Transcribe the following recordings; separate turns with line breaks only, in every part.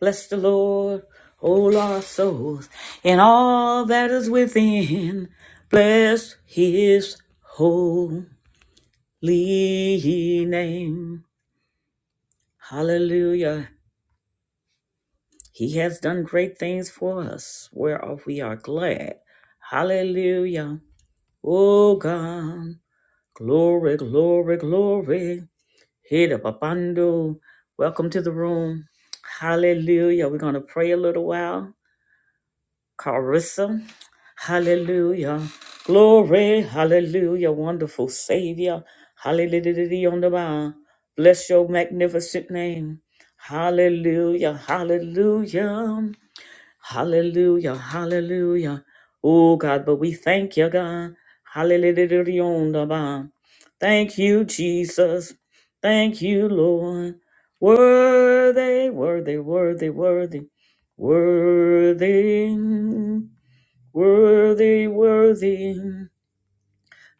Bless the Lord, all our souls, and all that is within. Bless his holy name. Hallelujah. He has done great things for us, whereof we are glad. Hallelujah. Oh God, glory, glory, glory. Hit papando. Welcome to the room. Hallelujah. We're going to pray a little while Carissa. Hallelujah. Glory. Hallelujah. Wonderful Savior. Hallelujah. On the bow. Bless your magnificent name. Hallelujah. Hallelujah. Hallelujah. Hallelujah. Oh God, but we thank you, God. Hallelujah. Thank you, Jesus. Thank you, Lord. Worthy, worthy, worthy, worthy, worthy, worthy, worthy.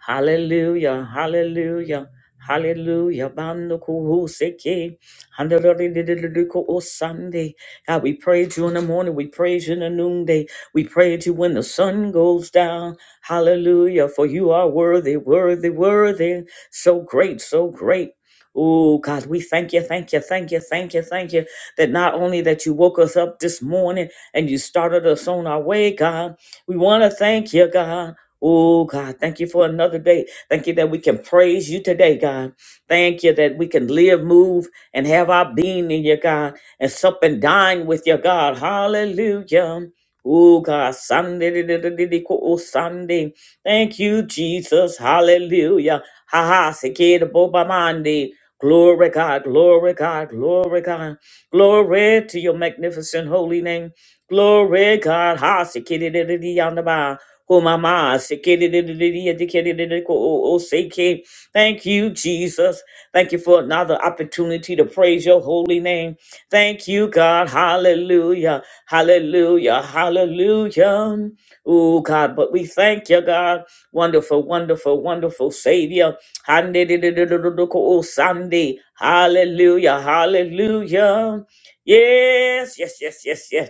Hallelujah, hallelujah, hallelujah. Bando kuhu seke, handaladididididiku o Sunday. God, we praise you in the morning. We praise you in the noonday. We praise you when the sun goes down. Hallelujah, for you are worthy, worthy, worthy. So great, so great. Oh God, we thank you, thank you, thank you, thank you, thank you. That not only that you woke us up this morning and you started us on our way, God. We want to thank you, God. Oh, God, thank you for another day. Thank you that we can praise you today, God. Thank you that we can live, move, and have our being in you, God, and sup and dine with you, God. Hallelujah. Oh, God, Sunday, di- di- di- di- di- ko- oh, Sunday. Thank you, Jesus. Hallelujah. Ha ha, Sekeda Bobamandi. Glory, God, glory, God, glory, God. Glory to your magnificent holy name. Glory, God. Ha, Sekeda di- di- di- yonder by. Ko mama sekedidididi, adikedididi, ko o- o seke. Thank you, Jesus. Thank you for another opportunity to praise your holy name. Thank you, God. Hallelujah. Hallelujah. Hallelujah. Oh, God, but we thank you, God. Wonderful, wonderful, wonderful Savior. Handididididididi, ko o Sunday. Hallelujah. Hallelujah. Yes, yes, yes, yes, yes.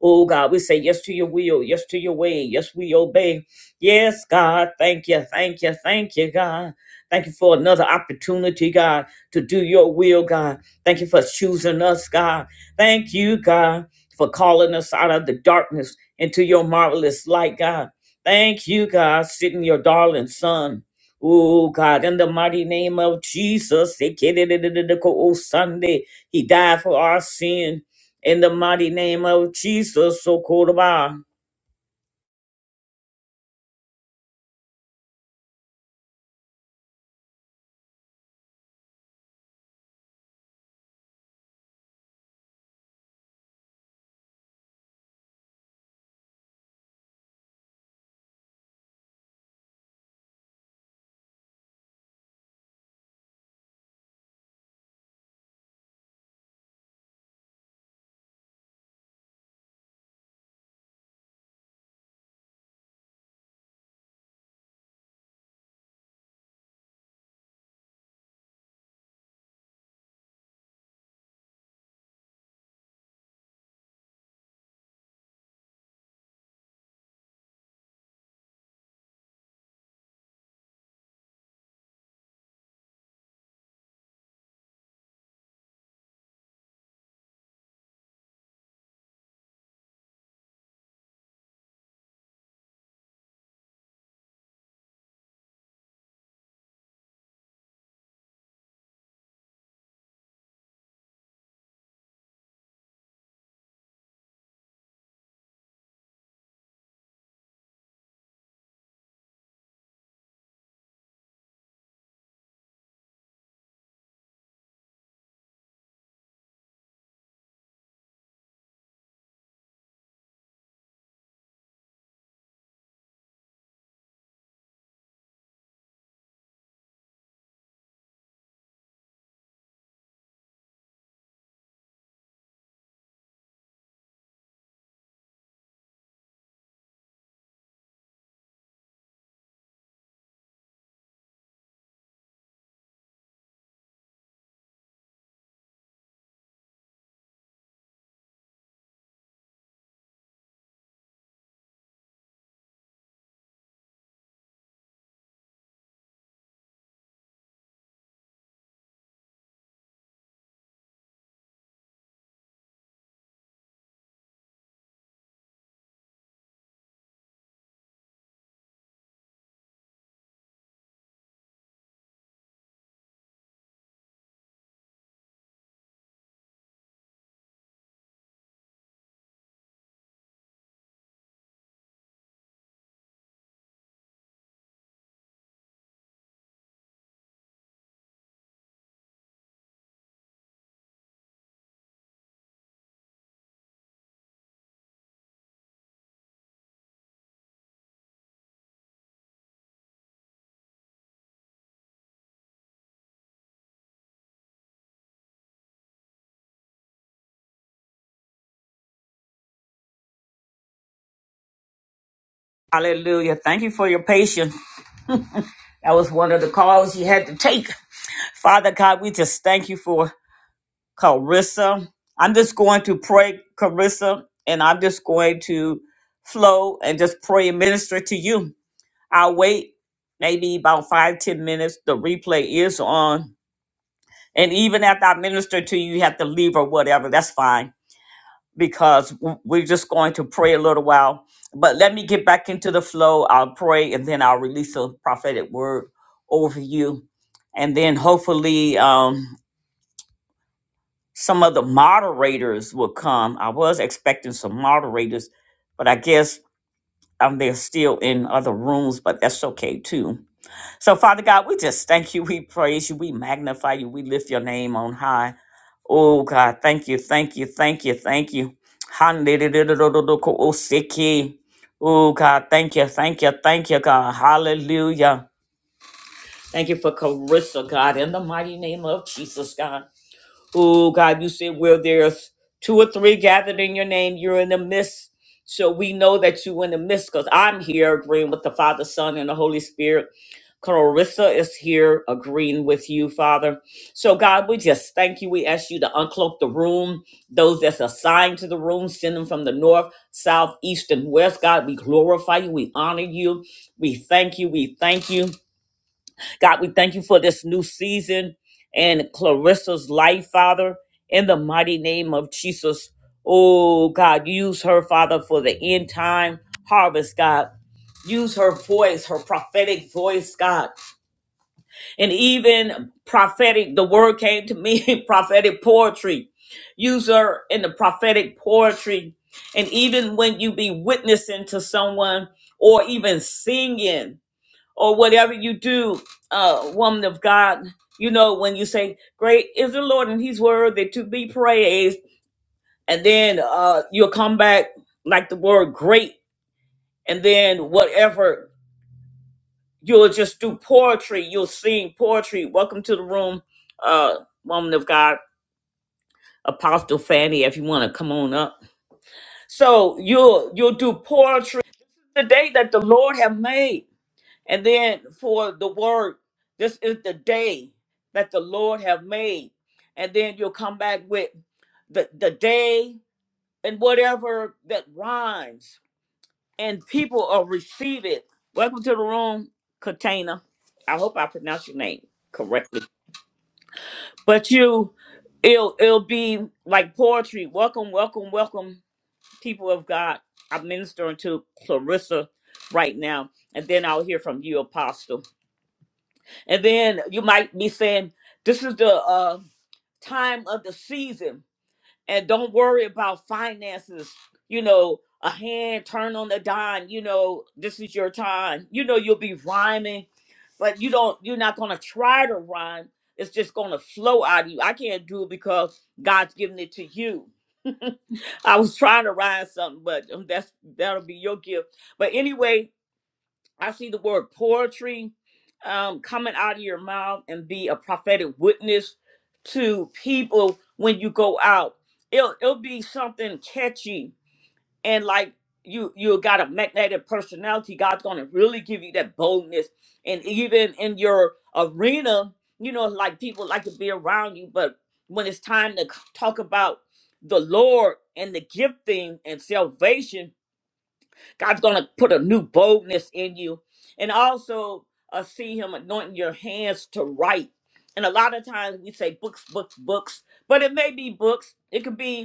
Oh God, we say yes to your will, yes to your way, yes, we obey. Yes, God, thank you, thank you, thank you, God. Thank you for another opportunity, God, to do your will, God. Thank you for choosing us, God. Thank you, God, for calling us out of the darkness into your marvelous light, God. Thank you, God, sitting your darling son. Oh God, in the mighty name of Jesus, Sunday, He died for our sin. In the mighty name of Jesus, so called by. Hallelujah. Thank you for your patience. That was one of the calls you had to take. Father God, we just thank you for Carissa. I'm just going to pray, Carissa, and I'm just going to flow and just pray and minister to you. I'll wait maybe about five, ten minutes. The replay is on. And even after I minister to you, you have to leave or whatever. That's fine. because w- we're just going to pray a little while. But let me get back into the flow. I'll pray and then I'll release a prophetic word over you. And then hopefully um, some of the moderators will come. I was expecting some moderators, but I guess um, they're still in other rooms, but that's okay too. So, Father God, we just thank you. We praise you. We magnify you. We lift your name on high. Oh God, thank you, thank you, thank you, thank you. Hallelujah. Oh God, thank you, thank you, thank you, God. Hallelujah. Thank you for Carissa, God, in the mighty name of Jesus, God. Oh, God, you said where there's two or three gathered in your name, you're in the midst. So we know that you are in the midst because I'm here agreeing with the Father, Son, and the Holy Spirit. Clarissa is here agreeing with you, Father. So, God, we just thank you. We ask you to uncloak the room, those that's assigned to the room, send them from the north, south, east, and west. God, we glorify you. We honor you. We thank you. We thank you. God, we thank you for this new season and Clarissa's life, Father, in the mighty name of Jesus. Oh, God, use her, Father, for the end time harvest, God. Use her voice, her prophetic voice, God. And even prophetic, the word came to me, prophetic poetry. Use her in the prophetic poetry. And even when you be witnessing to someone or even singing, or whatever you do, uh, woman of God, you know, when you say, Great is the Lord and he's worthy to be praised, and then uh, you'll come back like the word great, and then whatever, you'll just do poetry, you'll sing poetry. Welcome to the room, uh, woman of God, Apostle Fanny, if you want to come on up. So you'll you'll do poetry the day that the Lord have made And then for the word, this is the day that the Lord have made. And then you'll come back with the, the day and whatever that rhymes. And people will receive it. Welcome to the room, Katana. I hope I pronounced your name correctly. But you, it'll, it'll be like poetry. Welcome, welcome, welcome, people of God. I'm ministering to Clarissa right now. And then I'll hear from you, Apostle. And then you might be saying, this is the uh, time of the season, and don't worry about finances. You know, a hand turn on the dime. You know, this is your time. You know, you'll be rhyming, but you don't. You're not gonna try to rhyme. It's just gonna flow out of you. I can't do it because God's giving it to you. I was trying to rhyme something, but um, that's that'll be your gift. But anyway, I see the word poetry um, coming out of your mouth and be a prophetic witness to people when you go out. It'll, it'll be something catchy and like you you got a magnetic personality. God's gonna really give you that boldness and even in your arena, you know, like people like to be around you, but when it's time to c- talk about the Lord and the gifting and salvation, God's going to put a new boldness in you. And also uh, see Him anointing your hands to write. And a lot of times we say books, books, books, but it may be books. It could be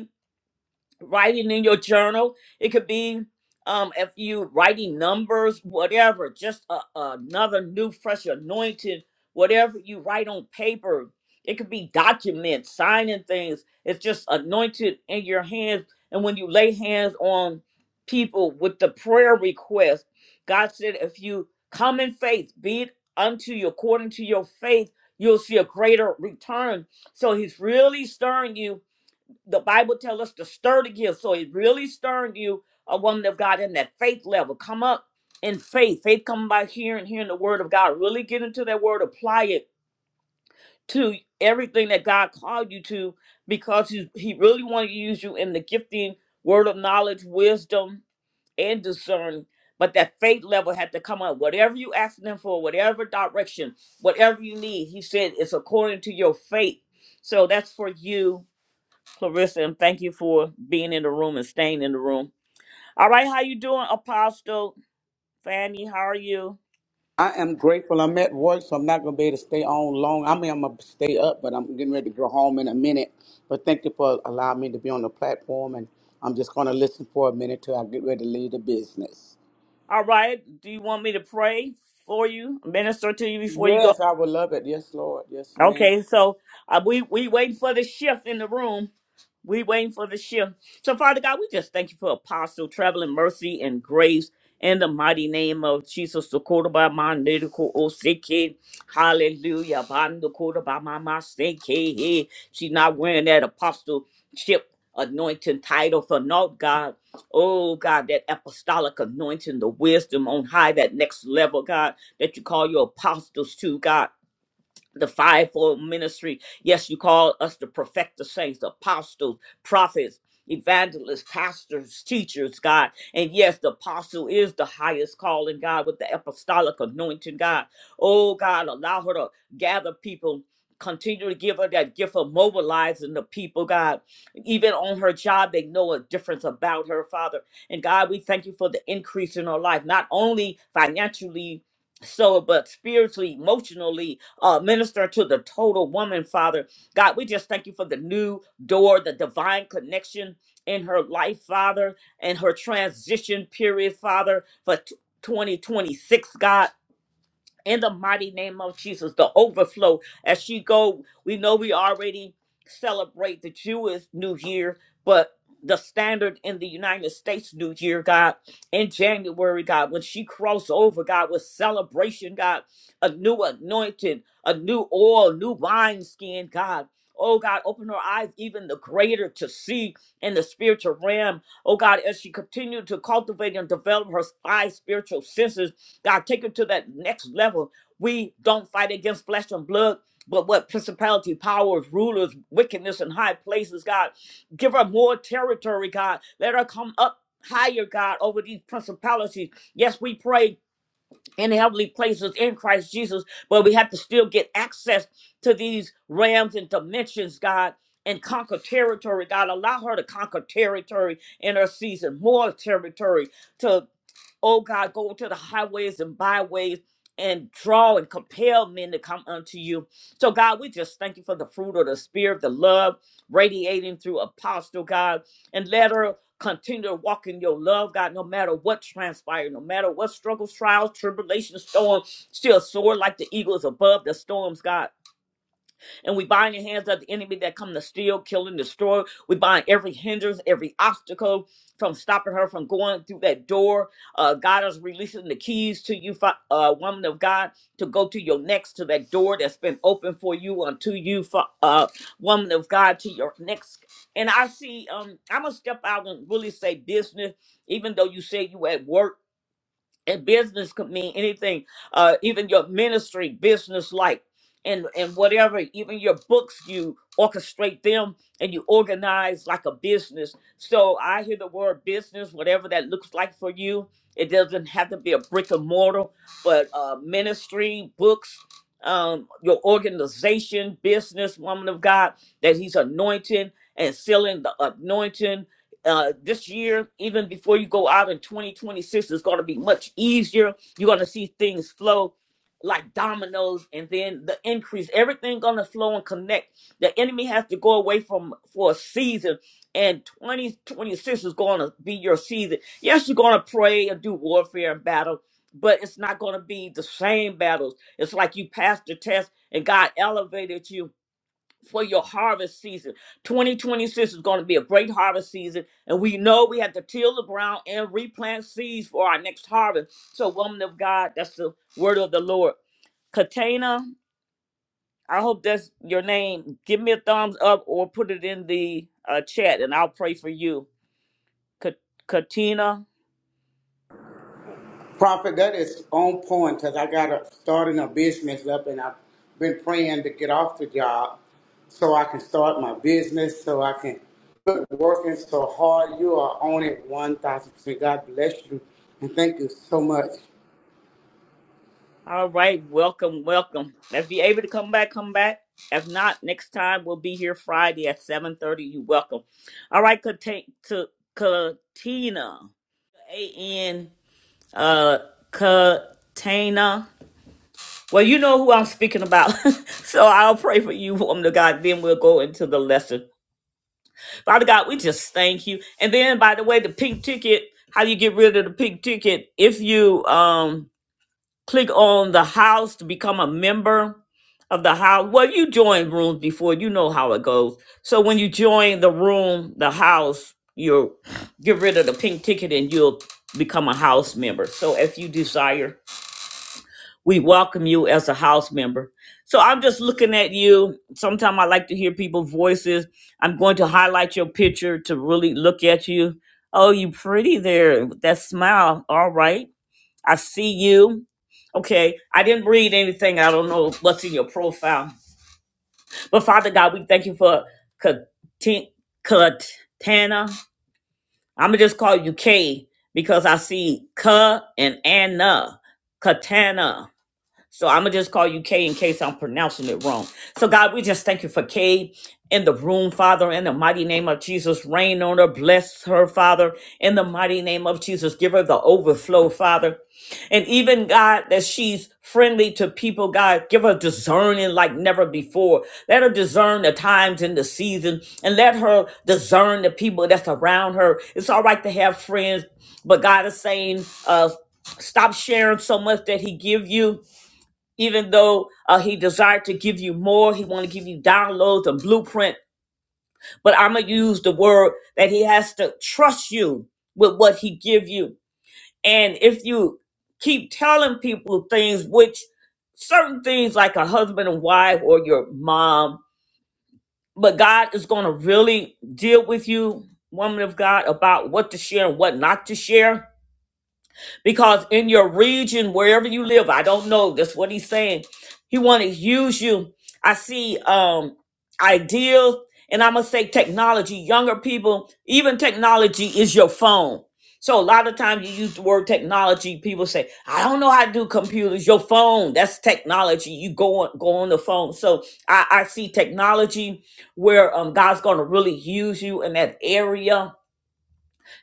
writing in your journal. It could be um, if you writing numbers, whatever, just a, another new, fresh anointing, whatever you write on paper. It could be documents, signing things. It's just anointed in your hands. And when you lay hands on people with the prayer request, God said, if you come in faith, be it unto you according to your faith, you'll see a greater return. So he's really stirring you the Bible tells us to stir the gift. So it really stirred you, a woman of God, in that faith level. Come up in faith. Faith come by hearing, hearing the word of God. Really get into that word, apply it to everything that God called you to, because He, he really wanted to use you in the gifting, word of knowledge, wisdom, and discerning. But that faith level had to come up. Whatever you asking him for, whatever direction, whatever you need, he said it's according to your faith. So that's for you Clarissa, and thank you for being in the room and staying in the room. All right, how you doing, Apostle Fanny? How are you?
I am grateful. I'm at work, so I'm not going to be able to stay on long. I mean, I'm going to stay up, but I'm getting ready to go home in a minute. But thank you for allowing me to be on the platform, and I'm just going to listen for a minute till I get ready to leave the business.
All right, do you want me to pray for you, minister to you before you go?
Yes, I would love it. Yes, Lord. Yes, ma'am.
Okay, so uh, we we waiting for the shift in the room. We waiting for the shift. So Father God, we just thank you for Apostle traveling mercy and grace in the mighty name of Jesus. The Kodoba Mandiko Oseke. Hallelujah. Bando Kodoba Mama Seke. She's not wearing that apostleship anointing title for naught, God. Oh God, that apostolic anointing, the wisdom on high, that next level, God, that you call your apostles to, God the fivefold ministry. Yes, you call us to perfect the saints, apostles, prophets, evangelists, pastors, teachers, God. And yes, the apostle is the highest calling, God, with the apostolic anointing, God. Oh, God, allow her to gather people. Continue to give her that gift of mobilizing the people, God. Even on her job, they know a difference about her, Father. And God, we thank you for the increase in her life, not only financially, so but spiritually emotionally uh minister to the total woman father god we just thank you for the new door the divine connection in her life father and her transition period father for t- 2026 god in the mighty name of Jesus, the overflow. As she go, we know we already celebrate the Jewish New Year, but the standard in the United States New Year, God, in January, God, when she crossed over, God, with celebration, God, a new anointing, a new oil, new wine skin, God. Oh God, open her eyes even the greater to see in the spiritual realm. Oh God, as she continued to cultivate and develop her five spiritual senses, God, take it to that next level. We don't fight against flesh and blood, but what principality, powers, rulers, wickedness in high places, God. Give her more territory, God. Let her come up higher, God, over these principalities. Yes, we pray in heavenly places in Christ Jesus, but we have to still get access to these realms and dimensions, God. And conquer territory, God. Allow her to conquer territory in her season, more territory to oh God, go to the highways and byways and draw and compel men to come unto you. So, God, we just thank you for the fruit of the Spirit, the love radiating through Apostle, God, and let her continue to walk in your love, God, no matter what transpired, no matter what struggles, trials, tribulations, storms, still soar like the eagles above the storms, God. And we bind the hands of the enemy that come to steal, kill, and destroy. We bind every hindrance, every obstacle from stopping her from going through that door. Uh, God is releasing the keys to you, fa- uh, woman of God, to go to your next, to that door that's been open for you, unto you, fa- uh, woman of God, to your next. And I see, um, I'm going to step out and really say business, even though you said you at work and business could mean anything uh even your ministry business like and and whatever even your books you orchestrate them and you organize like a business so i hear the word business whatever that looks like for you it doesn't have to be a brick and mortar but uh ministry books um your organization business woman of god that he's anointing and sealing the anointing uh, this year, even before you go out in 2026, it's going to be much easier. You're going to see things flow like dominoes, and then the increase. Everything going to flow and connect. The enemy has to go away from for a season, and 2026 is going to be your season. Yes, you're going to pray and do warfare and battle, but it's not going to be the same battles. It's like you passed the test, and God elevated you for your harvest season. 2026 is going to be a great harvest season, and we know we have to till the ground and replant seeds for our next harvest. So, woman of God, that's the word of the Lord. Katana, I hope that's your name. Give me a thumbs up or put it in the uh, chat, and I'll pray for you. Ka- Katina,
Prophet, that is on point because I got a, starting a business up and I've been praying to get off the job so I can start my business, so I can quit working so hard. You are on it 1,000%. God bless you and thank you so much.
All right, welcome, welcome. If you're able to come back, come back. If not, next time we'll be here Friday at 7:30. You welcome. All right, Kate to Katina. A N uh Katina. Well, you know who I'm speaking about. so I'll pray for you, woman of God. Then we'll go into the lesson. Father God, we just thank you. And then by the way, the pink ticket, how you get rid of the pink ticket if you um click on the house to become a member of the house. Well, you join rooms before, you know how it goes. So when you join the room, the house, you'll get rid of the pink ticket and you'll become a house member. So if you desire, we welcome you as a house member. So I'm just looking at you. Sometimes I like to hear people's voices. I'm going to highlight your picture to really look at you. Oh, you pretty there. That smile. All right. I see you. Okay. I didn't read anything. I don't know what's in your profile. But Father God, we thank you for Katin- Katana. I'm going to just call you K because I see Ka and Anna. Katana. So I'm gonna just call you Kay in case I'm pronouncing it wrong. So God, we just thank you for Kay in the room, Father, in the mighty name of Jesus. Rain on her, bless her, Father, in the mighty name of Jesus. Give her the overflow, Father. And even God, that she's friendly to people, God, give her discerning like never before. Let her discern the times and the season, and let her discern the people that's around her. It's all right to have friends, but God is saying, uh, stop sharing so much that He give you even though uh, he desired to give you more he want to give you downloads and blueprint but i'm gonna use the word that he has to trust you with what he give you and if you keep telling people things which certain things like a husband and wife or your mom but god is gonna really deal with you woman of god about what to share and what not to share Because in your region, wherever you live, I don't know. That's what he's saying. He want to use you. I see um ideals, and I'm gonna say technology. Younger people, even technology is your phone. So a lot of times you use the word technology. People say, "I don't know how to do computers." Your phone, that's technology. You go on, go on the phone. So I, I see technology where um, God's going to really use you in that area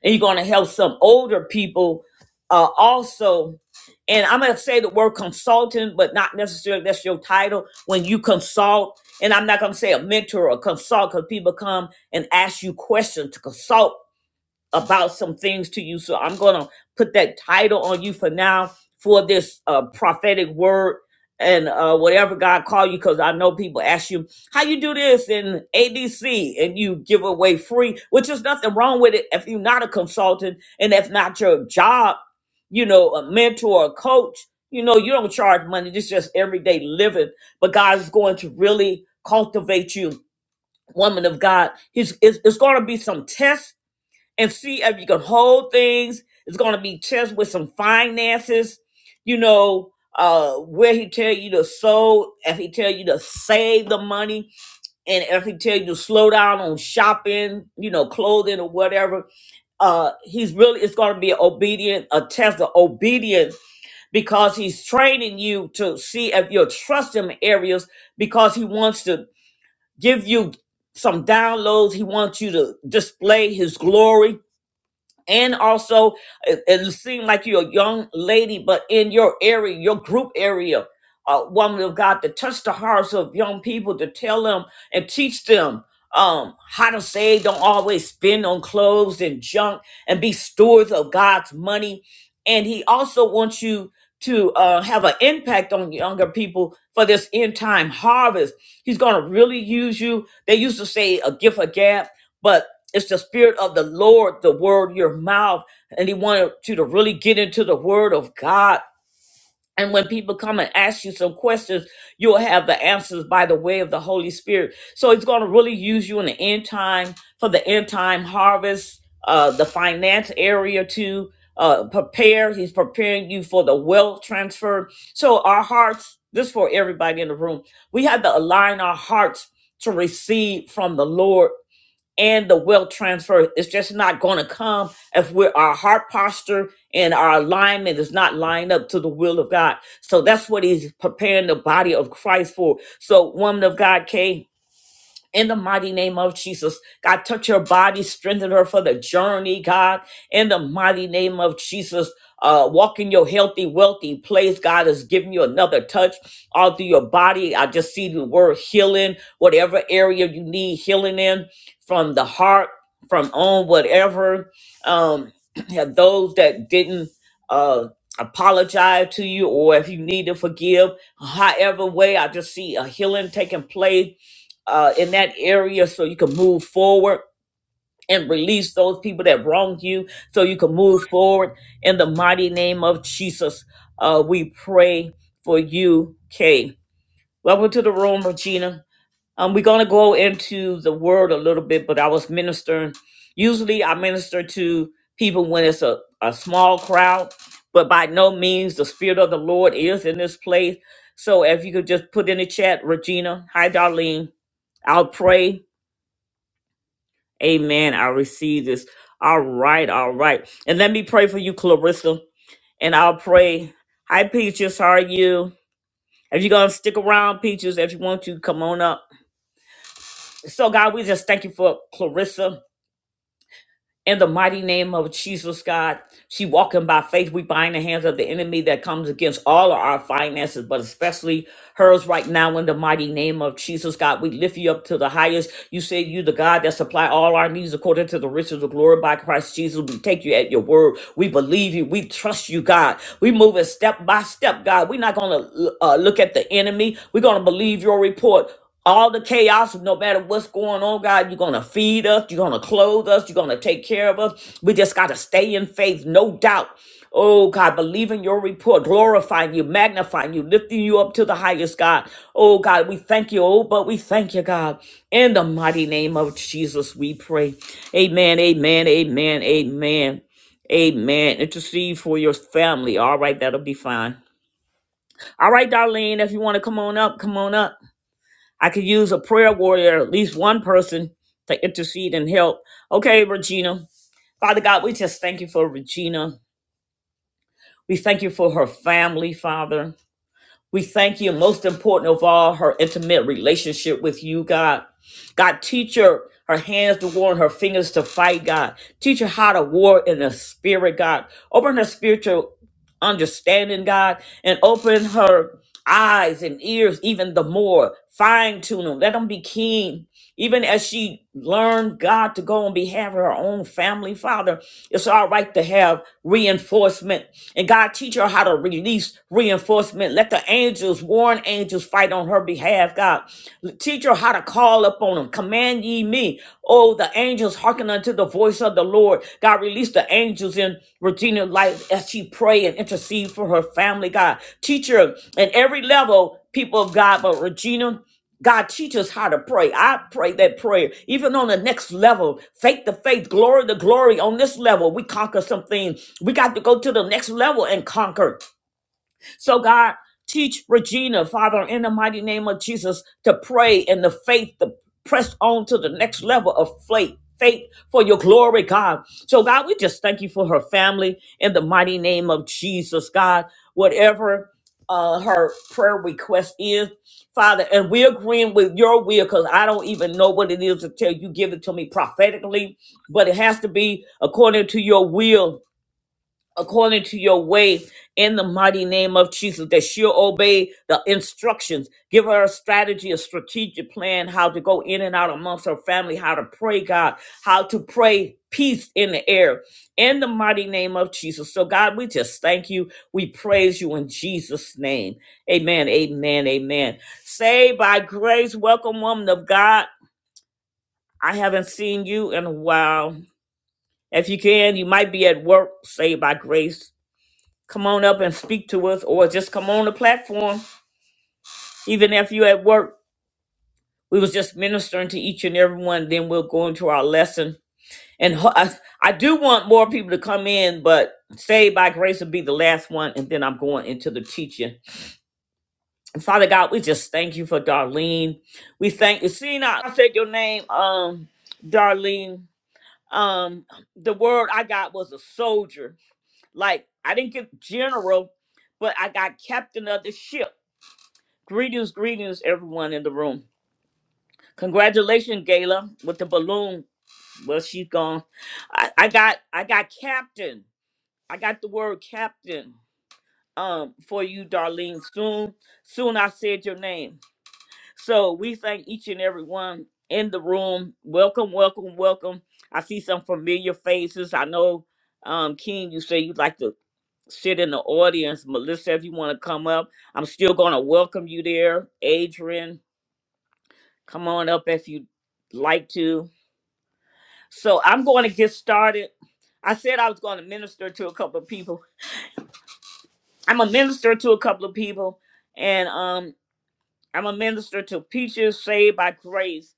and you're going to help some older people uh, also. And I'm going to say the word consultant, but not necessarily that's your title. When you consult, and I'm not going to say a mentor or consult because people come and ask you questions to consult about some things to you. So I'm going to put that title on you for now for this uh, prophetic word and uh, whatever God call you, because I know people ask you how you do this in ADC and you give away free, which is nothing wrong with it if you're not a consultant and if not your job, you know, a mentor, a coach. You know, you don't charge money. This is just everyday living. But God is going to really cultivate you, woman of God. He's it's, it's going to be some tests and see if you can hold things. It's going to be tests with some finances, you know, uh, where he tell you to sow, if he tell you to save the money, and if he tell you to slow down on shopping, you know, clothing or whatever. Uh, he's really it's going to be an obedient, a test of obedience because he's training you to see if you'll trust him in areas because he wants to give you some downloads. He wants you to display his glory and also it, it seemed like you're a young lady but in your area your group area a woman of god to touch the hearts of young people to tell them and teach them um how to save don't always spend on clothes and junk and be stewards of god's money and he also wants you to uh, have an impact on younger people for this end time harvest he's going to really use you they used to say a gift a gap but it's the spirit of the Lord, the word, your mouth. And he wanted you to really get into the word of God. And when people come and ask you some questions, you'll have the answers by the way of the Holy Spirit. So he's going to really use you in the end time for the end time harvest, uh, the finance area to uh, prepare. He's preparing you for the wealth transfer. So our hearts, this is for everybody in the room, we have to align our hearts to receive from the Lord and the wealth transfer is just not going to come if we're, our heart posture and our alignment is not lined up to the will of God. So that's what he's preparing the body of Christ for. So, woman of God, Kay, in the mighty name of Jesus. God, touch her body, strengthen her for the journey, God, in the mighty name of Jesus. Uh, walk in your healthy, wealthy place. God is giving you another touch all through your body. I just see the word healing, whatever area you need healing in, from the heart, from on, whatever. Um, have those that didn't uh, apologize to you, or if you need to forgive, however way, I just see a healing taking place uh, in that area so you can move forward and release those people that wronged you so you can move forward. In the mighty name of Jesus, uh, we pray for you, Kay. Welcome to the room, Regina. Um, we're going to go into the word a little bit, but I was ministering. Usually I minister to people when it's a, a small crowd, but by no means the Spirit of the Lord is in this place. So if you could just put in the chat, Regina, hi, Darlene, I'll pray Amen. I receive this. All right, all right. And let me pray for you, Clarissa. And I'll pray. Hi, Peaches. How are you? If you're gonna stick around, Peaches, if you want to, come on up. So, God, we just thank you for Clarissa. In the mighty name of Jesus, God, she walking by faith. We bind the hands of the enemy that comes against all of our finances, but especially hers right now. In the mighty name of Jesus, God, we lift you up to the highest. You say you the God that supply all our needs according to the riches of glory by Christ Jesus. We take you at your word. We believe you. We trust you, God. We move it step by step, God. We're not gonna uh, look at the enemy. We're gonna believe your report all the chaos, no matter what's going on, God, you're going to feed us, you're going to clothe us, you're going to take care of us. We just got to stay in faith, no doubt. Oh, God, believing your report, glorifying you, magnifying you, lifting you up to the highest, God. Oh, God, we thank you. Oh, but we thank you, God. In the mighty name of Jesus, we pray. Amen, amen, amen, amen, amen. Intercede for your family. All right, that'll be fine. All right, Darlene, if you want to come on up, come on up. I could use a prayer warrior, at least one person to intercede and help. Okay, Regina. Father God, we just thank you for Regina. We thank you for her family, Father. We thank you, most important of all, her intimate relationship with you, God. God, teach her her hands to war and her fingers to fight, God. Teach her how to war in the spirit, God. Open her spiritual understanding, God, and open her eyes and ears even the more. Fine tune them. Let them be keen even as she learned God to go on behalf of her own family, Father, it's all right to have reinforcement. And God teach her how to release reinforcement. Let the angels, warn angels, fight on her behalf, God. Teach her how to call upon them. Command ye me. Oh, the angels hearken unto the voice of the Lord. God, release the angels in Regina's life as she pray and intercede for her family, God. Teach her at every level, people of God, but Regina. God, teach us how to pray. I pray that prayer, even on the next level, faith to faith, glory to glory. On this level, we conquer some things. We got to go to the next level and conquer. So, God, teach Regina, Father, in the mighty name of Jesus, to pray in the faith, to press on to the next level of faith. Faith for your glory, God. So, God, we just thank you for her family in the mighty name of Jesus, God. Whatever uh, her prayer request is, Father, and we're agreeing with your will because I don't even know what it is until you give it to me prophetically, but it has to be according to your will according to your way in the mighty name of Jesus, that she'll obey the instructions. Give her a strategy, a strategic plan, how to go in and out amongst her family, how to pray, God, how to pray peace in the air in the mighty name of Jesus. So, God, we just thank you. We praise you in Jesus' name. Amen. Amen. Amen. Saved by grace, welcome, woman of God. I haven't seen you in a while. If you can, you might be at work, saved by grace come on up and speak to us or just come on the platform even if you're at work we was just ministering to each and every one then we'll go into our lesson and ho- I, I do want more people to come in but saved by grace will be the last one and then i'm going into the teaching And father god we just thank you for darlene we thank you see now i said your name um darlene um the word i got was a soldier like i didn't get general but i got captain of the ship Greetings, greetings, everyone in the room. Congratulations, Gayla, with the balloon. Well, she's gone. I, I got, I got captain. I got the word captain um for you, Darlene. Soon, soon I said your name. So we thank each and every one in the room. Welcome, welcome, welcome. I see some familiar faces. I know, um, King, you say you'd like to sit in the audience. Melissa, if you want to come up, I'm still going to welcome you there. Adrian, Come on up if you'd like to. So I'm going to get started. I said I was going to minister to a couple of people. I'm a minister to a couple of people, and um, I'm a minister to Peaches Saved by Grace,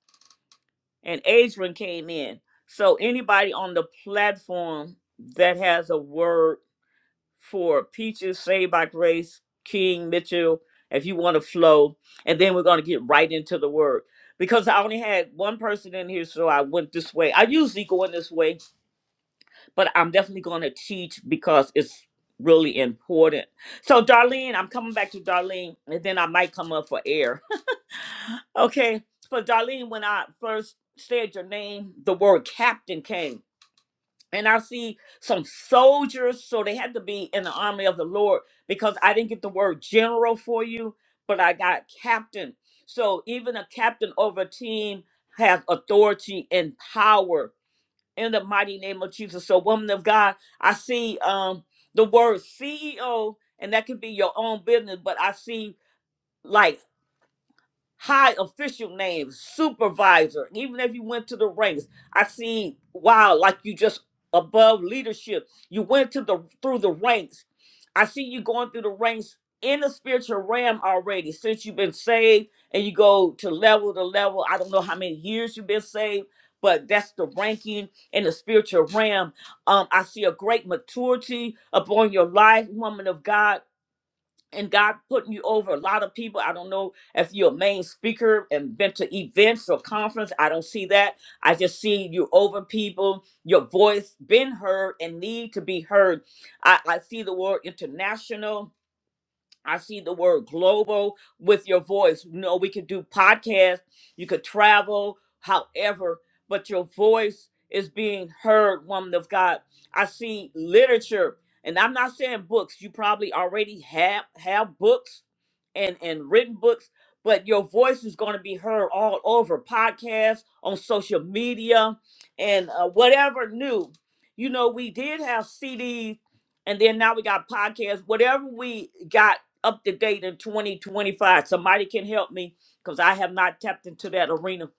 and Adrian came in. So anybody on the platform that has a word for Peaches, Saved by Grace, King, Mitchell, if you want to flow. And then we're going to get right into the word. Because I only had one person in here, so I went this way. I usually go in this way, but I'm definitely going to teach because it's really important. So, Darlene, I'm coming back to Darlene, and then I might come up for air. okay. For Darlene, when I first said your name, the word captain came and I see some soldiers, so they had to be in the army of the Lord because I didn't get the word general for you, but I got captain. So even a captain over a team has authority and power in the mighty name of Jesus. So woman of God, I see um the word CEO, and that could be your own business, but I see like high official names, supervisor, even if you went to the ranks. I see, wow, like you just above leadership. You went to the through the ranks. I see you going through the ranks in the spiritual realm already since you've been saved and you go to level to level. I don't know how many years you've been saved, but that's the ranking in the spiritual realm. Um, I see a great maturity upon your life, woman of God and God putting you over a lot of people. I don't know if you're a main speaker and been to events or conference. I don't see that. I just see you over people, your voice been heard and need to be heard. I, I see the word international I see the word global with your voice. You know, we could do podcasts, you could travel, however, but your voice is being heard, woman of God. I see literature, and I'm not saying books. You probably already have have books and, and written books, but your voice is going to be heard all over podcasts, on social media, and uh, whatever new. You know, we did have CDs, and then now we got podcasts. Whatever we got up to date in 2025. Somebody can help me because I have not tapped into that arena.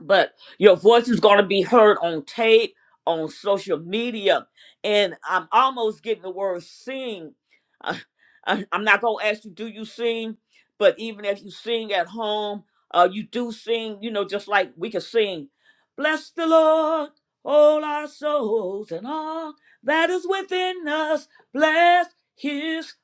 But your voice is going to be heard on tape, on social media. And I'm almost getting the word sing. Uh, I- I'm not going to ask you, do you sing? But even if you sing at home, uh, you do sing, you know, just like we can sing, Bless the Lord, all our souls and all that is within us. Bless his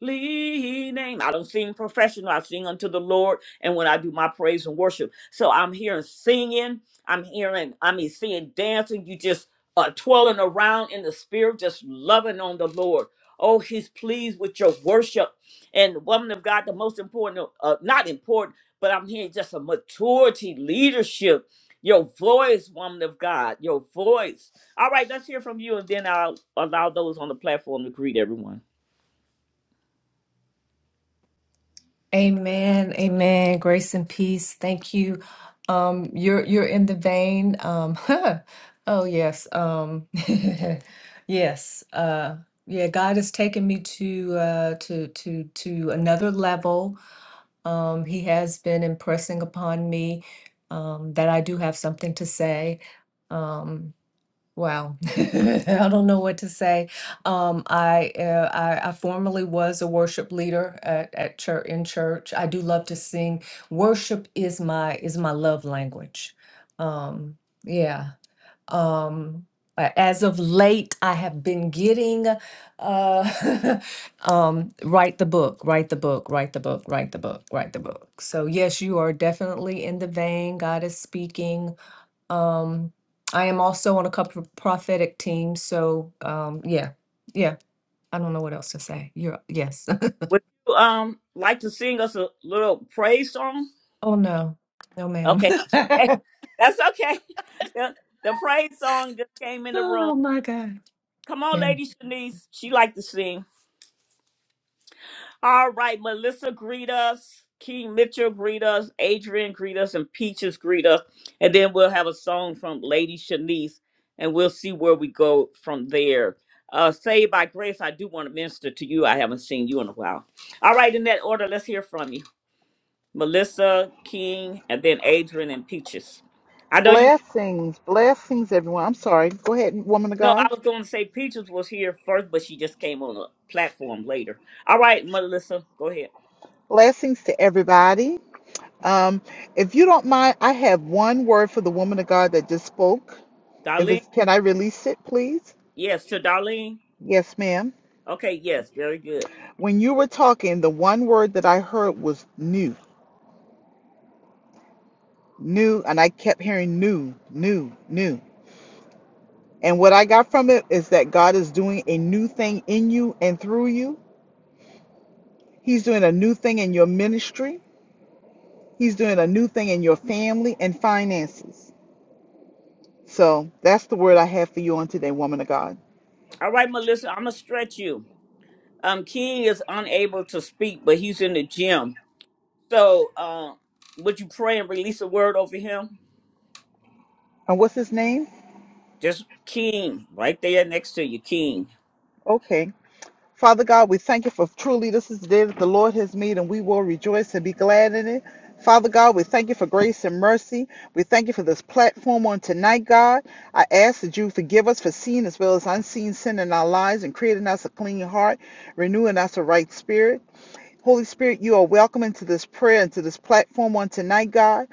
name. I don't sing professional. I sing unto the Lord. And when I do my praise and worship, so I'm hearing singing. I'm hearing. I mean, seeing dancing. You just uh, twirling around in the spirit, just loving on the Lord. Oh, He's pleased with your worship. And woman of God, the most important, uh, not important, but I'm hearing just a maturity, leadership. Your voice, woman of God, your voice. All right, let's hear from you, and then I'll allow those on the platform to greet everyone.
Amen. Amen. Grace and peace. Thank you. Um, you're you're in the vein. Um, oh yes. Um, yes. Uh, yeah. God has taken me to uh, to to to another level. Um, he has been impressing upon me um, that I do have something to say. Um, Wow. I don't know what to say. Um, I, uh, I I formerly was a worship leader at, at church in church. I do love to sing. Worship is my is my love language. Um, yeah. Um, a- as of late, I have been getting uh, um, write the book, write the book, write the book, write the book, write the book. So yes, you are definitely in the vein. God is speaking um, I am also on a couple of prophetic teams, so um, yeah, yeah. I don't know what else to say. You're yes.
Would you um like to sing us a little praise song?
Oh no, no, ma'am.
Okay, okay, that's okay. The, the praise song just came in the room.
oh my God.
Come on, Lady Shanice. She like to sing. All right, Melissa, greet us. King Mitchell, greet us. Adrian, greet us. And Peaches, greet us. And then we'll have a song from Lady Shanice, and we'll see where we go from there. Uh, Saved by Grace, I do want to minister to you. I haven't seen you in a while. All right, in that order, let's hear from you. Melissa King, and then Adrian and Peaches. I know you.
Blessings, blessings, everyone. I'm sorry. Go ahead, woman of
No, I
God.
was going to say Peaches was here first, but she just came on a platform later. All right, Melissa, go ahead.
Blessings to everybody. Um, if you don't mind, I have one word for the woman of God that just spoke. If
Darlene,
it's, can I release it, please?
yes, to Darlene.
Yes, ma'am.
Okay, yes, very good.
When you were talking, the one word that I heard was new, new, and I kept hearing new, new, new. And what I got from it is that God is doing a new thing in you and through you. He's doing a new thing in your ministry. He's doing a new thing in your family and finances. So that's the word I have for you on today, woman of God.
All right, Melissa, I'm gonna stretch you. Um, King is unable to speak, but he's in the gym. So, uh, would you pray and release a word over him?
And what's his name?
Just King, right there next to you, King.
Okay. Father God, we thank you for truly this is the day that the Lord has made, and we will rejoice and be glad in it. Father God, we thank you for grace and mercy. We thank you for this platform on tonight, God. I ask that you forgive us for seen as well as unseen sin in our lives and create in us a clean heart, renewing us a right spirit. Holy Spirit, you are welcome into this prayer, into this platform on tonight, God.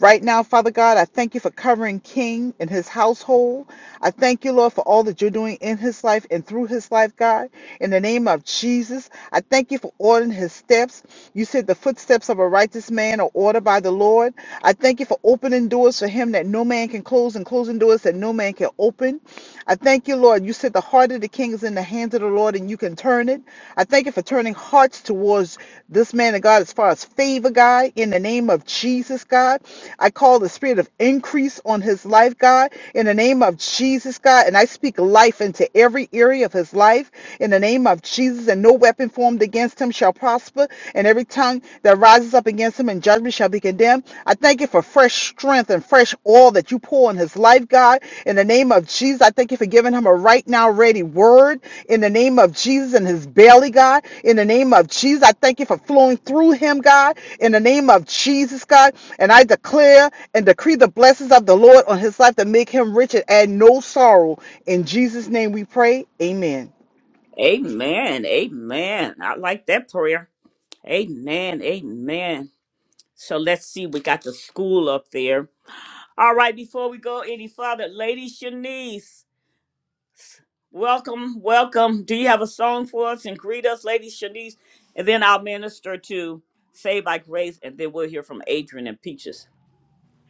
Right now, Father God, I thank you for covering King and his household. I thank you, Lord, for all that you're doing in his life and through his life, God. In the name of Jesus, I thank you for ordering his steps. You said the footsteps of a righteous man are ordered by the Lord. I thank you for opening doors for him that no man can close and closing doors that no man can open. I thank you, Lord. You said the heart of the king is in the hands of the Lord and you can turn it. I thank you for turning hearts towards this man of God as far as favor, God, in the name of Jesus, God. I call the spirit of increase on his life, God, in the name of Jesus, God. And I speak life into every area of his life in the name of Jesus. And no weapon formed against him shall prosper. And every tongue that rises up against him in judgment judgment shall be condemned. I thank you for fresh strength and fresh oil that you pour in his life, God. In the name of Jesus, I thank you for giving him a right now ready word. In the name of Jesus in his belly, God. In the name of Jesus, I thank you for flowing through him, God. In the name of Jesus, God. And I declare and decree the blessings of the Lord on his life to make him rich and add no sorrow. In Jesus' name we pray. Amen.
Amen. Amen. I like that prayer. Amen. Amen. So let's see. We got the school up there. All right. Before we go any further, Lady Shanice, welcome. Welcome. Do you have a song for us and greet us, Lady Shanice? And then I'll minister to Saved by Grace, and then we'll hear from Adrian and Peaches.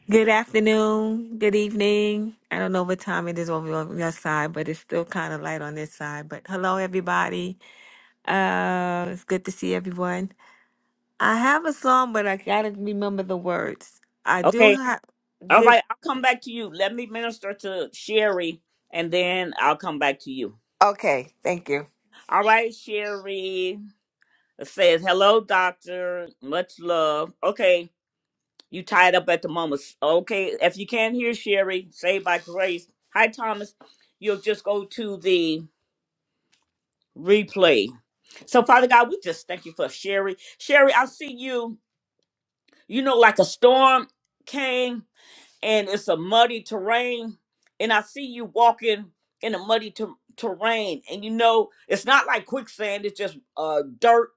Good afternoon, good evening. I don't know what time it is over on your side, but it's still kind of light on this side. But hello, everybody. Uh, it's good to see everyone. I have a song, but I gotta remember the words. I do
Okay.
have
All
good.
right. I'll come back to you. Let me minister to Sherry, and then I'll come back to you.
Okay, thank you.
All right, Sherry. It says, "Hello, doctor. Much love." Okay, you tied up at the moment. Okay, if you can't hear Sherry, say by grace. Hi, Thomas. You'll just go to the replay. So, Father God, we just thank you for Sherry. Sherry, I see you. You know, like a storm came and it's a muddy terrain, and I see you walking in a muddy ter- terrain. And you know, it's not like quicksand; it's just uh, dirt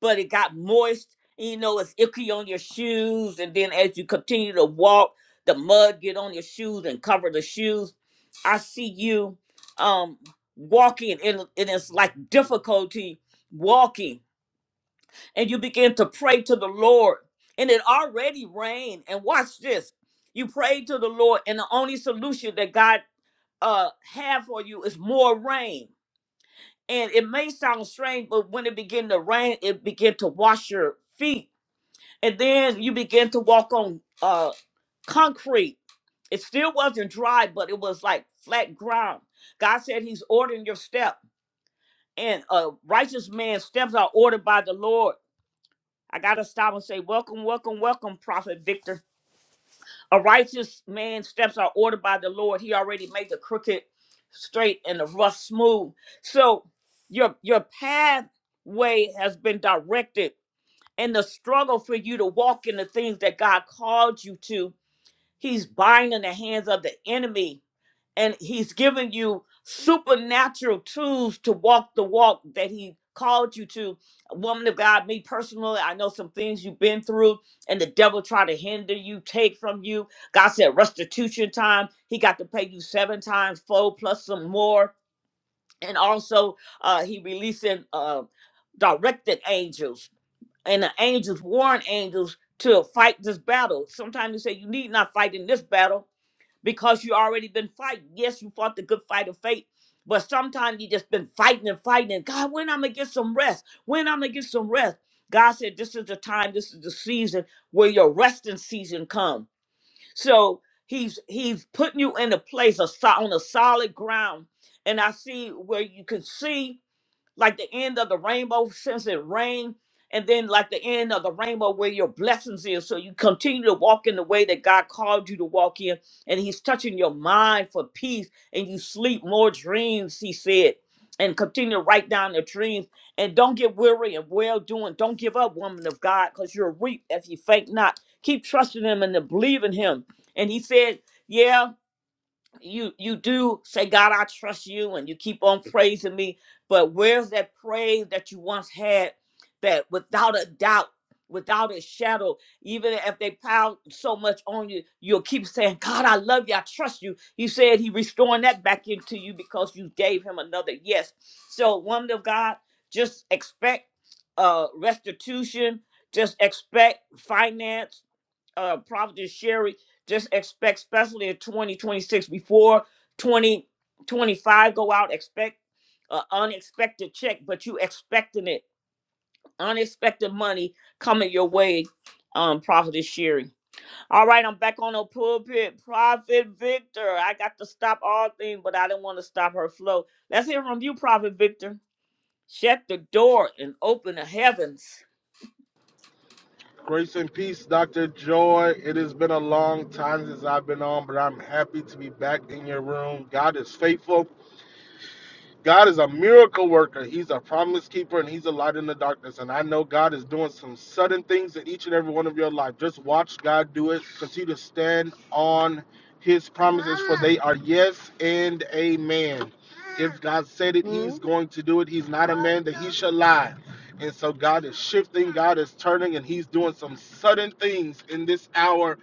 but it got moist. And, you know, it's icky on your shoes, and then as you continue to walk, the mud get on your shoes and cover the shoes. I see you um walking, and, and it's like difficulty walking, and you begin to pray to the Lord, and it already rained. And watch this: you pray to the Lord, and the only solution that God uh have for you is more rain. And it may sound strange, but when it begin to rain, it begin to wash your feet and then you begin to walk on uh concrete it still wasn't dry but it was like flat ground god said he's ordering your step and a righteous man's steps are ordered by the lord i gotta stop and say welcome welcome welcome prophet victor a righteous man's steps are ordered by the lord he already made the crooked straight and the rough smooth so your your pathway has been directed and the struggle for you to walk in the things that god called you to He's binding the hands of the enemy and he's giving you supernatural tools to walk the walk that he called you to. Woman of God, me personally, I know some things you've been through and the devil tried to hinder you, take from you. God said restitution time. He got to pay you seven times four plus some more. And also uh he releasing uh directed angels and the angels warn angels to fight this battle. Sometimes you say you need not fight in this battle because you already been fighting. Yes, you fought the good fight of faith, but sometimes you just been fighting and fighting. And God, when I'm gonna get some rest? When I'm gonna get some rest? God said, "This is the time. This is the season where your resting season come." So He's He's putting you in a place of, so- on a solid ground, and I see where you can see like the end of the rainbow since it rained, and then like the end of the rainbow where your blessings is. So you continue to walk in the way that God called you to walk in, and He's touching your mind for peace, and you sleep more dreams, He said. And continue to write down the dreams and don't get weary and well doing. Don't give up, woman of God, because you're reap if you faint not. Keep trusting Him and then believe in Him. And He said, Yeah, you you do say god i trust you and you keep on praising me but where's that praise that you once had that without a doubt without a shadow even if they piled so much on you you'll keep saying god i love you i trust you he said he restoring that back into you because you gave him another yes so woman of god just expect uh restitution just expect finance uh Prophet Sherry just expect especially in 2026 before 2025 go out expect an unexpected check but you expecting it unexpected money coming your way um Prophet Sherry all right I'm back on the pulpit Prophet Victor I got to stop all things but I didn't want to stop her flow let's hear from you Prophet Victor shut the door and open the heavens
Grace and peace, Dr. Joy. It has been a long time since I've been on, but I'm happy to be back in your room. God is faithful. God is a miracle worker. He's a promise keeper and he's a light in the darkness. And I know God is doing some sudden things in each and every one of your life. Just watch God do it. Continue to stand on his promises, for they are yes and amen. If God said it, Hmm? he's going to do it. He's not a man that he shall lie. And so God is shifting, God is turning, and he's doing some sudden things in this hour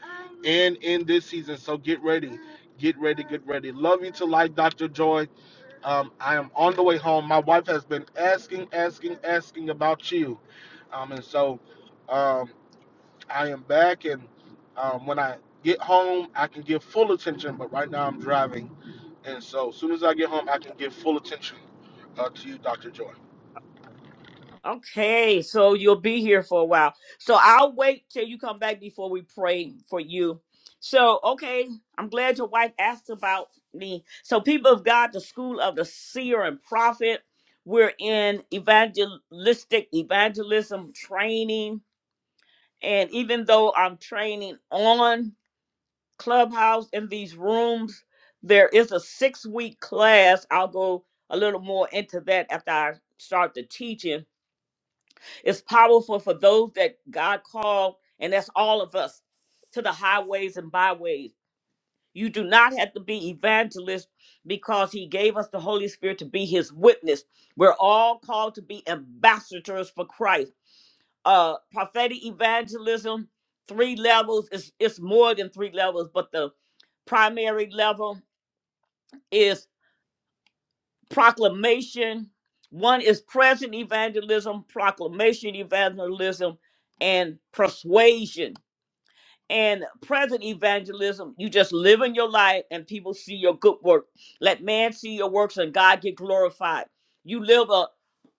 and in this season. So get ready. Get ready, get ready. Love you to life, Dr. Joy. Um, I am on the way home. My wife has been asking, asking, asking about you. Um, and so um, I am back. And um, when I get home, I can give full attention. But right now I'm driving. And so as soon as I get home, I can give full attention uh, to you, Dr. Joy.
Okay, so you'll be here for a while. So I'll wait till you come back before we pray for you. So, okay, I'm glad your wife asked about me. So, people of God, the school of the seer and prophet, we're in evangelistic evangelism training. And even though I'm training on Clubhouse in these rooms, there is a six week class. I'll go a little more into that after I start the teaching it's powerful for those that God called, and that's all of us, to the highways and byways. You do not have to be evangelist because he gave us the Holy Spirit to be his witness. We're all called to be ambassadors for Christ. Uh prophetic evangelism, three levels, it's, it's more than three levels, but the primary level is. proclamation. One is present evangelism, proclamation evangelism, and persuasion. And present evangelism, you just live in your life and people see your good work. Let man see your works and God get glorified. You live a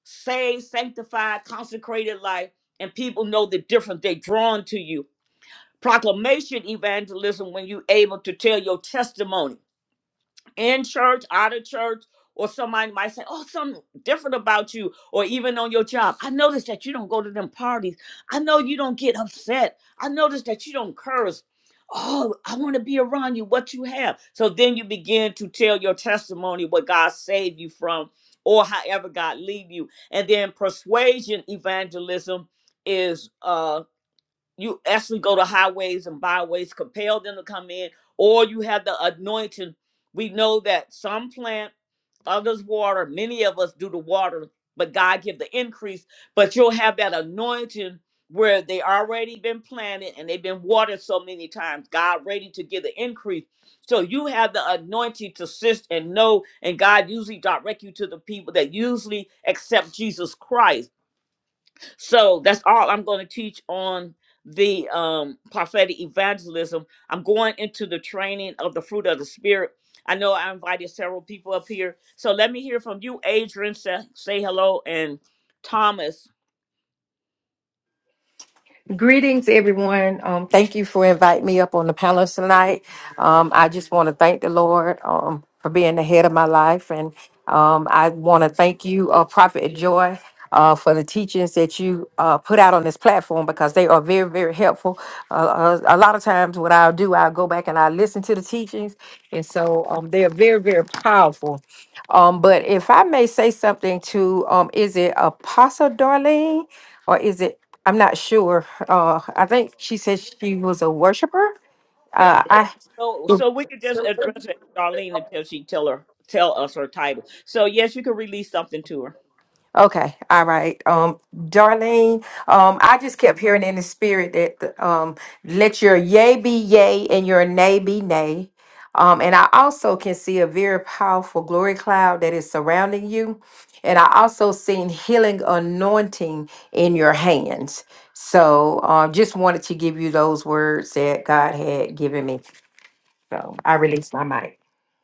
saved, sanctified, consecrated life, and people know the difference. They're drawn to you. Proclamation evangelism, when you're able to tell your testimony in church, out of church, or somebody might say, Oh, something different about you, or even on your job. I noticed that you don't go to them parties. I know you don't get upset. I noticed that you don't curse. Oh, I want to be around you, what you have. So then you begin to tell your testimony, what God saved you from, or however God lead you. And then persuasion evangelism is uh you actually go to highways and byways, compel them to come in, or you have the anointing. We know that some plant, others water, many of us do the water, but God give the increase. But you'll have that anointing where they already been planted and they've been watered so many times. God ready to give the increase. So you have the anointing to assist and know, and God usually direct you to the people that usually accept Jesus Christ so that's all I'm going to teach on the um, prophetic evangelism. I'm going into the training of the fruit of the spirit. I know I invited several people up here. So let me hear from you, Adrian. Say, say hello, and Thomas.
Greetings, everyone. Um, thank you for inviting me up on the panel tonight. Um, I just want to thank the Lord um, for being the head of my life. And um, I want to thank you, uh, Prophet Joy, uh, for the teachings that you uh, put out on this platform because they are very, very helpful. Uh, a, a lot of times, what I'll do, I'll go back and I listen to the teachings. And so um, they are very, very powerful. Um, but if I may say something to, um, is it Apostle Darlene or is it, I'm not sure. Uh, I think she said she was a worshiper.
Yeah.
Uh,
So, so we could just address it, Darlene, until she tell her tell us her title. So yes, you can release something to her.
Okay, all right. Um, Darlene, um, I just kept hearing in the spirit that um, let your yay be yay and your nay be nay. Um, and I also can see a very powerful glory cloud that is surrounding you. And I also seen healing anointing in your hands. So um, just wanted to give you those words that God had given me. So I released my mic.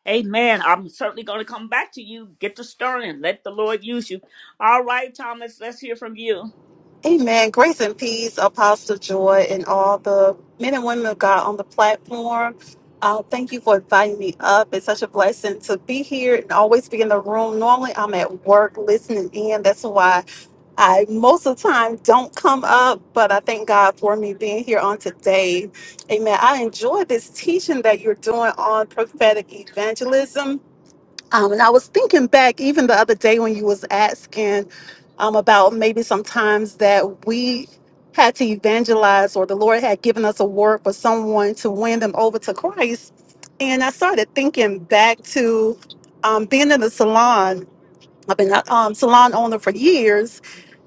Amen. I'm certainly going to come back to you. Get to stirring. Let the Lord use you. All right, Thomas. Let's hear from you.
Amen. Grace and peace, Apostle Joy, and all the men and women of God on the platform. Uh, thank you for inviting me up. It's such a blessing to be here and always be in the room. Normally, I'm at work listening in. That's why I most of the time don't come up, but I thank God for me being here on today. Amen. I enjoy this teaching that you're doing on prophetic evangelism um, and I was thinking back even the other day when you was asking um, about maybe sometimes that we had to evangelize or the Lord had given us a word for someone to win them over to Christ. And I started thinking back to um, being in the salon. I've been a um, salon owner for years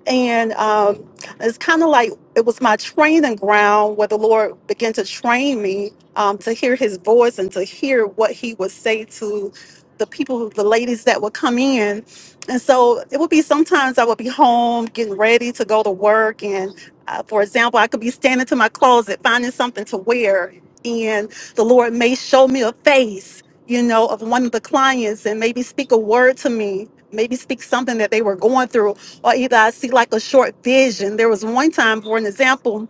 and um, it's kind of like it was my training ground where the Lord began to train me um, to hear His voice and to hear what He would say to the people, the ladies that would come in. And so it would be sometimes I would be home getting ready to go to work, and uh, for example, I could be standing to my closet finding something to wear, and the Lord may show me a face. You know, of one of the clients, and maybe speak a word to me, maybe speak something that they were going through or either I see like a short vision. There was one time, for an example,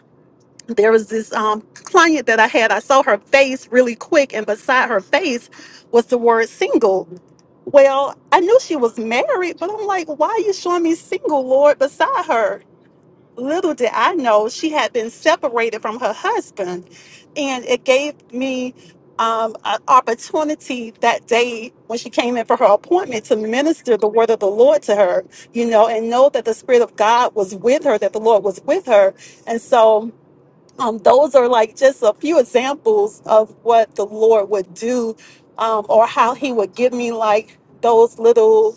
there was this um, client that I had. I saw her face really quick, and beside her face was the word single. Well, I knew she was married, but I'm like, why are you showing me single, Lord, beside her? little did I know she had been separated from her husband. And it gave me um, an opportunity that day when she came in for her appointment to minister the word of the Lord to her, you know, and know that the Spirit of God was with her, that the Lord was with her. And so um, those are like just a few examples of what the Lord would do um, or how He would give me like those little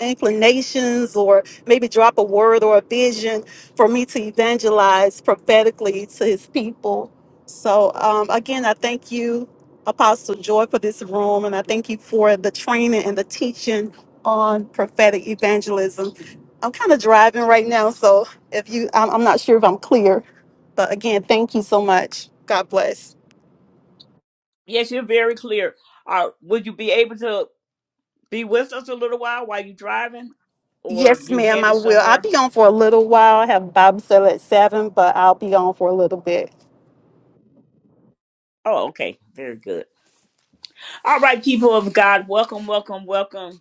inclinations or maybe drop a word or a vision for me to evangelize prophetically to his people. So, um, again, I thank you, Apostle Joy, for this room, and I thank you for the training and the teaching on prophetic evangelism. I'm kind of driving right now, so if you, I'm, I'm not sure if I'm clear, but again, thank you so much. God bless.
Yes, you're very clear. Uh, would you be able to be with us a little while while you're driving, or
Yes,
you
ma'am, I
headed
will. I'll
somewhere?
be on for a little while. I have Bible study at seven, but I'll be on for a little bit.
Oh, okay, very good. All right, people of God, welcome, welcome, welcome.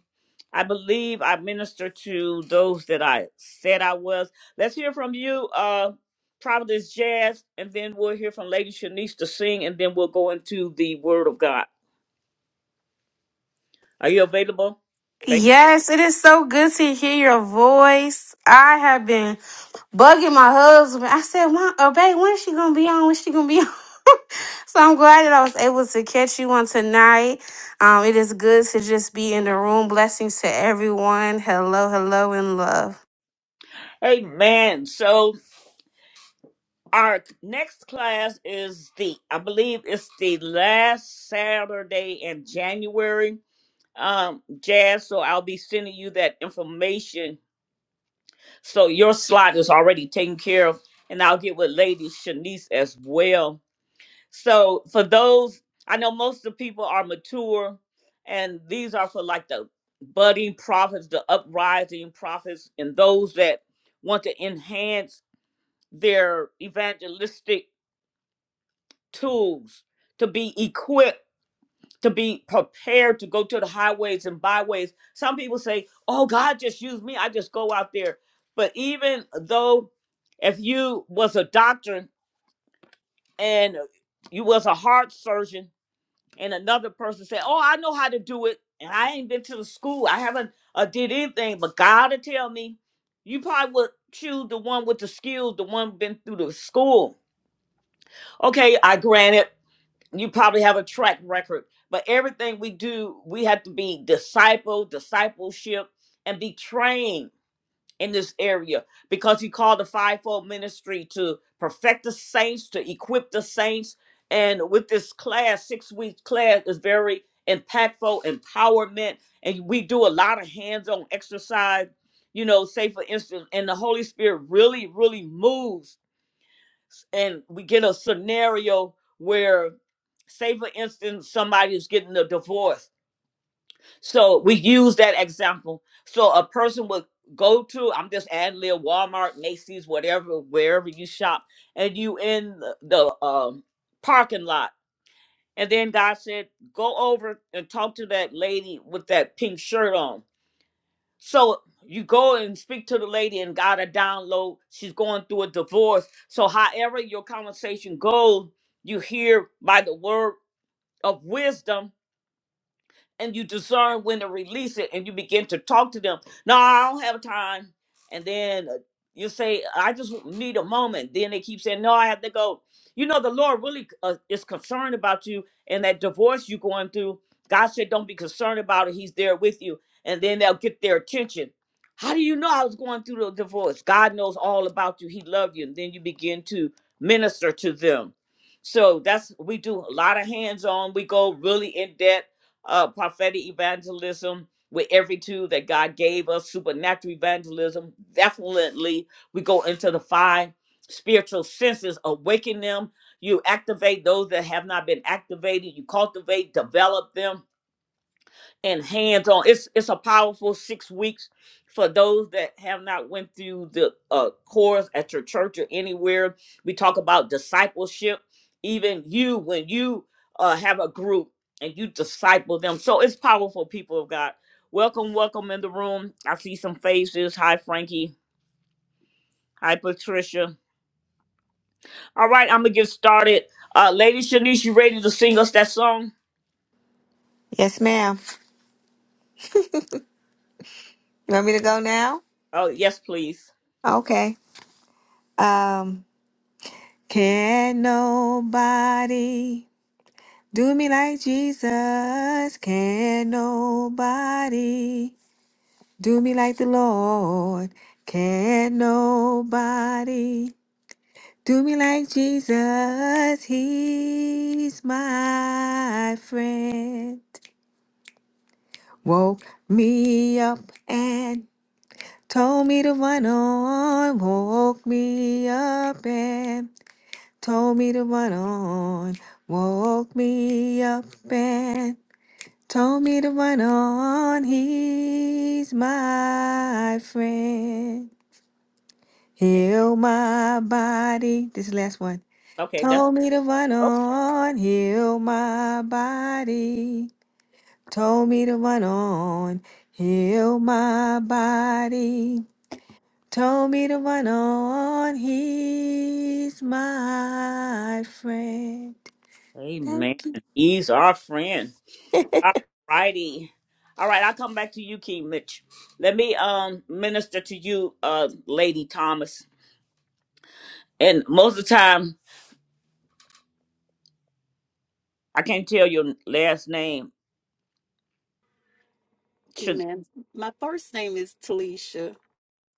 I believe I minister to those that I said I was. Let's hear from you, uh, Providence Jazz, and then we'll hear from Lady Shanice to sing, and then we'll go into the Word of God. Are you available? Thank.
Yes, it is so good to hear your voice. I have been bugging my husband. I said, "Mom, uh, babe, when's she gonna be on? When's she gonna be on?" So I'm glad that I was able to catch you on tonight. Um, it is good to just be in the room. Blessings to everyone. Hello, hello, and love.
Amen. So Our next class is the, I believe it's the last Saturday in January, um, Jazz. So I'll be sending you that information. So your slot is already taken care of, and I'll get with Lady Shanice as well. So for those, I know most of the people are mature, and these are for like the budding prophets, the uprising prophets, and those that want to enhance their evangelistic tools to be equipped to be prepared to go to the highways and byways some people say oh god just used me i just go out there but even though if you was a doctor and you was a heart surgeon and another person said oh i know how to do it and i ain't been to the school i haven't uh, did anything but god to tell me you probably would choose the one with the skills the one been through the school okay i granted you probably have a track record, but everything we do, we have to be disciple, discipleship, and be trained in this area because he called the fivefold ministry to perfect the saints, to equip the saints. And with this class, six week class is very impactful, empowerment, and we do a lot of hands-on exercise. You know, say for instance, and the Holy Spirit really, really moves and we get a scenario where say for instance somebody is getting a divorce so we use that example so a person would go to i'm just ad lib walmart macy's whatever wherever you shop and you in the, the um, parking lot and then god said go over and talk to that lady with that pink shirt on so you go and speak to the lady and got a download. She's going through a divorce. So however your conversation goes, you hear by the word of wisdom and you discern when to release it and you begin to talk to them no i don't have time and then uh, you say i just need a moment then they keep saying no i have to go you know the lord really uh, is concerned about you and that divorce you're going through god said don't be concerned about it he's there with you and then they'll get their attention how do you know i was going through the divorce god knows all about you he loved you and then you begin to minister to them so that's we do a lot of hands-on we go really in depth uh, prophetic evangelism with every tool that God gave us, supernatural evangelism. Definitely, we go into the five spiritual senses, awaken them. You activate those that have not been activated, you cultivate, develop them and hands on. It's it's a powerful six weeks for those that have not went through the uh, course at your church or anywhere. We talk about discipleship. Even you, when you uh, have a group and you disciple them, so it's powerful. People of God, welcome, welcome in the room. I see some faces. Hi, Frankie. Hi, Patricia. All right, I'm gonna get started. Uh, Lady Shanice, you ready to sing us that song?
Yes, ma'am. You want me to go now?
Oh yes, please.
Okay. Um, can nobody do me like Jesus? Can nobody? Do me like the Lord. Can nobody do me like Jesus? He's my friend. Woke me up and told me to run on. Woke me up and told me to run on. Woke me up and told me to run on. He's my friend.
Okay,
Heal my body. This is the last one.
okay, that's
Told me to run on, heal my body. Told me to run on, heal my body. Told me to run on, he's my friend. Thank
Amen.
you.
He's our friend. All righty. All right, I'll come back to you, King Mitch. Let me um minister to you, uh, Lady Thomas. And most of the time, I can't tell your last name. Should
Amen. My first name is Talisha.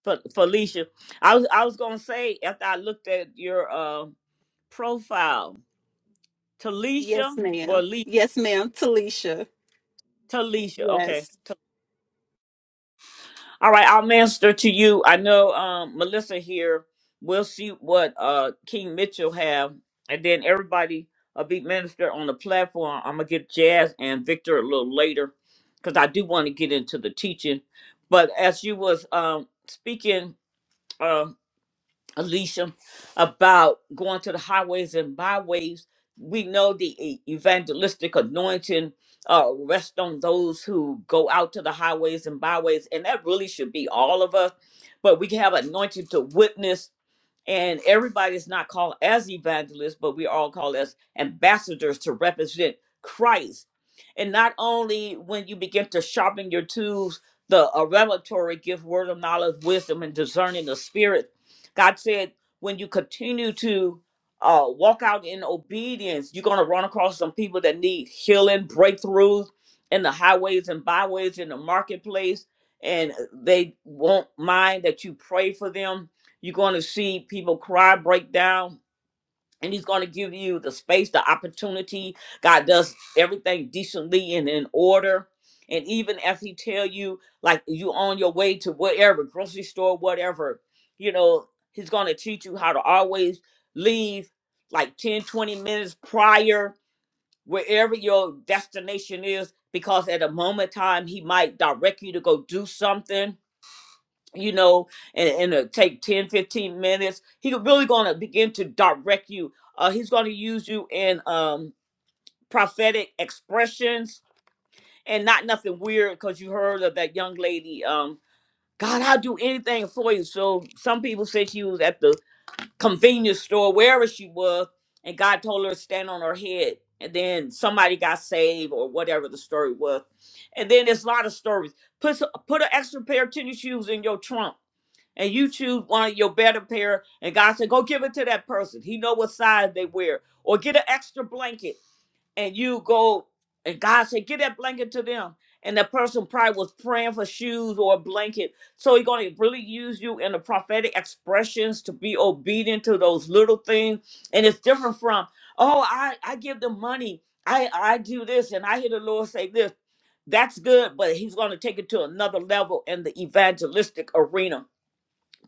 Fe- Felicia. I was I was gonna say after I looked at your uh profile, Talisha
Yes,
or
ma'am.
Lee
Yes, ma'am. Talisha.
Talisha. Okay,
Yes.
All right, I'll minister to you. I know um, Melissa here. We'll see what uh, King Mitchell have, and then everybody a big minister on the platform. I'm gonna get Jazz and Victor a little later because I do want to get into the teaching. But as you was um, speaking, uh, Alicia, about going to the highways and byways. We know the e- evangelistic anointing uh, rests on those who go out to the highways and byways, and that really should be all of us. But we can have anointing to witness and everybody's not called as evangelists, but we are all called as ambassadors to represent Christ. And not only when you begin to sharpen your tools, the a revelatory gift, word of knowledge, wisdom, and discerning the spirit. God said, when you continue to uh, walk out in obedience, you're going to run across some people that need healing, breakthroughs in the highways and byways, in the marketplace, and they won't mind that you pray for them you're going to see people cry, break down, and He's going to give you the space, the opportunity. God does everything decently and in order. And even if He tell you, like you on your way to whatever grocery store, whatever, you know, He's going to teach you how to always leave like 10, 20 minutes prior wherever your destination is, because at a moment in time He might direct you to go do something you know, and, and it'll take 10, 15 minutes. He's really going to begin to direct you. Uh, he's going to use you in um, prophetic expressions and not nothing weird because you heard of that young lady. Um, God, I'll do anything for you. So some people said she was at the convenience store, wherever she was, and God told her to stand on her head. And then somebody got saved or whatever the story was. And then there's a lot of stories. Put, s- put an extra pair of tennis shoes in your trunk and you choose one of your better pair and god said go give it to that person he know what size they wear or get an extra blanket and you go and god said get that blanket to them and that person probably was praying for shoes or a blanket so he's going to really use you in the prophetic expressions to be obedient to those little things and it's different from oh i i give them money i i do this and i hear the lord say this that's good but he's going to take it to another level in the evangelistic arena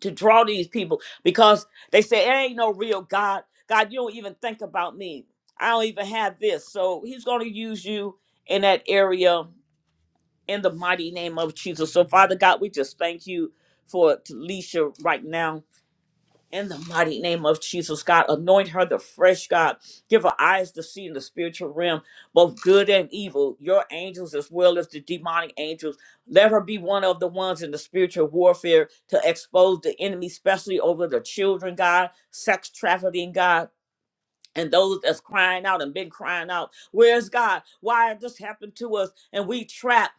to draw these people because they say there ain't no real God. God, you don't even think about me. I don't even have this. So he's going to use you in that area in the mighty name of Jesus. So Father God, we just thank you for Talisha right now. In the mighty name of Jesus, God, anoint her the fresh God. Give her eyes to see in the spiritual realm, both good and evil, your angels as well as the demonic angels. Let her be one of the ones in the spiritual warfare to expose the enemy, especially over the children, God, sex trafficking, God. And those that's crying out and been crying out, where's God? Why did this happened to us? And we trapped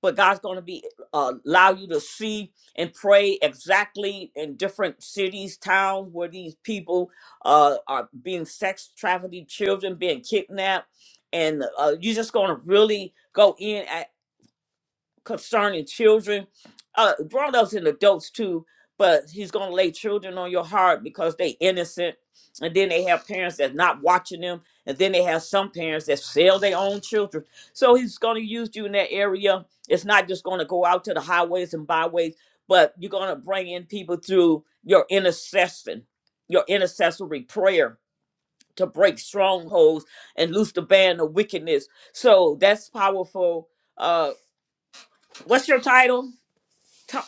but God's going to be uh, allow you to see and pray exactly in different cities, towns where these people uh, are being sex trafficked, children being kidnapped, and uh, you're just going to really go in concerning children, uh, grown ups and adults too. But he's gonna lay children on your heart because they innocent, and then they have parents that's not watching them, and then they have some parents that sell their own children. So he's gonna use you in that area. It's not just gonna go out to the highways and byways, but you're gonna bring in people through your intercession, your intercessory prayer to break strongholds and loose the band of wickedness. So that's powerful. Uh, what's your title?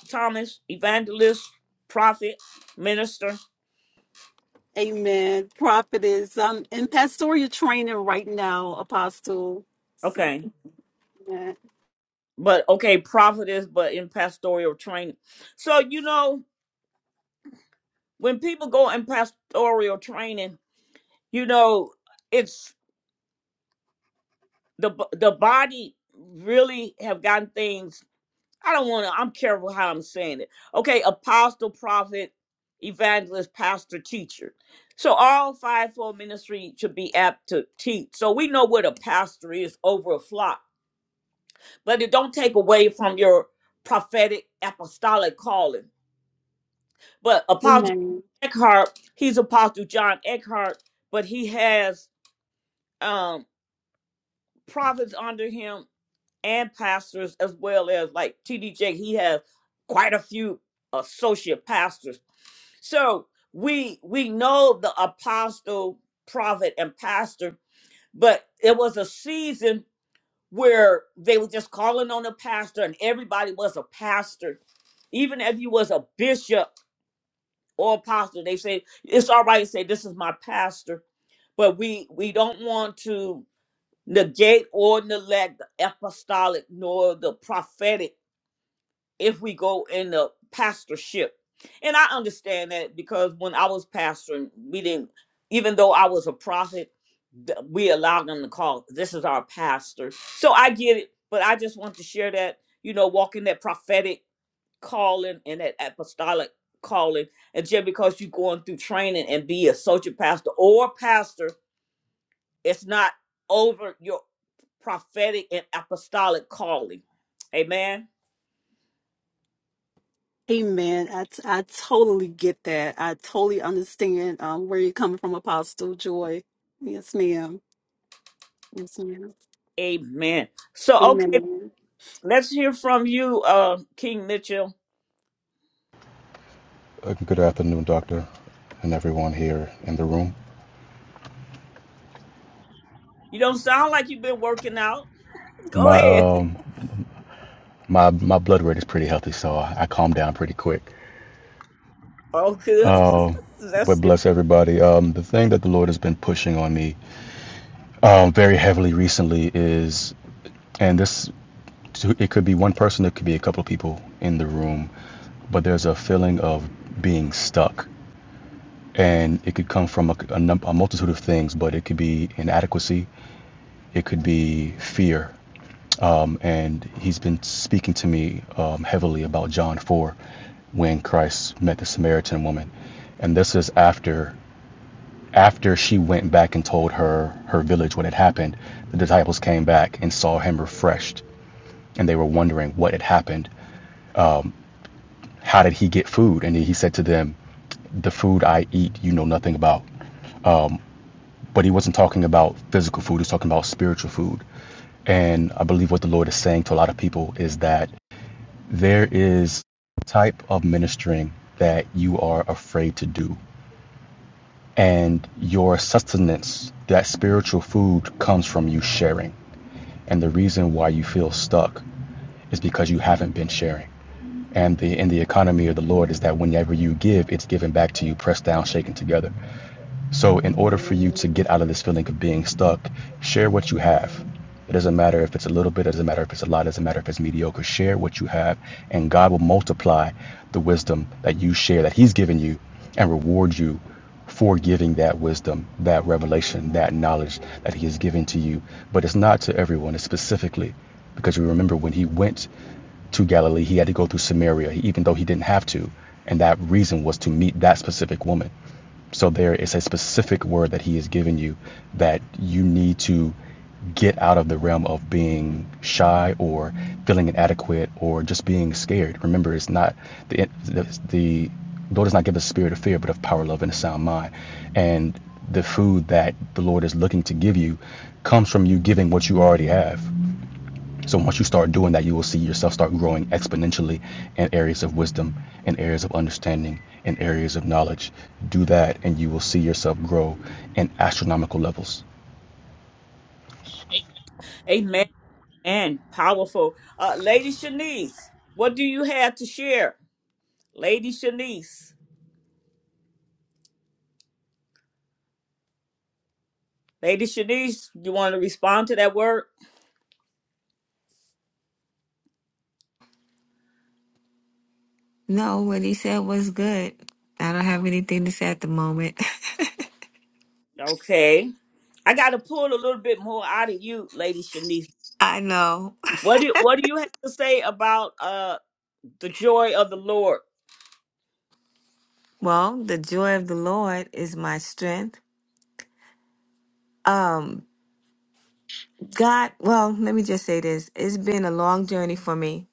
Thomas, evangelist, prophet, minister.
Amen. Prophetess. I'm in pastoral training right now, Apostle. So,
Okay.
amen.
But okay, prophet is but in pastoral training. So, you know, when people go in pastoral training, you know, it's the the body really have gotten things. I don't want to I'm careful how I'm saying it. Okay, apostle, prophet, evangelist, pastor, teacher. So all fivefold ministry should be apt to teach. So we know what a pastor is over a flock but it don't take away from your prophetic apostolic calling. But Apostle
Amen.
Eckhart, he's Apostle John Eckhart, but he has um prophets under him and pastors as well as like T.D. Jakes. He has quite a few associate pastors. So we we know the apostle, prophet, and pastor, but it was a season where they were just calling on a pastor and everybody was a pastor Even if you was a bishop or apostle, they say it's all right to say this is my pastor, but we we don't want to negate or neglect the apostolic nor the prophetic if we go in the pastorship. And I understand that because when I was pastoring, we didn't even though I was a prophet, th- we allowed them to call this is our pastor. So I get it, but I just want to share that, you know, walking that prophetic calling and that apostolic calling and just because you're going through training and be a associate pastor or pastor it's not over your prophetic and apostolic calling amen
Amen. I, t- I totally get that. I totally understand um, where you're coming from, Apostle Joy. Yes, ma'am. Yes, ma'am.
amen so okay
Amen.
let's hear from you uh king mitchell
Uh, Good afternoon, doctor, and everyone here in the room.
you don't sound like you've been working out go
My
ahead
um my my blood rate is pretty healthy, so I, I calm down pretty quick.
oh good that's
But
good
bless everybody. Um, the thing that the Lord has been pushing on me, um, very heavily recently is, and this it could be one person, it could be a couple of people in the room, but there's a feeling of being stuck, and it could come from a, a, num- a multitude of things, but it could be inadequacy, it could be fear, and he's been speaking to me um, heavily about John 4 when Christ met the Samaritan woman. And this is after after she went back and told her her village what had happened. The disciples came back and saw him refreshed, and they were wondering what had happened. How did he get food? And he said to them, "The food I eat, you know nothing about." But he wasn't talking about physical food, he was talking about spiritual food. And I believe what the Lord is saying to a lot of people is that there is a type of ministering that you are afraid to do. And your sustenance, that spiritual food, comes from you sharing. And the reason why you feel stuck is because you haven't been sharing. And the in the economy of the Lord is that whenever you give, it's given back to you, pressed down, shaken together. So, in order for you to get out of this feeling of being stuck, share what you have. It doesn't matter if it's a little bit, it doesn't matter if it's a lot, it doesn't matter if it's mediocre. Share what you have, and God will multiply the wisdom that you share, that He's given you, and reward you for giving that wisdom, that revelation, that knowledge that He has given to you. But it's not to everyone, it's specifically because you remember when He went to Galilee, he had to go through Samaria, even though he didn't have to. And that reason was to meet that specific woman. So there is a specific word that he has given you that you need to get out of the realm of being shy or feeling inadequate or just being scared. Remember, it's not the the, the Lord does not give us a spirit of fear, but of power, love, and a sound mind. And the food that the Lord is looking to give you comes from you giving what you already have. So once you start doing that, you will see yourself start growing exponentially in areas of wisdom, in areas of understanding, in areas of knowledge. Do that, and you will see yourself grow in astronomical levels.
amen and powerful uh lady shanice what do you have to share lady shanice Lady Shanice, you want to respond to that word?
No, what he said was good. I don't have anything to say at the moment.
Okay. I got to pull a little bit more out of you, Lady Shanice.
I know.
What do What do you have to say about uh the joy of the Lord?
Well, the joy of the Lord is my strength. Um. God, well, let me just say this. It's been a long journey for me,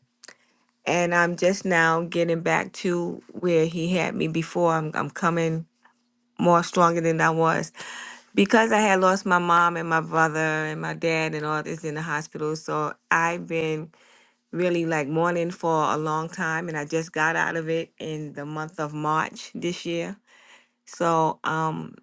and I'm just now getting back to where he had me before. I'm, I'm coming more stronger than I was because I had lost my mom and my brother and my dad and all this in the hospital. So I've been really like mourning for a long time, and I just got out of it in the month of March this year. So um,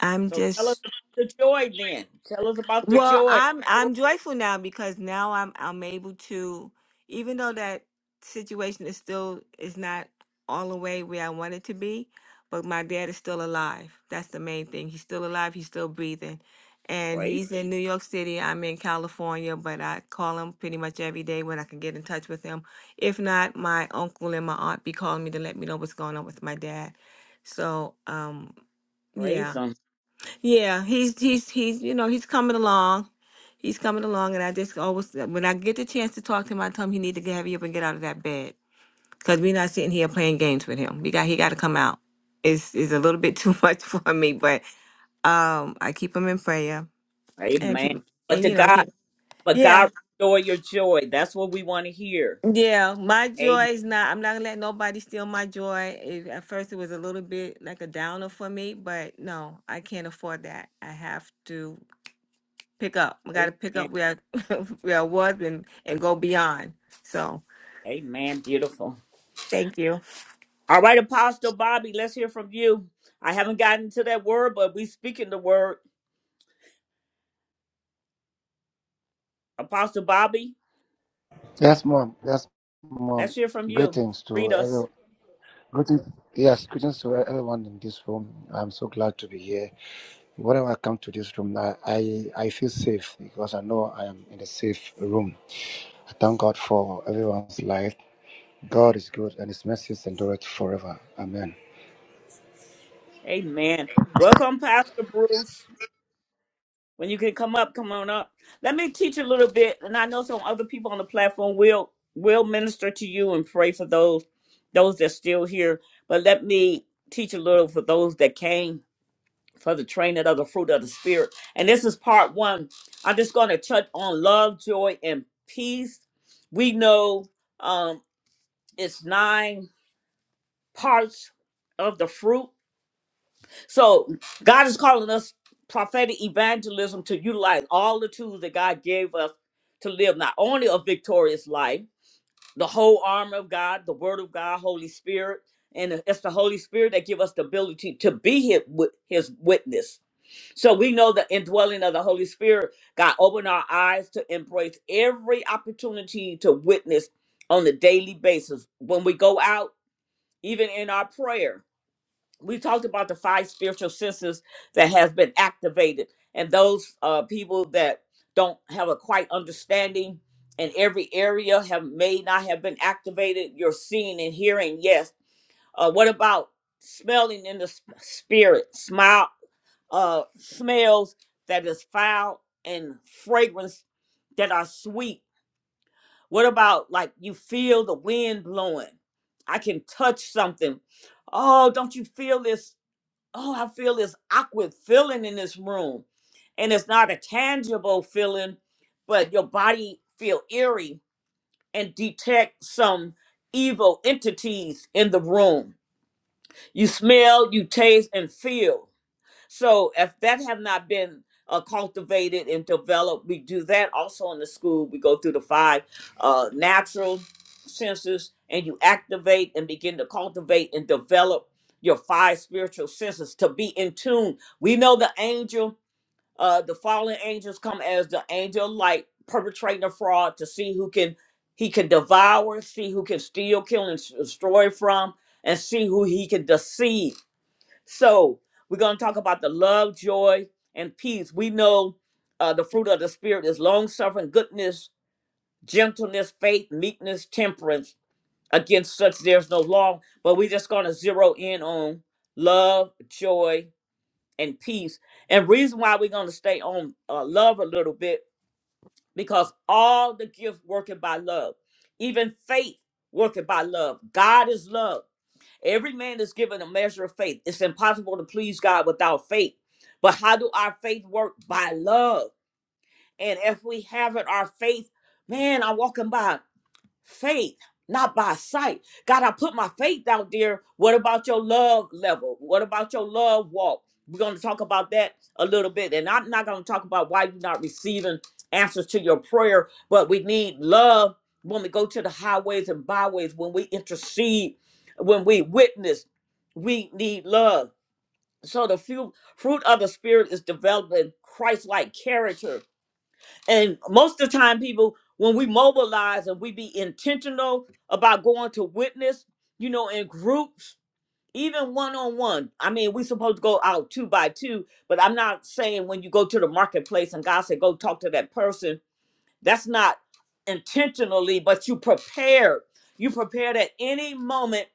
I'm
So tell us
just
about the joy, then. Tell us about the
Well,
joy.
I'm
joy.
I'm joyful now because now I'm I'm able to, even though that situation is still is not all the way where I want it to be, but my dad is still alive. That's the main thing. He's still alive. He's still breathing, and
Praise,
he's in New York City. I'm in California, but I call him pretty much every day when I can get in touch with him. If not, my uncle and my aunt be calling me to let me know what's going on with my dad. So, um, yeah,
praise Him,
yeah, he's he's he's you know he's coming along, he's coming along, and I just always when I get the chance to talk to him, I tell him he need to get heavy up and get out of that bed because we're not sitting here playing games with him. We got he got to come out. It's is a little bit too much for me, but um, I keep him in prayer and keep
Amen. But
and
to
you know
God,
keep
but
yeah
God restore your joy. That's what we want to hear.
yeah. My joy
Amen.
is not. I'm not gonna let nobody steal my joy. It, at first, it was a little bit like a downer for me, but no, I can't afford that. I have to. pick up. We got to pick
Amen.
up where where I was and and go beyond. So
Amen. Beautiful.
thank you.
All right, Apostle Bobby, let's hear from you. I haven't gotten to that word, but we speaking the word. Apostle Bobby,
Yes, mom. Yes, mom.
let's hear from you.
Greetings
Read
to
us.
everyone. Greetings. Yes, greetings to e-, everyone in this room. I'm so glad to be here. Whenever I come to this room, I, I, I feel safe because I know I am in a safe room. I thank God for everyone's life. God is good and his mercies endureth forever. Amen.
Amen. Welcome, Pastor Bruce. When you can come up, come on up. Let me teach a little bit, and I know some other people on the platform will will minister to you and pray for those those that's still here. But let me teach a little for those that came for the training of the fruit of the spirit. And this is part one. I'm just going to touch on love, joy, and peace. We know um, it's nine parts of the fruit So God is calling us prophetic evangelism to utilize all the tools that God gave us to live not only a victorious life, the whole armor of God, the Word of God, Holy Spirit, and it's the Holy Spirit that give us the ability to be His, wit- his witness. So we know the indwelling of the Holy Spirit. God opened our eyes to embrace every opportunity to witness on a daily basis when we go out, even in our prayer we talked about the five spiritual senses that has been activated and those uh, people that don't have a quite understanding in every area have may not have been activated you're seeing and hearing yes uh, what about smelling in the s- spirit smile uh, smells that is foul and fragrance that are sweet what about like you feel the wind blowing i can touch something oh don't you feel this oh, I feel this awkward feeling in this room. And it's not a tangible feeling, but your body feel eerie and detect some evil entities in the room. You smell, you taste, and feel. So if that have not been uh, cultivated and developed, we do that also in the school. We go through the five uh, natural senses, and you activate and begin to cultivate and develop your five spiritual senses to be in tune. We know the angel, uh, the fallen angels come as the angel of light, perpetrating a fraud to see who can he can devour, see who can steal, kill, and s- destroy from, and see who he can deceive so we're going to talk about the love, joy, and peace. We know uh, the fruit of the Spirit is long suffering, goodness, gentleness, faith, meekness, temperance. Against such there's no law. But we're just going to zero in on love, joy, and peace. And reason why we're going to stay on uh, love a little bit because all the gifts working by love, even faith working by love. God is love. Every man is given a measure of faith. It's impossible to please God without faith. But how do our faith work? By love. And if we haven't, our faith, man, I'm walking by faith, not by sight. God, I put my faith out there. What about your love level? What about your love walk? We're going to talk about that a little bit. And I'm not going to talk about why you're not receiving answers to your prayer, but we need love when we go to the highways and byways, when we intercede, when we witness, we need love. So the few, fruit of the Spirit is developing Christ like character and most of the time people when we mobilize and we be intentional about going to witness you know in groups even one-on-one i mean we supposed to go out two by two but i'm not saying when you go to the marketplace and god said go talk to that person that's not intentionally but you prepared you prepared at any moment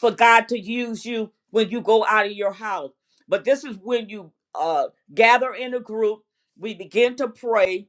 for god to use you when you go out of your house but this is when you uh gather in a group we begin to pray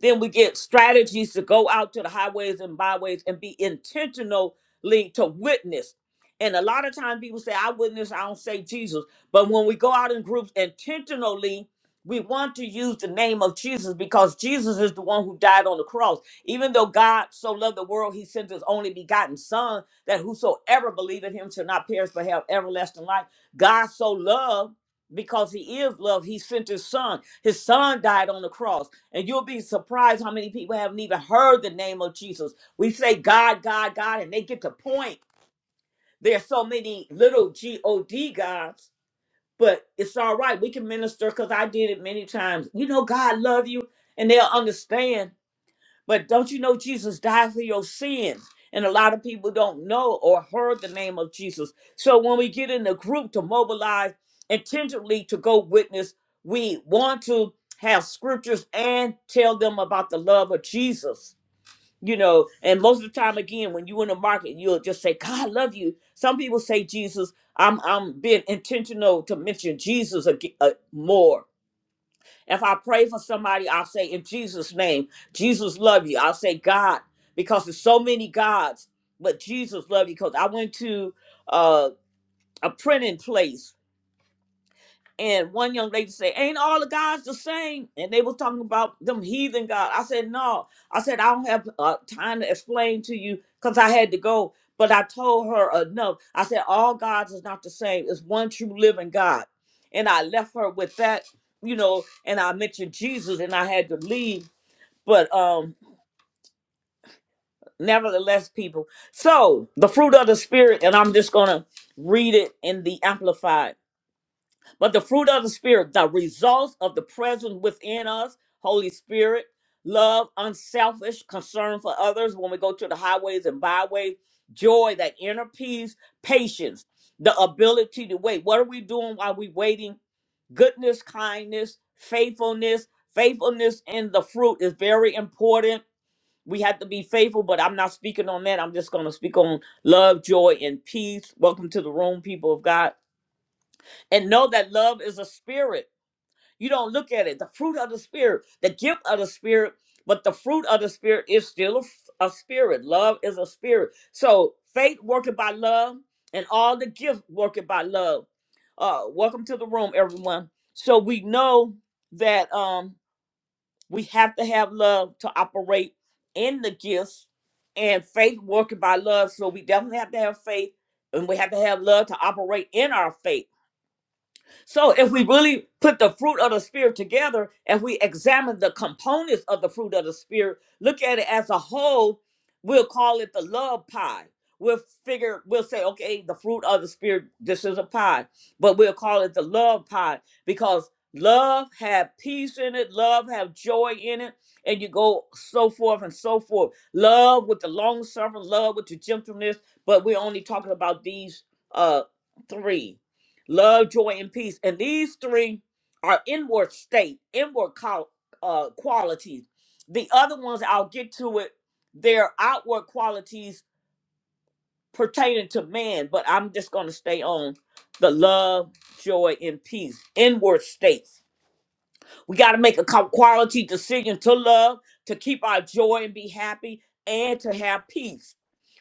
then we get strategies to go out to the highways and byways and be intentionally to witness. And a lot of times people say, I witness, I don't say Jesus. But when we go out in groups intentionally, we want to use the name of Jesus because Jesus is the one who died on the cross. Even though God so loved the world, he sent his only begotten Son that whosoever believe in him shall not perish but have everlasting life. God so loved because he is love, he sent his son. His son died on the cross. And you'll be surprised how many people haven't even heard the name of Jesus. We say God, God, God, and they get the point. There's so many little G O D gods, but it's all right. We can minister because I did it many times. You know, God love you, and they'll understand but don't you know Jesus died for your sins? And a lot of people don't know or heard the name of Jesus. So when we get in the group to mobilize intentionally to go witness, we want to have scriptures and tell them about the love of Jesus. You know, and most of the time, again, when you in the market, you'll just say, "God love you." Some people say Jesus. I'm I'm being intentional to mention Jesus ag- uh, more if I pray for somebody, I'll say in Jesus' name, Jesus love you. I'll say God, because there's so many gods, but Jesus love you. Because I went to uh, a printing place and one young lady said, Ain't all the gods the same? And they was talking about them heathen God. I said, No. I said, I don't have uh, time to explain to you because I had to go. But I told her enough. I said, All gods is not the same. It's one true living God. And I left her with that, you know, and I mentioned Jesus and I had to leave. But um, nevertheless, people. So the fruit of the spirit, and I'm just gonna read it in the amplified. But the fruit of the Spirit, the results of the presence within us, Holy Spirit, love, unselfish concern for others when we go to the highways and byways, joy, that inner peace, patience, the ability to wait. What are we doing while we waiting? Goodness, kindness, faithfulness. Faithfulness in the fruit is very important. We have to be faithful, but I'm not speaking on that. I'm just going to speak on love, joy, and peace. Welcome to the room, people of God. And know that love is a spirit you don't look at it. The fruit of the Spirit, the gift of the Spirit, but the fruit of the Spirit is still a a spirit. Love is a spirit. So faith working by love and all the gifts working by love. Uh, welcome to the room, everyone. So we know that um, we have to have love to operate in the gifts and faith working by love. So we definitely have to have faith and we have to have love to operate in our faith. So if we really put the fruit of the spirit together and we examine the components of the fruit of the spirit, look at it as a whole, we'll call it the love pie. We'll figure, we'll say, okay, the fruit of the spirit, this is a pie, but we'll call it the love pie because love have peace in it, love have joy in it, and you go so forth and so forth. Love with the long suffering, love with the gentleness, but we're only talking about these uh three love, joy, and peace. And these three are inward state, inward qual- uh, qualities. The other ones, I'll get to it, they're outward qualities pertaining to man, but I'm just going to stay on the love, joy, and peace, inward states. We got to make a co- quality decision to love, to keep our joy and be happy, and to have peace.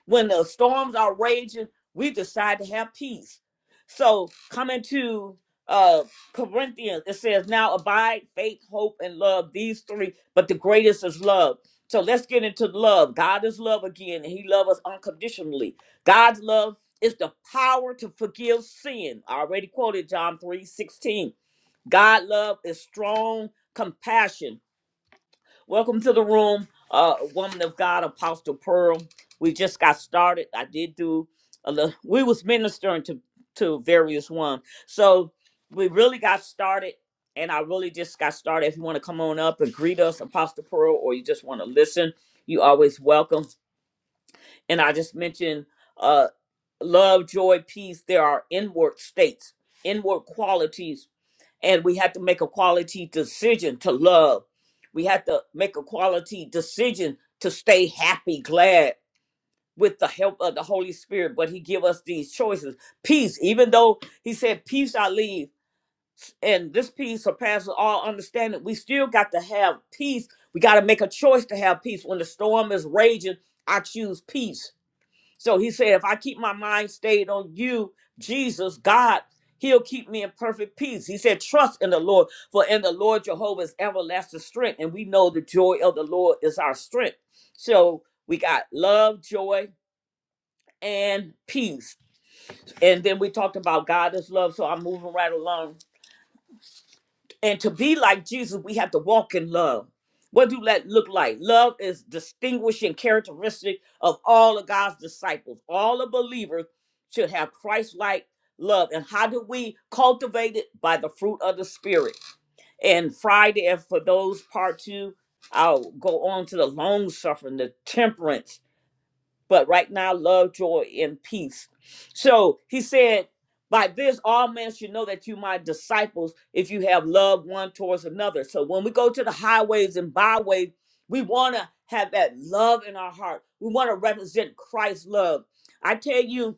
When the storms are raging, we decide to have peace. So coming to uh, Corinthians, it says, "Now abide faith, hope, and love. These three, but the greatest is love." So let's get into love. God is love again, and He loves us unconditionally. God's love is the power to forgive sin. I already quoted John three sixteen. God love is strong compassion. Welcome to the room, uh, woman of God, Apostle Pearl. We just got started. I did do a little. We was ministering to to various one, so we really got started, and I really just got started. If you want to come on up and greet us, Apostle Pearl, or you just want to listen, you always welcome. And I just mentioned uh, love, joy, peace. There are inward states, inward qualities and we have to make a quality decision to love. We have to make a quality decision to stay happy, glad with the help of the Holy Spirit. But He give us these choices. Peace, even though He said, "Peace I leave," and this peace surpasses all understanding. We still got to have peace. We got to make a choice to have peace when the storm is raging. I choose peace so he said, if I keep my mind stayed on you, Jesus, God, he'll keep me in perfect peace. He said, trust in the Lord, for in the Lord Jehovah is everlasting strength. And we know the joy of the Lord is our strength. So we got love, joy, and peace. And then we talked about God is love. So I'm moving right along. And to be like Jesus, we have to walk in love. What do that look like? Love is distinguishing characteristic of all of God's disciples. All the believers should have Christ-like love. And how do we cultivate it? By the fruit of the Spirit. And Friday, and for those part two, I'll go on to the long suffering, the temperance but right now love, joy, and peace. So he said, By this all men should know that you my disciples if you have love one towards another. So when we go to the highways and byways, we want to have that love in our heart. We want to represent Christ's love. I tell you,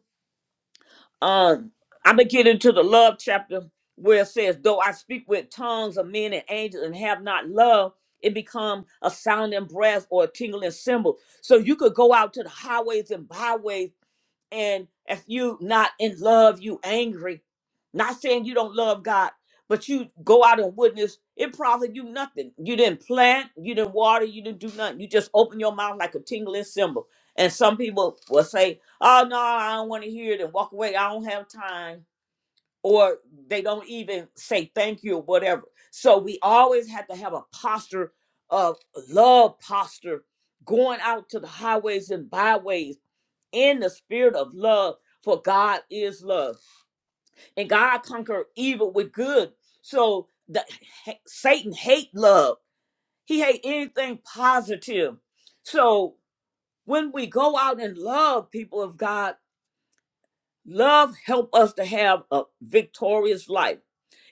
uh, I'm gonna get into the love chapter where it says, "Though I speak with tongues of men and angels and have not love, it become a sounding brass or a tingling cymbal." So you could go out to the highways and byways and if you not in love you angry not saying you don't love god but you go out and witness it profit you nothing you didn't plant you didn't water you didn't do nothing you just open your mouth like a tingling cymbal and some people will say oh no i don't want to hear it and walk away i don't have time or they don't even say thank you or whatever so we always have to have a posture of love posture going out to the highways and byways in the spirit of love, for God is love. And God conquered evil with good. So the ha- Satan hate love. He hate anything positive. So when we go out and love people of God, love help us to have a victorious life.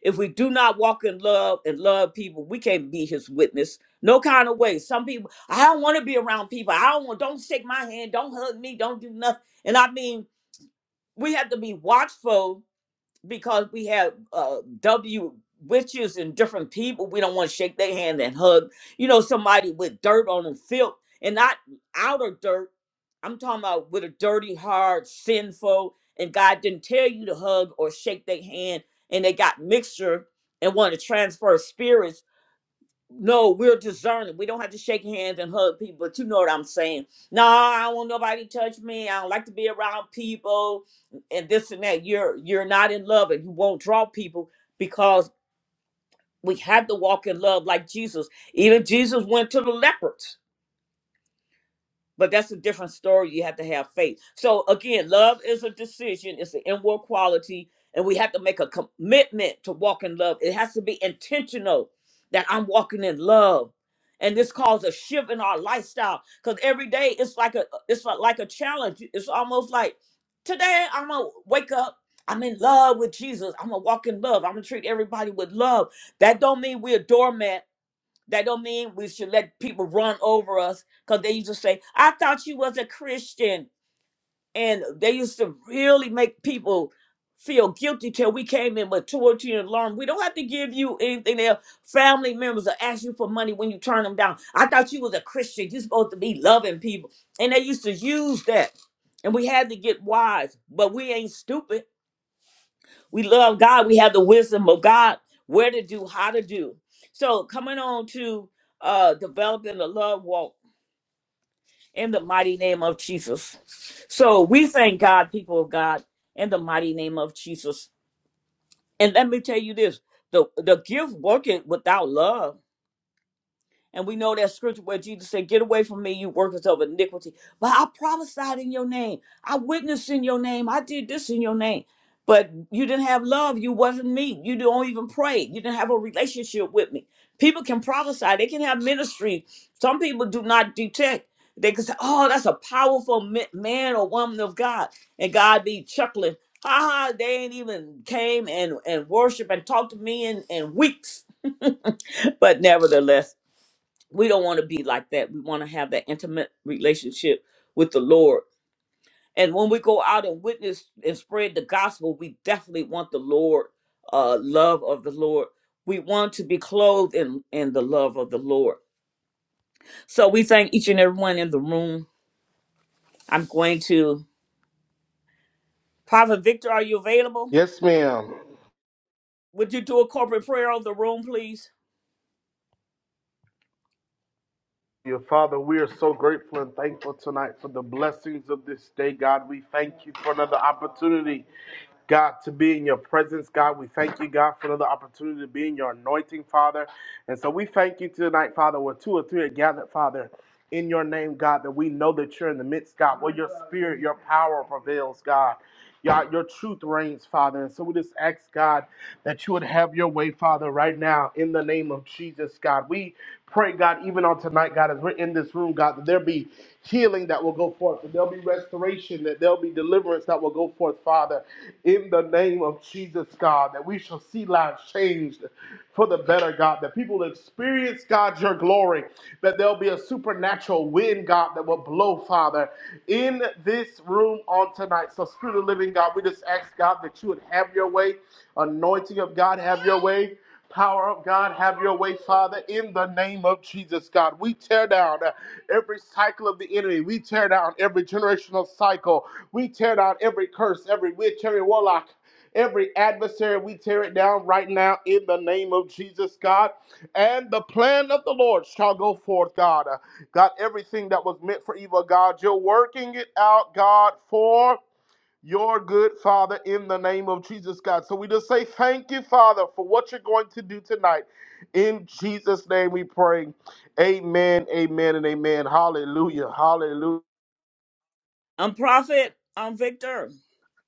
If we do not walk in love and love people, we can't be his witness. No kind of way. Some people, I don't want to be around people. I don't want, don't shake my hand, don't hug me, don't do nothing. And I mean, we have to be watchful because we have uh, W witches and different people. We don't want to shake their hand and hug, you know, somebody with dirt on them, filth, and not outer dirt. I'm talking about with a dirty heart, sinful, and God didn't tell you to hug or shake their hand, and they got mixture and want to transfer spirits no, we're discerning. We don't have to shake hands and hug people, but you know what I'm saying. No, I don't want nobody to touch me. I don't like to be around people and this and that. You're you're not in love and you won't draw people because we have to walk in love like Jesus. Even Jesus went to the lepers. But that's a different story. You have to have faith. So again, love is a decision. It's an inward quality, and we have to make a commitment to walk in love. It has to be intentional that I'm walking in love, and this causes a shift in our lifestyle. Because every day it's like a it's like like a challenge. It's almost like today I'm gonna wake up. I'm in love with Jesus. I'm gonna walk in love. I'm gonna treat everybody with love. That don't mean we're a doormat that don't mean we should let people run over us because they used to say, I thought you was a Christian. And they used to really make people feel guilty till we came in with torture and alarm. We don't have to give you anything else. Family members will ask you for money when you turn them down. I thought you was a Christian. You're supposed to be loving people. And they used to use that. And we had to get wise, but we ain't stupid we love God. We have the wisdom of God, where to do, how to do. So coming on to uh developing the love walk in the mighty name of Jesus. So we thank God, people of God, in the mighty name of Jesus. And let me tell you this: the the gift working without love. And we know that scripture where Jesus said, Get away from me, you workers of iniquity. But I prophesied in your name. I witnessed in your name. I did this in your name. But you didn't have love. You wasn't me. You don't even pray. You didn't have a relationship with me. People can prophesy. They can have ministry. Some people do not detect. They can say, Oh, that's a powerful ma- man or woman of God. And God be chuckling. Ha ha, they ain't even came and, and worship and talked to me in, in weeks. But nevertheless we don't want to be like that. We want to have that intimate relationship with the Lord. And when we go out and witness and spread the gospel, we definitely want the Lord, uh, love of the Lord. We want to be clothed in, in the love of the Lord. So we thank each and everyone in the room. I'm going to, Prophet Victor, are you available?
Yes, ma'am.
Would you do a corporate prayer of the room, please?
Your Father, we are so grateful and thankful tonight for the blessings of this day, God. We thank you for another opportunity, God, to be in your presence, God. We thank you, God, for another opportunity to be in your anointing, Father. And so we thank you tonight, Father, where two or three are gathered, Father in your name, God, that we know that you're in the midst, God, where your spirit, your power prevails, God. God, your truth reigns, Father. And so we just ask, God, that you would have your way, Father, right now in the name of Jesus, God. We pray, God, even on tonight, God, as we're in this room, God, that there be healing that will go forth, that there'll be restoration, that there'll be deliverance that will will go forth, Father, in the name of Jesus, God, that we shall see lives changed for the better, God, that people will experience, God, your glory, that there'll be a supernatural wind, God, that will blow, Father, in this room on tonight. So, Spirit of the Living God, we just ask, God, that you would have your way, anointing of God, have your way. Power of God, have your way, Father, in the name of Jesus, God. We tear down uh, every cycle of the enemy. We tear down every generational cycle. We tear down every curse, every witch, every warlock, every adversary. We tear it down right now in the name of Jesus, God. And the plan of the Lord shall go forth, God. Uh, God, everything that was meant for evil, God, you're working it out, God, for your good Father in the name of Jesus, God. So we just say thank you, Father, for what you're going to do tonight. In Jesus' name we pray. Amen, amen, and amen. Hallelujah, hallelujah.
I'm Prophet, I'm Victor.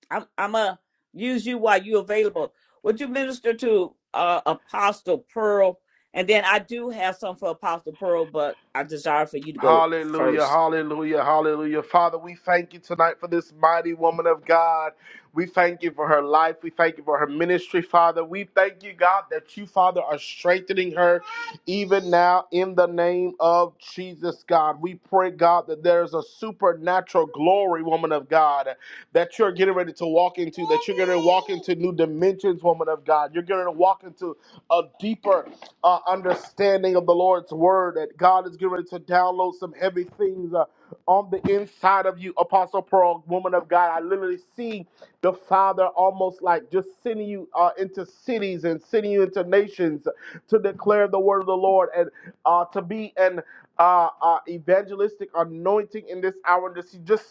I'm I'm gonna use you while you're available. Would you minister to uh, Apostle Pearl? And then I do have some for Apostle Pearl, but I desire for you to go
Hallelujah,
first.
hallelujah, hallelujah. Father, we thank you tonight for this mighty woman of God. We thank you for her life. We thank you for her ministry, Father. We thank you, God, that you, Father, are strengthening her even now in the name of Jesus, God. We pray, God, that there's a supernatural glory, woman of God, that you're getting ready to walk into, that you're going to walk into new dimensions, woman of God. You're going to walk into a deeper uh, understanding of the Lord's word that God is getting ready to download some heavy things uh, on the inside of you, Apostle Pearl, woman of God. I literally see the Father almost like just sending you uh, into cities and sending you into nations to declare the word of the Lord and uh, to be an uh, uh, evangelistic anointing in this hour. And just, just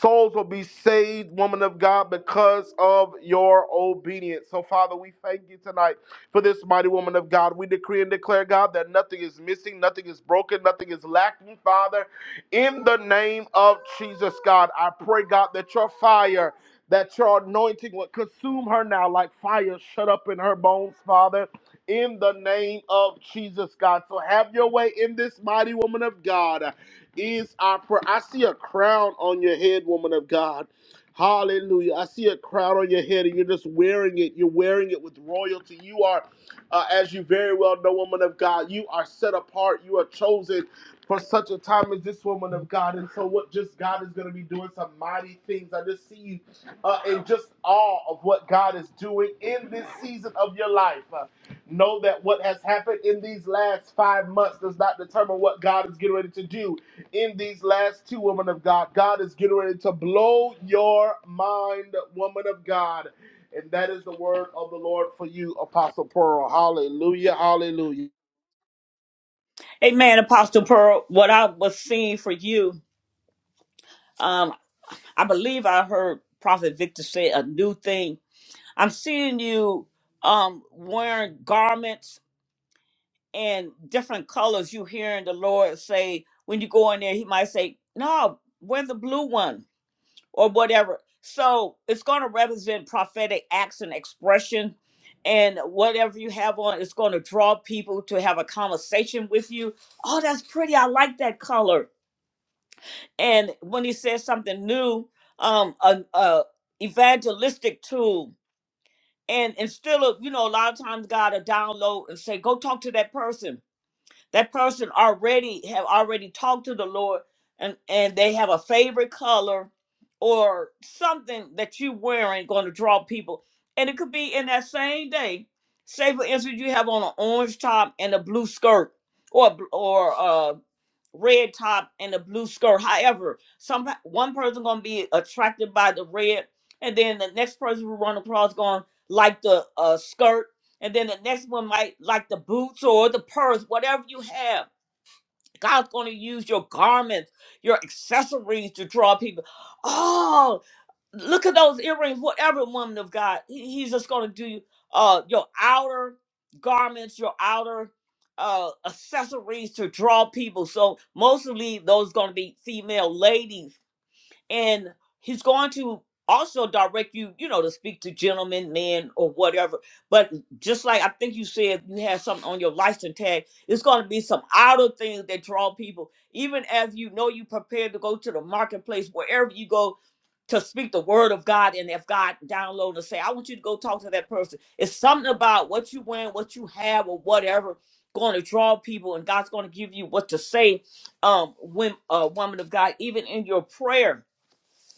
souls will be saved, woman of God, because of your obedience. So, Father, we thank you tonight for this mighty woman of God. We decree and declare, God, that nothing is missing, nothing is broken, nothing is lacking, Father. In the name of Jesus, God, I pray, God, that your fire, that your anointing would consume her now like fire shut up in her bones, Father. In the name of Jesus, God. So have your way in this mighty woman of God. Is our prayer. I see a crown on your head, woman of God. Hallelujah. I see a crown on your head and you're just wearing it. You're wearing it with royalty. You are, uh, as you very well know, woman of God, you are set apart. You are chosen for such a time as this woman of God. And so, what just God is going to be doing some mighty things. I just see you uh, in just awe of what God is doing in this season of your life. Uh, know that what has happened in these last five months does not determine what God is getting ready to do in these last two women of God. God is getting ready to blow your mind, woman of God. And that is the word of the Lord for you, Apostle Pearl. Hallelujah, hallelujah.
Amen, Apostle Pearl. What I was seeing for you, um, I believe I heard Prophet Victor say a new thing. I'm seeing you um, wearing garments in different colors. You hearing the Lord say when you go in there, He might say, "No, wear the blue one." or whatever. So it's going to represent prophetic acts and expression. And whatever you have on, it's going to draw people to have a conversation with you. Oh, that's pretty. I like that color. And when he says something new, um, a, a evangelistic tool. And instead of, you know, a lot of times God will download and say, go talk to that person that person already have already talked to the Lord and, and they have a favorite color or something that you wearing going to draw people. And it could be in that same day. Say for instance you have on an orange top and a blue skirt or a bl- or uh, red top and a blue skirt. However, some one person gonna be attracted by the red, and then the next person who run across gonna like the uh, skirt, and then the next one might like the boots or the purse, whatever you have. God's gonna use your garments, your accessories to draw people. Oh, look at those earrings, whatever woman of God, he- he's just going to do uh, your outer garments, your outer uh, accessories to draw people. So mostly those going to be female ladies and he's going to also direct you you know to speak to gentlemen men or whatever but just like i think you said you had something on your license tag it's going to be some outer things that draw people even as you know you prepared to go to the marketplace wherever you go to speak the word of god and if god download and say i want you to go talk to that person it's something about what you wearing what you have or whatever going to draw people and god's going to give you what to say um when a woman of god even in your prayer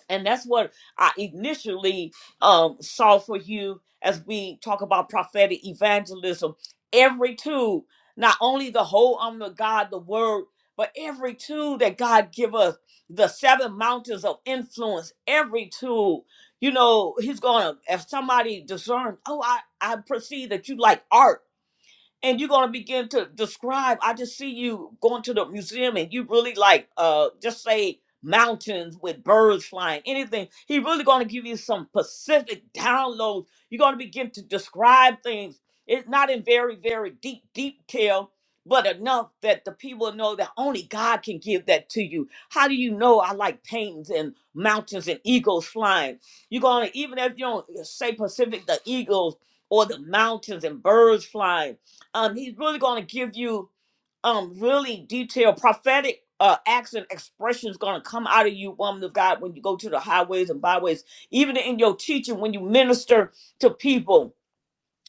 and that's what I initially um, saw for you as we talk about prophetic evangelism. Every tool, not only the whole armor of God, the word, but every tool that God give us, the seven mountains of influence, every tool, you know, He's gonna. If somebody discerns, oh, I I perceive that you like art and you're gonna begin to describe. I just see you going to the museum and you really like uh just say mountains with birds flying, anything. He really gonna give you some specific downloads. You're gonna begin to describe things. It's not in very, very deep deep detail, but enough that the people know that only God can give that to you. How do you know I like paintings and mountains and eagles flying? You're gonna even if you don't say Pacific, the eagles or the mountains and birds flying um, he's really going to give you um really detailed prophetic uh acts and expressions going to come out of you woman of god when you go to the highways and byways even in your teaching when you minister to people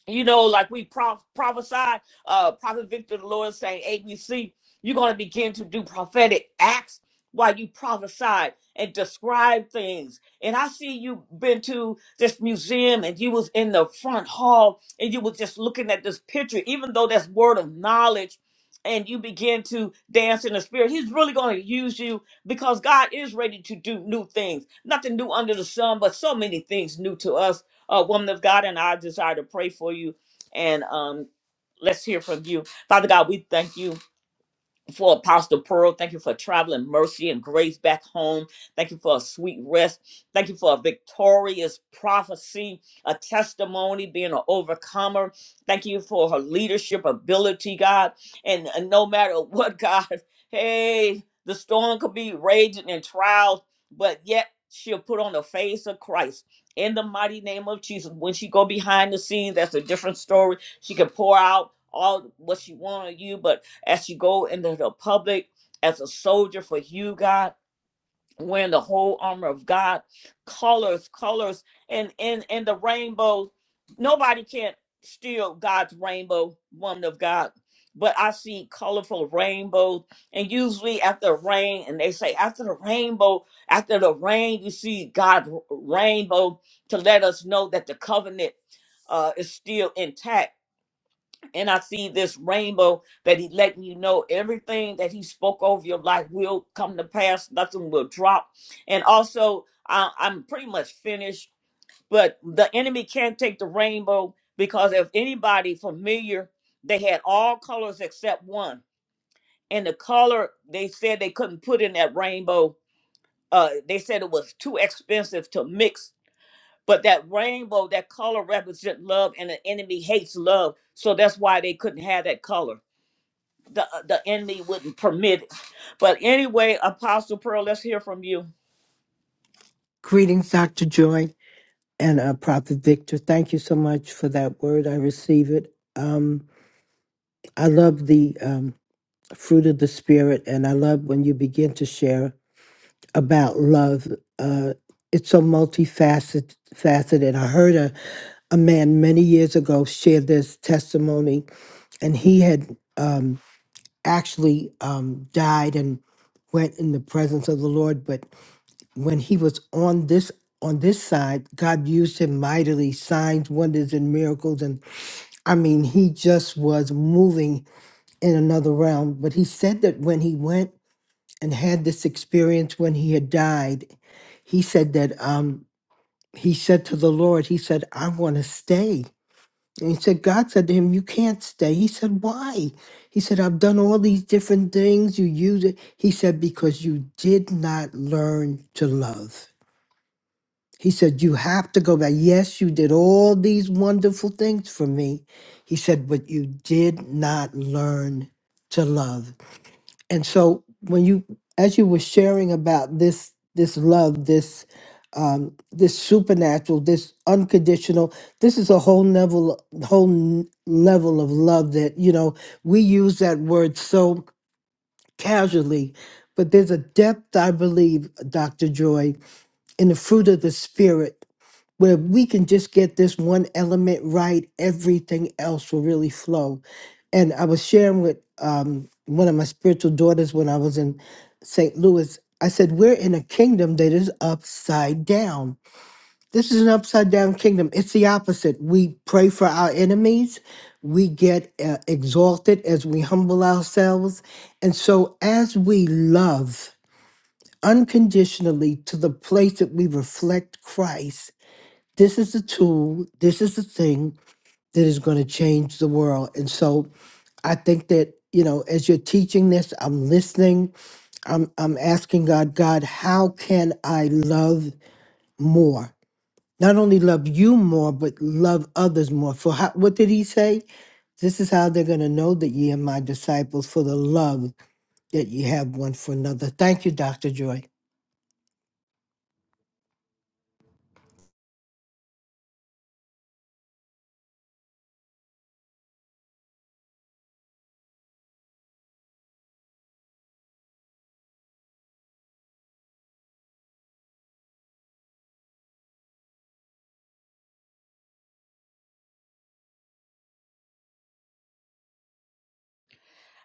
you know, like we proph- prophesied, uh, Prophet Victor the Lord saying ABC, you're going to begin to do prophetic acts while you prophesy and describe things. And I see you been to this museum and you was in the front hall and you was just looking at this picture, even though that's word of knowledge and you begin to dance in the spirit. He's really going to use you because God is ready to do new things. Nothing new under the sun, but so many things new to us uh, woman of God, and I desire to pray for you. And um, let's hear from you. Father God, we thank you for Apostle Pearl. Thank you for traveling mercy and grace back home. Thank you for a sweet rest. Thank you for a victorious prophecy, a testimony, being an overcomer. Thank you for her leadership ability, God. And, and no matter what, God, hey, the storm could be raging and trials, but yet she'll put on the face of Christ. In the mighty name of Jesus, when she go behind the scenes, that's a different story. She can pour out all what she want on you, but as you go into the public as a soldier for you, God, wearing the whole armor of God, colors, colors, and in in the rainbow. Nobody can steal God's rainbow, woman of God. But I see colorful rainbows, and usually after rain, and they say after the rainbow, after the rain, you see God's rainbow to let us know that the covenant uh, is still intact and I see this rainbow that he letting you know everything that he spoke over your life will come to pass. Nothing will drop. And also, I, I'm pretty much finished, but the enemy can't take the rainbow because if anybody familiar, they had all colors except one. And the color they said they couldn't put in that rainbow, uh, they said it was too expensive to mix. But that rainbow, that color represent love, and the enemy hates love. So that's why they couldn't have that color the the enemy wouldn't permit it. But anyway, Apostle Pearl, let's hear from you.
Greetings, Dr. Joy and uh, Prophet Victor. Thank you so much for that word. I receive it. Um, I love the um, fruit of the Spirit, and I love when you begin to share about love. Uh, it's so multifaceted. Faceted. I heard a, a man many years ago share this testimony, and he had um, actually um, died and went in the presence of the Lord, but when he was on this on this side, God used him mightily, signs, wonders, and miracles. And I mean, he just was moving in another realm. But he said that when he went and had this experience when he had died, he said that um, he said to the Lord, he said, I want to stay. And he said, God said to him, You can't stay. He said, Why? He said, I've done all these different things. You use it. He said, Because you did not learn to love. He said, You have to go back. Yes, you did all these wonderful things for me. He said, But you did not learn to love. And so, when you, as you were sharing about this, this love, this, um, this supernatural, this unconditional, this is a whole level, whole n- level of love that, you know, we use that word so casually, but there's a depth, I believe, Dr. Joy, in the fruit of the Spirit where we can just get this one element right, everything else will really flow. And I was sharing with um, one of my spiritual daughters when I was in St. Louis. I said, We're in a kingdom that is upside down. This is an upside down kingdom. It's the opposite. We pray for our enemies, we get uh, exalted as we humble ourselves. And so, as we love unconditionally to the place that we reflect Christ, this is the tool, this is the thing that is going to change the world. And so I think that, you know, as you're teaching this, I'm listening, I'm I'm asking God, God, how can I love more? Not only love you more, but love others more. For how, what did he say? This is how they're going to know that ye are my disciples for the love that you have one for another. Thank you, Dr. Joy.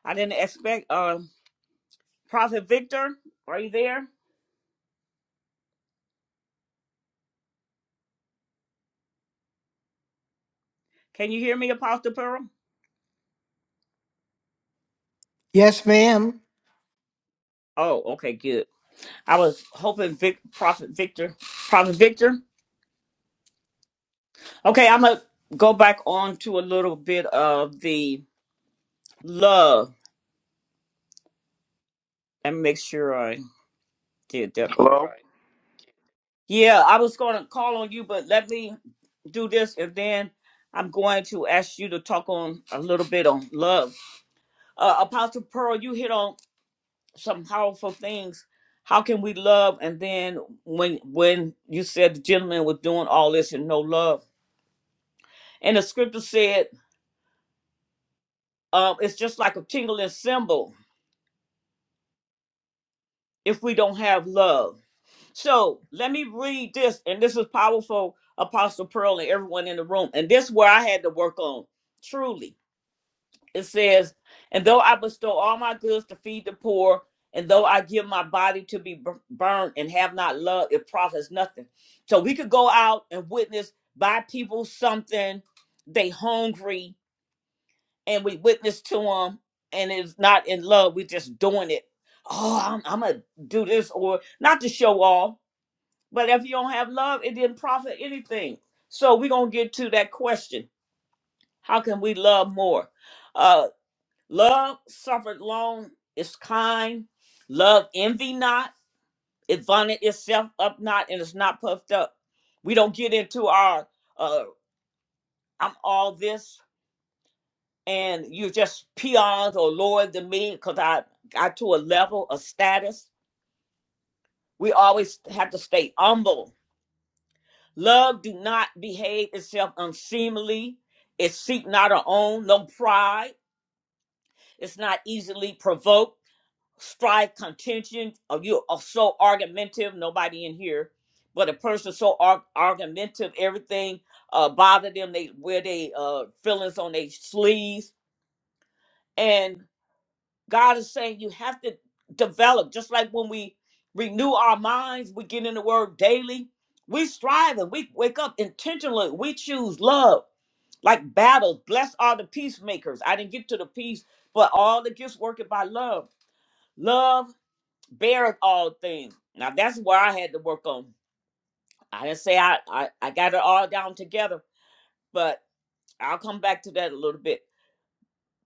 I didn't expect uh, Prophet Victor. Are you there? Can you hear me, Apostle Pearl?
Yes, ma'am.
Oh, okay, good. I was hoping Vic, Prophet Victor, Prophet Victor. Okay, I'm gonna go back on to a little bit of the love and make sure I did that.
Hello?
Yeah, I was gonna call on you, but let me do this, and then I'm going to ask you to talk on a little bit on love Uh, Apostle Pearl, you hit on some powerful things. How can we love? And then when when you said the gentleman was doing all this and no love, and the scripture said um, it's just like a tingling symbol if we don't have love. So let me read this, and this is powerful, Apostle Pearl, and everyone in the room. And this is where I had to work on truly. it says, and though I bestow all my goods to feed the poor, and though I give my body to be burned and have not love, it profits nothing. So we could go out and witness, buy people something, they hungry, and we witness to them, and it's not in love. We're just doing it. Oh, I'm, I'm gonna do this, or not to show off, but if you don't have love, it didn't profit anything. So we're gonna get to that question: How can we love more? Uh, Love suffered long, is kind. Love envy not, it vaunteth itself up not, and is not puffed up. We don't get into our uh I'm all this and you're just peons or lower than me because I got to a level of status. We always have to stay humble. Love do not behave itself unseemly. It seek not her own, no pride. It's not easily provoked strife, contention, or you are so argumentative, nobody in here, but a person so ar- argumentative, everything uh, bother them, they wear their uh, feelings on their sleeves. And God is saying you have to develop, just like when we renew our minds, we get in the word daily, we strive and we wake up intentionally, we choose love. Like battles, blessed are the peacemakers. I didn't get to the peace, but all the gifts working by love. Love beareth all things. Now that's where I had to work on. I didn't say I, I, I got it all down together, but I'll come back to that a little bit.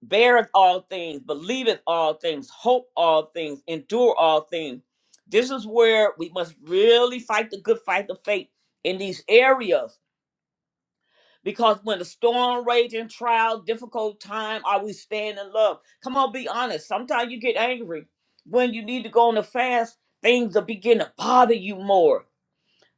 Beareth all things, believeth all things, hope all things, endure all things. This is where we must really fight the good fight of faith in these areas. Because when the storm raging, trial, difficult time, are we staying in love? Come on, be honest. Sometimes you get angry. When you need to go on a fast, things will begin to bother you more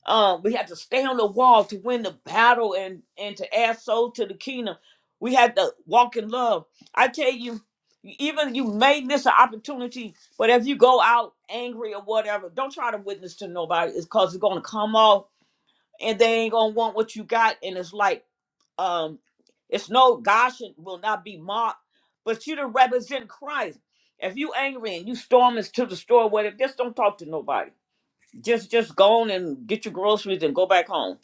Um, we had to stay on the wall to win the battle and and to add souls to the kingdom. We had to walk in love. I tell you, even you may miss an opportunity, but if you go out angry or whatever, don't try to witness to nobody. It's cause it's gonna come off and they ain't gonna want what you got. And it's like, um, it's no gosh it will not be mocked, but you to represent Christ. If you angry and you storm into the store, whatever, just don't talk to nobody just just go on and get your groceries and go back home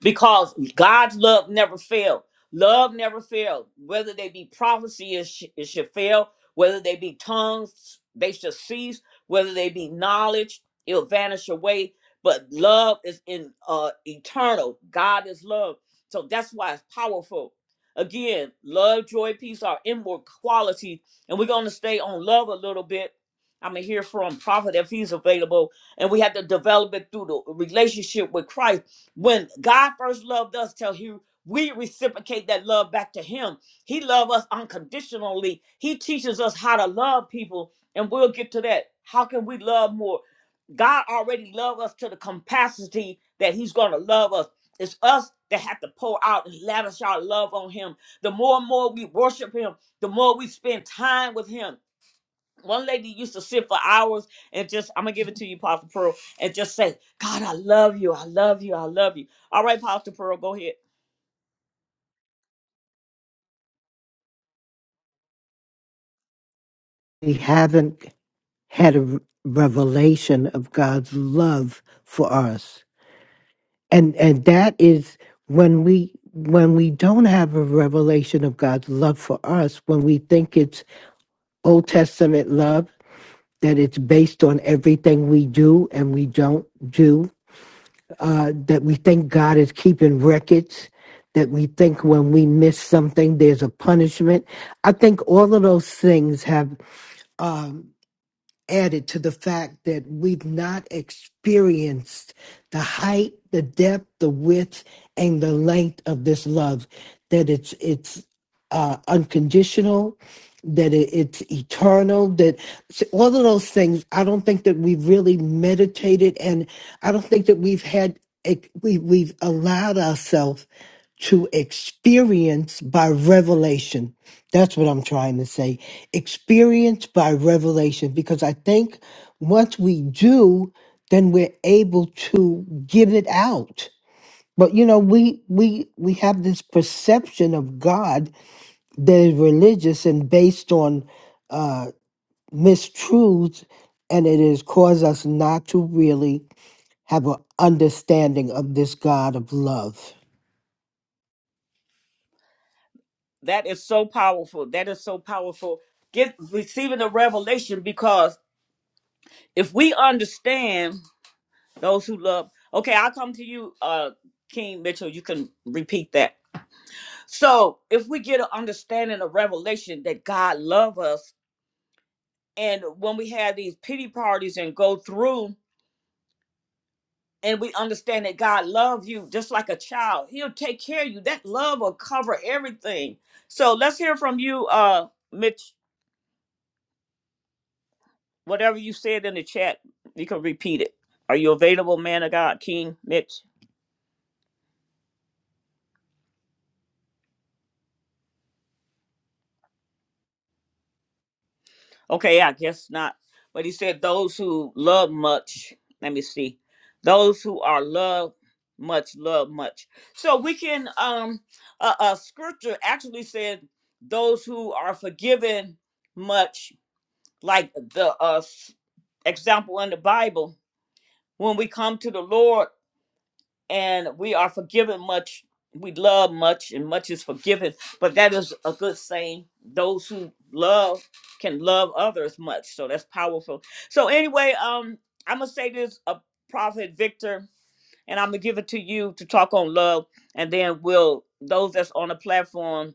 because God's love never failed. Love never failed. Whether they be prophecy, it, sh- it should fail. Whether they be tongues, they should cease. Whether they be knowledge, it'll vanish away. But love is in uh, eternal. God is love. So that's why it's powerful. Again, love, joy, peace are inward qualities. And we're going to stay on love a little bit. I'm going to hear from Prophet if he's available. And we have to develop it through the relationship with Christ when God first loved us, till He we reciprocate that love back to Him. He loved us unconditionally. He teaches us how to love people, and we'll get to that. How can we love more? God already loved us to the capacity that He's going to love us. It's us that have to pour out and lavish our love on Him. The more and more we worship Him, the more we spend time with Him one lady used to sit for hours and just, I'm gonna give it to you, Pastor Pearl, and just say, God, I love you, I love you, I love you. All right, Pastor Pearl, go ahead.
We haven't. had a revelation of God's love for us. And and that is when we when we don't have a revelation of God's love for us, when we think it's Old Testament love, that it's based on everything we do and we don't do, uh, that we think God is keeping records, that we think when we miss something, there's a punishment. I think all of those things have. um, added to the fact that we've not experienced the height, the depth, the width, and the length of this love. That it's it's uh, unconditional, that it, it's eternal, that s- all of those things. I don't think that we've really meditated, and I don't think that we've had ex- we we've allowed ourselves to experience by revelation that's what I'm trying to say. Experience by revelation, because I think once we do, then we're able to give it out. But you know, we we we have this perception of God that is religious and based on uh, mistruths, and it has caused us not to really have an understanding of this God of love.
That is so powerful. That is so powerful. Get receiving the revelation because if we understand those who love, okay, I'll come to you, uh, King Mitchell. You can repeat that. So if we get an understanding of revelation that God love us, and when we have these pity parties and go through and we understand that God loves you just like a child. He'll take care of you. That love will cover everything. So let's hear from you, uh, Mitch. Whatever you said in the chat, you can repeat it. Are you available, man of God, King Mitch? Okay, I guess not. But he said those who love much. Let me see. Those who are loved much, love much. So we can. Um, uh, uh, scripture actually said those who are forgiven much like the uh, s- example in the Bible, when we come to the Lord and we are forgiven much, we love much, and much is forgiven. But that is a good saying. Those who love can love others much. So that's powerful. So anyway, um, I'm gonna say this, a prophet Victor, and I'm gonna give it to you to talk on love, and then we'll those that's on the platform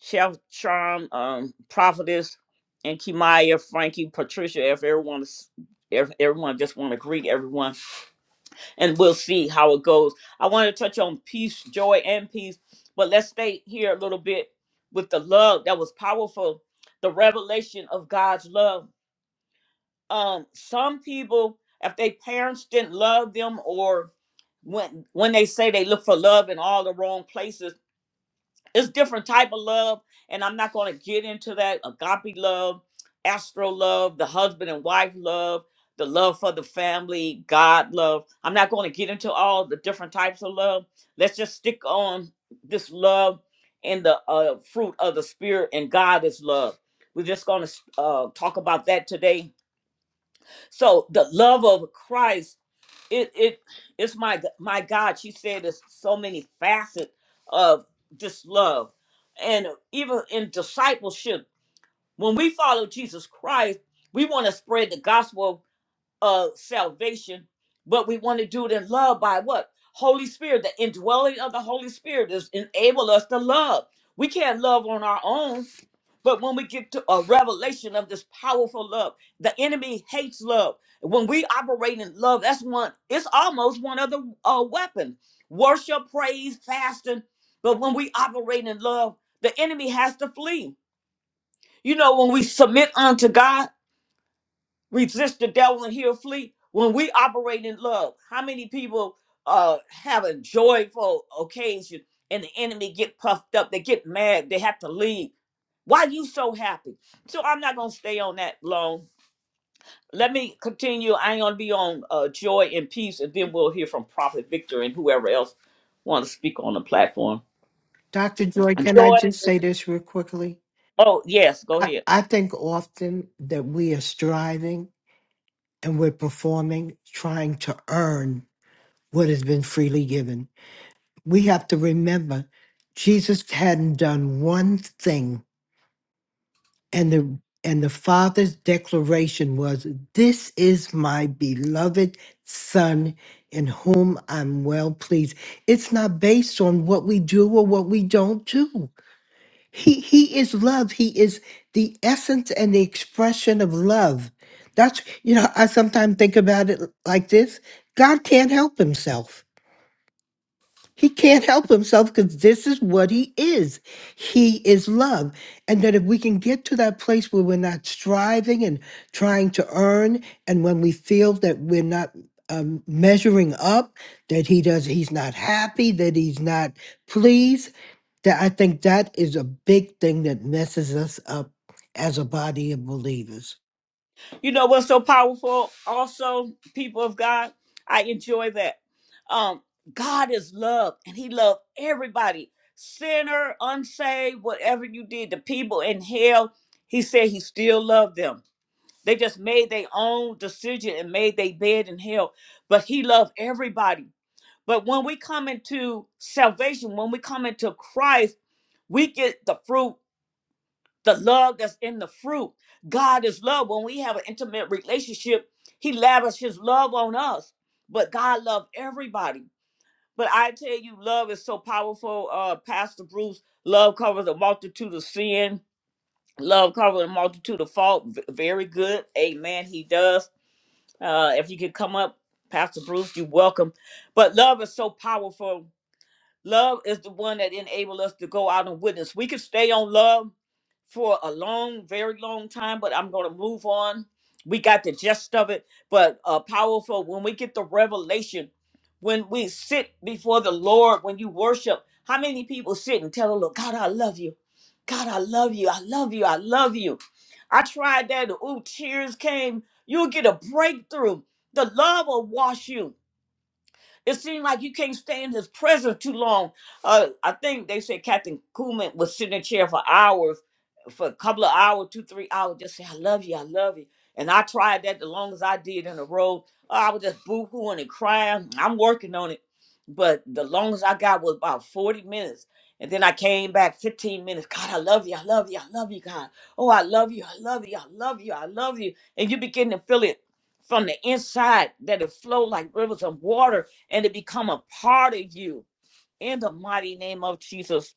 Chef Charm, um, Prophetess, and Kimaya, Frankie, Patricia, if everyone is, if everyone just want to greet everyone, and we'll see how it goes. I want to touch on peace, joy, and peace, but let's stay here a little bit with the love that was powerful, the revelation of God's love. Um, some people, if their parents didn't love them, or when when they say they look for love in all the wrong places, it's different type of love and i'm not going to get into that agape love astro love the husband and wife love the love for the family god love i'm not going to get into all the different types of love let's just stick on this love and the uh, fruit of the spirit and god is love we're just going to uh, talk about that today so the love of christ it it it's my my God. She said there's so many facets of this love, and even in discipleship, when we follow Jesus Christ, we want to spread the gospel of salvation, but we want to do it in love by what Holy Spirit. The indwelling of the Holy Spirit is enable us to love. We can't love on our own. But when we get to a revelation of this powerful love, the enemy hates love. When we operate in love, that's one, it's almost one of the uh, weapons worship, praise, fasting. But when we operate in love, the enemy has to flee. You know, when we submit unto God, resist the devil and he'll flee. When we operate in love, how many people uh, have a joyful occasion and the enemy get puffed up? They get mad. They have to leave why you so happy? So I'm not gonna stay on that long. Let me continue. I ain't gonna be on uh, joy and peace, and then we'll hear from Prophet Victor and whoever else want to speak on the platform.
Dr. Joy, can I
Joy.
just say this real quickly?
Oh yes, go
I,
ahead.
I think often that we are striving and we're performing, trying to earn what has been freely given. We have to remember Jesus hadn't done one thing, and the and the Father's declaration was, This is my beloved Son in whom I'm well pleased. It's not based on what we do or what we don't do He he is love. He is the essence and the expression of love. That's you know, I sometimes think about it like this. God can't help himself. He can't help himself because this is what he is. He is love. And that if we can get to that place where we're not striving and trying to earn, and when we feel that we're not um, measuring up, that he does, he's not happy, that he's not pleased, that I think that is a big thing that messes us up as a body of believers.
You know what's so powerful? Also, people of God, I enjoy that. Um, God is love, and He loved everybody, sinner, unsaved, whatever you did. The people in hell, He said He still loved them They just made their own decision and made their bed in hell. But he loved everybody. But when we come into salvation, when we come into Christ, we get the fruit, the love that's in the fruit. God is love. When we have an intimate relationship, he lavishes his love on us. But God loved everybody. But I tell you, love is so powerful. Uh, Pastor Bruce, love covers a multitude of sin. Love covers a multitude of fault. V- very good. Amen. He does uh, if you could come up, Pastor Bruce, you're welcome. But love is so powerful. Love is the one that enables us to go out and witness. We could stay on love for a long, very long time, but I'm going to move on. We got the gist of it, but uh, powerful. When we get the revelation, when we sit before the Lord, when you worship, how many people sit and tell the Lord, God, I love you. God, I love you. I love you. I love you. I tried that. Ooh, tears came. You'll get a breakthrough. The love will wash you it seemed like you can't stay in his presence too long. Uh, I think they said Captain Kuhlman was sitting in a chair for hours, for a couple of hours, two, three hours, just say, I love you, I love you. And I tried that the longest I did in a row. Uh, I was just boo-hooing and crying. I'm working on it. But the longest I got was about 40 minutes. And then I came back 15 minutes. God, I love you. I love you. I love you, God. Oh, I love you. I love you. I love you. I love you. And you begin to feel it from the inside that it flow like rivers of water and to become a part of you in the mighty name of Jesus.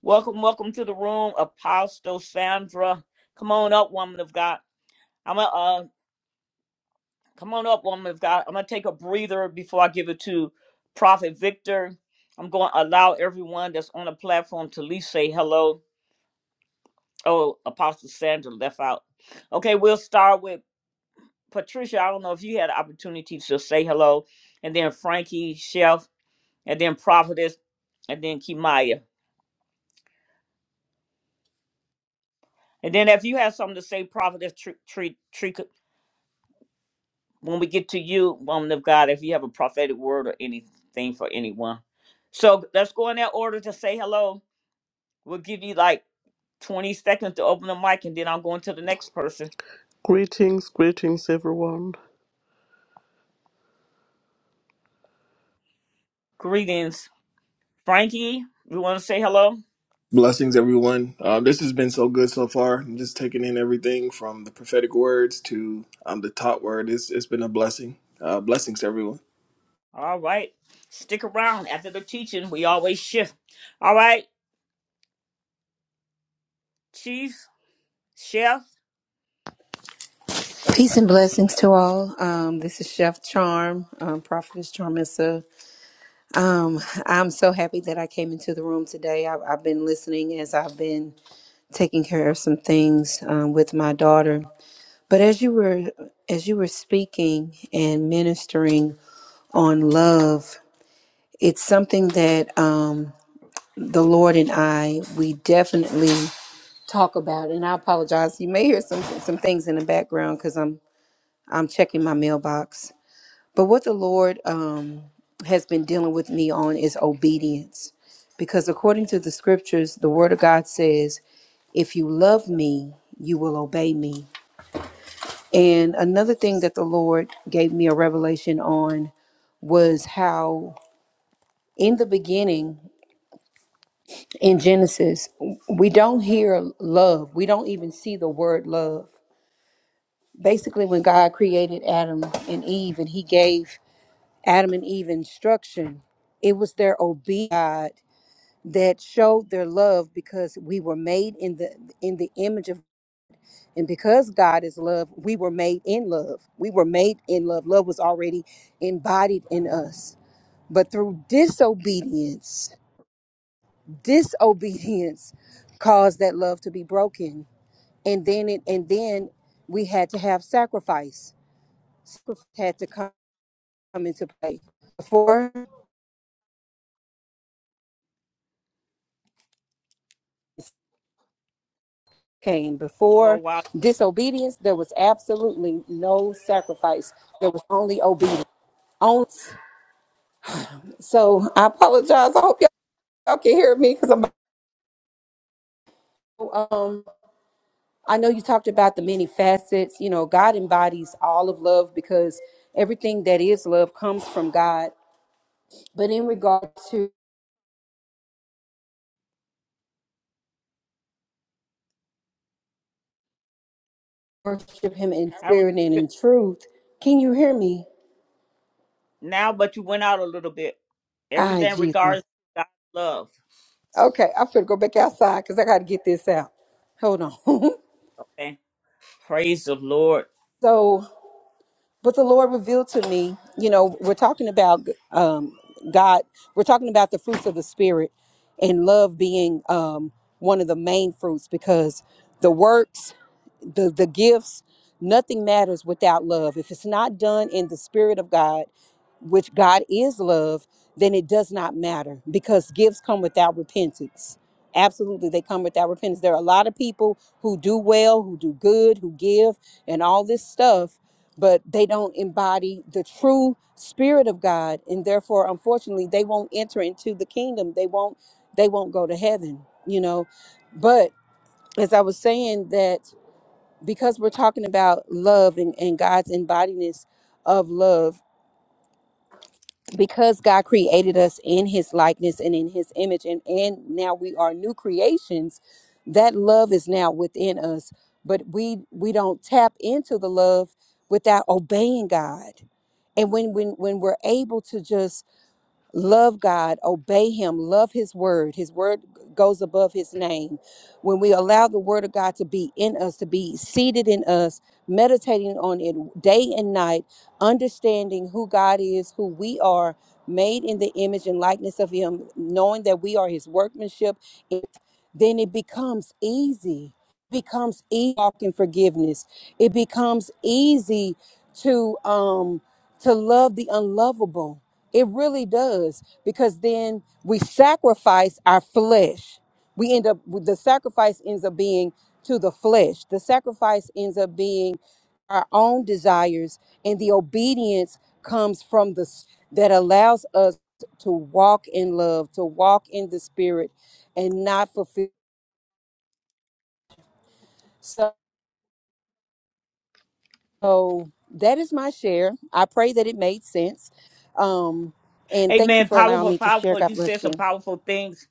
Welcome, welcome to the room, Apostle Sandra. Come on up, woman of God. I'm gonna uh, come on up, woman of God. I'm gonna take a breather before I give it to Prophet Victor. I'm going to allow everyone that's on the platform to at least say hello. Oh, Apostle Sandra left out. Okay, we'll start with Patricia. I don't know if you had the opportunity to say hello, and then Frankie, Chef, and then Prophetess, and then Kimaya. And then if you have something to say, prophet, treat, treat, when we get to you, woman of God, if you have a prophetic word or anything for anyone. So let's go in that order to say hello. We'll give you like 20 seconds to open the mic and then I'm going to the next person.
Greetings, greetings, everyone.
Greetings. Frankie, you want to say hello?
Blessings, everyone. Uh, this has been so good so far. I'm just taking in everything from the prophetic words to um, the taught word. It's, it's been a blessing. Uh, blessings, everyone.
All right. Stick around after the teaching. We always shift. All right. Chief, chef.
Peace and blessings to all. Um, this is Chef Charm, um, Prophetess Charmissa. Um, I'm so happy that I came into the room today. I, I've been listening as I've been taking care of some things um, with my daughter. But as you were as you were speaking and ministering on love, it's something that um, the Lord and I we definitely talk about. And I apologize. You may hear some some things in the background because I'm I'm checking my mailbox But what the Lord um, has been dealing with me on is obedience. Because according to the scriptures, the word of God says, if you love me, you will obey me. And another thing that the Lord gave me a revelation on was how in the beginning in Genesis, we don't hear love. We don't even see the word love. Basically, when God created Adam and Eve and he gave Adam and Eve instruction, it was their obedience that showed their love because we were made in the in the image of and because God is love, we were made in love. We were made in love. Love was already embodied in us. But through disobedience, disobedience caused that love to be broken. And then it and then we had to have sacrifice. Sacrifice had to come into play. before. came.
Oh,
Before
wow.
disobedience, there was absolutely no sacrifice. There was only obedience. On- So I apologize. I hope y'all, y'all can hear me because I'm. Um, I know you talked about the many facets. You know, God embodies all of love because everything that is love comes from God. But in regard to worship Him in
I don't know if
spirit and
you
in truth, can you hear me?
could- now, but you went out a little bit.
Ah,
Everything
Jesus.
regards God's love.
Okay, I'm going to go back outside because I got to get this out. Hold on.
Amen. Praise the Lord.
so But the Lord revealed to me, you know, we're talking about um, God, we're talking about the fruits of the Spirit and love being um, one of the main fruits because the works, the, the gifts, nothing matters without love. If it's not done in the Spirit of God, which God is love, then it does not matter because gifts come without repentance. Absolutely, they come without repentance. There are a lot of people who do well, who do good, who give, and all this stuff but they don't embody the true spirit of God and therefore unfortunately they won't enter into the kingdom they won't they won't go to heaven you know but as I was saying that because we're talking about love and, and God's embodiness of love because God created us in his likeness and in his image and and now we are new creations that love is now within us but we we don't tap into the love without obeying God and when when when we're able to just love God, obey Him, love His word. His word goes above His name. When we allow the word of God to be in us, to be seated in us, meditating on it day and night, understanding who God is, who we are, made in the image and likeness of Him, knowing that we are His workmanship, it, then it becomes easy. becomes easy to walk in forgiveness. It becomes easy to um to love the unlovable it really does because then we sacrifice our flesh. We end up the sacrifice ends up being to the flesh. The sacrifice ends up being our own desires and the obedience comes from the s- that allows us to walk in love, to walk in the spirit and not fulfill so that is my share. I pray that it made sense. Um and thank you
Amen.
for allowing
Powerful,
me to share.
powerful.
God
You said
bless you.
some powerful things.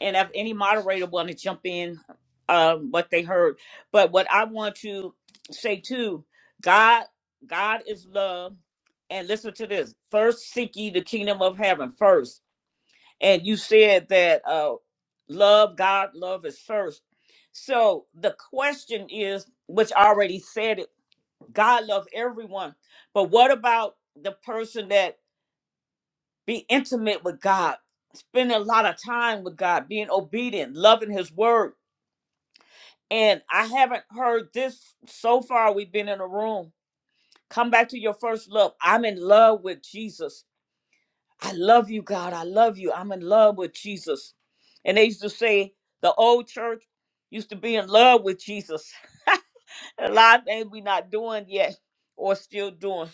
And if any moderator want to jump in, um, what they heard. But what I want to say too, God, God is love. And listen to this. First seek ye the kingdom of heaven first. And you said that uh love God, love is first. So the question is, which I already said it, God loves everyone. But what about the person that Be intimate with God, spending a lot of time with God, being obedient, loving His word. And I haven't heard this so far. We've been in a room. Come back to your first love. I'm in love with Jesus. I love you, God. I love you. I'm in love with Jesus. And they used to say the old church used to be in love with Jesus. a lot of things we not doing yet or still doing,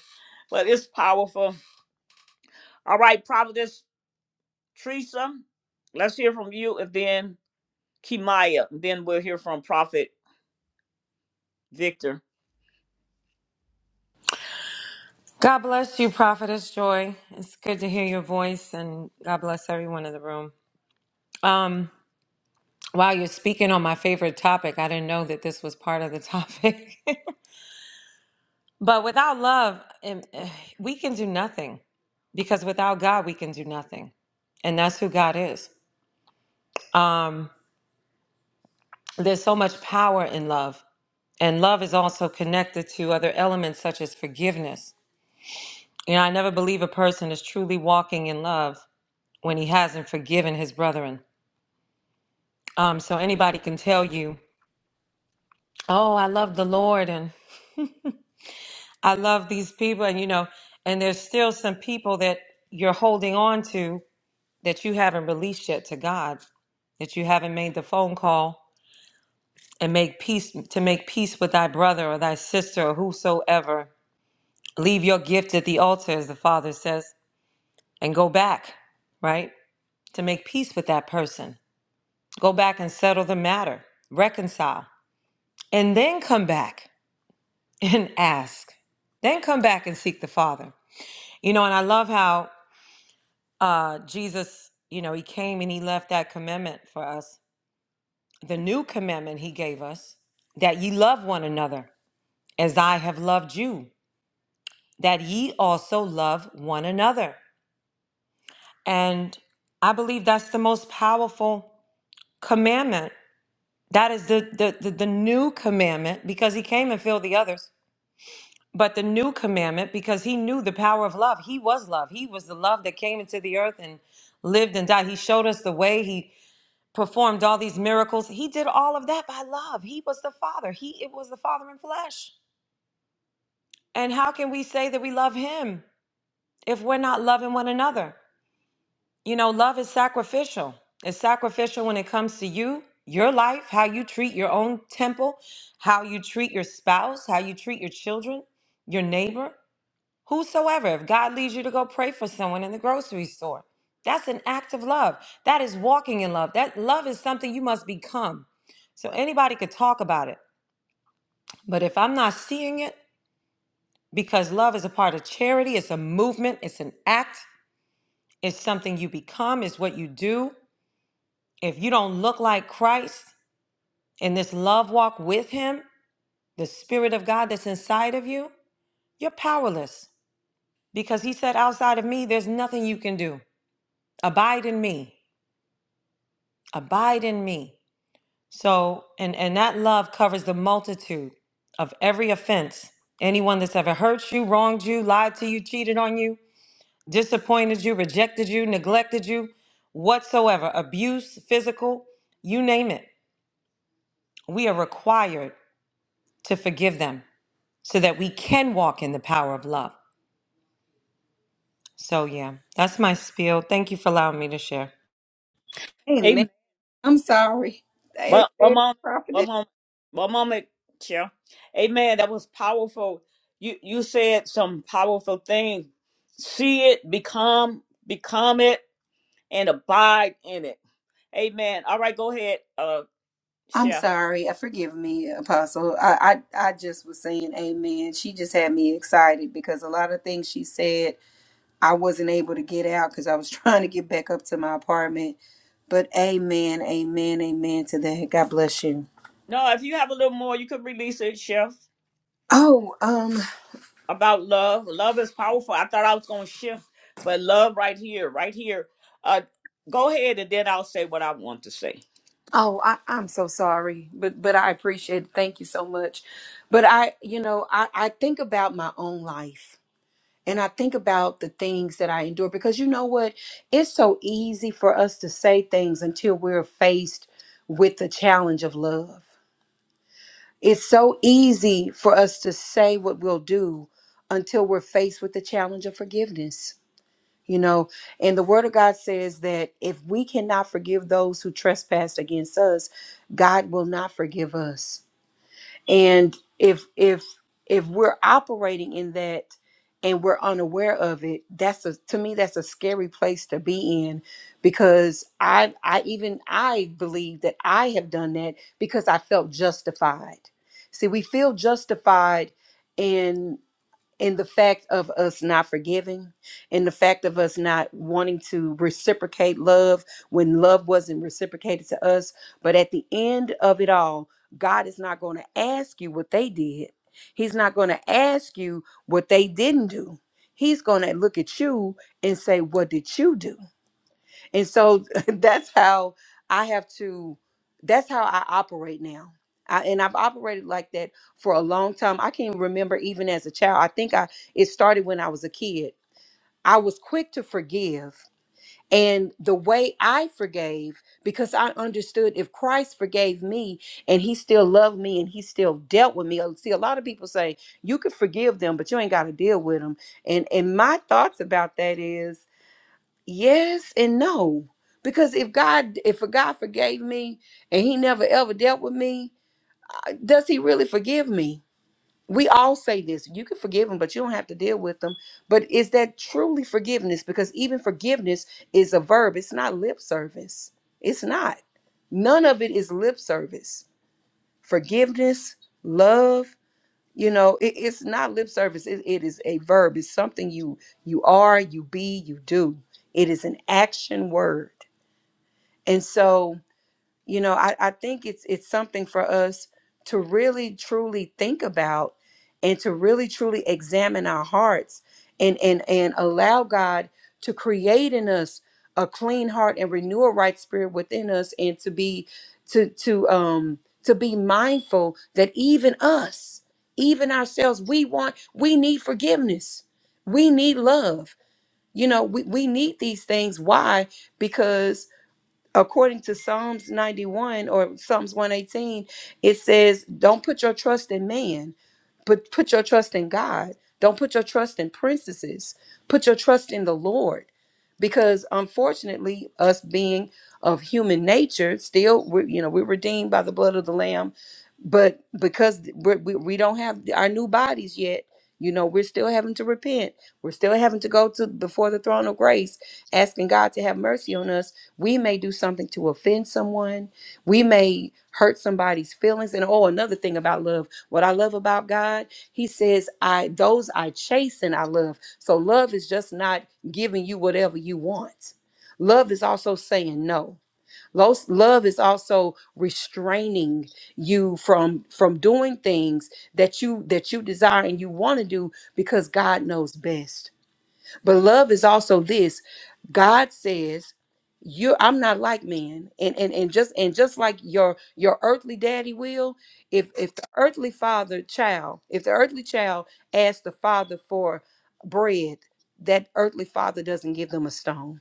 but it's powerful. All right, Providence Teresa, let's hear from you and then Kimaya. Then we'll hear from Prophet Victor.
God bless you, Prophetess Joy. It's good to hear your voice, and God bless everyone in the room. Um, while you're speaking on my favorite topic, I didn't know that this was part of the topic. but without love, um, eh, we can do nothing because without God, we can do nothing. And that's who God is. Um, there's so much power in love, and love is also connected to other elements such as forgiveness. You know, I never believe a person is truly walking in love when he hasn't forgiven his brethren. Um, so anybody can tell you, oh, I love the Lord and I love these people, and you know, and there's still some people that you're holding on to that you haven't released yet to God, that you haven't made the phone call and make peace to make peace with thy brother or thy sister or whosoever. Leave your gift at the altar, as the Father says, and go back, right? To make peace with that person. Go back and settle the matter, reconcile, and then come back. and ask. Then come back and seek the Father. You know, and I love how uh, Jesus, you know, he came and he left that commandment for us, the new commandment he gave us, that ye love one another as I have loved you, that ye also love one another. And I believe that's the most powerful commandment. That is the, the, the, the new commandment because he came and filled the others. But the new commandment, because he knew the power of love, he was love. He was the love that came into the earth and lived and died. He showed us the way. He performed all these miracles. He did all of that by love. He was the Father. He it was the Father in flesh. And how can we say that we love him if we're not loving one another? You know, love is sacrificial. It's sacrificial when it comes to you, your life, how you treat your own temple, how you treat your spouse, how you treat your children, your neighbor. Whosoever, if God leads you to go pray for someone in the grocery store, that's an act of love. That is walking in love. That love is something you must become. So anybody could talk about it. But if I'm not seeing it, because love is a part of charity, it's a movement, it's an act, it's something you become, it's what you do. If you don't look like Christ in this love walk with Him, the Spirit of God that's inside of you, you're powerless because He said, outside of me, there's nothing you can do. Abide in me. abide in me so and and that love covers the multitude of every offense anyone that's ever hurt you wronged you lied to you cheated on you disappointed you rejected you neglected you whatsoever abuse physical you name it we are required to forgive them so that we can walk in the power of love so yeah that's my spiel thank you for allowing me to share
Amen.
Amen.
I'm sorry. They-
One, one
they
moment. One
profited.
moment. One moment, Chair. Amen. That was powerful. You you said some powerful things. See it, become, become it, and abide in it. Amen. All right, go ahead, uh,
I'm
Chef.
sorry. Uh, Forgive me, Apostle. I, I I just was saying amen. She just had me excited because a lot of things she said I wasn't able to get out because I was trying to get back up to my apartment. But amen, amen, amen to that. God bless you.
No, if you have a little more, you could release it, Chef.
Oh, um,
About love. Love is powerful. I thought I was gonna shift, but love right here, right here. Uh, go ahead, and then I'll say what I want to say.
oh, I, I'm so sorry, but but I appreciate it. Thank you so much. But I, you know, I, I think about my own life and I think about the things that I endure because you know what? It's so easy for us to say things until we're faced with the challenge of love. It's so easy for us to say what we'll do until we're faced with the challenge of forgiveness. You know, and the word of God says that if we cannot forgive those who trespass against us, God will not forgive us and if if if we're operating in that and we're unaware of it that's a to me that's a scary place to be in because i i even i believe that i have done that because i felt justified see we feel justified in in the fact of us not forgiving, in the fact of us not wanting to reciprocate love when love wasn't reciprocated to us. But at the end of it all, God is not going to ask you what they did, He's not going to ask you what they didn't do. He's going to look at you and say, What did you do? And so that's how I have to, that's how I operate now. I, and I've operated like that for a long time. I can remember even as a child. I think I it started when I was a kid. I was quick to forgive. And the way I forgave, because I understood if Christ forgave me and he still loved me and he still dealt with me. uh, See, a lot of people say you could forgive them, but you ain't got to deal with them. And and my thoughts about that is Yes and no. Because if God, if a God forgave me and he never ever dealt with me, uh, does he really forgive me? We all say this. You can forgive him, but you don't have to deal with them. But is that truly forgiveness? Because even forgiveness is a verb. It's not lip service. It's not. None of it is lip service. Forgiveness, love, you know, it- it's not lip service. It, it is a verb. It's something you you are, you be, you do. It is an action word and so, you know, I, I think it's it's something for us to really truly think about and to really truly examine our hearts and and and allow God to create in us a clean heart and renew a right spirit within us and to be to to um to be mindful that even us, even ourselves, we want we need forgiveness. We need love. You know, we, we need these things. Why? Because according to Psalms 91 or Psalms 118, it says, Don't put your trust in man, but put your trust in God. Don't put your trust in princesses. Put your trust in the Lord. Because unfortunately, us being of human nature, still, we're, you know, we're redeemed by the blood of the Lamb. But because we're, we, we don't have our new bodies yet, you know, we're still having to repent. We're still having to go to before the throne of grace, asking God to have mercy on us we may do something to offend someone. We may hurt somebody's feelings. And oh, another thing about love, what I love about God, He says, I those I chasten, I love. So love is just not giving you whatever you want. Love is also saying no. Los- Love is also restraining you from from doing things that you that you desire and you want to do because God knows best. But love is also this. God says, you I'm not like man. And and and just and just like your your earthly daddy will, if if the earthly father child, if the earthly child asks the father for bread, that earthly father doesn't give them a stone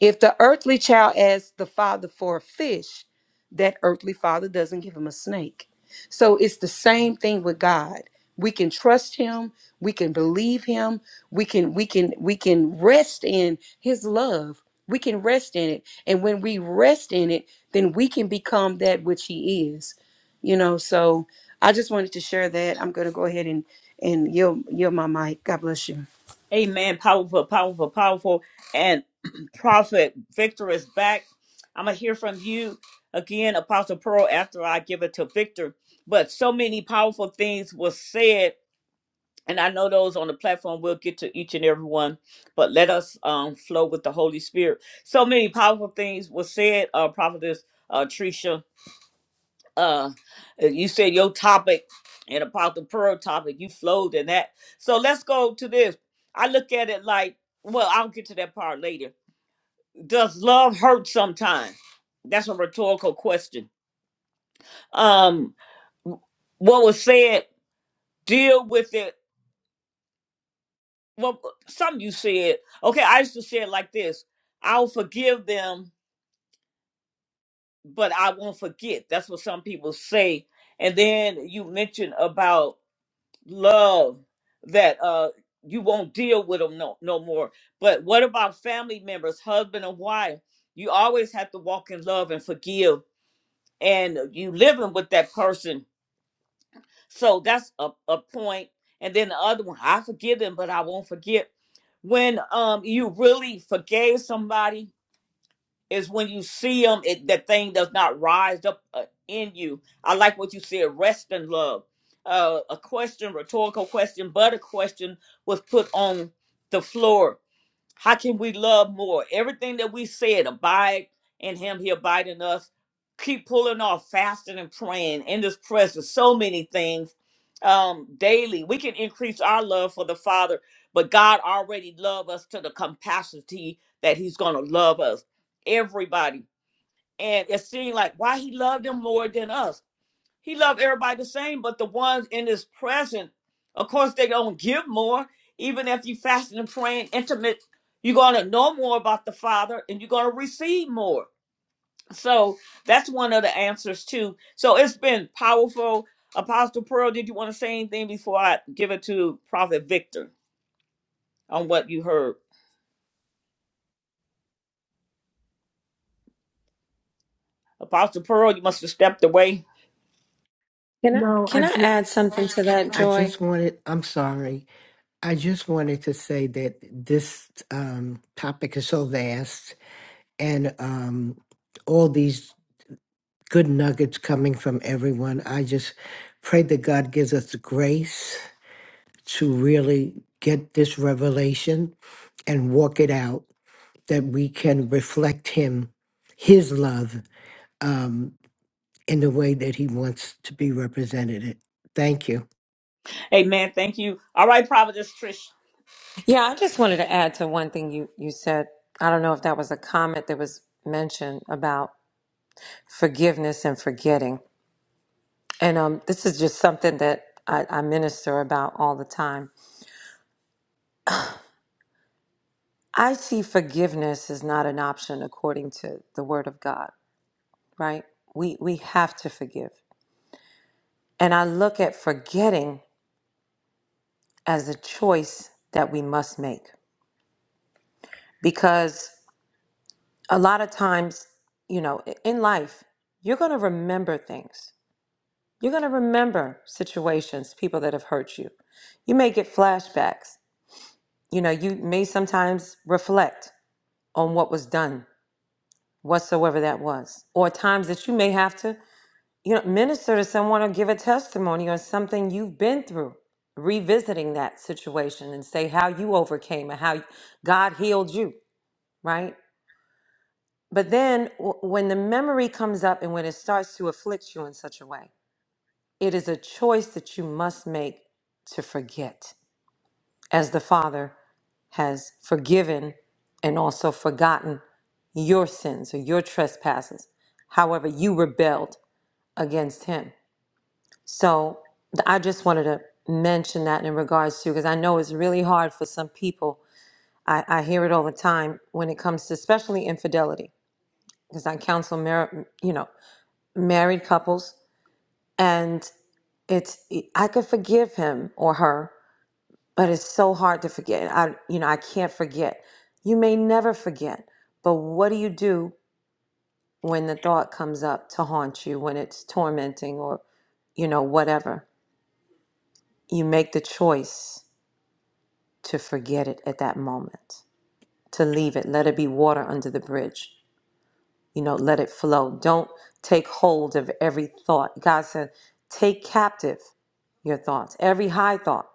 if the earthly child asks the father for a fish, that earthly father doesn't give him a snake. So it's the same thing with God. We can trust him, we can believe him, we can we can we can rest in his love. We can rest in it. And when we rest in it, then we can become that which he is. You know, so I just wanted to share that. I'm going to go ahead and and yield, yield my mic. God bless you.
Amen. Powerful, powerful, powerful. And Prophet Victor is back. I'm going to hear from you again, Apostle Pearl, after I give it to Victor. But so many powerful things were said. And I know those on the platform will get to each and every one, but let us um, flow with the Holy Spirit. So many powerful things were said, uh, Prophetess uh, Tricia uh uh, you said your topic and about the pearl topic you flowed in that so let's go to this i look at it like well i'll get to that part later does love hurt sometimes that's a rhetorical question um what was said deal with it well some you said okay i used to say it like this i'll forgive them but i won't forget that's what some people say and then you mentioned about. love that uh you won't deal with them no no more but what about family members husband and wife you always have to walk in love and forgive and you living with that person so that's a, a point point. and then the other one i forgive them but i won't forget when um you really forgave somebody is when you see them, it, that thing does not rise up uh, in you. I like what you said, rest in love. Uh, a question, rhetorical question, but a question was put on the floor. How can we love more? Everything that we said, abide in him, he abide in us. Keep pulling off fasting and praying in this presence, so many things um, daily. We can increase our love for the Father, but God already loved us to the capacity that he's going to love us, everybody. And it seemed like why he loved them more than us he loved everybody the same, but the ones in his presence, of course, they don't give more. Even if you fasting and praying intimate, you're gonna know more about the Father and you're gonna receive more. So that's one of the answers too. So it's been powerful. Apostle Pearl, did you want to say anything before I give it to Prophet Victor on what you heard? Apostle Pearl, you must have stepped away.
Can I
No, I
can I
just,
add something to that,
I
Joy?
just wanted, I'm sorry. I just wanted to say that this um, topic is so vast and um, all these good nuggets coming from everyone. I just pray that God gives us the grace to really get this revelation and walk it out, that we can reflect Him, His love, um, in the way that He wants to be represented. Thank you.
Amen. Thank you. All right, Prophetess Trish.
Yeah, I just wanted to add to one thing you, you said. I don't know if that was a comment that was mentioned about forgiveness and forgetting. And um, this is just something that I, I minister about all the time. I see forgiveness is not an option according to the Word of God, right? We, we have to forgive. And I look at forgetting as a choice that we must make because a lot of times, you know, in life, you're going to remember things You're going to remember situations, people that have hurt you. You may get flashbacks. You know, you may sometimes reflect on what was done, whatsoever that was, or times that you may have to, you know, minister to someone or give a testimony on something you've been through. Revisiting that situation and say how you overcame and how God healed you, right? But then w- when the memory comes up and when it starts to afflict you in such a way, It is a choice that you must make to forget, as the Father has forgiven and also forgotten your sins or your trespasses, however, you rebelled against Him. So th- I just wanted to mention that in regards to, because I know it's really hard for some people. I, I hear it all the time when it comes to, especially infidelity, because I counsel, mar- you know, married couples, and it's I could forgive him or her but it's so hard to forget. I, you know, I can't forget. You may never forget, but what do you do when the thought comes up to haunt you, when it's tormenting or, you know, whatever? You make the choice to forget it at that moment, to leave it, let it be water under the bridge, you know, let it flow. Don't take hold of every thought. God said, take captive your thoughts, every high thought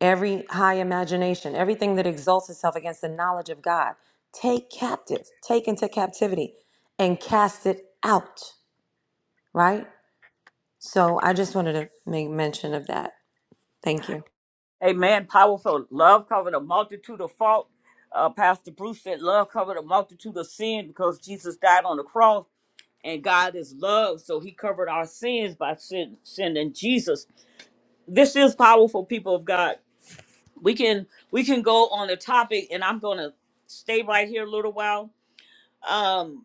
every high imagination, everything that exalts itself against the knowledge of God, take captive, take into captivity, and cast it out, right? So I just wanted to make mention of that. Thank you.
Amen. Powerful. Love covered a multitude of fault. Uh, Pastor Bruce said love covered a multitude of sin because Jesus died on the cross and God is love. So he covered our sins by sin, sending Jesus. This is powerful, people of God. We can we can go on the topic and I'm gonna stay right here a little while. Um,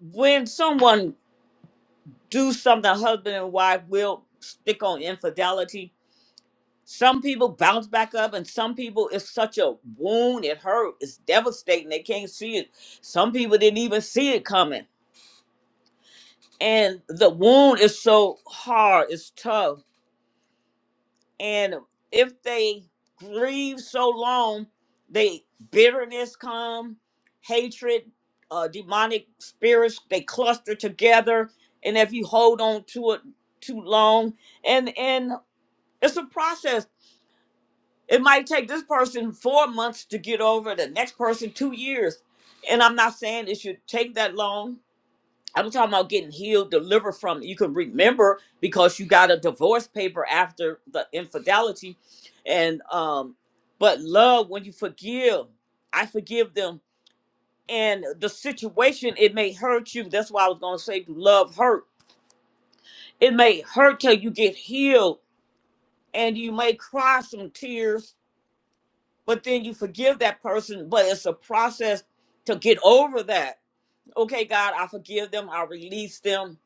when someone do something, husband and wife will stick on infidelity Some people bounce back up, and some people it's such a wound, it hurt, it's devastating, they can't see it. Some people didn't even see it coming. And the wound is so hard, it's tough. And if they grieve so long, they bitterness come, hatred, uh, demonic spirits, they cluster together. And if you hold on to it too long, and and it's a process It might take this person four months to get over, it, the next person two years. And I'm not saying it should take that long. I'm talking about getting healed, delivered from. You can remember because you got a divorce paper after the infidelity. And um, but love when you forgive, I forgive them. And the situation, it may hurt you. That's why I was gonna say love hurt. It may hurt till you get healed, and you may cry some tears but then you forgive that person but it's a process to get over that okay god i forgive them i release them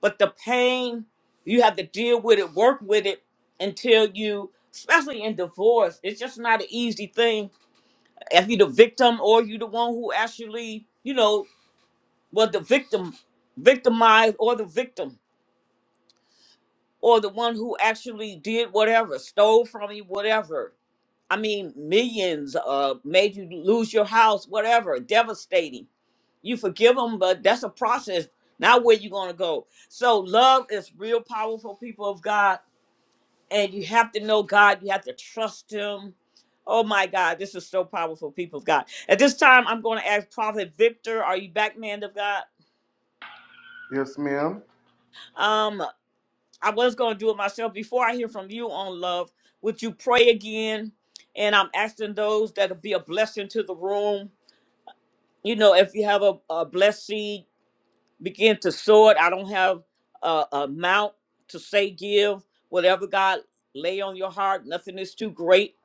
but the pain you have to deal with it work with it until you especially in divorce it's just not an easy thing if you're the victim or you are the one who actually you know was the victim victimized or the victim or the one who actually did whatever stole from you whatever I mean, millions uh, made you lose your house, whatever, devastating. You forgive them, but that's a process. Now where you gonna go? So love is real powerful, people of God, and you have to know God. You have to trust Him. Oh my God, this is so powerful, people of God. At this time, I'm going to ask Prophet Victor, are you back, man of God?
Yes,
Um, I was going to do it myself. Before I hear from you on love, would you pray again? And I'm asking those that'll be a blessing to the room you know, if you have a, a blessed seed, begin to sow it. I don't have a a amount to say give. Whatever God lay on your heart, nothing is too great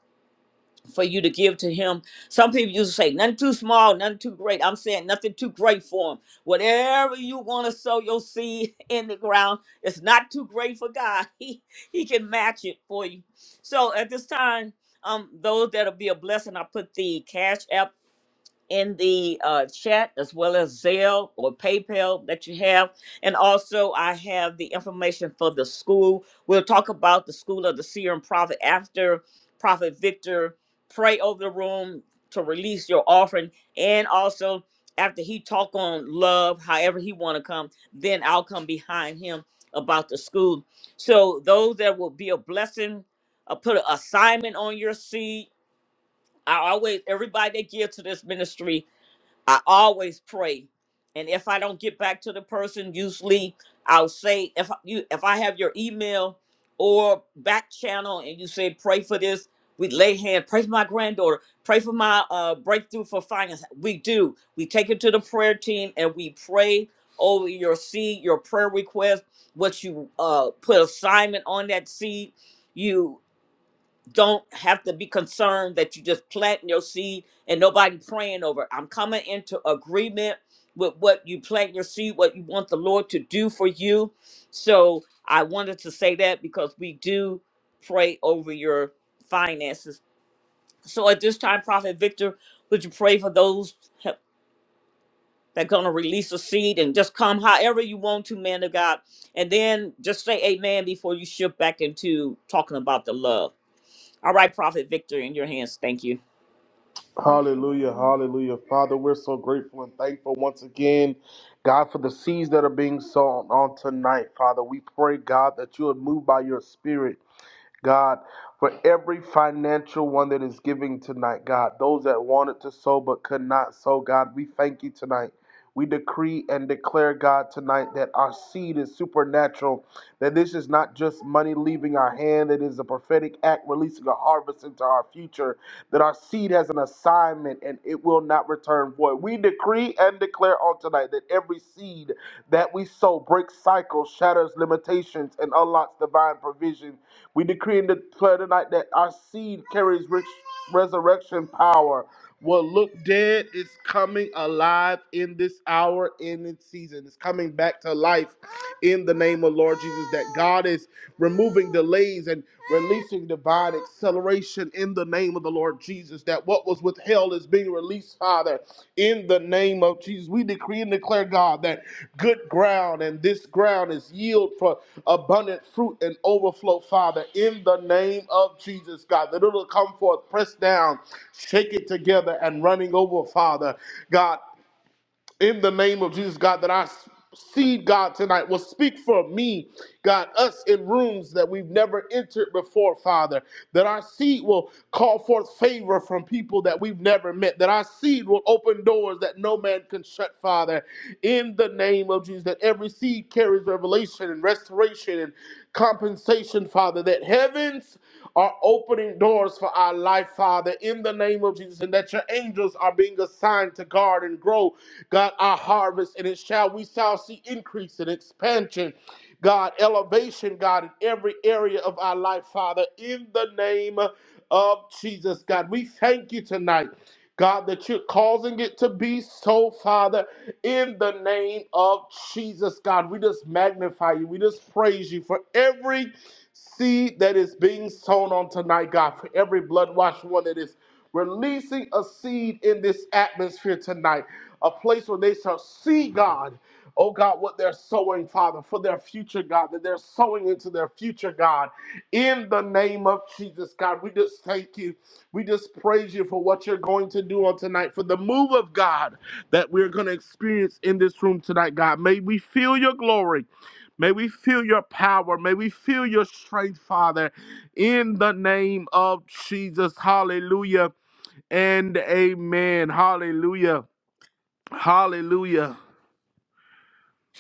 for you to give to Him. Some people used to say, nothing too small, nothing too great. I'm saying nothing too great for Him. Whatever you want to sow your seed in the ground, it's not too great for God. He, he can match it for you. So at this time, um, those that'll be a blessing, I put the cash app in the uh, chat as well as Zelle or PayPal that you have. And also, I have the information for the school. We'll talk about the school of the seer and prophet after Prophet Victor pray over the room to release your offering, and also after he talk on love, however he want to come, then I'll come behind him about the school. So those that will be a blessing, uh, put an assignment on your seed. I always everybody that give to this ministry I always pray. And if I don't get back to the person, usually I'll say if you if I have your email or back channel and you say pray for this, we lay hand, pray for my granddaughter, pray for my uh, breakthrough for finance. We do. We take it to the prayer team and we pray over your seed, your prayer request, what you uh, put assignment on that seed. You don't have to be concerned that you just planting your seed and nobody praying over. it. I'm coming into agreement with what you plant your seed, what you want the Lord to do for you. So I wanted to say that because we do pray over your finances. So at this time, Prophet Victor, would you pray for those that are going to release a seed and just come however you want to, man of God? And then just say amen before you shift back into talking about the love. All right, Prophet Victor, in your hands. Thank you.
hallelujah, hallelujah. Father, we're so grateful and thankful once again, God, for the seeds that are being sown on tonight. Father, we pray, God, that you would move by your spirit. God, for every financial one that is giving tonight, God, those that wanted to sow but could not sow, God, we thank you tonight. We decree and declare, God, tonight that our seed is supernatural, that this is not just money leaving our hand, it is a prophetic act releasing a harvest into our future, that our seed has an assignment and it will not return void. We decree and declare on tonight that every seed that we sow breaks cycles, shatters limitations, and unlocks divine provision we decree and declare tonight that our seed carries rich resurrection power. What looked dead is coming alive in this hour, in this season. It's coming back to life in the name of Lord Jesus. That God is removing delays and releasing divine acceleration in the name of the Lord Jesus. Jesus, that what was withheld is being released, Father, in the name of Jesus. We decree and declare, God, that good ground and this ground is yield for abundant fruit and overflow, Father, in the name of Jesus, God, that it'll come forth, pressed down, shake it together, and running over, Father, God in the name of Jesus, God, that our seed, God, tonight will speak for me, God, us in rooms that we've never entered before, Father, that our seed will call forth favor from people that we've never met, that our seed will open doors that no man can shut, Father, in the name of Jesus, that every seed carries revelation and restoration and compensation, Father, that heavens are opening doors for our life, Father, in the name of Jesus, and that your angels are being assigned to guard and grow God, our harvest, and it shall we shall see increase and expansion, God, elevation, God, in every area of our life, Father, in the name of Jesus, God. We thank you tonight. God, that you're causing it to be so, Father, in the name of Jesus, God. We just magnify you. We just praise you for every seed that is being sown on tonight, God, for every blood washed one that is releasing a seed in this atmosphere tonight a place where they shall see God. Oh God, what they're sowing, Father, for their future, God, that they're sowing into their future, God, in the name of Jesus, God. We just thank you. We just praise you for what you're going to do on tonight, for the move of God that we're going to experience in this room tonight, God. May we feel your glory. May we feel your power. May we feel your strength, Father, in the name of Jesus. Hallelujah and amen. Hallelujah. Hallelujah.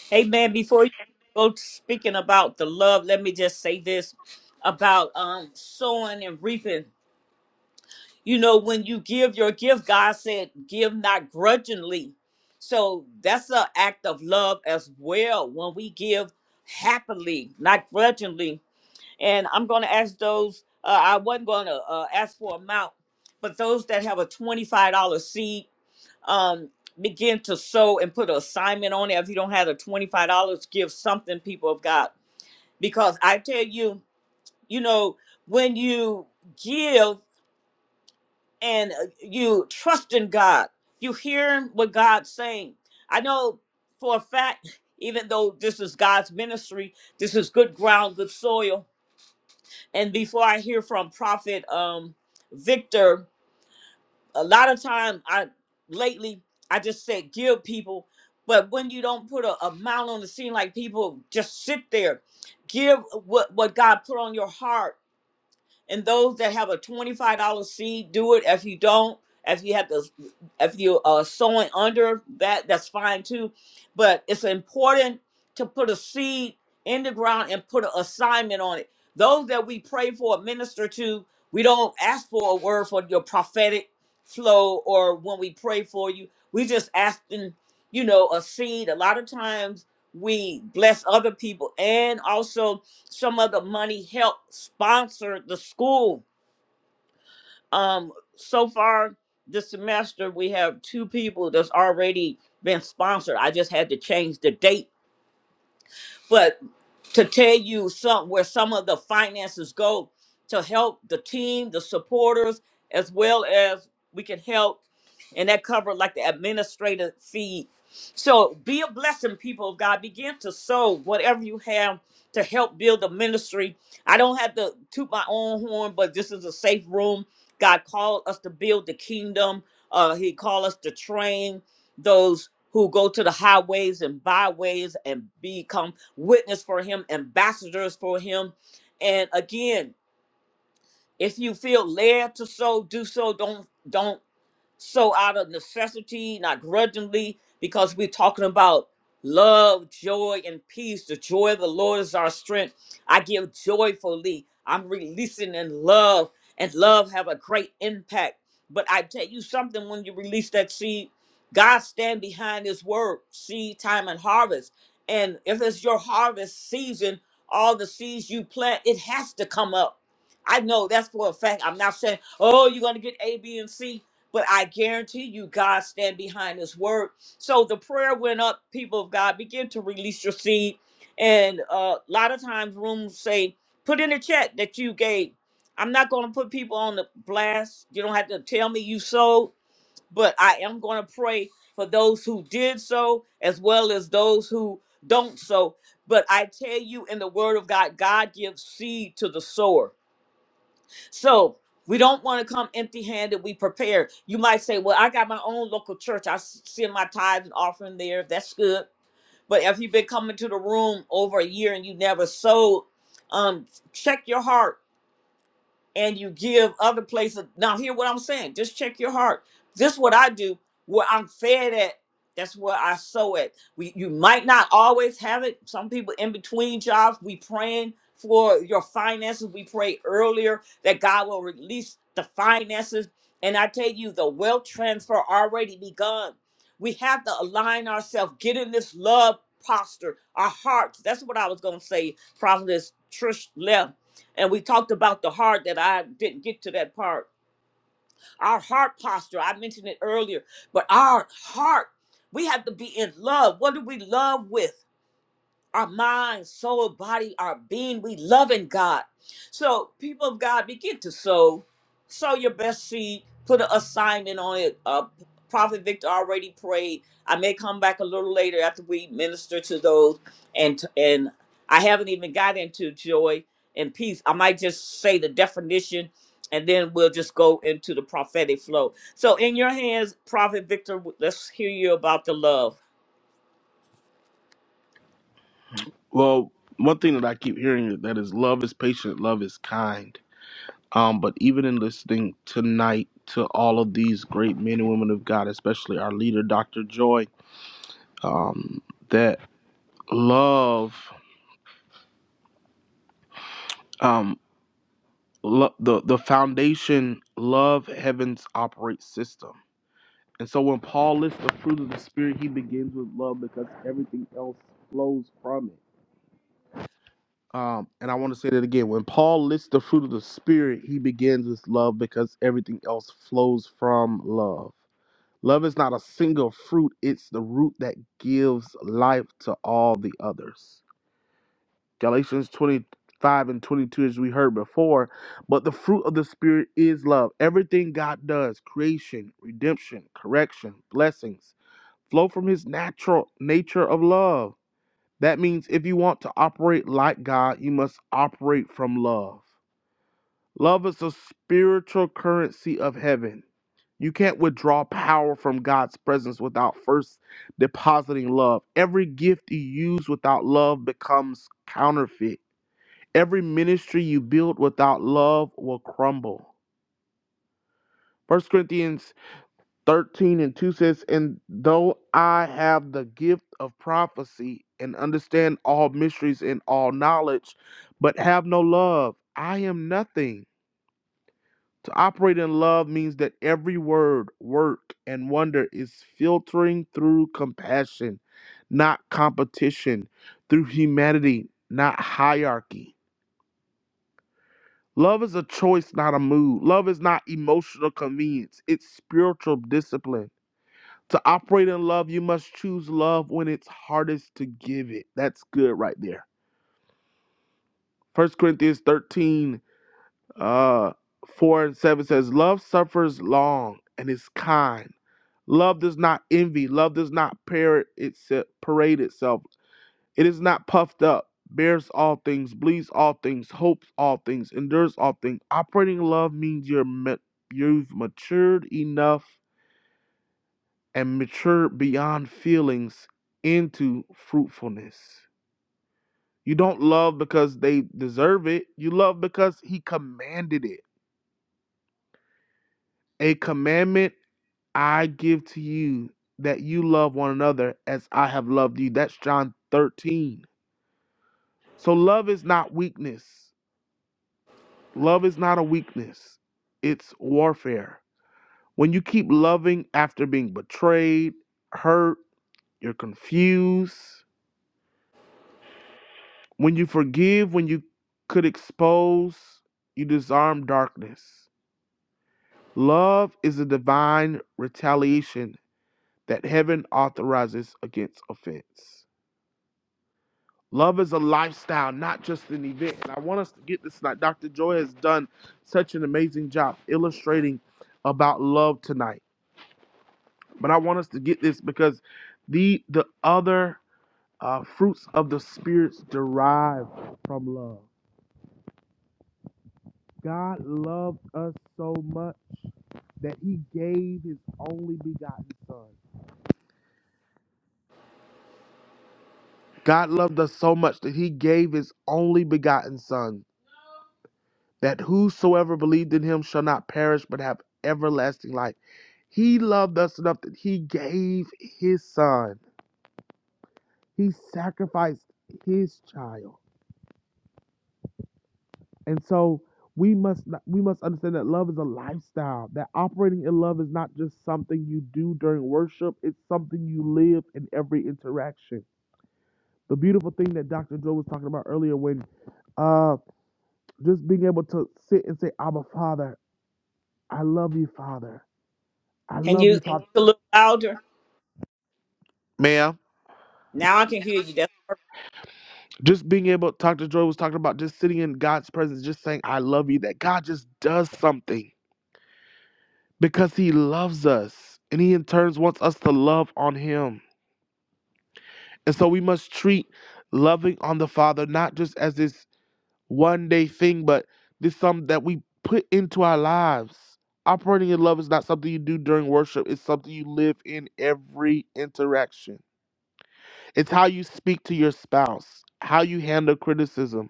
Hey, man, before you go speaking about the love, let me just say this about um sowing and reaping. You know, when you give your gift, God said, give not grudgingly. So that's an act of love as well when we give happily, not grudgingly. And I'm going to ask those, uh, I wasn't going to uh, ask for amount, but those that have a $25 seed um begin to sow and put an assignment on it if you don't have the $25 give something people of god because i tell you you know when you give and uh, you trust in god you hearing what god's saying i know for a fact even though this is god's ministry this is good ground good soil and before i hear from prophet um victor a lot of time I lately I just said give people, but when you don't put a amount on the scene, like people just sit there, give what what God put on your heart and those that have a twenty-five dollar seed, do it. If you don't, if you have to, if you are sowing under that, that's fine too. But it's important to put a seed in the ground and put an assignment on it. Those that we pray for, minister to, we don't ask for a word for your prophetic flow or when we pray for you. We just asking, you know, a seed. A lot of times we bless other people and also some of the money helped sponsor the school. Um, so far this semester, we have two people that's already been sponsored. I just had to change the date, but to tell you some where some of the finances go to help the team, the supporters, as well as we can help, and that cover like the administrative fee. So be a blessing, people of God. Begin to sow whatever you have to help build the ministry. I don't have to toot my own horn, but this is a safe room. God called us to build the kingdom. Uh, he called us to train those who go to the highways and byways and become witness for him, ambassadors for him. And again, if you feel led to so, do so. Don't don't so out of necessity, not grudgingly, because we're talking about love, joy, and peace. The joy of the Lord is our strength. I give joyfully. I'm releasing in love, and love have a great impact. But I tell you something, when you release that seed, God stand behind his word, seed, time, and harvest. And if it's your harvest season, all the seeds you plant, it has to come up. I know that's for a fact. I'm not saying, oh, you're going to get A, B, and C. But I guarantee you, God stand behind His word. So the prayer went up. People of God, begin to release your seed. And uh, a lot of times, rooms say, "Put in the chat that you gave." I'm not going to put people on the blast. You don't have to tell me you sold, but I am going to pray for those who did so, as well as those who don't sow. But I tell you, in the Word of God, God gives seed to the sower. So we don't want to come empty handed. We prepare. You might say, Well, I got my own local church. I s- send my tithes and offering there. That's good. But if you've been coming to the room over a year and you never sowed, um, check your heart and you give other places. Now, hear what I'm saying. Just check your heart. This is what I do. Where I'm fed at, that's where I sow at. We, you might not always have it. Some people in between jobs, we praying for your finances. We pray earlier that God will release the finances. And I tell you, the wealth transfer already begun. We have to align ourselves, get in this love posture, our hearts. That's what I was going to say, Prophetess Trish left and we talked about the heart that I didn't get to that part. Our heart posture, I mentioned it earlier, but our heart, we have to be in love. What do we love with? our mind, soul, body, our being. We loving God. So, people of God, begin to sow. Sow your best seed. Put an assignment on it. Uh, Prophet Victor already prayed. I may come back a little later after we minister to those. And and I haven't even got into joy and peace. I might just say the definition, and then we'll just go into the prophetic flow. So, in your hands, Prophet Victor, let's hear you about the love.
Oh, mind. Listening tonight to these great and women of God, especially our leader, Dr. Joy, that love, lo- the, the foundation, love heaven's operate system. And so when Paul lists the fruit of the Spirit, he begins with love because everything else flows from it. Um, and I want to say that again. When Paul lists the fruit of the Spirit, he begins with love because everything else flows from love. Love is not a single fruit, it's the root that gives life to all the others. Galatians 25 and 22, as we heard before, but the fruit of the Spirit is love. Everything God does, creation, redemption, correction, blessings, flow from His natural nature of love. That means if you want to operate like God, you must operate from love. Love is a spiritual currency of heaven. You can't withdraw power from God's presence without first depositing love. Every gift you use without love becomes counterfeit. Every ministry you build without love will crumble. First Corinthians 13 and 2 says, And though I have the gift of prophecy and understand all mysteries and all knowledge, but have no love, I am nothing. To operate in love means that every word, work, and wonder is filtering through compassion, not competition, through humanity, not hierarchy. Love is a choice, not a mood. Love is not emotional convenience, it's spiritual discipline. To operate in love, you must choose love when it's hardest to give it. That's good right there. First Corinthians 13, uh, 4 and 7 says, Love suffers long and is kind. Love does not envy. Love does not parrot itself, parade itself. It is not puffed up, bears all things, believes all things, hopes all things, endures all things. Operating love means you're ma- you've matured enough and matured beyond feelings into fruitfulness. You don't love because they deserve it. You love because he commanded it. A commandment I give to you that you love one another as I have loved you. That's John 13. So love is not weakness. Love is not a weakness. It's warfare. When you keep loving after being betrayed, hurt, you're confused, when you forgive, when you could expose, you disarm darkness. Love is a divine retaliation that heaven authorizes against offense. Love is a lifestyle, not just an event. And I want us to get this tonight. Dr. Joy has done such an amazing job illustrating about love tonight. But I want us to get this because the the other uh, fruits of the spirits derive from love. God loved us so much that he gave his only begotten son. God loved us so much that he gave his only begotten son, that whosoever believed in him shall not perish but have everlasting life. He loved us enough that he gave his son. He sacrificed his child. And so we must not, we must understand that love is a lifestyle. That operating in love is not just something you do during worship, it's something you live in every interaction. The beautiful thing that Dr. Joe was talking about earlier when uh just being able to sit and say, "I'm a father. I love you, father. I
Can
love
you
you,
speak
father."
a little louder? Now I can hear you. That's
just being able Dr. Joy was talking about just sitting in God's presence, just saying, I love you, that God just does something because He loves us. And He in turns wants us to love on Him. And so we must treat loving on the Father not just as this one day thing, but this something that we put into our lives. Operating in love is not something you do during worship, it's something you live in every interaction. It's how you speak to your spouse, how you handle criticism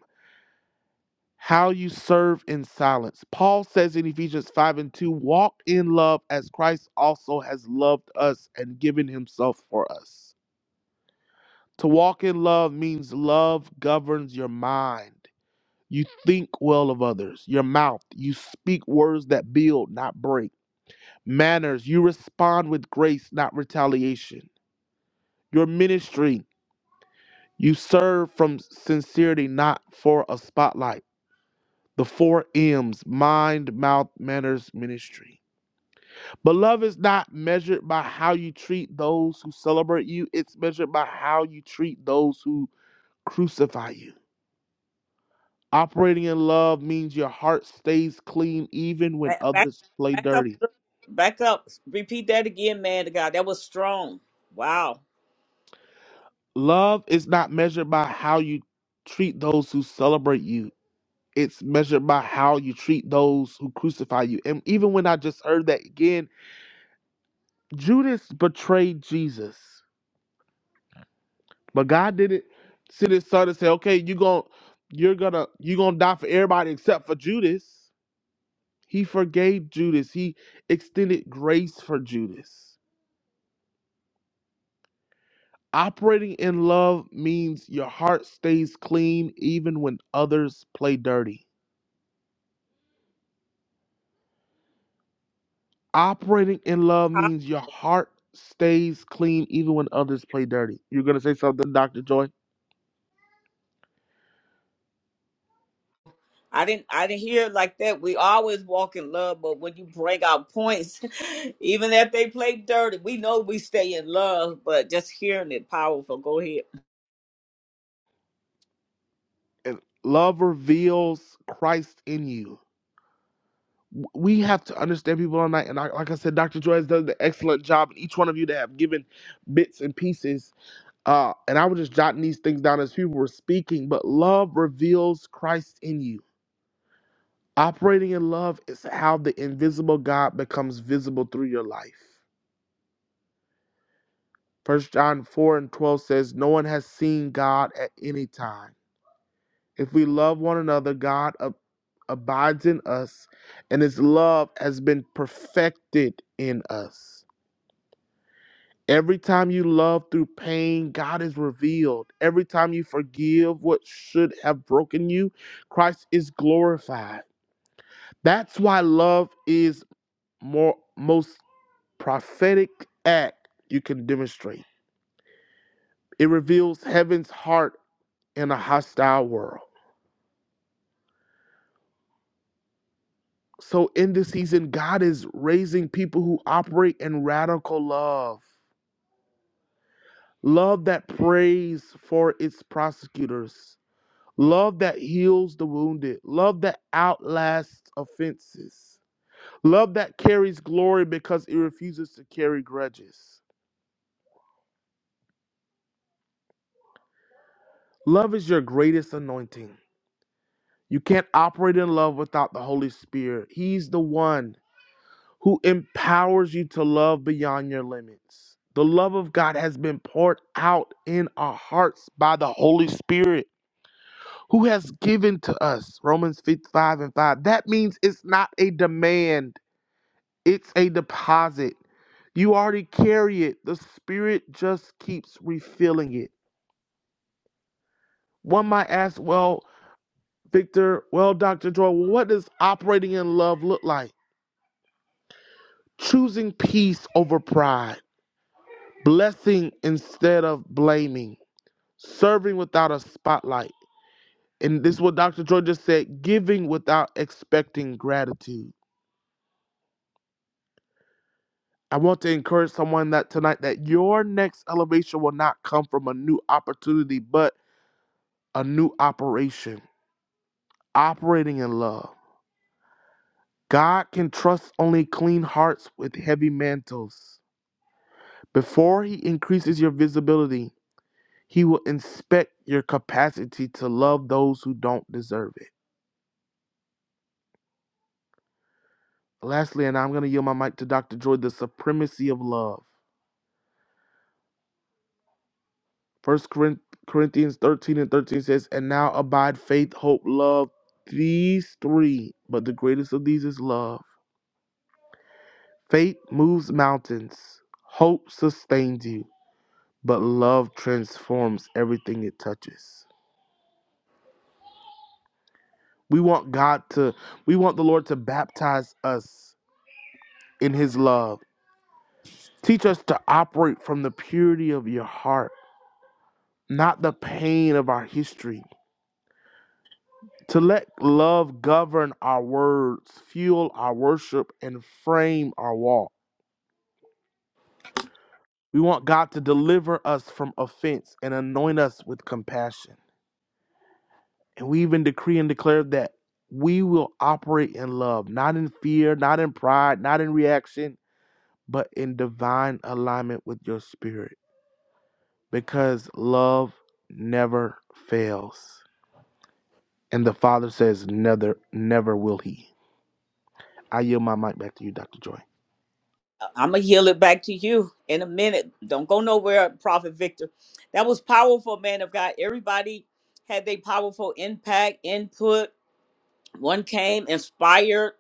how you serve in silence. Paul says in Ephesians 5 and 2 walk in love as Christ also has loved us and given himself for us. To walk in love means love governs your mind. You think well of others, your mouth, you speak words that build, not break. Manners, you respond with grace, not retaliation. Your ministry, you serve from sincerity, not for a spotlight the four M's mind, mouth, manners, ministry. But love is not measured by how you treat those who celebrate you, it's measured by how you treat those who crucify you. Operating in love means your heart stays clean even when
back, back,
others play
back up,
dirty.
a little- back up. Repeat that again, man. To God, that was strong. Wow.
Love is not measured by how you treat those who celebrate you. It's measured by how you treat those who crucify you. And even when I just heard that again, Judas betrayed Jesus. But God didn't send his son and say, okay, you going to you're gonna you're gonna die for everybody except for Judas. He forgave Judas. He extended grace for Judas. Operating in love means your heart stays clean even when others play dirty. Operating in love
How-
means your heart stays clean even when others play dirty. You're gonna say something, Dr. Joy?
I didn't, I didn't hear it like that. We always walk in love, but when you bring out points, even if they play dirty, we know we stay in love. But just hearing it, powerful. Go ahead.
And love reveals Christ in you. w- we have to understand people on that. And I, like I said, Dr. Joy has done an excellent job. And each one of you that have given bits and pieces. Uh, and I was just jotting these things down as people were speaking. But love reveals Christ in you. Operating in love is how the invisible God becomes visible through your life. First John 4 and 12 says, No one has seen God at any time. If we love one another, God ab- abides in us, and his love has been perfected in us. Every time you love through pain, God is revealed. Every time you forgive what should have broken you, Christ is glorified. That's why love is more most prophetic act you can demonstrate. It reveals heaven's heart in a hostile world. So in this season, God is raising people who operate in radical love. Love that prays for its prosecutors Love that heals the wounded. Love that outlasts offenses. Love that carries glory because it refuses to carry grudges. Love is your greatest anointing. You can't operate in love without the Holy Spirit. He's the one who empowers you to love beyond your limits. The love of God has been poured out in our hearts by the Holy Spirit who has given to us. Romans 5 and 5. That means it's not a demand. It's a deposit. You already carry it. The spirit just keeps refilling it. One might ask, well, Victor, well, Dr. Joy, what does operating in love look like? Choosing peace over pride, blessing instead of blaming, serving without a spotlight. And this is what Dr. Joy just said giving without expecting gratitude. I want to encourage someone that tonight that your next elevation will not come from a new opportunity, but a new operation, operating in love. God can trust only clean hearts with heavy mantles. Before He increases your visibility, He will inspect your capacity to love those who don't deserve it. Lastly, and I'm going to yield my mic to Dr. Joy, the supremacy of love. First Corinthians 13 and 13 says, And now abide faith, hope, love, these three, but the greatest of these is love. Faith moves mountains, hope sustains you. but love transforms everything it touches. We want God to, we want the Lord to baptize us in His love. Teach us to operate from the purity of your heart, not the pain of our history. To let love govern our words, fuel our worship, and frame our walk. We want God to deliver us from offense and anoint us with compassion. And we even decree and declare that we will operate in love, not in fear, not in pride, not in reaction, but in divine alignment with your spirit. Because love never fails. And the Father says, never, never will he. I yield my mic back to you, Dr. Joy.
I'm gonna heal it back to you in a minute. Don't go nowhere, Prophet Victor. That was powerful, man of God. Everybody had their powerful impact, input. One came inspired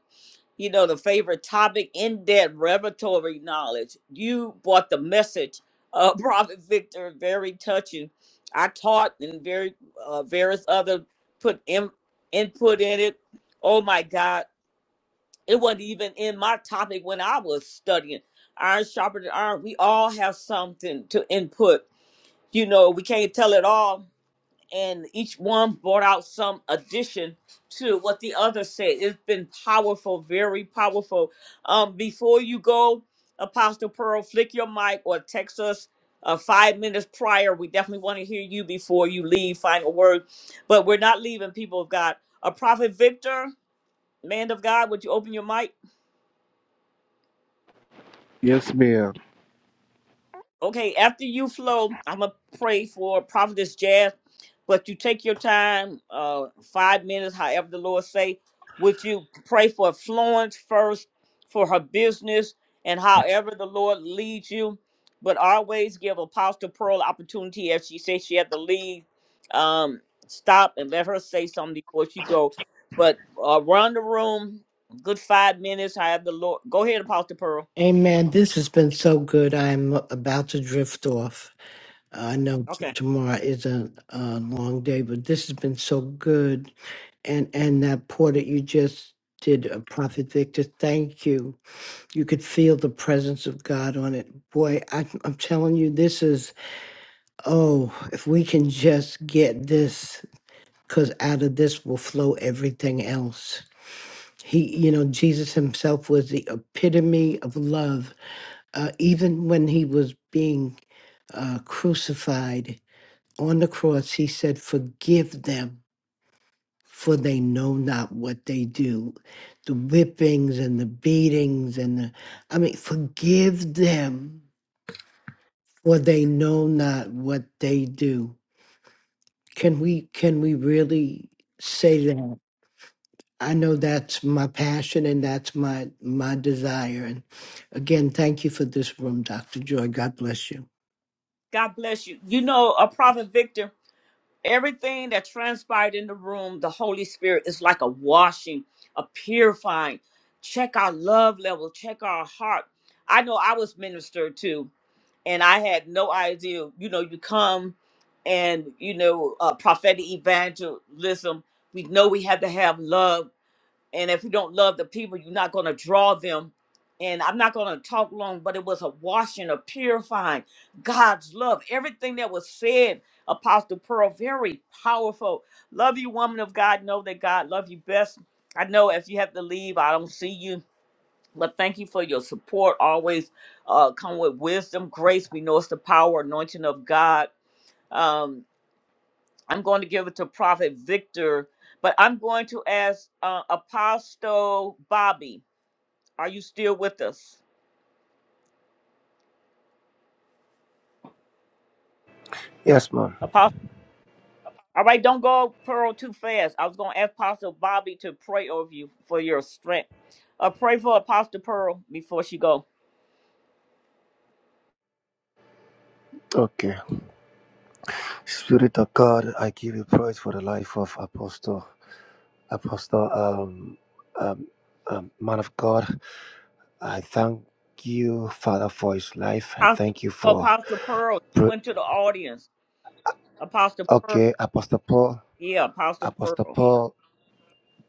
you know, the favorite topic in that revelatory knowledge. You brought the message, uh, Prophet Victor, very touching. I taught and very uh, various other put in, input in it. Oh my God, it wasn't even in my topic when I was studying. Iron sharpened iron. We all have something to input. You know, we can't tell it all, and each one brought out some addition to what the other said. It's been powerful, very powerful. Um, before you go, Apostle Pearl, flick your mic or text us uh, five minutes prior. We definitely want to hear you before you leave. Final word, but we're not leaving. People of God, a prophet Victor, man of God, would you open your mic?
Yes, ma'am.
Okay, after you flow, I'm gonna pray for Prophetess Jazz, but you take your time, uh, five minutes, however the Lord say. Would you pray for Florence first, for her business, and however the Lord leads you? But always give Apostle Pearl opportunity if she says she had to leave. Um, stop and let her say something before she go. But uh, run the room, good five minutes. However the Lord, go ahead, Apostle Pearl.
Amen. This has been so good. I'm about to drift off. I know t-
Okay.
tomorrow is a, a long day, but this has been so good. And and that pour that you just did, uh, Prophet Victor, thank you. You could feel the presence of God on it. Boy, I, I'm telling you, this is oh, if we can just get this, because out of this will flow everything else. He, you know, Jesus himself was the epitome of love. Uh, even when he was being uh, crucified, on the cross, he said, Forgive them, for they know not what they do. The whippings and the beatings and the, I mean, forgive them, for they know not what they do. Can we, can we really say that? I know that's my passion and that's my, my desire. And again, thank you for this room, Dr. Joy. God bless you.
God bless you. You know, a prophet Victor, everything that transpired in the room, the Holy Spirit is like a washing, a purifying. Check our love level, check our heart. I know I was ministered to, and I had no idea. You know, you come and, you know, uh, prophetic evangelism, we know we had to have love and if you don't love the people you're not going to draw them and i'm not going to talk long but it was a washing a purifying god's love everything that was said apostle pearl very powerful love you woman of god know that god love you best i know if you have to leave i don't see you but thank you for your support always uh, come with wisdom grace we know it's the power anointing of god Um, I'm going to give it to Prophet Victor, but I'm going to ask uh, Apostle Bobby. Are you still with us?
Yes, mom.
Apostle. All right, don't go Pearl too fast. I was going to ask Apostle Bobby to pray over you for your strength. Uh, pray for Apostle Pearl before she go.
Okay. Spirit of God, I give you praise for the life of Apostle, Apostle, um, um, um, man of God. I thank you, Father, for his life. I
Apostle,
thank you for.
Apostle Pearl
pr-
went to the audience. Apostle Pearl.
Okay, Apostle Paul.
Yeah, Apostle
Apostle
Pearl.
Paul.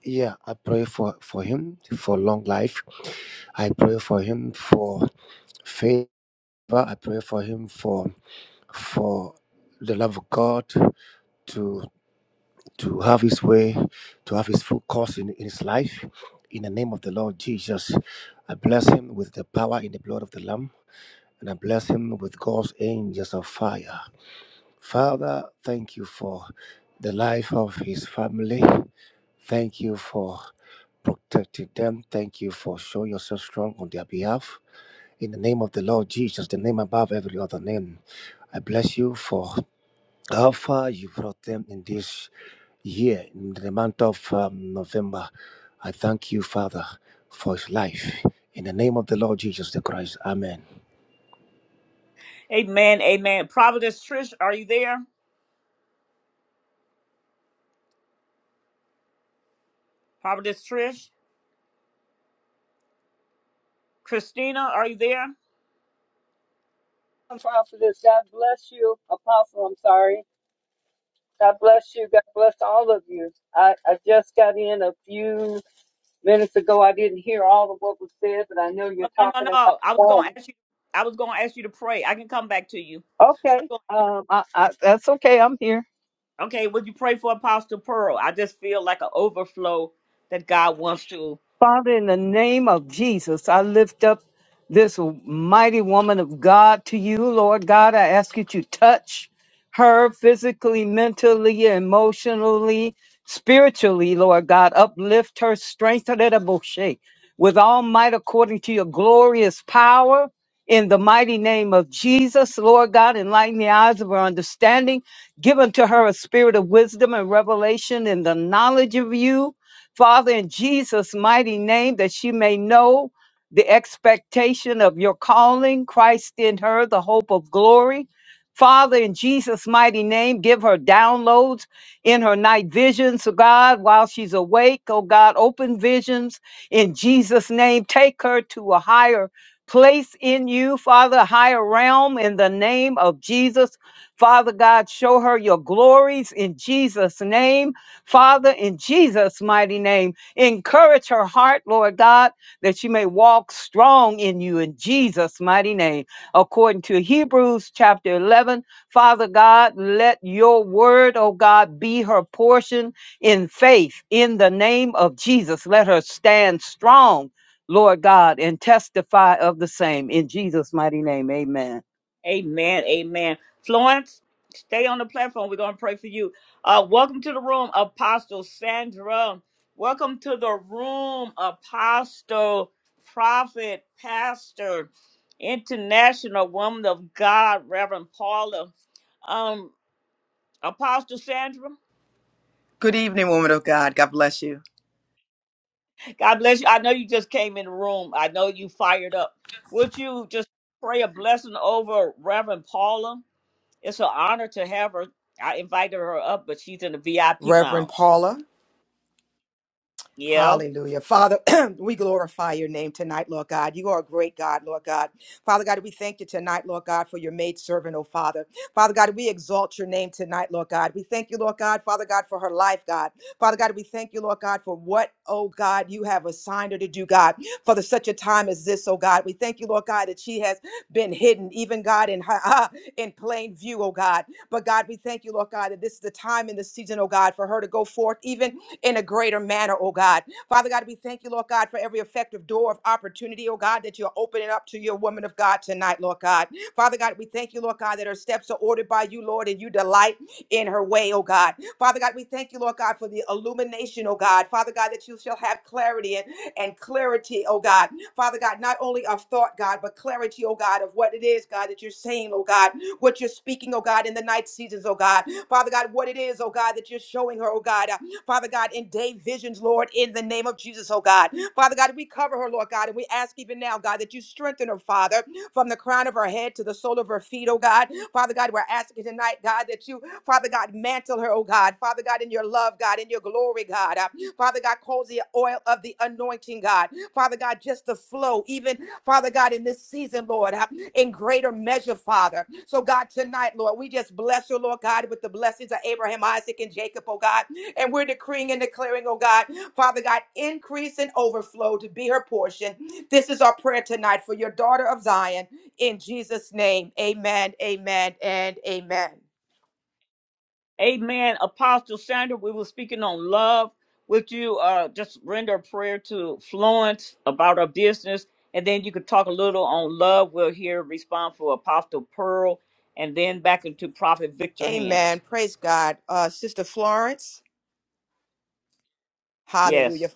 Yeah, I pray for for him for long life. I pray for him for favor. I pray for him for for the love of God to to have his way, to have his full course in, in his life. In the name of the Lord Jesus, I bless him with the power in the blood of the Lamb, and I bless him with God's angels of fire. Father, thank you for the life of his family. Thank you for protecting them. Thank you for showing yourself strong on their behalf. In the name of the Lord Jesus, the name above every other name, I bless you for how far you brought them in this year, in the month of um, November. I thank you, Father, for his life. In the name of the Lord Jesus the Christ, Amen.
Amen, amen. Providence Trish, are you there? Providence Trish? Christina, are you there?
and prophetess. God bless you, apostle. I'm sorry. God bless you. God bless all of you. I, I just got in a few minutes ago. I didn't hear all of what was said, but I know you're
Oh, no, no,
talking about
no. I was
God.
gonna ask you. I was gonna ask you to pray. I can come back to you. I
Okay.
was
Um, I, I, that's okay. I'm here.
gonna, okay, would you pray for Apostle Pearl? I just feel like an overflow that God wants to.
Father, in the name of Jesus, I lift up this mighty woman of God to you, Lord God. I ask that you touch her physically, mentally, emotionally, spiritually, Lord God. Uplift her, strengthen her, Moshe, with all might according to your glorious power. In the mighty name of Jesus, Lord God, enlighten the eyes of her understanding. Give unto her a spirit of wisdom and revelation in the knowledge of you Father, in Jesus' mighty name, that she may know the expectation of your calling, Christ in her, the hope of glory. Father, in Jesus' mighty name, give her downloads in her night visions, oh God, while she's awake. Oh God, open visions in Jesus' name. Take her to a higher place in you, Father, a higher realm in the name of Jesus. Father God, show her your glories in Jesus' name. Father, in Jesus' mighty name, encourage her heart, Lord God, that she may walk strong in you in Jesus' mighty name. According to Hebrews chapter 11, Father God, let your word, oh God, be her portion in faith in the name of Jesus. Let her stand strong, Lord God, and testify of the same in Jesus' mighty name. Amen.
Amen. Amen. Florence, stay on the platform. We're gonna pray for you. Uh, welcome to the room, Apostle Sandra. Welcome to the room, Apostle, Prophet, Pastor, International Woman of God, Reverend Paula. Um, Apostle Sandra.
Good evening, woman of God. God bless you.
God bless you. I know you just came in the room. I know you fired up. Would you just pray a blessing over Reverend Paula? It's an honor to have her. I invited her up, but she's in the VIP
Reverend
lounge.
Paula.
Yeah.
Hallelujah. Father, we glorify your name tonight, Lord God. You are a great God, Lord God. Father God, we thank you tonight, Lord God, for your maidservant, oh Father. Father God, we exalt your name tonight, Lord God. We thank you, Lord God, Father God, for her life, God. Father God, we thank you, Lord God, for what, oh God, you have assigned her to do, God, for the, such a time as this, oh God. We thank you, Lord God, that she has been hidden, even God, in, her, in plain view, oh God. But God, we thank you, Lord God, that this is the time in the season, oh God, for her to go forth, even in a greater manner, oh God. Father God, we thank you, Lord God, for every effective door of opportunity, oh God, that you're opening up to your woman of God tonight, Lord God. Father God, we thank you, Lord God, that her steps are ordered by you, Lord, and you delight in her way, oh God. Father God, we thank you, Lord God, for the illumination, oh God. Father God, that you shall have clarity and, and clarity, oh God. Father God, not only of thought, God, but clarity, oh God, of what it is, God, that you're saying, oh God, what you're speaking, oh God, in the night seasons, oh God. Father God, what it is, oh God, that you're showing her, oh God. Father God, in day visions, Lord, in the name of Jesus, oh God. Father God, we cover her, Lord God, and we ask even now, God, that you strengthen her, Father, from the crown of her head to the sole of her feet, oh God. Father God, we're asking tonight, God, that you, Father God, mantle her, oh God. Father God, in your love, God, in your glory, God. Uh, Father God, cause the oil of the anointing, God. Father God, just the flow, even, Father God, in this season, Lord, uh, in greater measure, Father. So, God, tonight, Lord, we just bless her, Lord God, with the blessings of Abraham, Isaac, and Jacob, oh God. And we're decreeing and declaring, oh God, Father God, increase and overflow to be her portion. This is our prayer tonight for your daughter of Zion. In Jesus' name, amen, amen, and amen.
Amen. Apostle Sandra, we were speaking on love. Would you uh, just render a prayer to Florence about her business? And then you could talk a little on love. We'll hear response for Apostle Pearl and then back into Prophet Victor Hands.
Amen. Praise God. Uh, Sister Florence, hallelujah.
Yes,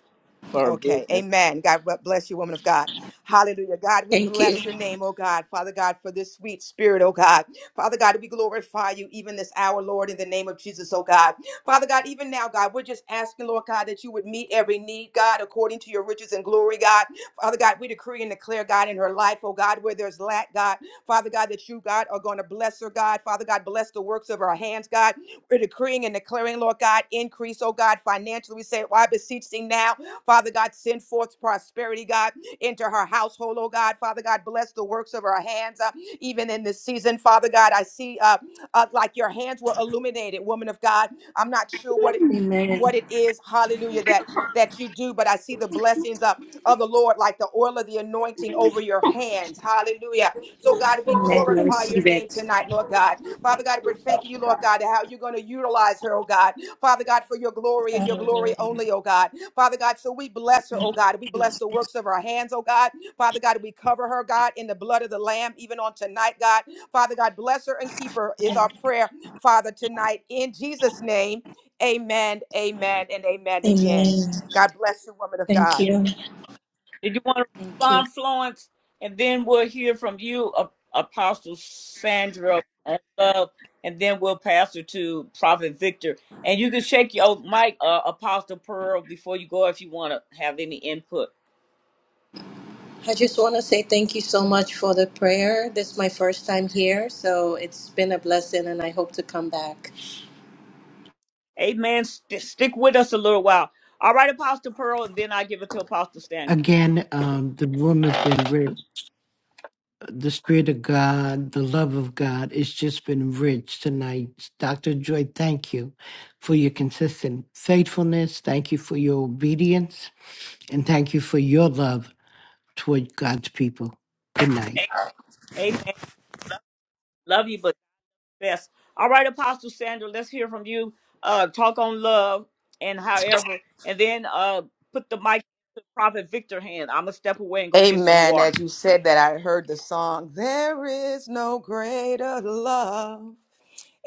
for her
Okay,
business.
amen. God b- bless you, woman of God. Hallelujah. God, we
Thank you.
bless your name, oh God. Father God, for this sweet spirit, oh God. Father God, we glorify you even this hour, Lord, in the name of Jesus, oh God. Father God, even now, God, we're just asking, Lord God, that you would meet every need, God, according to your riches and glory, God. Father God, we decree and declare, God, in her life, oh God, where there's lack, God. Father God, that you, God, are going to bless her, God. Father God, bless the works of her hands, God. We're decreeing and declaring, Lord God, increase, oh God, financially. We say, well, I beseech thee now Father God, send forth prosperity, God, into her household, oh God. Father God, bless the works of her hands, uh, even in this season. Father God, I see uh, uh, like your hands were illuminated, woman of God. I'm not sure what it
Amen.
what it is hallelujah that that you do but i see the blessings of, of the lord like the oil of the anointing over your hands hallelujah so god we
Amen. I
glorify your
receive
name
it.
tonight lord god father god we're thanking you lord god how you're going to utilize her oh god Father God, for your glory and your glory
Hallelujah.
only, oh God. Father God, so we bless her, oh God. We bless the works of her hands, oh God. Father God, we cover her, God, in the blood of the Lamb, even on tonight, God. Father God, bless her and keep her is our
Amen.
prayer, Father, tonight. In Jesus' name, amen, amen, and amen again.
Amen.
God bless you, woman of
Thank
God.
you.
Did you want to
Thank you.
respond, Florence? And then we'll hear from you, A- Apostle Sandra, and love, and then we'll pass it to Prophet Victor. And you can shake your mic, uh, Apostle Pearl, before you go if you want to have any input.
I just want to say thank you so much for the prayer. This is my first time here, so it's been a blessing, and I hope to come back.
Amen. St- stick with us a little while. All right, Apostle Pearl, and then I give it to Apostle Sandra.
Again, um, the room has been rich. the Spirit of God, the love of God. It's just been rich tonight. Dr. Joy, thank you for your consistent faithfulness. Thank you for your obedience. And thank you for your love toward God's people. Good night.
Amen. Love you, but. best. All right, Apostle Sandra, let's hear from you. Uh, talk on love and however, and then uh, put the mic to Prophet Victor hand. I'm gonna step away and go get some
Amen.
water.
As you said that, I heard the song, There is no greater love.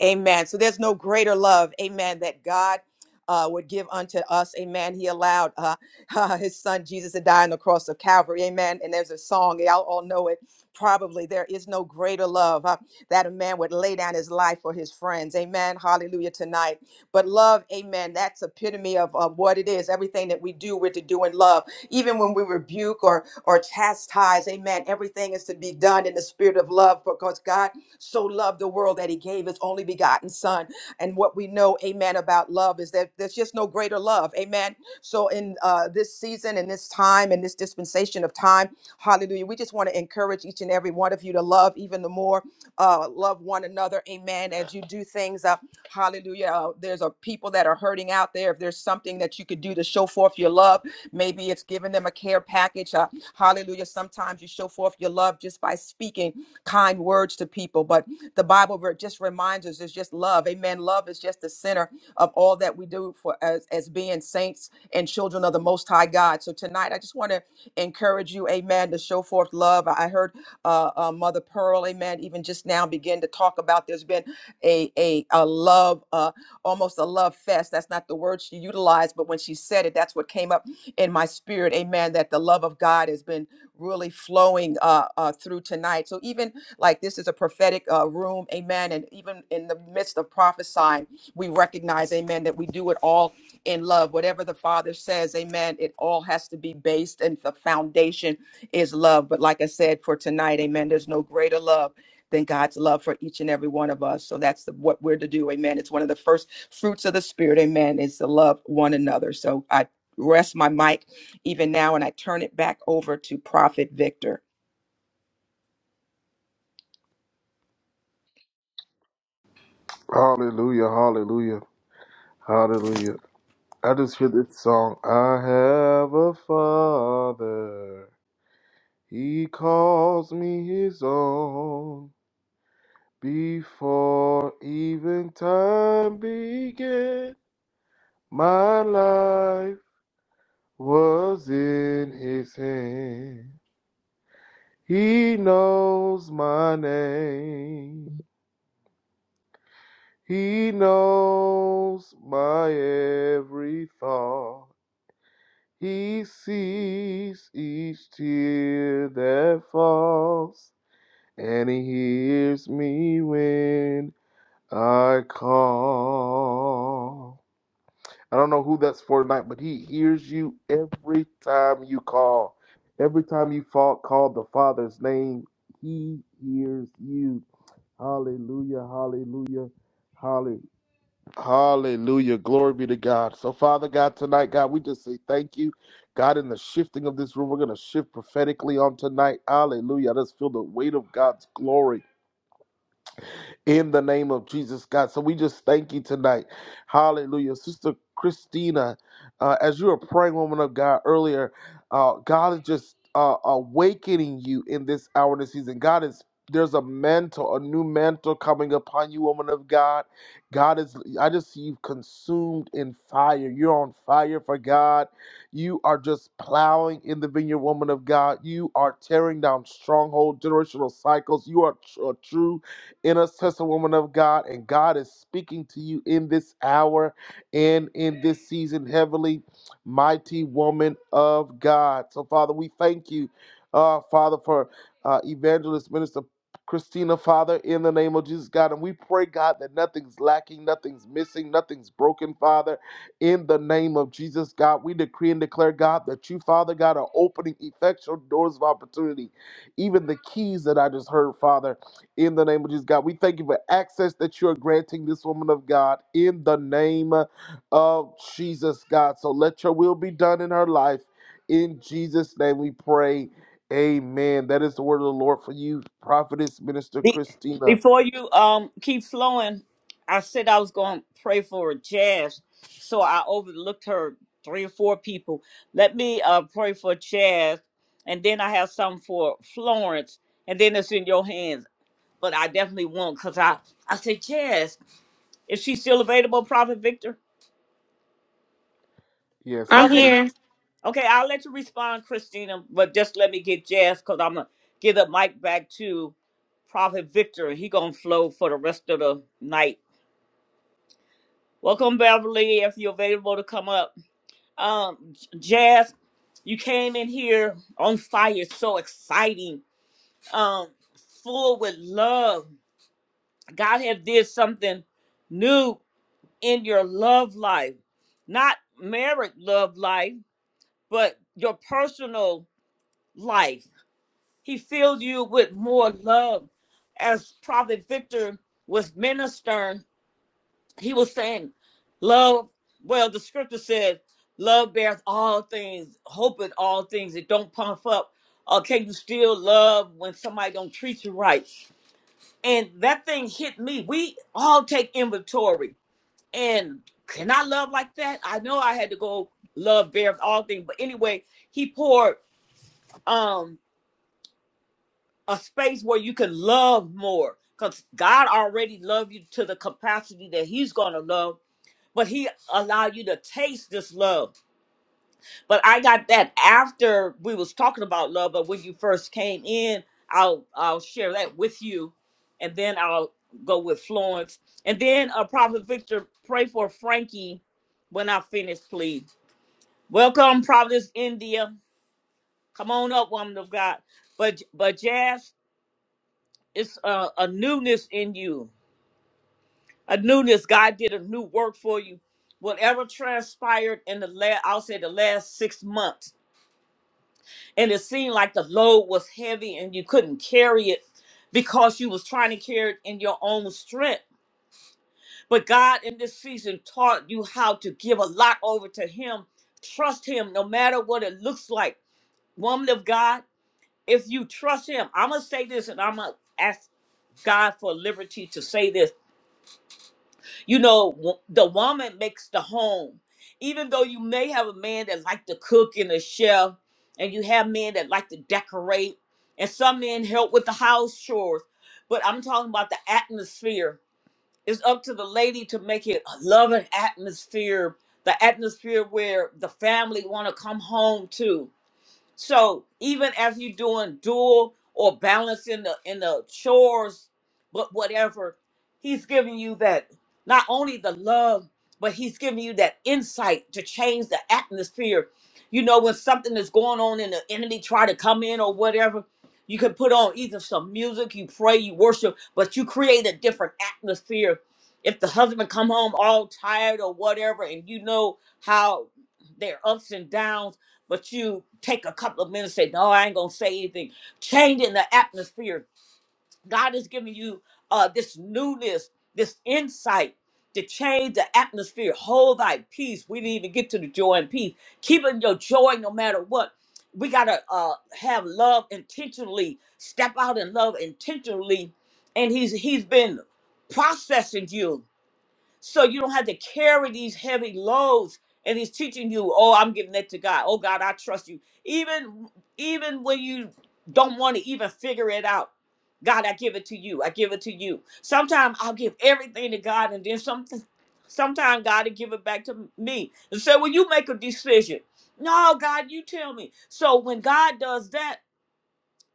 Amen. So there's no greater love, amen, that God uh, would give unto us. Amen. He allowed uh, his son Jesus to die on the cross of Calvary. Amen. And there's a song, y'all all know it probably. There is no greater love uh, that a man would lay down his life for his friends. Amen. Hallelujah tonight. But love, amen, that's epitome of, of what it is. Everything that we do, we're to do in love. Even when we rebuke or, or chastise, amen, everything is to be done in the spirit of love because God so loved the world that he gave his only begotten son. And what we know, amen, about love is that there's just no greater love, amen. So in uh, this season and this time and this dispensation of time, hallelujah, we just want to encourage each and every one of you to love even the more uh, love one another. Amen. As you do things, uh, hallelujah. Uh, there's a people that are hurting out there. If there's something that you could do to show forth your love, maybe it's giving them a care package. Uh, hallelujah. Sometimes you show forth your love just by speaking kind words to people. But the the Bible ver- just reminds us is just love. Amen. Love is just the center of all that we do for as, as being saints and children of the Most High God. So tonight, I just want to encourage you, amen, to show forth love. I heard uh, uh, Mother Pearl, amen, even just now begin to talk about there's been a, a, a love, uh, almost a love fest. That's not the word she utilized, but when she said it, that's what came up in my spirit, amen, that the love of God has been really flowing uh, uh, through tonight. So even like this is a prophetic uh, room, amen. And even in the midst of prophesying, we recognize, amen, that we do it all in love. Whatever the Father says, amen, it all has to be based, and the foundation is love. But like I said, for tonight, amen, there's no greater love than God's love for each and every one of us. So that's the, what we're to do, amen. It's one of the first fruits of the Spirit, amen, is to love one another. So I rest my mic even now and I turn it back over to Prophet Victor.
I have a father. He calls me his own before even time began. My life was in his hand. He knows my name. He knows my every thought. He sees each tear that falls, and he hears me when I call. I don't know who that's for tonight, but he hears you every time you call. Every time you fall, call the Father's name, he hears you. Hallelujah, hallelujah, hallelujah. Hallelujah. Glory be to God. So, Father God, tonight, God, we just say thank you. God, in the shifting of this room, we're going to shift prophetically on tonight. Hallelujah. I just feel the weight of God's glory in the name of Jesus, God. So we just thank you tonight. Hallelujah. Sister Christina, uh, as you were praying, woman of God, earlier, uh, God is just uh, awakening you in this hour and this season. God is there's a mantle, a new mantle coming upon you, woman of God. God is, I just see you consumed in fire. You're on fire for God. You are just plowing in the vineyard, woman of God. You are tearing down stronghold, generational cycles. You are tr- a true intercessor woman of God, and God is speaking to you in this hour and in this season, heavenly, mighty woman of God. So, Father, we thank you, uh, Father, for uh, evangelist minister. Christina, Father, in the name of Jesus, God. And we pray, God, that nothing's lacking, nothing's missing, nothing's broken, Father, in the name of Jesus, God. We decree and declare, God, that you, Father, God, are opening effectual doors of opportunity. Even the keys that I just heard, Father in the name of Jesus, God. We thank you for access that you are granting this woman of God in the name of Jesus, God. So let your will be done in her life. In Jesus' name we pray. Amen. That is the word of the Lord for you, prophetess, minister
Be-
Christina.
before you um keep flowing, I said I was gonna pray for Jazz, so I overlooked her three or four people. Let me uh pray for Jazz, and then I have some for Florence, and then it's in your hands. But I definitely won't, cause I I said Jazz. Is she still available, Prophet Victor?
Yes, I
I'll
I'm
let
believe.
here.
okay, I'll let you respond, Christina, but just let me get Jazz because I'm gonna give the mic back to Prophet Victor. He gonna flow for the rest of the night. Welcome, Beverly, if you're available to come up. Um, J- Jazz, you came in here on fire, so exciting, um, full with love. God have did something new in your love life, not married love life but your personal life. He filled you with more love. As Prophet Victor was ministering, he was saying, Love, well, the scripture said, Love bears all things, hope at all things. It don't puff up. Uh, can you still love when somebody don't treat you right? And that thing hit me. We all take inventory. And can I love like that? I know I had to go love bears all things. But anyway, he poured um, a space where you can love more because god already loved you to the capacity that he's gonna love but he allowed you to taste this love but i got that after we was talking about love but when you first came in i'll i'll share that with you and then i'll go with florence and then uh prophet victor pray for frankie when i finish please welcome providence india come on up woman of god but but jazz it's a, a newness in you a newness god did a new work for you whatever transpired in the last i'll say the last six months and it seemed like the load was heavy and you couldn't carry it because you was trying to carry it in your own strength but god in this season taught you how to give a lot over to him trust him no matter what it looks like woman of god if you trust him i'm gonna say this and i'm gonna ask god for liberty to say this You know, w- the woman makes the home. Even though you may have a man that like to cook and a chef, and you have men that like to decorate, and some men help with the house chores. But I'm talking about the atmosphere. It's up to the lady to make it a loving atmosphere, the atmosphere where the family want to come home to. So even as you doing dual or balancing the in the chores, but whatever, he's giving you that not only the love, but he's giving you that insight to change the atmosphere. You know, when something is going on and the enemy try to come in or whatever, you can put on either some music, you pray, you worship, but you create a different atmosphere. If the husband come home all tired or whatever, and you know how their ups and downs but you take a couple of minutes and say no i ain't gonna say anything changing the atmosphere god is giving you uh this newness this insight to change the atmosphere hold thy peace we didn't even get to the joy and peace keeping your joy no matter what we gotta uh have love intentionally step out in love intentionally and he's he's been processing you so you don't have to carry these heavy loads and he's teaching you oh i'm giving that to god oh god i trust you even even when you don't want to even figure it out god i give it to you i give it to you sometimes i'll give everything to god and then something sometimes god will give it back to me and say well you make a decision no god you tell me so when god does that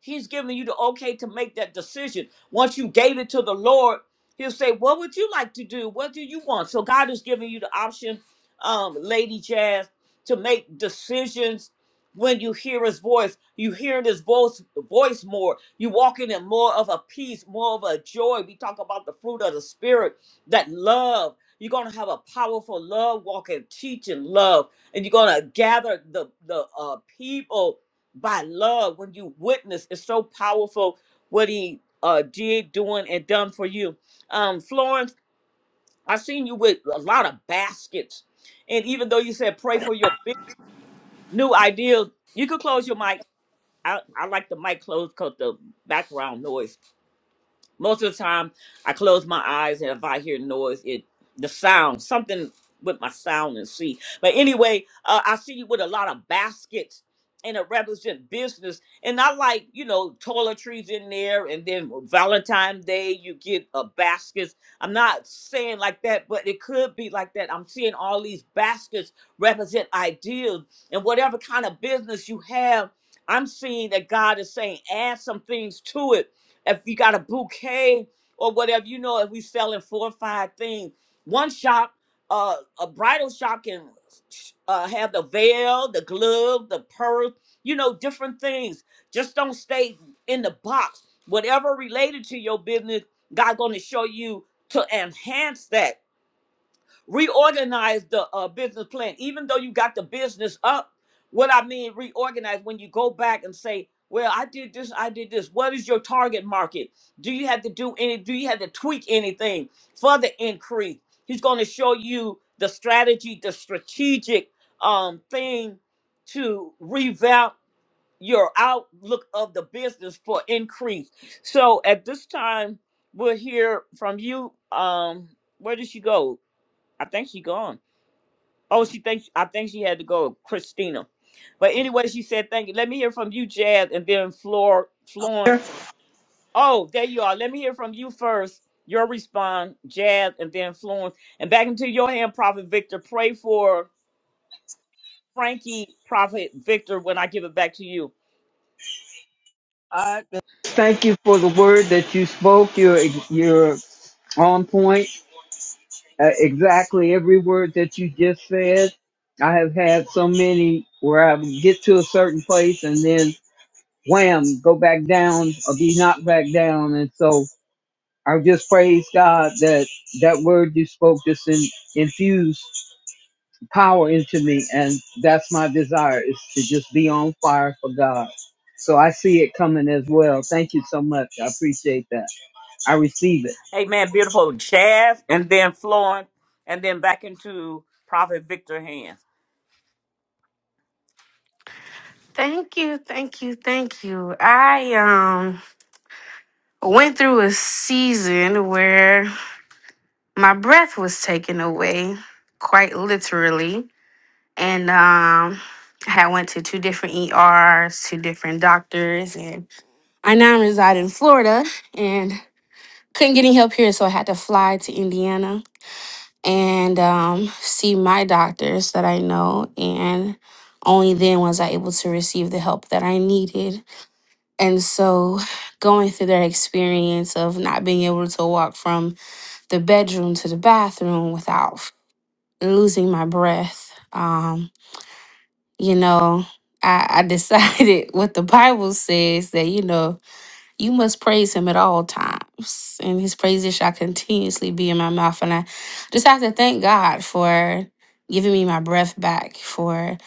He's giving you the okay to make that decision. Once you gave it to the Lord, He'll say, What would you like to do? What do you want? So God is giving you the option, um, Lady Jazz, to make decisions when you hear his voice. You hear his voice voice more. You walk in it more of a peace, more of a joy. We talk about the fruit of the spirit, that love. You're gonna have a powerful love walking, teaching love, and you're gonna gather the the uh, people by love when you witness it's so powerful what he uh did doing and done for you um florence i seen you with a lot of baskets and even though you said pray for your big new ideas you could close your mic i, I like the mic closed because the background noise most of the time, I close my eyes, and if I hear noise, it the sound something with my sound and see. But anyway, uh, I see you with a lot of baskets, and it represent business. And I like you know toiletries in there, and then Valentine's Day you get a baskets. I'm not saying like that, but it could be like that. I'm seeing all these baskets represent ideas, and whatever kind of business you have, I'm seeing that God is saying add some things to it if you got a bouquet or whatever, you know, if we selling four or five things, one shop, uh, a bridal shop can uh, have the veil, the glove, the purse, you know, different things. Just don't stay in the box. Whatever related to your business, God going to show you to enhance that reorganize the uh, business plan even though you got the business up what i mean reorganize when you go back and say well i did this i did this what is your target market do you have to do any do you have to tweak anything for the increase he's going to show you the strategy the strategic um thing to revamp your outlook of the business for increase so at this time we'll hear from you um where did she go I think she gone. Oh, she thinks I think she had to go, Christina. But anyway, she said thank you. Let me hear from you, Jazz, and then Flor
All
Florence. Oh, there you are. Let me hear from you first. Your response, Jazz, and then Florence. And back into your hand, Prophet Victor. Pray for Frankie, Prophet Victor, when I give it back to you.
right. Thank you for the word that you spoke. You're, you're on point Uh, exactly every word that you just said. I have had so many where I would get to a certain place and then wham, go back down or be knocked back down. And so I just praise God that that word you spoke just in, infused power into me. And that's my desire is to just be on fire for God. So I see it coming as well. Thank you so much. I appreciate that. I receive it.
Amen. Beautiful Jazz, and then Florence, and then back into Prophet Victor hands.
Thank you, thank you, thank you. I um went through a season where my breath was taken away, quite literally. and um I had went to two different ERs, two different doctors, and I now reside in Florida and couldn't get any help here, so I had to fly to Indiana and um, see my doctors that I know, and only then was I able to receive the help that I needed. And so, going through that experience of not being able to walk from the bedroom to the bathroom without losing my breath. um, you know, I, I decided what the Bible says that, you know, you must praise him at all times, and his praises shall continuously be in my mouth. And I just have to thank God for giving me my breath back, for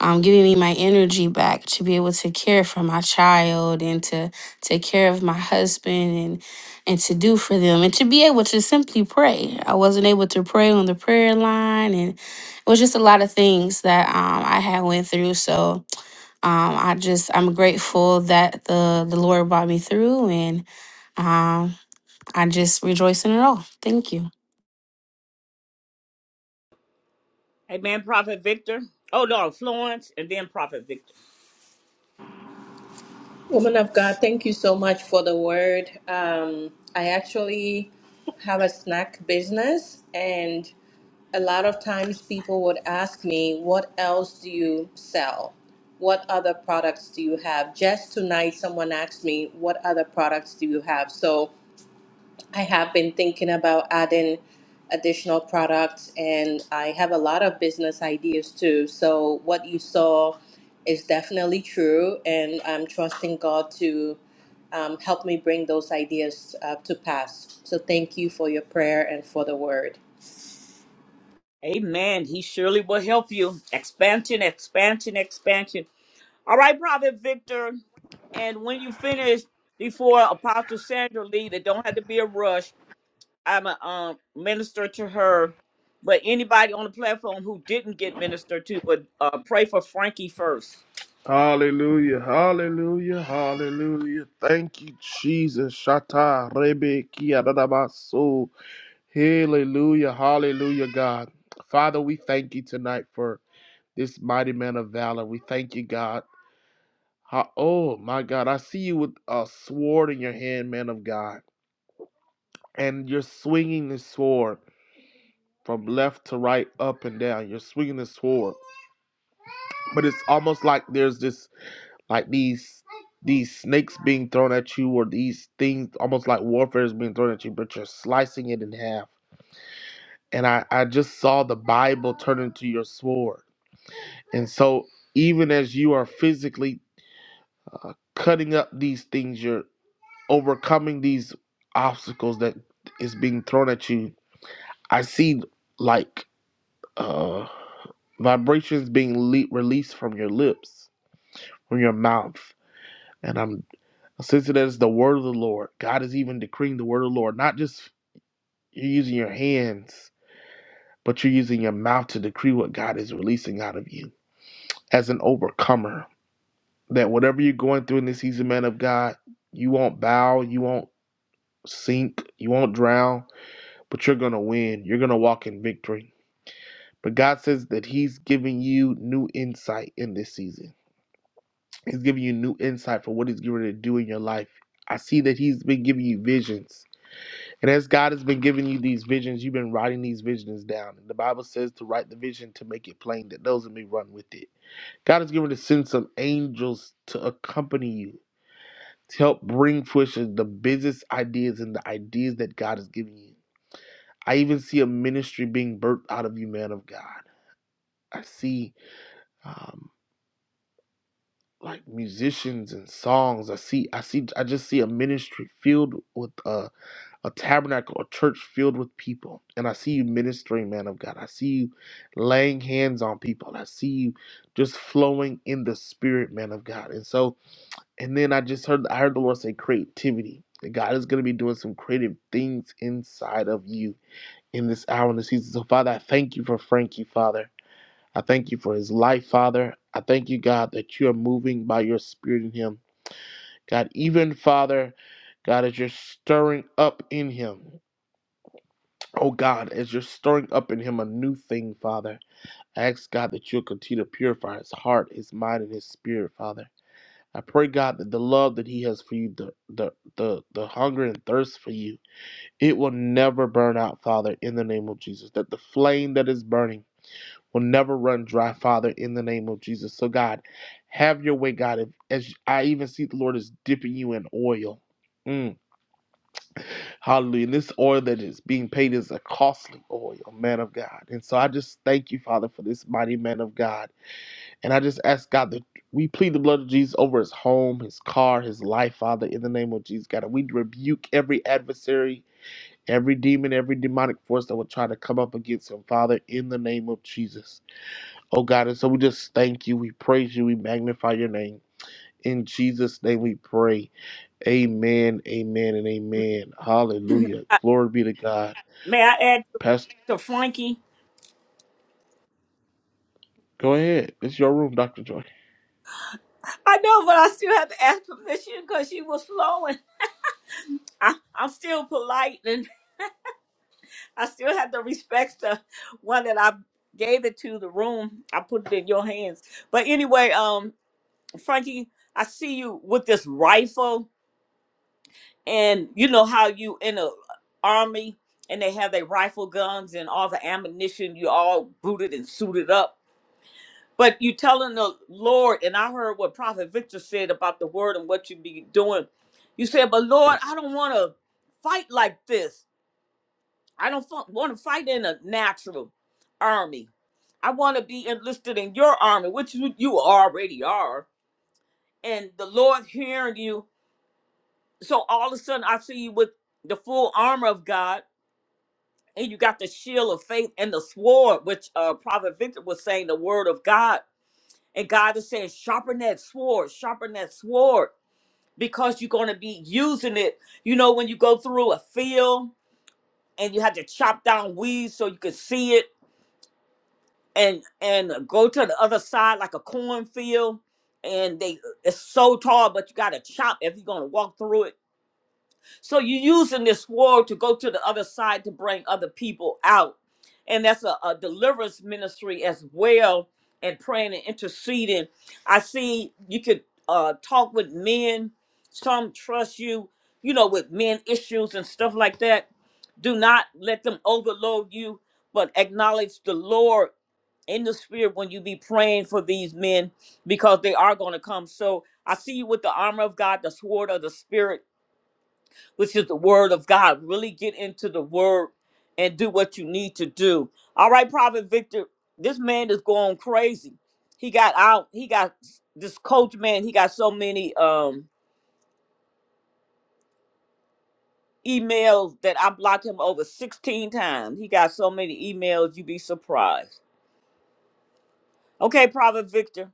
um, giving me my energy back to be able to care for my child and to take care of my husband and and to do for them and to be able to simply pray. I wasn't able to pray on the prayer line, and it was just a lot of things that um, I had went through. So um, I just I'm grateful that the the Lord brought me through, and um, I just rejoice in it all. Thank you.
Amen, Prophet Victor. Oh no, Florence, and then Prophet Victor.
Woman of God, thank you so much for the word. Um, I actually have a snack business, and. a lot of times people would ask me, What else do you sell? What other products do you have? Just tonight, someone asked me, What other products do you have? So I have been thinking about adding additional products, and I have a lot of business ideas too. So what you saw is definitely true, and I'm trusting God to. Um, help me bring those ideas uh, to pass. So, thank you for your prayer and for the word.
Amen. He surely will help you. Expansion, expansion, expansion. All right, Prophet Victor. And when you finish, before Apostle Sandra leave, it don't have to be a rush. I'm a um, minister to her. But anybody on the platform who didn't get ministered to, would uh, pray for Frankie first.
Hallelujah, hallelujah, hallelujah. Thank you, Jesus. Shata, Rebe, Kia, Dadamaso. Hallelujah, hallelujah, God. Father, we thank you tonight for this mighty man of valor. We thank you, God. How, oh, my God. I see you with a sword in your hand, man of God. And you're swinging this sword from left to right, up and down. You're swinging this sword. But it's almost like there's this, like these. These snakes being thrown at you, or these things almost like warfare is being thrown at you, but you're slicing it in half. And I, I just saw the Bible turn into your sword. And so, even as you are physically uh, cutting up these things. you're overcoming these obstacles that is being thrown at you i see like uh vibrations being le- released from your lips from your mouth and i'm sensing that it's the word of the lord god is even decreeing the word of the lord not just you're using your hands but you're using your mouth to decree what god is releasing out of you as an overcomer that whatever you're going through in this season man of god you won't bow you won't sink you won't drown but you're going to win. You're going to walk in victory. But God says that He's giving you new insight in this season. He's giving you new insight for what He's going to do in your life. I see that He's been giving you visions. And as God has been giving you these visions, you've been writing these visions down. And the Bible says to write the vision to make it plain that those that may run with it. God is going to send some angels to accompany you, to help bring fruition the business ideas and the ideas that God has given you. I even see a ministry being birthed out of you, man of God. I see um, like musicians and songs. I see, I see, I just see a ministry filled with uh, a tabernacle, a church filled with people. And I see you ministering, man of God. I see you laying hands on people. I see you just flowing in the spirit, man of God. And so, and then I just heard, I heard the Lord say creativity. That God is going to be doing some creative things inside of you in this hour and this season. So, Father, I thank you for Frankie, Father. I thank you for his life, Father. I thank you, God, that you are moving by your spirit in him. God, even Father, God, as you're stirring up in him, oh God, as you're stirring up in him a new thing, Father, I ask God that you'll continue to purify his heart, his mind, and his spirit, Father. I pray, God, that the love that he has for you, the the the, the hunger and thirst for you, it will never burn out, Father, in the name of Jesus. That the flame that is burning will never run dry, Father, in the name of Jesus. So, God, have your way, God. If, as I even see the Lord is dipping you in oil. Mm, hallelujah. And this oil that is being paid is a costly oil, man of God. And so I just thank you, Father, for this mighty man of God. And I just ask God that we plead the blood of Jesus over his home, his car, his life, Father, in the name of Jesus, God. And we rebuke every adversary, every demon, every demonic force that would try to come up against him, Father, in the name of Jesus. Oh God, and so we just thank you, we praise you, we magnify your name. In Jesus' name we pray. Amen, amen, and amen.
may,
Hallelujah.
I,
Glory.
may I add to Frankie? I know, but I still have to ask permission because she was flowing. I, I'm still polite. I still have the respect to one that I gave it to the room. I put it in your hands. But anyway, um, Frankie, I see you with this rifle, and you know how you in a army and they have their rifle guns and all the ammunition. You all booted and suited up. But you telling the Lord, and I heard what Prophet Victor said about the word and what you be doing. You said, "But Lord, I don't want to fight like this." I don't want to fight in a natural army. I want to be enlisted in your army, which you, you already are. And the Lord hearing you. So all of a sudden, I see you with the full armor of God, and you got the shield of faith and the sword, which uh, Prophet Victor was saying, the word of God. And God is saying, sharpen that sword, sharpen that sword, because you're going to be using it. You know, when you go through a field and you have to chop down weeds so you can see it and and go to the other side like a cornfield and they it's so tall but you gotta chop if you're gonna walk through it so you're using this sword to go to the other side to bring other people out. And that's a, a deliverance ministry as well, and praying and interceding. I see you could uh, talk with men, some trust you, you know, with men issues and stuff like that. Do not let them overload you, but acknowledge the Lord in the spirit when you be praying for these men because they are going to come. So I see you with the armor of God, the sword of the spirit which is the word of God. Really get into the word and do what you need to do. All right, Prophet Victor, this man is going crazy. He got out, he got this coach man, he got so many um emails that I blocked him over 16 times. He got so many emails, you'd be surprised. Okay, Prophet Victor.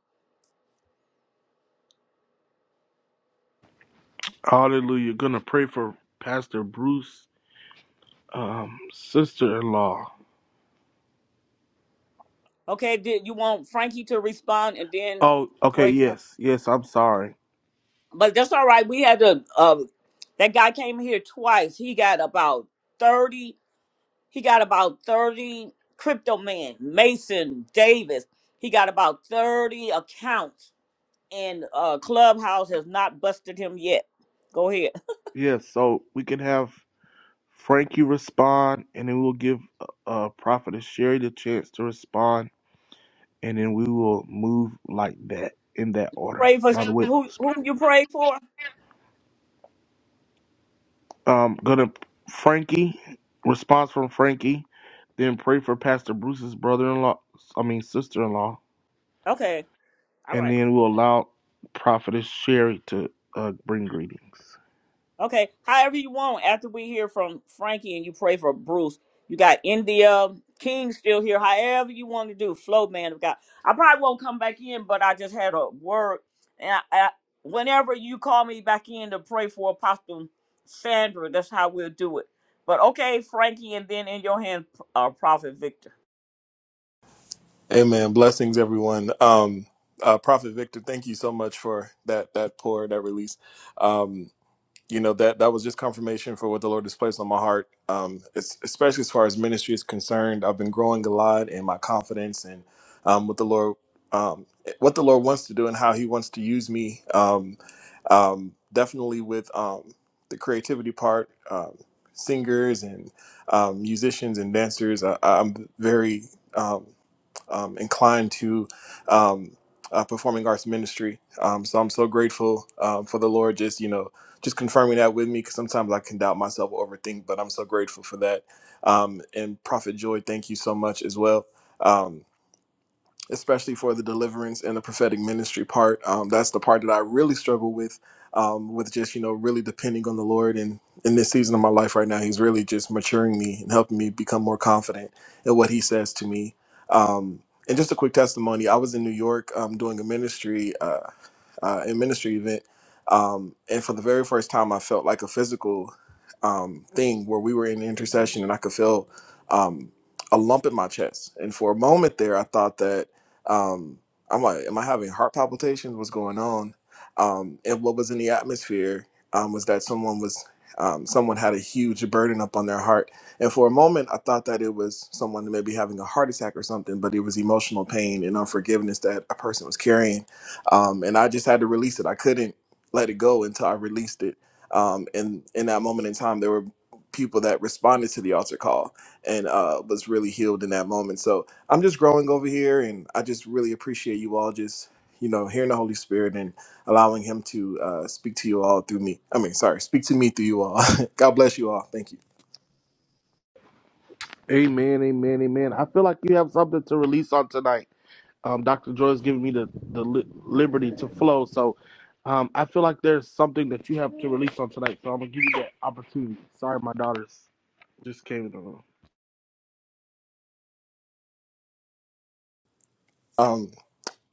Hallelujah. Gonna pray Pastor Bruce, um, sister in law.
Okay, did you want Frankie to respond and then
Alright,
pray for him? But that's all right. We had to um that guy came here twice. He got about 30 He got about 30 crypto man, Mason Davis. He got about 30 accounts and uh Clubhouse has not busted him yet. Go ahead.
yes, so we can have Frankie respond and then we'll give uh Prophetess Sherry the chance to respond and then we will move like that in that order.
Pray for
By the way,
who who you pray for?
um gonna Frankie response from Frankie. Then pray for Pastor Bruce's brother-in-law, I mean sister-in-law,
Okay. All
and
right.
then we'll allow Prophetess Sherry to uh, bring greetings.
Okay, however you want. After we hear from Frankie and you pray for Bruce, you got India King still here. However you want to do, flow man of God. I probably won't come back in, but I just had a word, and I, I, whenever you call me back in to pray for Apostle Sandra, that's how we'll do it. But okay, Frankie, and then in your hand, uh, Prophet Victor.
Amen. Blessings, everyone. Um, uh, Prophet Victor, thank you so much for that that pour, that release. you know that that was just confirmation for what the Lord has placed on my heart. Um, es- especially as far as ministry is concerned, I've been growing a lot in my confidence and um, what the Lord um, eh, what the Lord wants to do and how He wants to use me. Um, um, definitely with um, the creativity part, um, singers and um, musicians and dancers. I, I'm very um, um, inclined to um, uh, performing arts ministry. Um, so I'm so grateful um, for the Lord just, you know, just confirming that with me because sometimes I can doubt myself, or overthink, but I'm so grateful for that. Um, and Prophet Joy, thank you so much as well. Um, especially for the deliverance and the prophetic ministry part. Um, that's the part that I really struggle with, um, with just you know really depending on the Lord. And in this season of my life right now, He's really just maturing me and helping me become more confident in what He says to me. Um, and just a quick testimony: I was in New York um, doing a ministry. uh, uh, in ministry event, um, and for the very first time, I felt like a physical um, thing where we were in intercession, and I could feel um, a lump in my chest. And for a moment there, I thought that um, I'm like, am I having heart palpitations? What's going on? Um, and what was in the atmosphere um, was that someone was um, someone had a huge burden up on their heart. And for a moment, I thought that it was someone maybe having a heart attack or something, but it was emotional pain and unforgiveness that a person was carrying um, and I just had to release it. I couldn't let it go until I released it. Um, and in that moment in time, there were people that responded to the altar call and uh, was really healed in that moment. So I'm just growing over here, and I just really appreciate you all just you know hearing the Holy Spirit and allowing Him to uh, speak to you all through me. I mean, sorry, speak to me through you all. God bless you all. Thank you.
Amen, amen, amen. I feel like you have something to release on tonight. Um, Dr. Joy is giving me the the li- liberty to flow, so um, I feel like there's something that you have to release on tonight. So I'm gonna give you that opportunity. Sorry, my daughters just came in the room.
Um,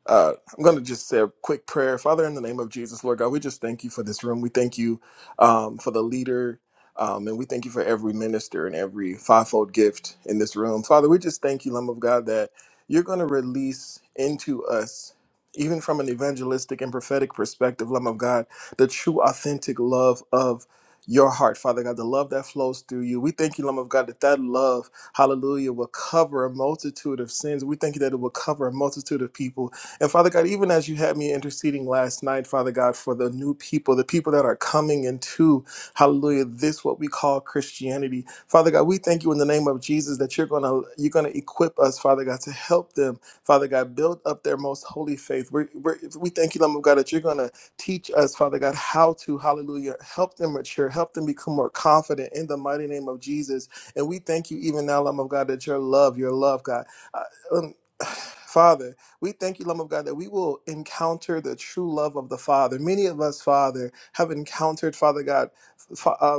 Uh, I'm going to just say a quick prayer. Father, in the name of Jesus, Lord God, we just thank you for this room. We thank you um, for the leader, um, and we thank you for every minister and every fivefold gift in this room. Father, we just thank you, Lamb of God, that you're going to release into us, even from an evangelistic and prophetic perspective, Lamb of God, the true, authentic love of your heart, Father God, the love that flows through you. We thank you, Lamb of God, that that love, hallelujah, will cover a multitude of sins. We thank you that it will cover a multitude of people and Father God, even as you had me interceding last night, Father God, for the new people, the people that are coming into, hallelujah, this what we call Christianity. Father God, we thank you in the name of Jesus that you're gonna you're gonna equip us, Father God, to help them, Father God, build up their most holy faith. We're, we're, we thank you, Lamb of God, that you're gonna teach us, Father God, how to, hallelujah, help them mature, help them become more confident in the mighty name of Jesus. And we thank you even now, Lamb of God, that your love, your love, God. I, um, Father, we thank you, Lamb of God, that we will encounter the true love of the Father. Many of us, Father, have encountered, Father God, fa- uh,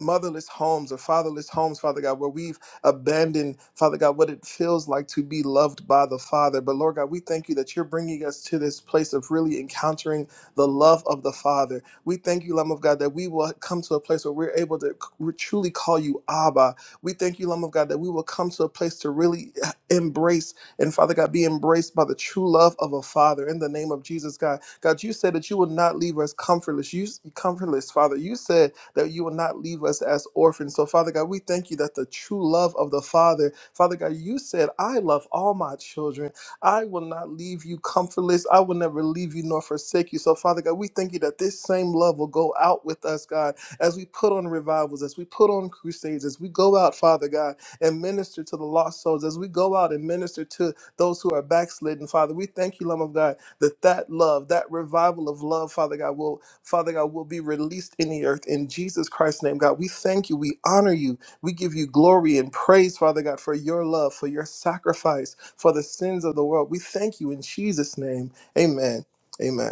motherless homes or fatherless homes, Father God, where we've abandoned, Father God, what it feels like to be loved by the Father. But Lord God, we thank you that you're bringing us to this place of really encountering the love of the Father. We thank you, Lamb of God, that we will come to a place where we're able to c- we truly call you Abba. We thank you, Lamb of God, that we will come to a place to really eh, embrace and, Father God, be embraced by the true love of a Father. In the name of Jesus, God, God, you said that you will not leave us comfortless. You comfortless, Father. You said that you will not leave us as orphans. So, Father God, we thank you that the true love of the Father, Father God, you said, I love all my children. I will not leave you comfortless. I will never leave you nor forsake you. So, Father God, we thank you that this same love will go out with us, God, as we put on revivals, as we put on crusades, as we go out, Father God, and minister to the lost souls, as we go out and minister to those who are backslidden, Father. We thank you, Lamb of God that that love, that revival of love, Father God, will, Father God, will be released in the earth in Jesus Christ's name, God. We thank you. We honor you. We give you glory and praise, Father God, for your love, for your sacrifice, for the sins of the world. We thank you in Jesus' name. Amen. Amen.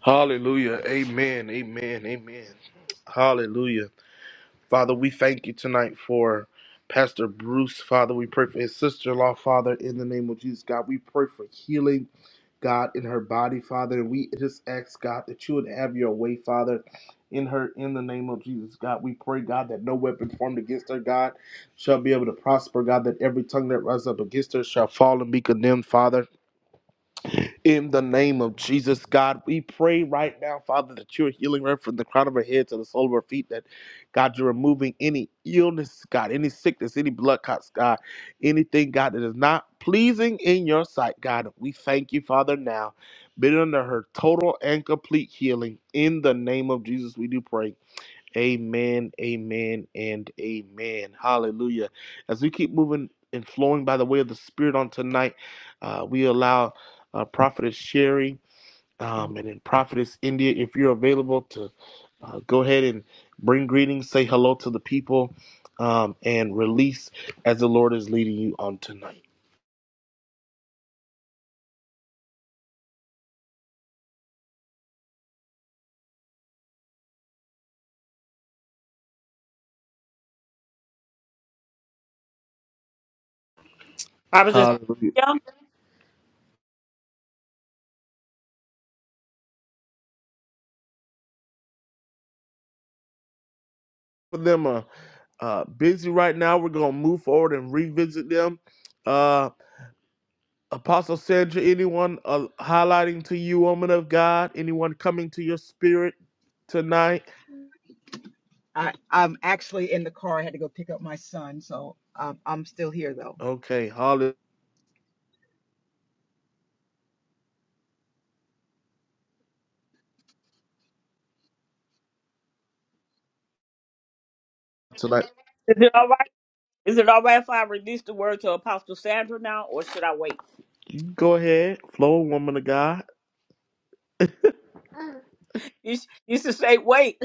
Hallelujah, amen, amen, amen. Hallelujah. Father, we thank you tonight for Pastor Bruce. Father, we pray for his sister in law, Father, in the name of Jesus. God, we pray for healing, God, in her body, Father. And we just ask, God, that you would have your way, Father, in her, in the name of Jesus. God, we pray, God, that no weapon formed against her, God, shall be able to prosper, God, that every tongue that rises up against her shall fall and be condemned, Father. In the name of Jesus, God, we pray right now, Father, that you're healing her from the crown of her head to the sole of her feet. That, God, you're removing any illness, God, any sickness, any blood clots, God, anything, God, that is not pleasing in your sight, God. We thank you, Father, now. Been under her total and complete healing. In the name of Jesus, we do pray. Amen, amen, and amen. Hallelujah. As we keep moving and flowing by the way of the Spirit on tonight, uh, we allow uh, Prophetess Sherry um, and then Prophetess India, if you're available, to uh, go ahead and bring greetings, say hello to the people, um, and release as the Lord is leading you on tonight.
I was just
Hallelujah.
Yeah,
For them are uh, busy right now. We're going to move forward and revisit them. Uh, Apostle Sandra, anyone uh, highlighting to you, woman of God? Anyone coming to your spirit tonight?
I, I'm actually in the car. I had to go pick up my son, so um, I'm still here though.
Okay, hallelujah. Tonight,
is it all right? Is it all right if I release the word to Apostle Sandra now, or should I wait?
go ahead, flow, woman of God.
You, s- you should say wait.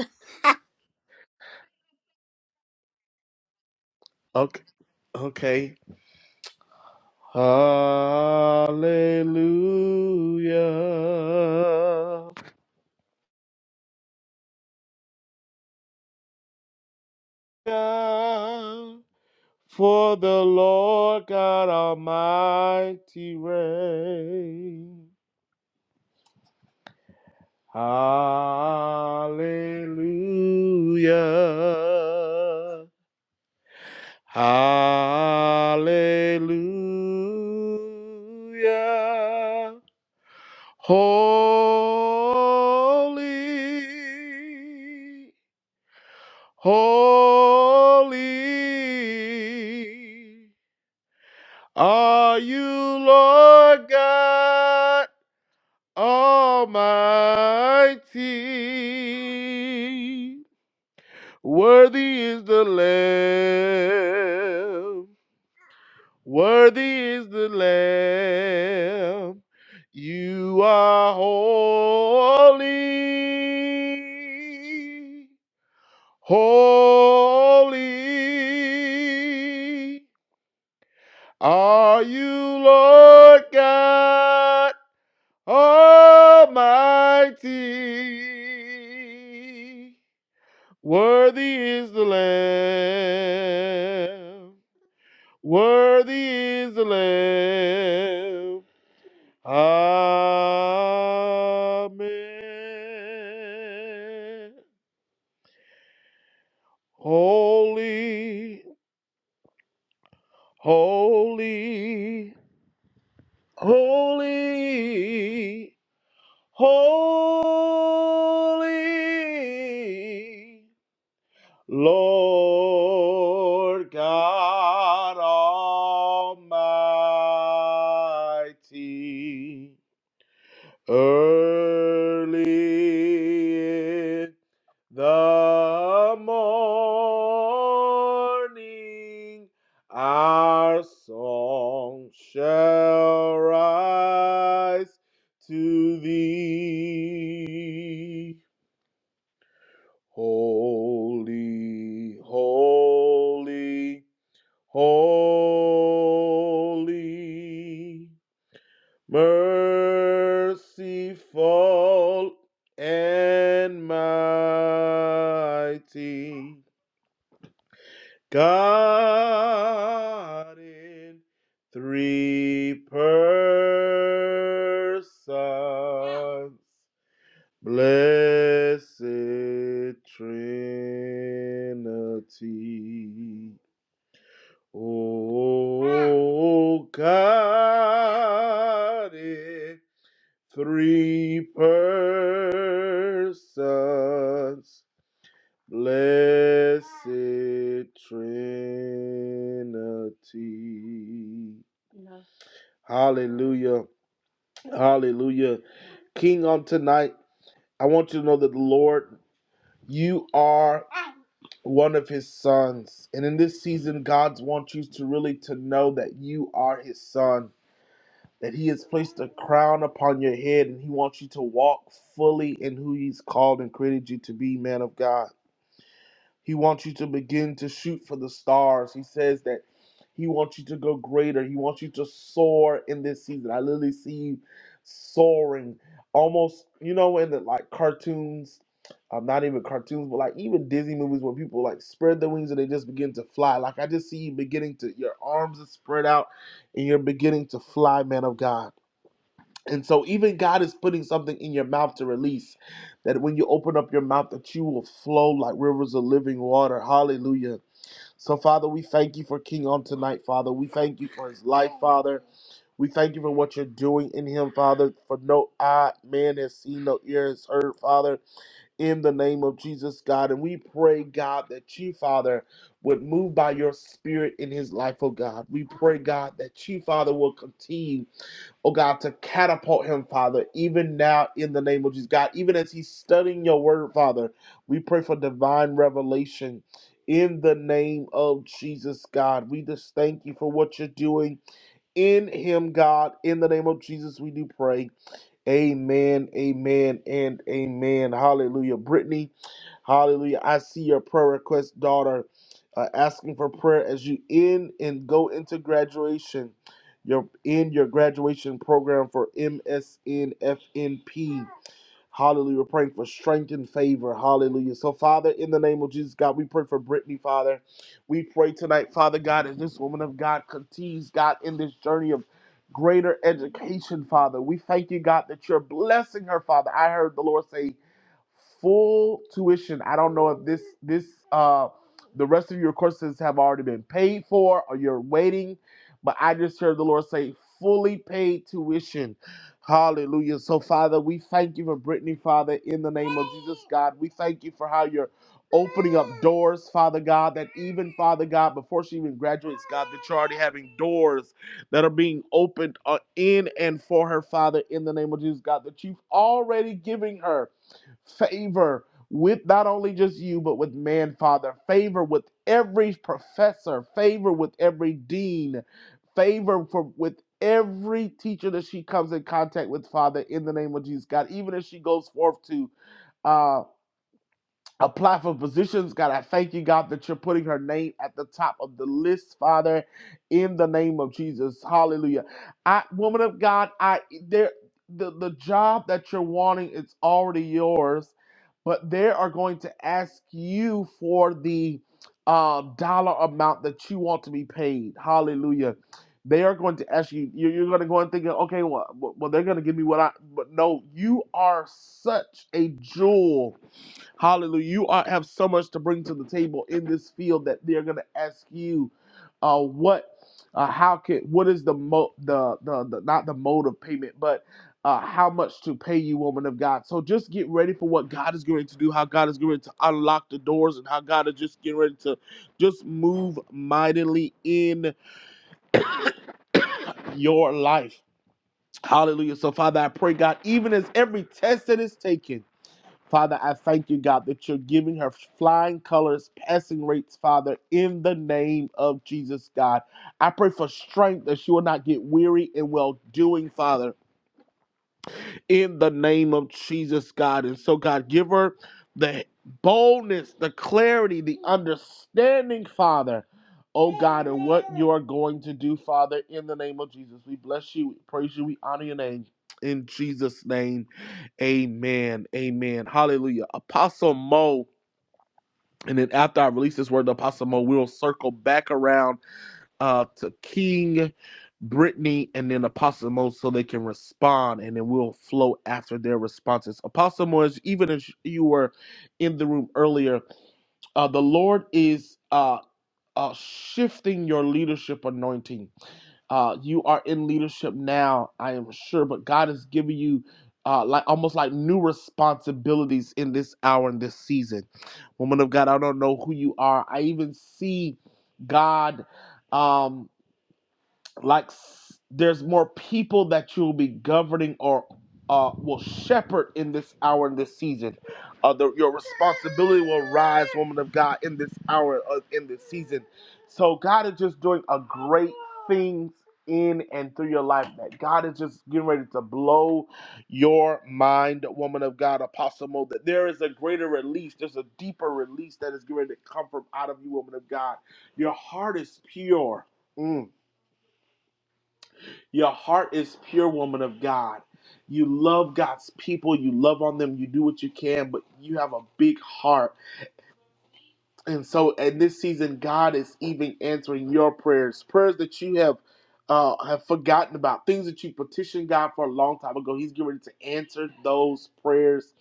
Okay, okay. Hallelujah. For the Lord God Almighty reigns. Hallelujah. Hallelujah. Holy, holy are you, Lord God Almighty. Worthy is the Lamb. Worthy is the Lamb. You are holy. Holy are you, Lord God Almighty. Worthy is the Lamb. Worthy is the Lamb. Amen. Holy, holy, holy, holy, Lord God Almighty. Early in the morning, our song shall rise to thee. Holy, holy, holy merciful and mighty God in three persons, blessed Trinity. O God in three persons, blessed Trinity. Hallelujah. Hallelujah. King on tonight, I want you to know that the Lord, you are one of his sons. And in this season, God wants you to really to know that you are his son. that he has placed a crown upon your head and he wants you to walk fully in who he's called and created you to be, man of God. He wants you to begin to shoot for the stars. He says that he wants you to go greater. He wants you to soar in this season. I literally see you soaring almost, you know, in the like cartoons, um, not even cartoons, but like even Disney movies where people like spread their wings and they just begin to fly. Like I just see you beginning to, your arms are spread out and you're beginning to fly, man of God. And so even God is putting something in your mouth to release that when you open up your mouth that you will flow like rivers of living water. Hallelujah. So Father, we thank you for King on tonight, Father. We thank you for his life, Father. We thank you for what you're doing in him, Father. For no eye man has seen, no ear has heard, Father, in the name of Jesus, God. And we pray, God, that you, Father, would move by your spirit in his life, oh God. We pray, God, that you, Father, will continue oh God, to catapult him, Father, even now in the name of Jesus. God, even as he's studying your word, Father, we pray for divine revelation in the name of Jesus, God. We just thank you for what you're doing in him, God. In the name of Jesus, we do pray. Amen, amen, and amen. Hallelujah. Brittany, Hallelujah. I see your prayer request, daughter, uh, asking for prayer as you in and go into graduation. You're in your graduation program for MSNFNP. Hallelujah. We're praying for strength and favor. Hallelujah. So, Father, in the name of Jesus, God, we pray for Brittany, Father. We pray tonight, Father God, as this woman of God continues, God, in this journey of greater education, Father. We thank you, God, that you're blessing her, Father. I heard the Lord say, full tuition. I don't know if this this uh the rest of your courses have already been paid for or you're waiting, but I just heard the Lord say fully paid tuition. Hallelujah. So Father, we thank you for Brittany, Father, in the name of Jesus God. We thank you for how you're opening up doors, Father God, that even Father God, before she even graduates, God, that you're already having doors that are being opened uh, in and for her, Father, in the name of Jesus God, that you've already giving her favor with not only just you, but with man, Father. Favor with every professor, favor with every dean, favor for with every teacher that she comes in contact with, Father, in the name of Jesus, God. Even if she goes forth to uh, apply for positions. God, I thank you, God, that you're putting her name at the top of the list, Father, in the name of Jesus. Hallelujah. I woman of God, I there the, the job that you're wanting is already yours, but they are going to ask you for the uh, dollar amount that you want to be paid. Hallelujah. They are going to ask you, you're, you're going to go and think, okay, well, well, well, they're going to give me what I, but no, you are such a jewel Hallelujah. You are, have so much to bring to the table in this field that they're going to ask you uh, what, uh, how can, what is the, mo- the, the, the, not the mode of payment, but uh, how much to pay you, woman of God. So just get ready for what God is going to do, how God is going to unlock the doors, and how God is just getting ready to just move mightily in your life. Hallelujah. So, Father, I pray, God, even as every test that is taken, Father, I thank you, God, that you're giving her flying colors, passing rates, Father, in the name of Jesus, God. I pray for strength that she will not get weary in well doing, Father in the name of Jesus, God. And so, God, give her the boldness, the clarity, the understanding, Father. Oh God, and what you are going to do, Father, in the name of Jesus. We bless you, we praise you, we honor your name. In Jesus' name, amen. Amen. Hallelujah. Apostle Mo. And then after I release this word, to Apostle Mo, we'll circle back around uh to King, Brittany, and then Apostle Mo so they can respond and then we'll flow after their responses. Apostle Mo, as- even as you were in the room earlier, uh the Lord is uh uh, shifting your leadership anointing. Uh, you are in leadership now, I am sure, but God is giving you uh, like almost like new responsibilities in this hour and this season. Woman of God, I don't know who you are. I even see God. Um, like s- there's more people that you'll be governing or uh, will shepherd in this hour in this season. Uh, the, your responsibility will rise, woman of God, in this hour uh, in this season. So God is just doing a great things in and through your life. That God is just getting ready to blow your mind, woman of God, Apostle Mo. That there is a greater release. There's a deeper release that is getting ready to come from out of you, woman of God. Your heart is pure. Mm. Your heart is pure, woman of God. You love God's people. You love on them. You do what you can, but you have a big heart. And so, in this season, God is even answering your prayers, prayers that you have uh, have forgotten about, things that you petitioned God for a long time ago. He's getting ready to answer those prayers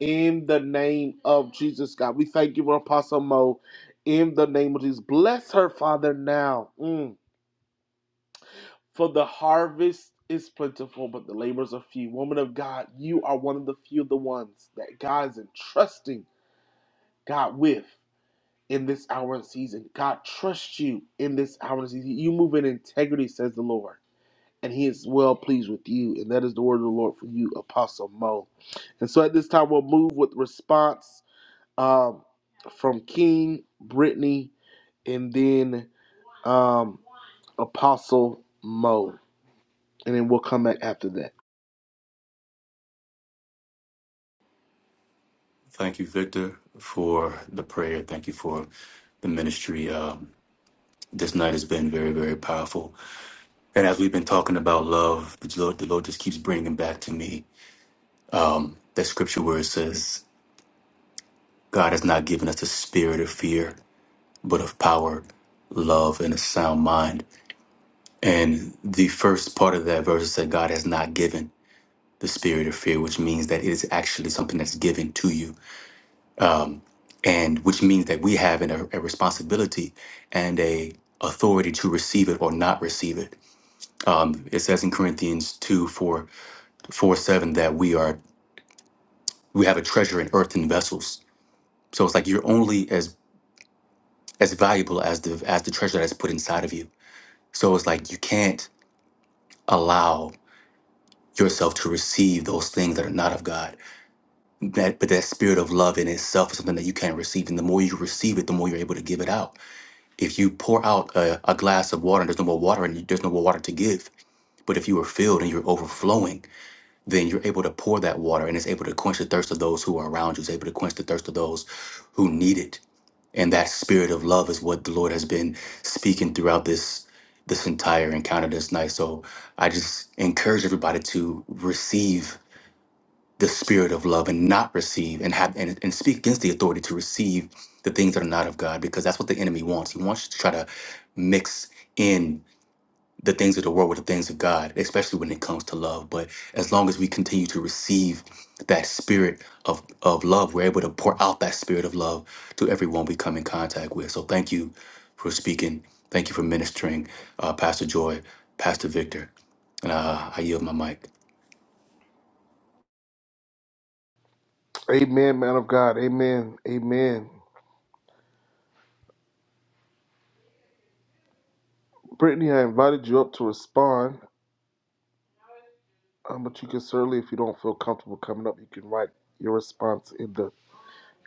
in the name of Jesus, God. We thank you for Apostle Mo. In the name of Jesus, bless her, Father, now. Mm. For the harvest is plentiful, but the labors are few. Woman of God, you are one of the few of the ones that God is entrusting God with in this hour and season. God trusts you in this hour and season. You move in integrity, says the Lord, and He is well pleased with you. And that is the word of the Lord for you, Apostle Mo. And so at this time, we'll move with response um, from King Brittany and then um, Apostle Mo. And then we'll come back after that.
Thank you, Victor, for the prayer. Thank you for the ministry. Um, this night has been very, very powerful. And as we've been talking about love, the Lord, the Lord just keeps bringing back to me that scripture where it says, God has not given us a spirit of fear, but of power, love, and a sound mind. And the first part of that verse said, God has not given the spirit of fear, which means that it is actually something that's given to you, and which means that we have an, a responsibility and a authority to receive it or not receive it. It says in Corinthians 2, 4, 4, 7 that we are we have a treasure in earthen vessels. So it's like you're only as as valuable as the as the treasure that's put inside of you. So it's like you can't allow yourself to receive those things that are not of God that but that spirit of love in itself is something that you can't receive and the more you receive it the more you're able to give it out if you pour out a, a glass of water and there's no more water and there's no more water to give but if you are filled and you're overflowing then you're able to pour that water and it's able to quench the thirst of those who are around you it's able to quench the thirst of those who need it and that spirit of love is what the lord has been speaking throughout this this entire encounter this night so i just encourage everybody to receive the spirit of love and not receive and have and, and speak against the authority to receive the things that are not of God because that's what the enemy wants. He wants you to try to mix in the things of the world with the things of God, especially when it comes to love. But as long as we continue to receive that spirit of, of love, we're able to pour out that spirit of love to everyone we come in contact with. So thank you for speaking. Thank you for ministering, uh, Pastor Joy, Pastor Victor. And uh, I yield my mic.
Amen, man of God. Amen. Amen. Brittany, I invited you up to respond, um, but you can certainly, if you don't feel comfortable coming up, you can write your response in the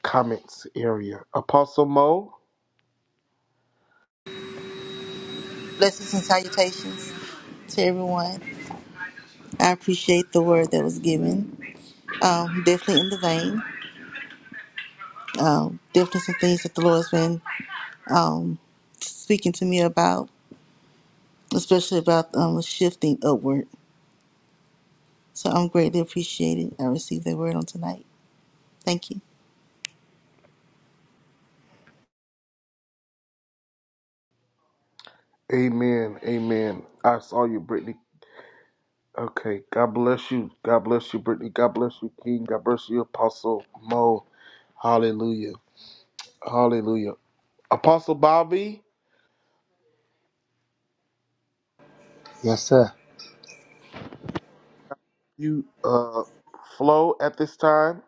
comments area. Apostle Mo,
Blessings and salutations to everyone. I appreciate the word that was given. Um, definitely in the vein. Um, definitely some things that the Lord has been um, speaking to me about, especially about um, shifting upward. So I'm greatly appreciated. I received that word on tonight. Thank you.
amen. Amen. I saw you, Brittany. Okay. God bless you. God bless you, Brittany. God bless you, King. God bless you, Apostle Mo. Hallelujah. Hallelujah. Apostle Bobby,
Yes, sir.
you uh flow at this time.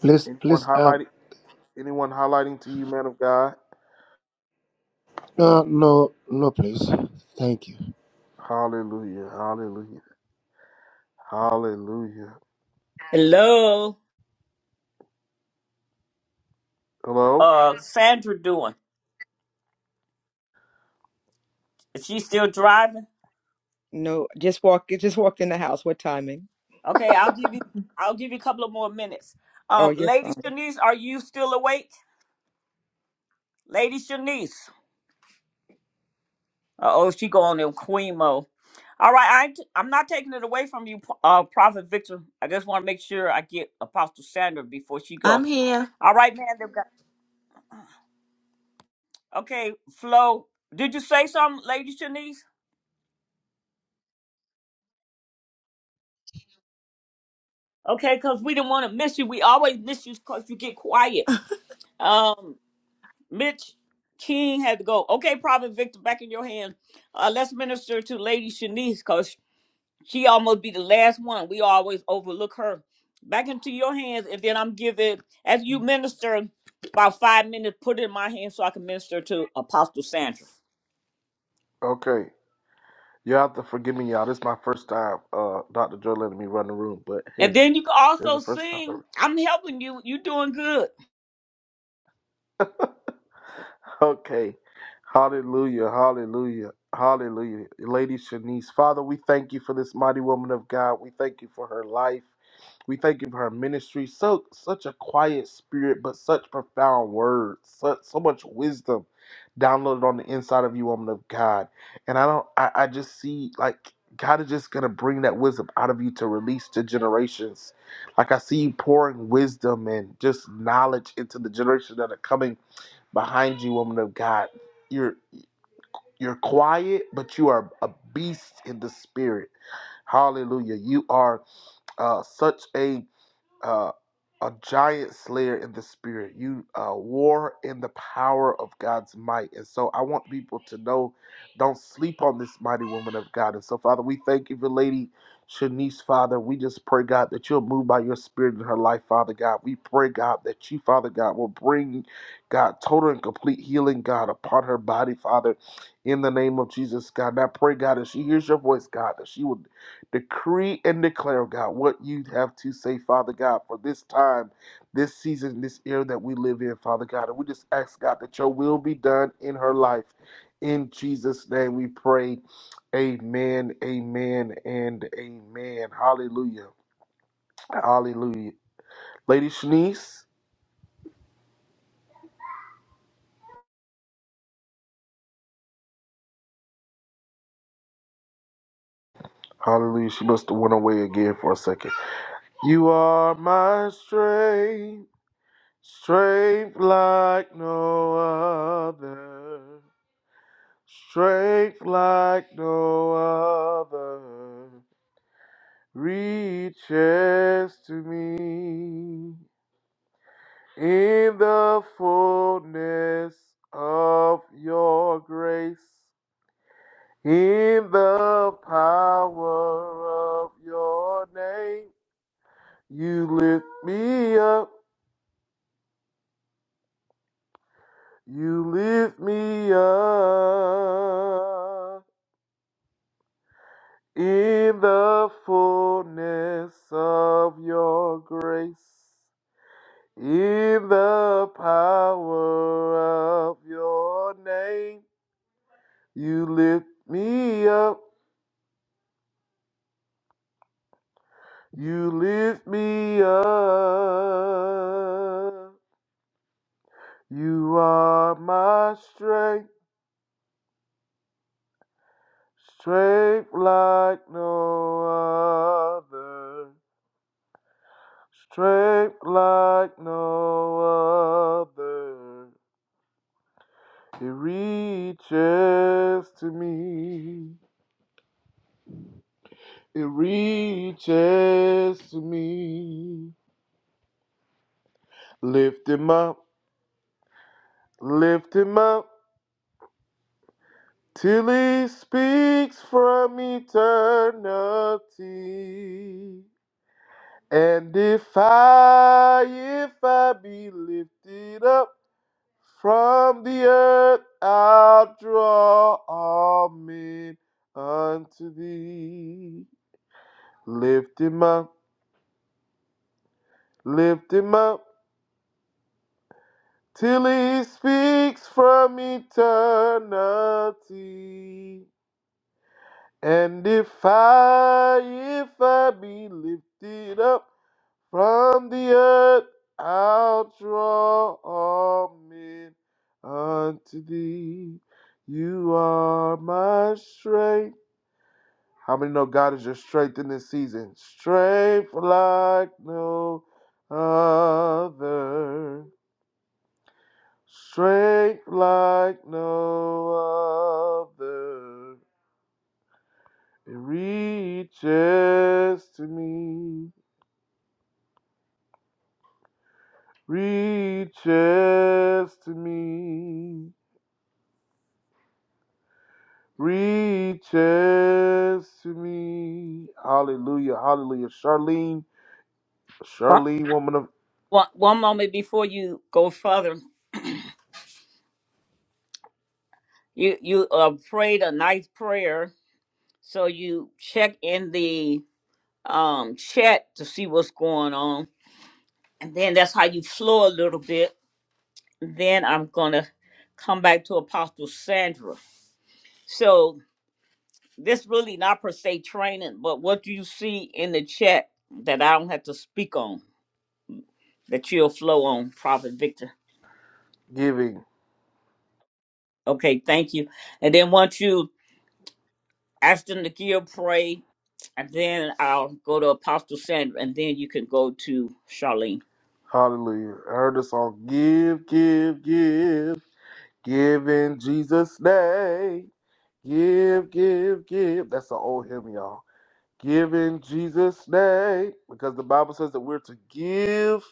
Please,
Anyone
please. uh,
highlighting anyone highlighting to you, man of God?
No, no, no, please. Thank you.
Hallelujah. Hallelujah. Hallelujah.
hello.
Hello?
uh Sandra doing? Is she still driving?
No, just walk. Just walked in the house. What timing?
Okay, I'll give you I'll give you a couple of more minutes.
Oh,
Um,
you're
Lady
fine.
Shanice, are you still awake? Lady Shanice. Uh oh, she going in queen mode. All right, I ain't- I'm not taking it away from you, uh, Prophet Victor. I just want to make sure I get Apostle Sandra before she
I'm
go.
here.
All right, man. they've got- Okay, Flo, did you say something, Lady Shanice? Okay, because we didn't want to miss you. We always miss you because you get quiet. Um. Mitch King had to go. Okay, Prophet Victor, back in your hands. Uh, let's minister to Lady Shanice because she almost be the last one. We always overlook her. Back into your hands, and then I'm giving, as you minister, about five minutes, put it in my hands so I can minister to Apostle Sandra.
First time uh Dr. Joe letting me run the room, but
And
hey,
then you can
there's the
also
first time.
sing.
ever.
I'm helping you. You're doing good.
Okay. Hallelujah. Hallelujah. Hallelujah. Lady Shanice, Father, we thank you for this mighty woman of God. We thank you for her life. We thank you for her ministry. So such a quiet spirit, but such profound words, such so much wisdom downloaded on the inside of you, woman of God. And I don't, I, I just see like God is just gonna bring that wisdom out of you to release to generations. Like I see you pouring wisdom and just knowledge into the generations that are coming behind you, woman of God. You're you're quiet, but you are a beast in the spirit. Hallelujah. You are uh, such a uh, a giant slayer in the spirit. You uh, war in the power of God's might. And so I want people to know don't sleep on this mighty woman of God. And so, Father, we thank you for Lady Shanice, Father. We just pray, God, that you'll move by your spirit in her life, Father God. We pray, God, that you, Father God, will bring, God, total and complete healing, God, upon her body, Father, in the name of Jesus, God. And I pray, God, as she hears your voice, God, that she would decree and declare, oh God, what you have to say, Father God, for this time, this season, this era that we live in, Father God. And we just ask, God, that your will be done in her life. In Jesus' name we pray. Amen, amen, and amen. Hallelujah. Hallelujah. Lady Shanice, hallelujah. She must have went away again for a second. You are my your name. You lift me up. You lift me up. in the fullness of your grace, in the power of your name, you lift me up, you lift me up. You are my strength, strength like no other, strength like no other. It reaches to me. It reaches to me. Lift him up, lift him up, till he speaks from eternity. And if I, if I be lifted up from the earth, I'll draw all men unto thee. Lift him up, lift him up. till he speaks from eternity. And if I, if I be lifted up from the earth, I'll train you straight. How many know God is your strength in this season? Strength like no other. Strength like no other. It reaches to me. Re- re-
One, one one moment before you go further, you, you uh, prayed a nice prayer. So you check in the um chat to see what's going on and then that's how you flow a little bit then i'm gonna come back to apostle sandra so this really not per se training but what do you see in the chat that i don't have to speak on that you'll flow on prophet victor
Giving.
okay thank you and then once you ask them to give pray and then i'll go to apostle sandra and then you can go to charlene
Hallelujah. I heard the song Give, give, give. Give in Jesus' name. Give, give, give. That's an old hymn, y'all. Give in Jesus' name, because the Bible says that we're to give,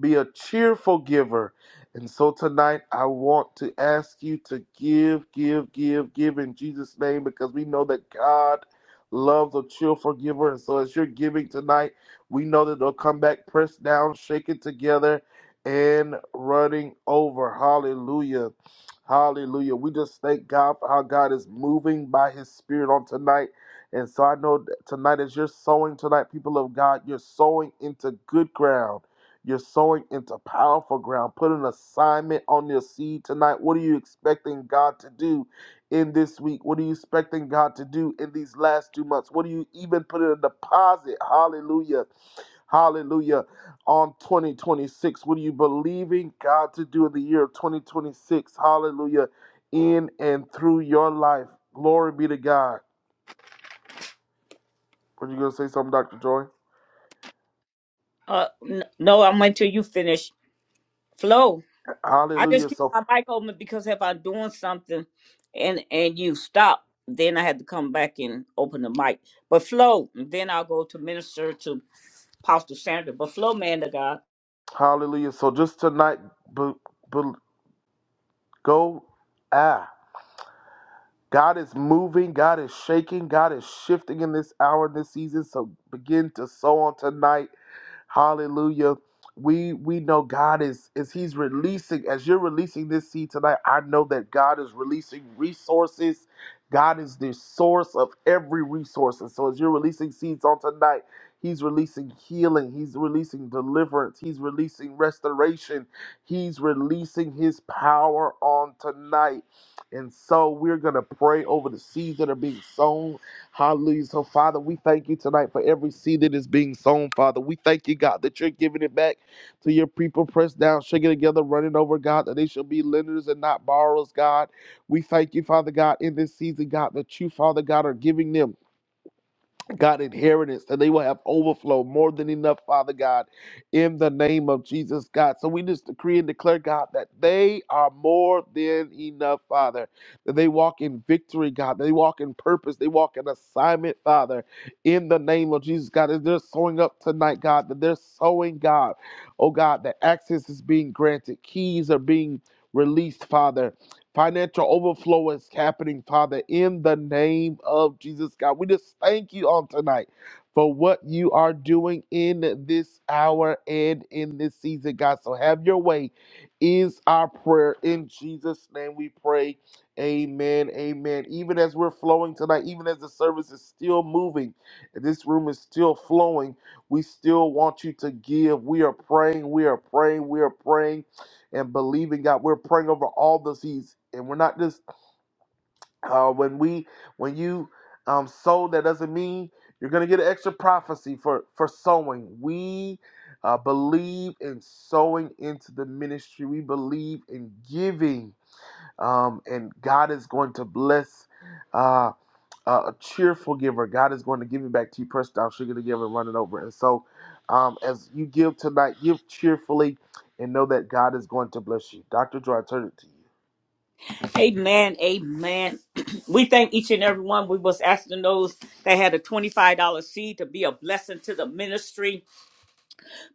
be a cheerful giver. And so tonight, I want to ask you to give, give, give, give in Jesus' name, because we know that God loves a cheerful giver. And so as you're giving tonight, we know that they'll come back pressed down, shaken together, and running over. Hallelujah. Hallelujah. We just thank God for how God is moving by his spirit on tonight. And so I know that tonight, as you're sowing tonight, people of God, you're sowing into good ground. You're sowing into powerful ground. Put in a expecting God to do in this week. What are you expecting God to do in these last two months? What are you even put in a deposit? Hallelujah Hallelujah. On 2026, what are you believing God to do in the year of 2026? Hallelujah. In and through your life. Glory be to God. Were you going to say something, Dr. Joy?
uh n- no i'm until you finish flow I just keep my mic open because if I'm doing something and and you stop, then I had to come back and open the mic. But flow, then I'll go to minister to Pastor Sandra. But flow, man of God.
All right. But, but go. ah. God is making, God is shifting in this hour season. So begin to sow on tonight Hallelujah. We we know God is is He's releasing as you're releasing this seed tonight. I know that God is releasing resources. God is the source of every resource. And so as you're releasing seeds on tonight, He's releasing healing. He's releasing deliverance. He's releasing restoration. He's releasing His power on tonight. And so we're going to pray over the seeds that are being sown. Hallelujah. So, Father, we thank you tonight for every seed that is being sown, Father. We thank you, God, that you're giving it back to your people, pressed down, shaking together, running over, God, that they shall be lenders and not borrowers, God. We thank you, Father God, in this season, God, that you, Father God, are giving them. God, inheritance, that they will have overflow more than enough, Father God, in the name of Jesus, God. So we just decree and declare, God, that they are more than enough, Father, that they walk in victory, God, they walk in purpose, they walk in assignment, Father, in the name of Jesus, God. As they're sowing up tonight, God, that they're sowing, God, oh God, that access is being granted, keys are being released, Father Financial overflow is happening, Father, in the name of Jesus, God. We just thank you on tonight for what you are doing in this hour and in this season, God. So have your way is our prayer. In Jesus' name we pray. Amen. Amen. Even as we're flowing tonight, even as the service is still moving, and this room is still flowing, we still want you to give. We are praying. We are praying. We are praying and believing God. We're praying over all the seeds, and we're not just uh, when we when you um, sow. That doesn't mean you're going to get an extra prophecy for for sowing. We uh, believe in sowing into the ministry. We believe in giving, um, and God is going to bless. uh, uh, a cheerful giver. God is going to give you back to you, pressed down, sugar to give and running over. And so, um, as you give tonight, give cheerfully and know that God is going to bless you. Dr. Joy, I turn it to you.
Amen. Amen. we thank each and every one. We was asking those that had a $25 seed to be a blessing to the ministry.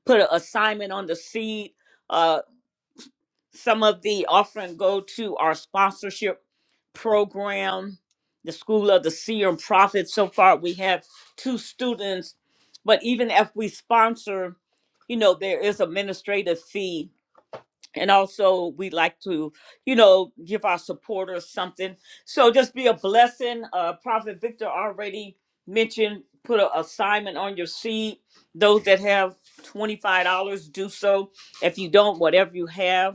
Put an assignment on the seed. Uh. Some of the offering go to our sponsorship program, the School of the Seer and Prophet. So far, we have two students, but even if we sponsor, you know, there is administrative fee. And also, we like to, you know, give our supporters something. So just be a blessing. Uh, Prophet Victor already mentioned put an assignment on your seed. Those that have $25, do so. If you don't, whatever you have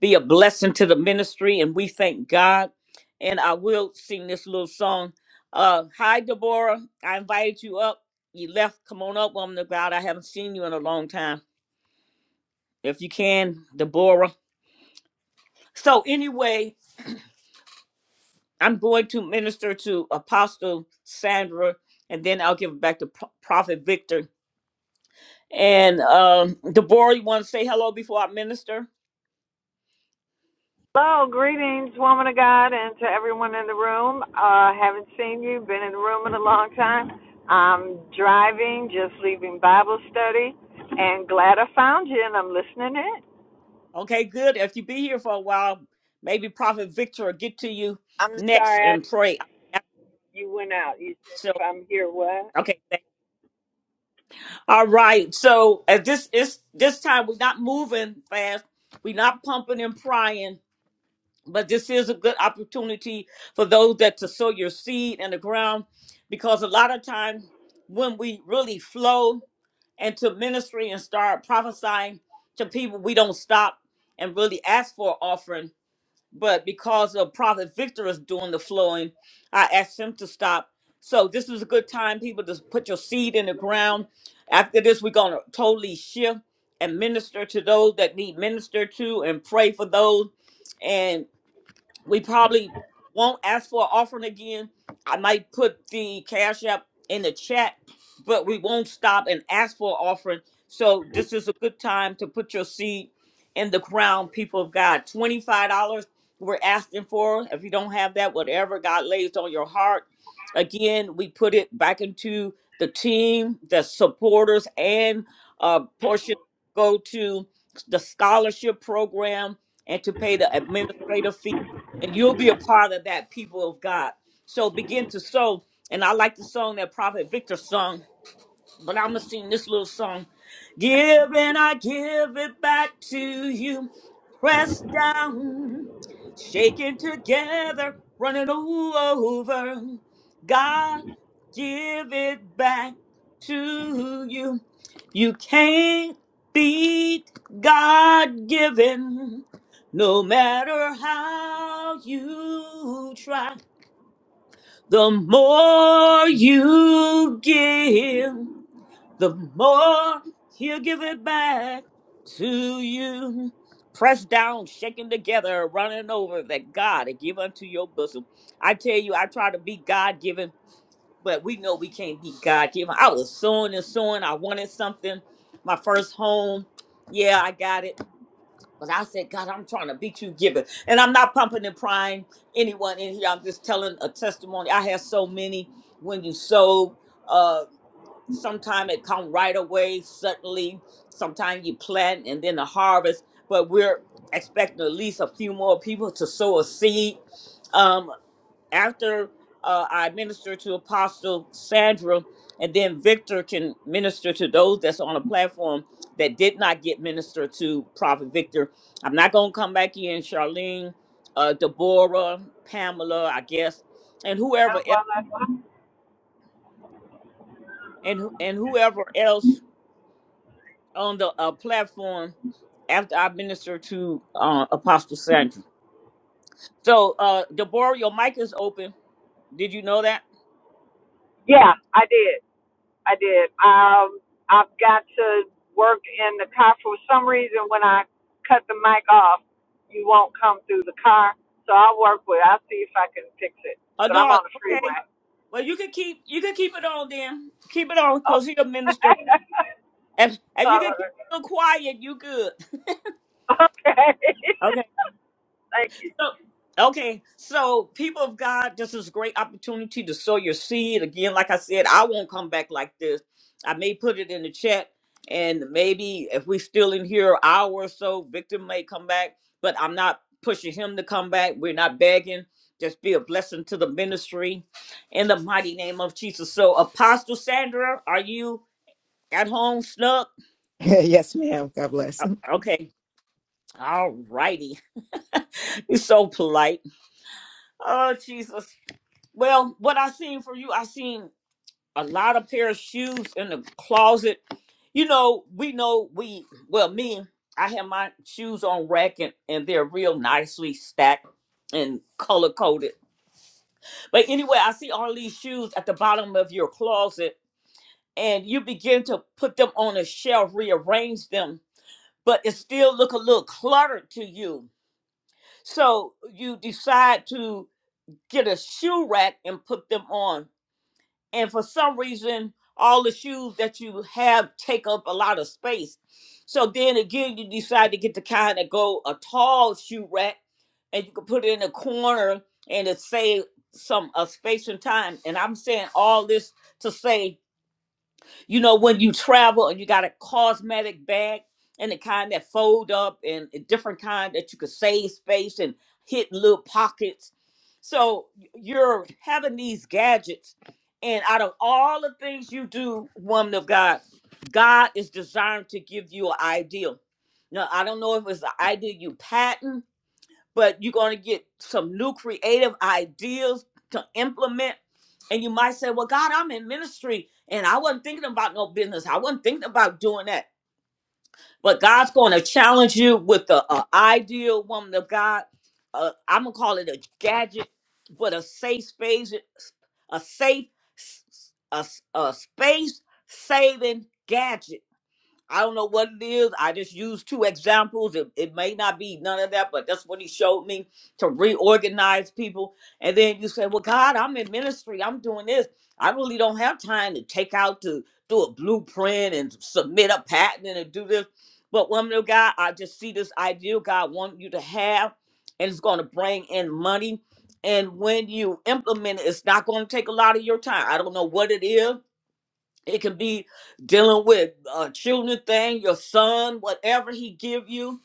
be a blessing to the ministry, and we thank God. And I will sing this little song. Uh, hi, Deborah. I invited you up. You left. Come on up, woman of God. I haven't seen you in a long time. If you can, Deborah. So, anyway, I'm going to minister to Apostle Sandra, and then I'll give it back to Pro- Prophet Victor. And um, Deborah, you want to say hello before I minister?
Hello, greetings, woman of God, and to everyone in the room. Uh, haven't seen you, been in the room in a long time. I'm driving, just leaving Bible study, and glad I found you, and I'm listening in.
Okay, good. If you be here for a while, maybe Prophet Victor will get to you
I'm
next
sorry I,
and pray.
you went out. You said
So,
if I'm here, what?
okay. thank- All right. So at this is this time we're not moving fast. We're not pumping and prying, but this is a good opportunity for those that to sow your seed in the ground, because a lot of times when we really flow into ministry and start prophesying to people, we don't stop and really ask for offering but because of Prophet Victor is doing the flowing, I asked him to stop. So this is a good time, people, to put your seed in the ground. After this, we're gonna totally shift and minister to those that need ministered to, and pray for those we probably won't ask for an offering again. I might put the cash app in the chat, but we won't stop and ask for an offering. So this is a good time to put your seed in the ground, people of God. Twenty-five dollars we're asking for. If you don't have that, whatever God lays on your heart. Again, we put it back into the team, the supporters, and a portion go to the scholarship program and to pay the administrative fee and you'll be a part of that people of God. So begin to sow. And I like the song that Prophet Victor sung. But I'm going to sing this little song. Give and I give it back to you. Pressed down, shaken together, running over. God, give it back to you. You can't beat God given, no matter how you try. The more you give the more he'll give it back to you. Pressed down, shaken together, running over that God had give unto your bosom. I tell you, I try to be God given, but we know we can't be God given. I was sowing and sowing. I wanted something. My first home. Yeah, I got it. But I said, God, I'm trying to beat you given. And I'm not pumping and prying anyone in here. I'm just telling a testimony. I have so many when you sow. uh. Sometimes it come right away, suddenly. Sometimes you plant and then the harvest. But we're expecting at least a few more people to sow a seed. Um, after uh, I minister to Apostle Sandra, and then Victor can minister to those that's on the platform that did not get ministered to Prophet Victor. I'm not gonna come back in, Charlene, uh, Deborah, Pamela, I guess, and
No,
whoever else,
well, I-
and who- and whoever else on the uh, platform after I minister to uh, Apostle Sandra. So, uh, Deborah, your mic is open. Did you know that?
Yeah, I did. I did. Um, I've got to work in the car for some reason. When I cut the mic off, you won't come through the car. So I'll work with. it. I'll see if I can fix it.
Oh
But I'm
no.
on the freeway.
Okay. Well, you can keep you can keep it on then. Keep it on
Oh.
because he'll minister. If if you
All
can keep
right.
it quiet, you good.
Okay.
Okay.
Thank you.
So- Okay, so people of God, this is a great opportunity to sow your seed. Again, like I said, I won't come back like this. I may put it in the chat, and maybe if we're still in here an hour or so, Victor may come back, but I'm not pushing him to come back. We're not begging. Just be a blessing to the ministry in the mighty name of Jesus. So, Apostle Sandra, are you at home, Snuck?
yes, ma'am. God bless.
Okay, all righty. You're so polite. Oh, Jesus. Well, what I seen for you, I seen a lot of pair of shoes in the closet. You know, we know we well me, I have my shoes on rack and, and they're real nicely stacked and color coded. But anyway, I see all these shoes at the bottom of your closet and you begin to put them on a shelf, rearrange them, but it still look a little cluttered to you. So you decide to get a shoe rack and put them on and for some reason all the shoes that you have take up a lot of space so then again you decide to get the kind that go a tall shoe rack and you can put it in a corner and it save some uh, space and time and i'm saying all this to say you know, when you travel and you got a cosmetic bag and the kind that fold up and a different kind that you could save space and hit little pockets. So you're having these gadgets, and out of all the things you do, woman of God, God is designed to give you an ideal. Now, I don't know if it's the idea you patent but you're going to get some new creative ideas to implement. And you might say, Well, God, I'm in ministry and I wasn't thinking about no business. I wasn't thinking about doing that. But God's going to challenge you with the uh, ideal woman of God. Uh, I'm going to call it a gadget, but a safe space, a safe, a, a space saving gadget I don't know what it is. I just used two examples. It, it may not be none of that, but that's what he showed me to reorganize people. And then you say, Well, God, I'm in ministry. I'm doing this. I really don't have time to take out to do a blueprint and submit a patent and do this. But woman of God, I just see this ideal God wants you to have, and it's going to bring in money. And when you implement it, it's not going to take a lot of your time. I don't know what it is it can be dealing with a children thing, your son, whatever he give you.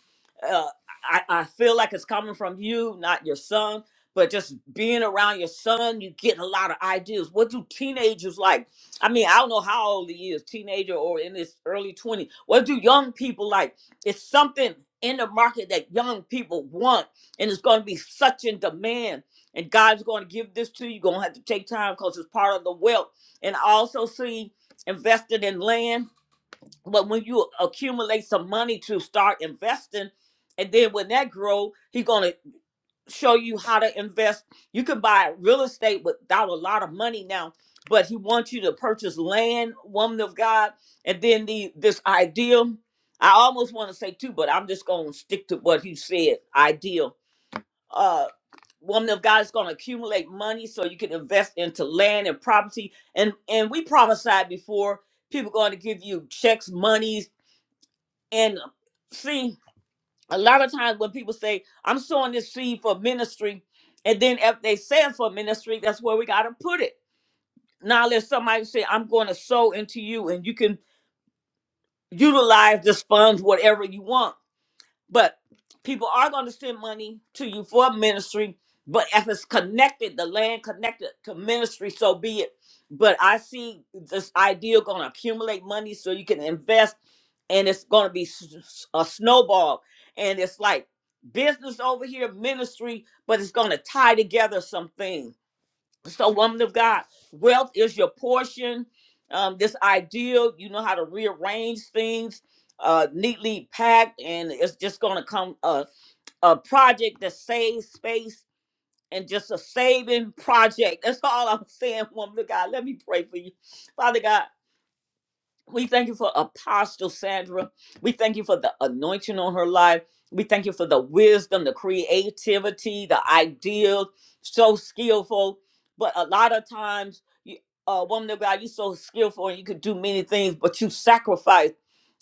Uh, I, I feel like it's coming from you, not your son. But just being around your son, you get a lot of ideas. What do teenagers like? I mean, I don't know how old he is, teenager or in his early 20s. What do young people like? It's something in the market that young people want, and it's going to be such in demand. And God's going to give this to you. You're going to have to take time because it's part of the wealth. And I also see invested in land. But when you accumulate some money to start investing, and then when that grow, he's gonna show you how to invest. You can buy real estate without a lot of money now, but he wants you to purchase land, woman of God, and then the this ideal. I almost want to say two, but I'm just gonna stick to what he said. Ideal uh woman of God is going to accumulate money so you can invest into land and property. And and we prophesied before people going to give you checks, monies, and um, see a lot of times when people say I'm sowing this seed for ministry, and then if they say it for ministry, that's where we got to put it. Now let somebody say I'm going to sow into you, and you can utilize this funds whatever you want But people are going to send money to you for ministry. But if it's connected, the land connected to ministry, so be it. But I see this idea going to accumulate money so you can invest, and it's going to be s- s- a snowball. And it's like business over here, ministry, but it's going to tie together some things so, woman of God, wealth is your portion. Um, this ideal, you know how to rearrange things uh, neatly packed, and it's just going to come a, a project that saves space and just a saving project. That's all I'm saying, woman of God. Let me pray for you, Father God. We thank you for Apostle Sandra. We thank you for the anointing on her life. We thank you for the wisdom, the creativity, the ideas. So skillful. But a lot of times, you, uh, woman of God, you're so skillful and you could do many things, but you sacrifice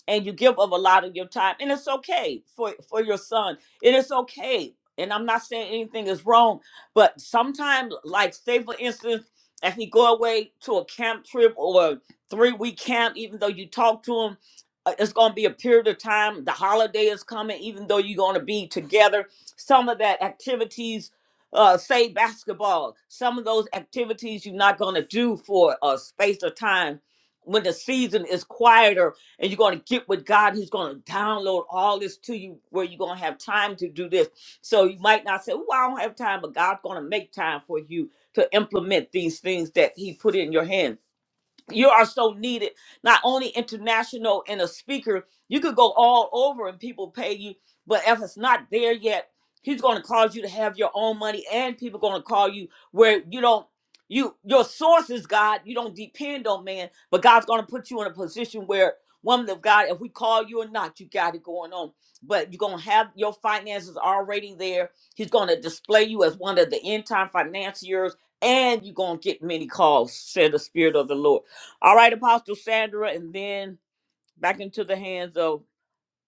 and you give up a lot of your time and it's okay for for your son it is okay and i'm not saying anything is wrong but sometimes like say for instance if he go away to a camp trip or a three week camp even though you talk to him uh, it's going to be a period of time the holiday is coming even though you're going to be together some of that activities uh, say basketball some of those activities you're not going to do for a space of time when the season is quieter and you're going to get with God. He's going to download all this to you where you're going to have time to do this. So you might not say, Oh, I don't have time, but God's going to make time for you to implement these things that He put in your hand you are so needed not only international and a speaker you could go all over and people pay you but if it's not there yet he's going to cause you to have your own money and people going to call you where you don't you your source is god you don't depend on man but god's going to put you in a position where woman of god if we call you or not you got it going on but you're going to have your finances already there he's going to display you as one of the end time financiers and you're going to get many calls said the spirit of the lord all right, Apostle Sandra, and then back into the hands of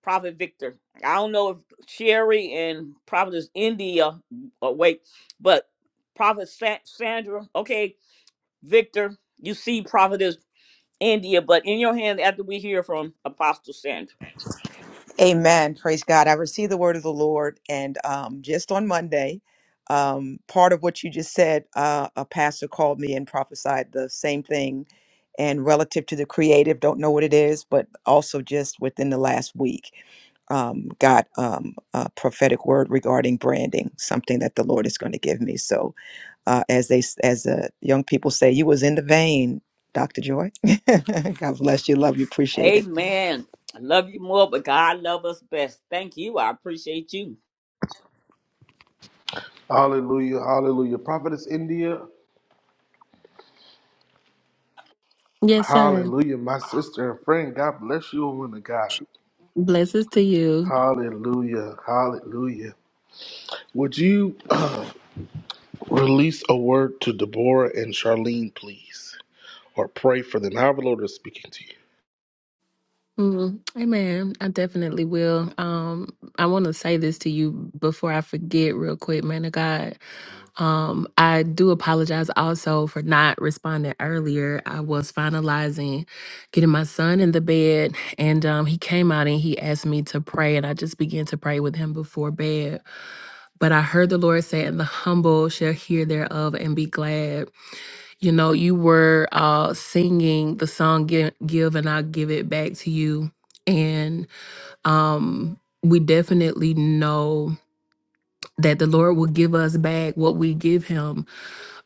Prophet Victor. I don't know if Sherry and Prophetess India awake, but Prophet Sa- Sandra, okay, Victor, you see Prophetess India, but in your hands after we hear from Apostle Sandra.
Amen. Praise God. I received the word of the Lord, and um, just on Monday, um, part of what you just said, uh, a pastor called me and prophesied the same thing, and relative to the creative, don't know what it is, but also just within the last week, um, got um, a prophetic word regarding branding, something that the Lord is going to give me. So, uh, as they, s- as uh, young people say, you was in the vein, Doctor Joy. God bless you. Love you. Appreciate it.
Amen. I love you more, but God love us best. Thank you. I appreciate you.
Hallelujah, hallelujah. Prophetess India,
Yes, sir.
hallelujah. My sister and friend, God bless you, woman of God.
Blessings to you.
Hallelujah, hallelujah. Would you release a word to Deborah and Charlene, please? Or pray for them, however, the Lord is speaking.
Mm, amen. I definitely will. Um, I want to say this to you before I forget, real quick, man of God. Um, I do apologize also for not responding earlier. I was finalizing getting my son in the bed, and um, he came out and he asked me to pray, and I just began to pray with him before bed. But I heard the Lord say, "And the humble shall hear thereof and be glad." You know, you were uh, singing the song Give, Give and I'll Give It Back to You. And um, we definitely know that the Lord will give us back what we give Him.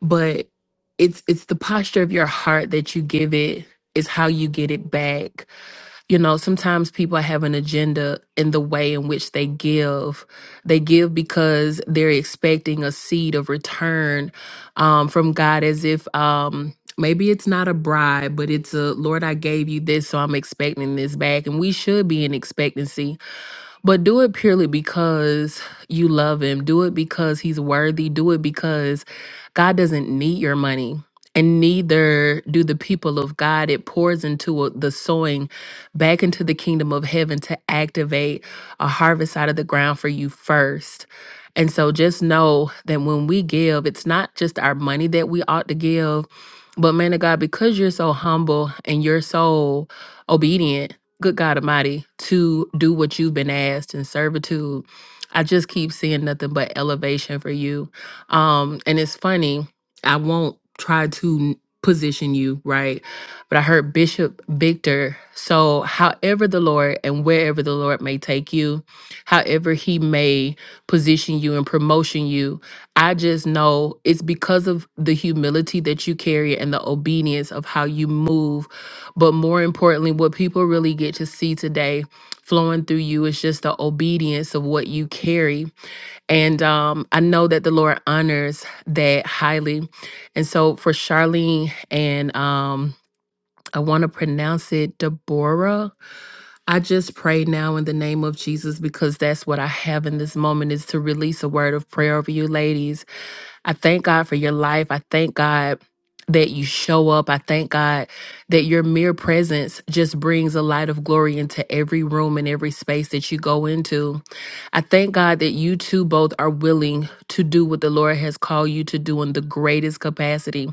But it's, it's the posture of your heart that you give it's how you get it back you know sometimes people have an agenda in the way in which they give they give because they're expecting a seed of return um, from god as if um, maybe it's not a bribe but it's a lord i gave you this so i'm expecting this back and we should be in expectancy but do it purely because you love him. Do it because he's worthy. Do it because God doesn't need your money. And neither do the people of God. It pours into a- the sowing back into the kingdom of heaven to activate a harvest out of the ground for you first. And so just know that when we give, it's not just our money that we ought to give, but man of God, because you're so humble and you're so obedient, good God Almighty, to do what you've been asked in servitude. I just keep seeing nothing but elevation for you. Um, and it's funny, I won't try to n- position you, right? But I heard Bishop Victor. So, however the Lord and wherever the Lord may take you, however he may position you and promotion you, I just know it's because of the humility that you carry and the obedience of how you move but more importantly, what people really get to see today flowing through you is just the obedience of what you carry. And um, I know that the Lord honors that highly. And so for Charlene and um, I want to pronounce it Deborah. I just pray now in the name of Jesus because that's what I have in this moment is to release a word of prayer over you ladies I thank God for your life. I thank God that you show up. I thank God that your mere presence just brings a light of glory into every room and every space that you go into. I thank God that you two both are willing to do what the Lord has called you to do in the greatest capacity.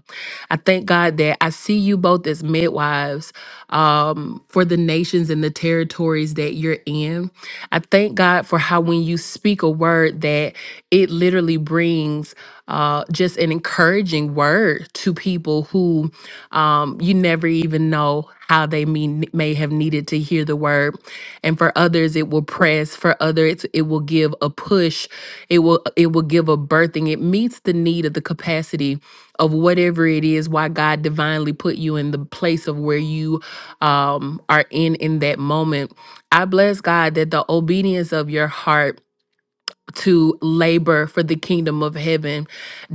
I thank God that I see you both as midwives um, for the nations and the territories that you're in. I thank God for how when you speak a word that it literally brings uh, just an encouraging word to people who um, you never even know how they mean, may have needed to hear the word. And for others, it will press. For others, it will give a push. It will it will give a birthing. It meets the need of the capacity of whatever it is why god divinely put you in the place of where you um, are in in that moment i bless god that the obedience of your heart to labor for the kingdom of heaven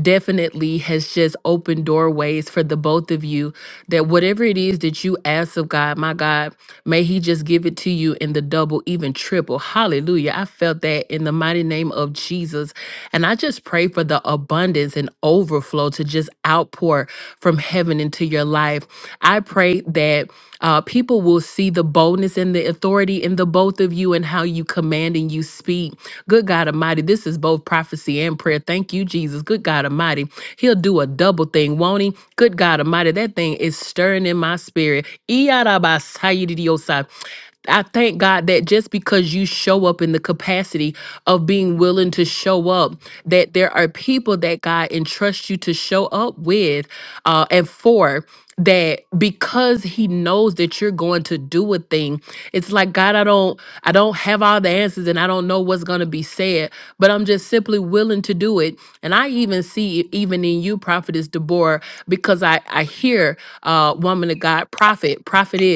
definitely has just opened doorways for the both of you that whatever it is that you ask of god my god may he just give it to you in the double even triple hallelujah i felt that in the mighty name of jesus and I just pray for the abundance and overflow to just outpour from heaven into your life. I pray that uh, people will see the boldness and the authority in the both of you and how you command and you speak. Good God Almighty, this is both prophecy and prayer. Thank you, Jesus. Good God Almighty, He'll do a double thing, won't He? Good God Almighty, that thing is stirring in my spirit. Iyarabasayididiosa. I thank God that just because you show up in the capacity of being willing to show up, that there are people that God entrusts you to show up with uh, and for. That because he knows that you're going to do a thing, it's like God, I don't, I don't have all the answers, and I don't know what's going to be said, but I'm just simply willing to do it. And I even see, it even in you, prophetess Deborah, because I, I hear, uh, woman of God, prophet, prophet. It is.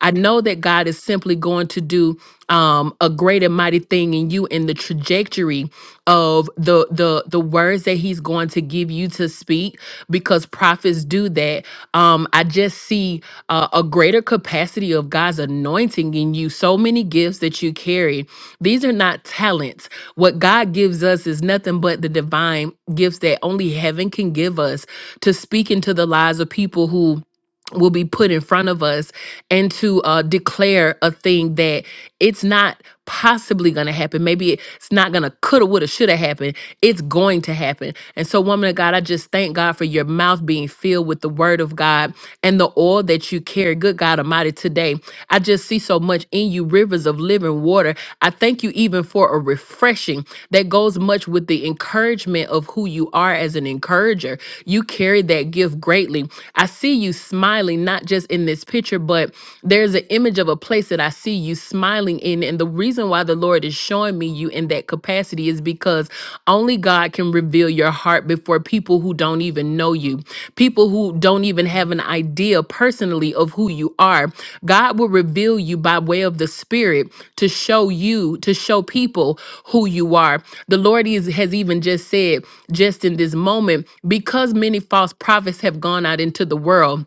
I know that God is simply going to do um, a great and mighty thing in you in the trajectory of the the the words that He's going to give you to speak, because prophets do that. Um, I just see uh, a greater capacity of God's anointing in you. So many gifts that you carry. These are not talents. What God gives us is nothing but the divine gifts that only heaven can give us to speak into the lives of people who will be put in front of us and to uh, declare a thing that it's not possibly going to happen. Maybe it's not going to coulda, woulda, shoulda happen. It's going to happen. And so, woman of God, I just thank God for your mouth being filled with the word of God and the oil that you carry. Good God Almighty, today, I just see so much in you, rivers of living water. I thank you even for a refreshing that goes much with the encouragement of who you are as an encourager. You carry that gift greatly. I see you smiling smiling, not just in this picture, but there's an image of a place that I see you smiling in. And the reason why the Lord is showing me you in that capacity is because only God can reveal your heart before people who don't even know you, people who don't even have an idea personally of who you are. God will reveal you by way of the Spirit to show you, to show people who you are. The Lord is, has even just said, just in this moment, because many false prophets have gone out into the world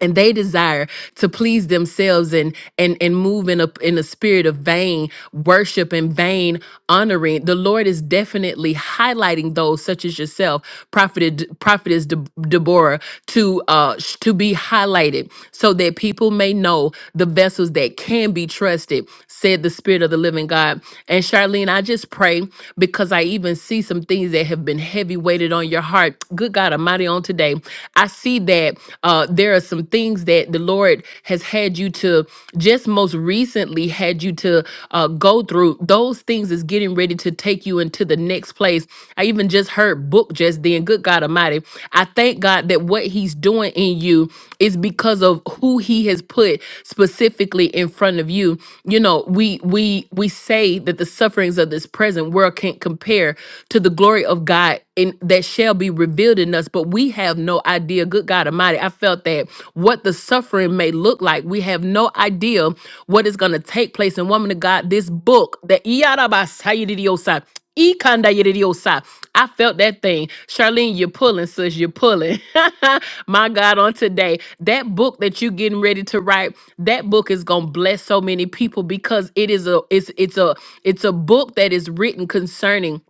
and they desire to please themselves and and and move in a in a spirit of vain worship and vain honoring the lord is definitely highlighting those such as yourself prophet prophetess De- deborah to uh sh- to be highlighted so that people may know the vessels that can be trusted said the spirit of the living god and charlene i just pray because i even see some things that have been heavy weighted on your heart good god almighty on today I see that uh, there are some things that the Lord has had you to just most recently had you to uh, go through. Those things is getting ready to take you into the next place. I even just heard book just then. Good God Almighty. I thank God that what He's doing in you is because of who He has put specifically in front of you. You know, we we we say that the sufferings of this present world can't compare to the glory of God in that that shall be revealed in us, but we have no idea. Good God Almighty, I felt that what the suffering may look like. We have no idea what is going to take place. And woman of God, this book, the Iyarabasayididiosa, Ikandayididiosa, I felt that thing. Charlene, you're pulling, sis, you're pulling. My God, on today, that book that you're getting ready to write, that book is gonna bless so many people because it is a it's it's a it's a book that is written concerning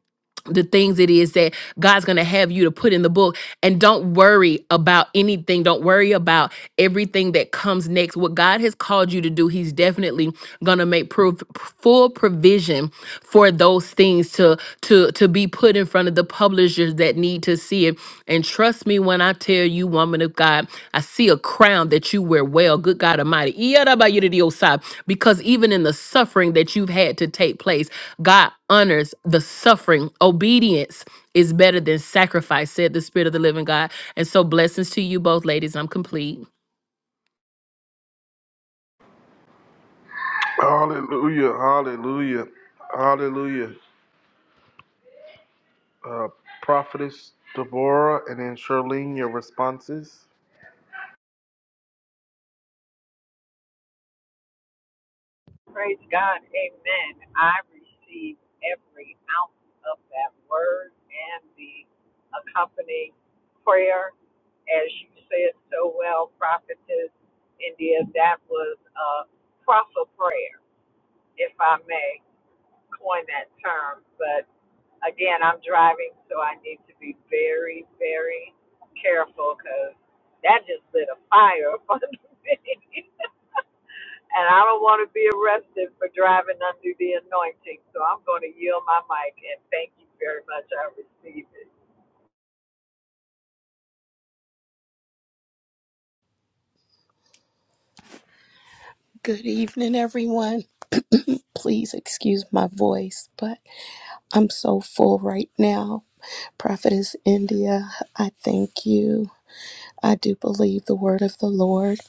the things it is that God's going to have you to put in the book. And don't worry about anything. Don't worry about everything that comes next. What God has called you to do, He's definitely going to make prov- full provision for those things to to to be put in in front of the publishers that need to see it. And trust me when I tell you, woman of God, I see a crown that you wear well. Good God Almighty. Iyadabayididiyosai. Because even in the suffering that you've had to take place, God honors the suffering. Obedience is better than sacrifice, said the Spirit of the living God. And so, blessings to you both, ladies. I'm complete.
Hallelujah, hallelujah, hallelujah. uh, Prophetess Deborah, and then Charlene, your responses.
Praise God. Amen. I receive every ounce of that word and the accompanying prayer. As you said so well, Prophetess India, that was a prophet prayer, if I may coin that term. But again, I'm driving, so I need to be very, very careful because that just lit a fire up under me. And I don't want to be arrested for driving under the anointing. So I'm going to yield my mic and thank you very much. I receive it.
Good evening, everyone. Please excuse my voice, but I'm so full right now. Prophetess India, I thank you. I do believe the word of the Lord.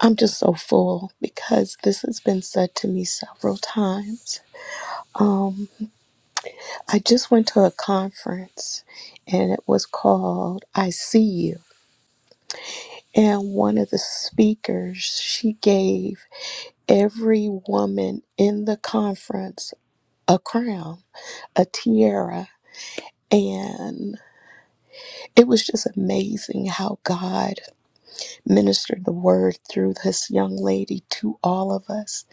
I'm just so full because this has been said to me several times. Um, I just went to a conference and it was called I See You. And one of the speakers, she gave every woman in the conference a crown a tiara. And it was just amazing how God ministered the word through this young lady to all of us.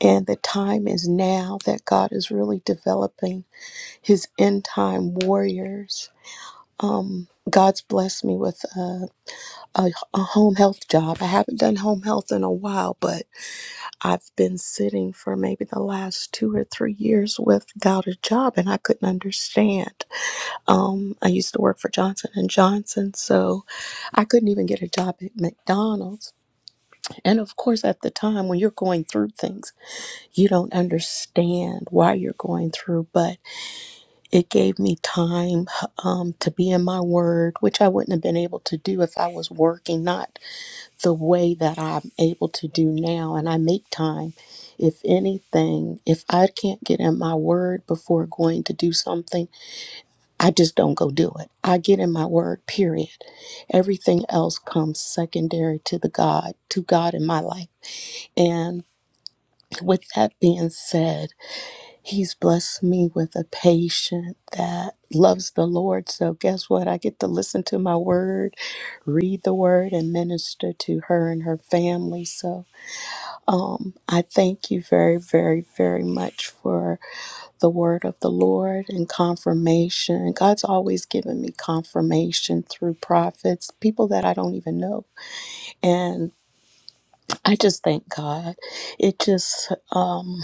And the time is now that God is really developing his end time warriors. Um, God's blessed me with a, a, a home health job. I haven't done home health in a while, but I've been sitting for maybe the last two or three years without a job, and I couldn't understand. Um, I used to work for Johnson and Johnson, so I couldn't even get a job at McDonald's. And of course, at the time when you're going through things, you don't understand why you're going through. But it gave me time um, to be in my word, which I wouldn't have been able to do if I was working, not the way that I'm able to do now. And I make time. If anything, if I can't get in my word before going to do something I just don't go do it. I get in my word, period. Everything else comes secondary to the God, to God in my life. And with that being said, He's blessed me with a patient that loves the Lord. So guess what? I get to listen to my word, read the word, and minister to her and her family. So um, I thank you very, very, very much for the word of the Lord and confirmation. God's always given me confirmation through prophets, people that I don't even know. And I just thank God. It just um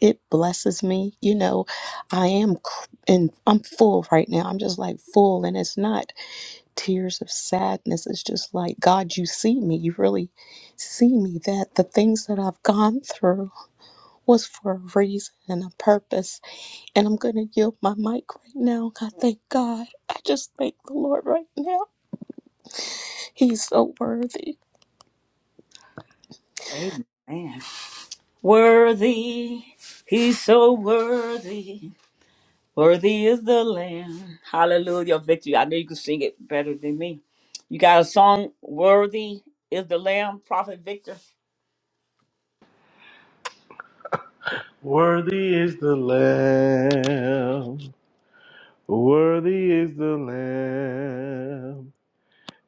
it blesses me. You know, I am cr- and I'm full right now. I'm just like full and it's not tears of sadness. It's just like God, you see me. You really see me that the things that I've gone through was for a reason and a purpose. And I'm going to yield my mic right now. I thank God. I just thank the Lord right now. He's so worthy.
Amen. Worthy, he's so worthy. Worthy is the Lamb. Hallelujah, victory. I know you can sing it better than me. You got a song, Worthy is the Lamb, Prophet Victor.
Is the Lamb,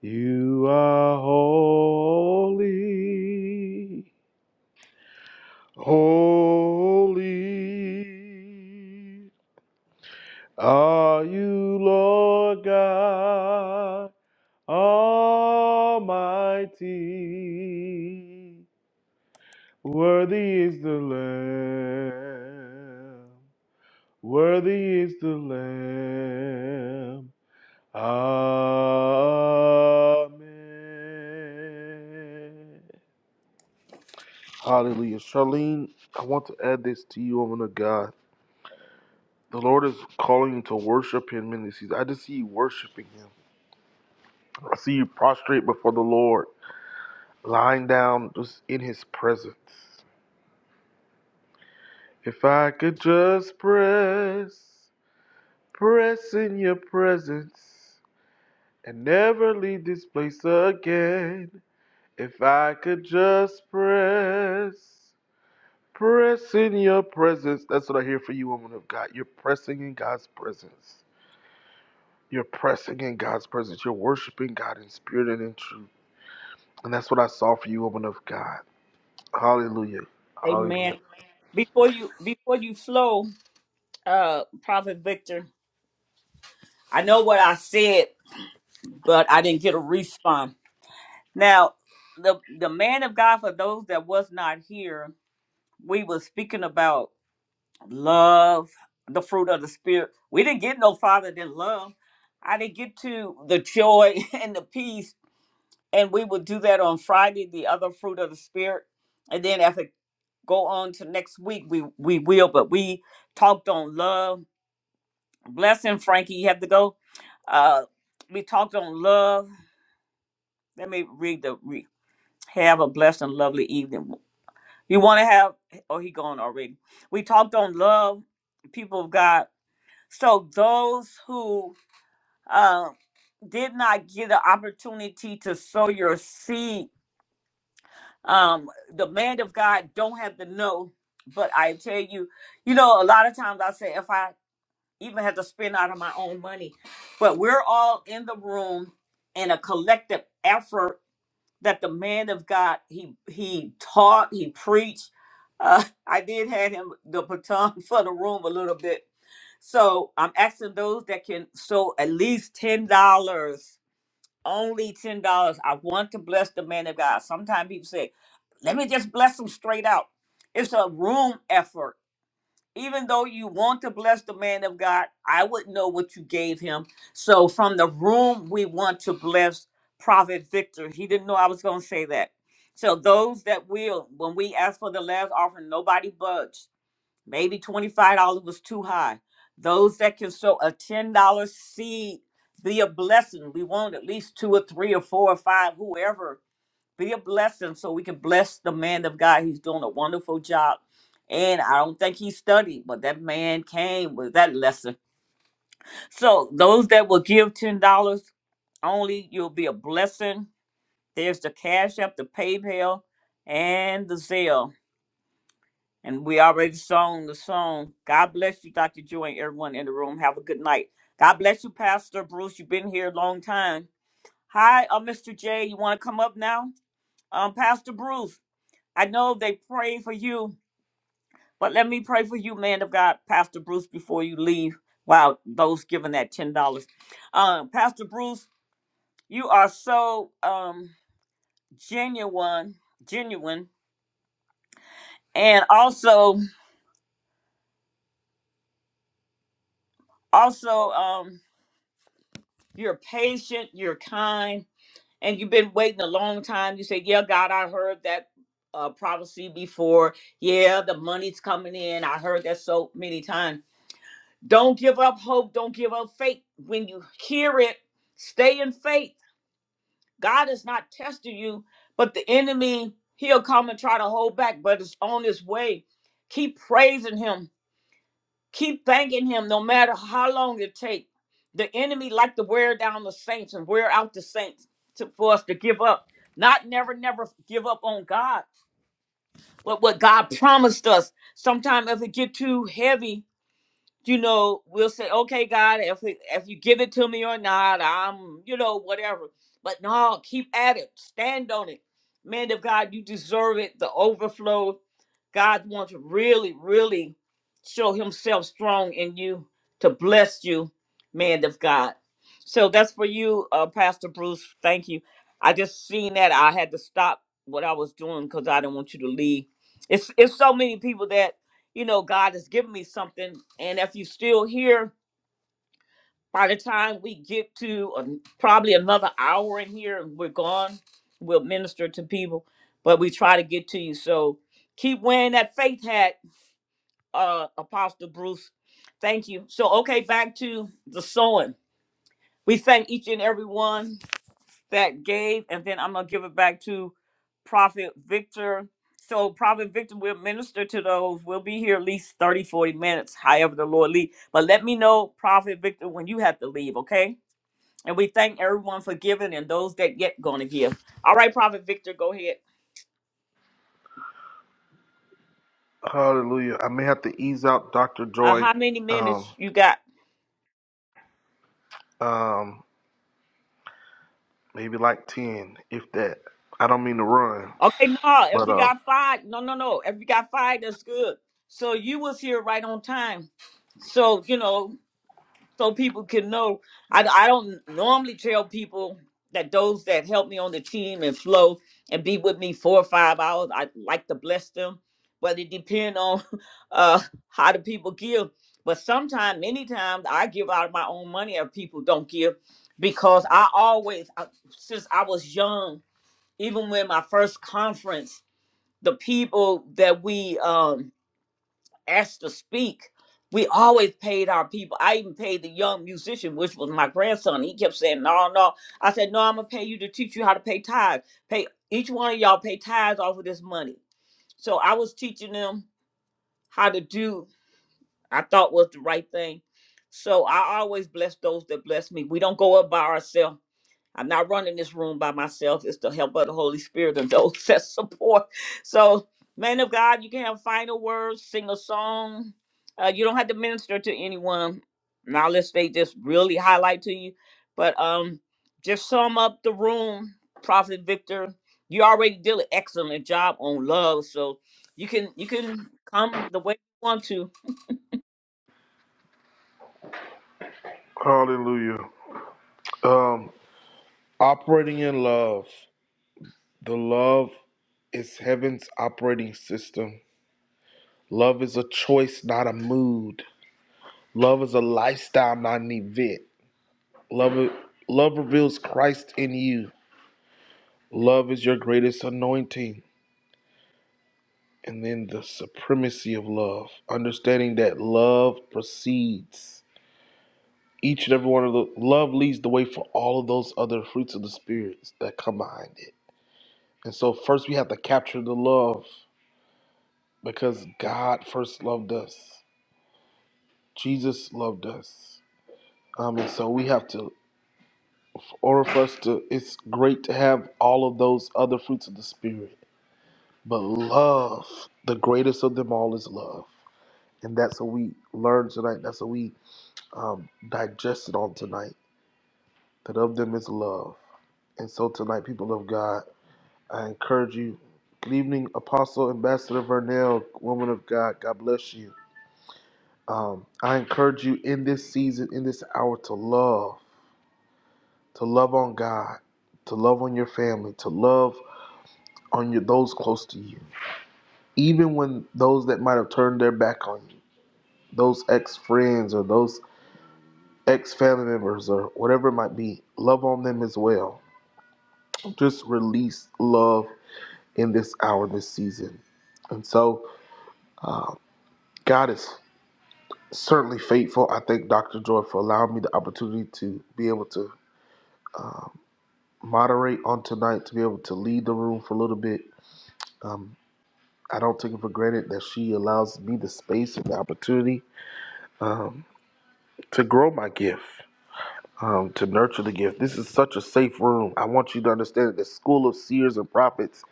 you are whole. Amen. Hallelujah. Charlene, I want to add this to you, woman of God. The Lord is calling you to worship Him in this season. I just see you worshiping Him. I see you prostrate before the Lord, lying down just in His presence. If I could just press. Press in your presence and never leave this place again. If I could just press, press in your presence. That's what I hear for you, woman of God. You're pressing in God's presence. You're pressing in God's presence. You're worshiping God in spirit and in truth. And that's what I saw for you, woman of God. Hallelujah. Hallelujah.
Amen. Before you before you flow, uh, Prophet Victor, I know what I said, but I didn't get a response. Now, the the man of God for those that was not here, we were speaking about love, the fruit of the spirit. We didn't get no farther than love. I didn't get to the joy and the peace and we will do that on Friday, the other fruit of the spirit. And then as it go on to next week, we we will. But we talked on love. Blessing, Frankie, you have to go. Uh, we talked on love. Let me read the re- have a blessed and lovely evening. You want to have? Oh, he gone already. We talked on love, people of God. So those who uh, did not get an opportunity to sow your seed um the man of god don't have to know but i tell you you know a lot of times i say if i even had to spend out of my own money but we're all in the room in a collective effort that the man of god he he taught he preached uh, i did have him the baton for the room a little bit so i'm asking those that can sow at least ten dollars only ten dollars. I want to bless the man of God. Sometimes people say, "Let me just bless him straight out." It's a room effort. Even though you want to bless the man of God, I wouldn't know what you gave him. So from the room, we want to bless Prophet Victor. He didn't know I was going to say that. So those that will, when we ask for the last offering, nobody budge. Maybe $25 was too high. Those that can sow a $10 seed, be a blessing. We want at least two or three or four or five, whoever, be a blessing so we can bless the man of God. He's doing a wonderful job. And I don't think he studied, but that man came with that lesson. So those that will give $10 only, you'll be a blessing. There's the Cash App, the PayPal, and the Zelle. And we already sung the song. God bless you, Dr. Joy, and everyone in the room. Have a good night. God bless you, Pastor Bruce. You've been here a long time. Hi, uh, Mr. J. You want to come up now? Um, Pastor Bruce, I know they prayed for you, but let me pray for you, man of God, Pastor Bruce, before you leave. Wow, those giving that $10. Um, Pastor Bruce, you are so um, genuine, genuine, and also, also, um, you're patient, you're kind and you've been waiting a long time. You say, "Yeah, God, I heard that uh, prophecy before. Yeah, the money's coming in. I heard that so many times." Don't give up hope. Don't give up faith. When you hear it, stay in faith. God is not testing you, but the enemy he'll come and try to hold back, but it's on his way. Keep praising Him Keep thanking him no matter how long it takes. The enemy like to wear down the saints and wear out the saints to, for us to give up. Not never, never give up on God, but what God promised us. Sometimes if it get too heavy, you know, we'll say, okay, God, if if you give it to me or not, I'm, you know, whatever. But no, keep at it. Stand on it. Man of God, you deserve it. The overflow. God wants to really, really show himself strong in you to bless you, man of God. So that's for you, uh, Pastor Bruce. Thank you. I just seen that. I had to stop what I was doing because I didn't want you to leave. It's it's so many people that you know, God has given me something. And if you are still here, by the time we get to um, probably another hour in here and we're gone, we'll minister to people, but we try to get to you. So keep wearing that faith hat, uh, Apostle Bruce. Thank you. So, okay, back to the sowing. We thank each and every one. that gave, and then I'm gonna give it back to Prophet Victor. So Prophet Victor will minister to those. We'll be here at least 30, 40 minutes, however the Lord lead. But let me know, Prophet Victor, when you have to leave, okay? And we thank everyone for giving and those that yet gonna give. All right, Prophet Victor, go ahead.
Hallelujah. I may have to ease out Dr.
Uh,
Joy.
how many
Um,
minutes you got?
um, maybe like 10, if that. I don't mean to run.
Okay, no, if
But
you
uh,
got five, no, no, no. If you got five, that's good. So you was here right on time. So, you know, so people can know. I, I don't normally tell people that those that help me on the team and flow and be with me four or five hours, I like to bless them. But it depends on uh, how do people give. But sometimes, many times, I give out of my own money if people don't give because I always, I- since I was young, even when my first conference, the people that we um, asked to speak, we always paid our people. I even paid the young musician, which was my grandson. He kept saying, No, no. I said, No, I'm gonna pay you to teach you how to pay tithes. Pay each one of y'all pay tithes off of this money. So I was teaching them how to do I thought was the right thing. So I always bless those that bless me. We don't go up by ourselves I'm not running this room by myself. It's the help of the Holy Spirit and those that support. So, man of God, you can have final words, sing a song. Uh, you don't have to minister to anyone. Now, unless they just really highlight to you. But um, just sum up the room, Prophet Victor. You already did an excellent job on love, so you can you can come the way you want to.
hallelujah. Operating in love. The love is heaven's operating system. Love is a choice, not a mood. Love is a lifestyle, not an event. Love, love reveals Christ in you. Love is your greatest anointing. And then the supremacy of love. Understanding that love precedes each and every one of the love leads the way for all of those other fruits of the spirits that come behind it. And so first we have to capture the love because God first loved us. Jesus loved us. Um, and so we have to, or for us to, it's great to have all of those other fruits of the Spirit. But love, the greatest of them all is love. And that's what we learned tonight. That's what we um, digested on tonight. That of them is love. And so tonight, people of God, I encourage you. Good evening, Apostle Ambassador Vernell, woman of God. God bless you. Um, I encourage you in this season, in this hour, to love, to love on God, to love on your family, to love on your those close to you, even when those that might have turned their back on you, those ex friends or those ex family members or whatever it might be. Love on them as well. Just release love in this hour, this season, and so uh, God is certainly faithful. I thank Dr. Joy for allowing me the opportunity to be able to. uh, moderate on tonight to be able to lead the room for a little bit. Um, I don't take it for granted that she allows me the space and the opportunity um, to grow my gift, um, to nurture the gift. This is such a safe room. I want you to understand that the school of seers and prophets,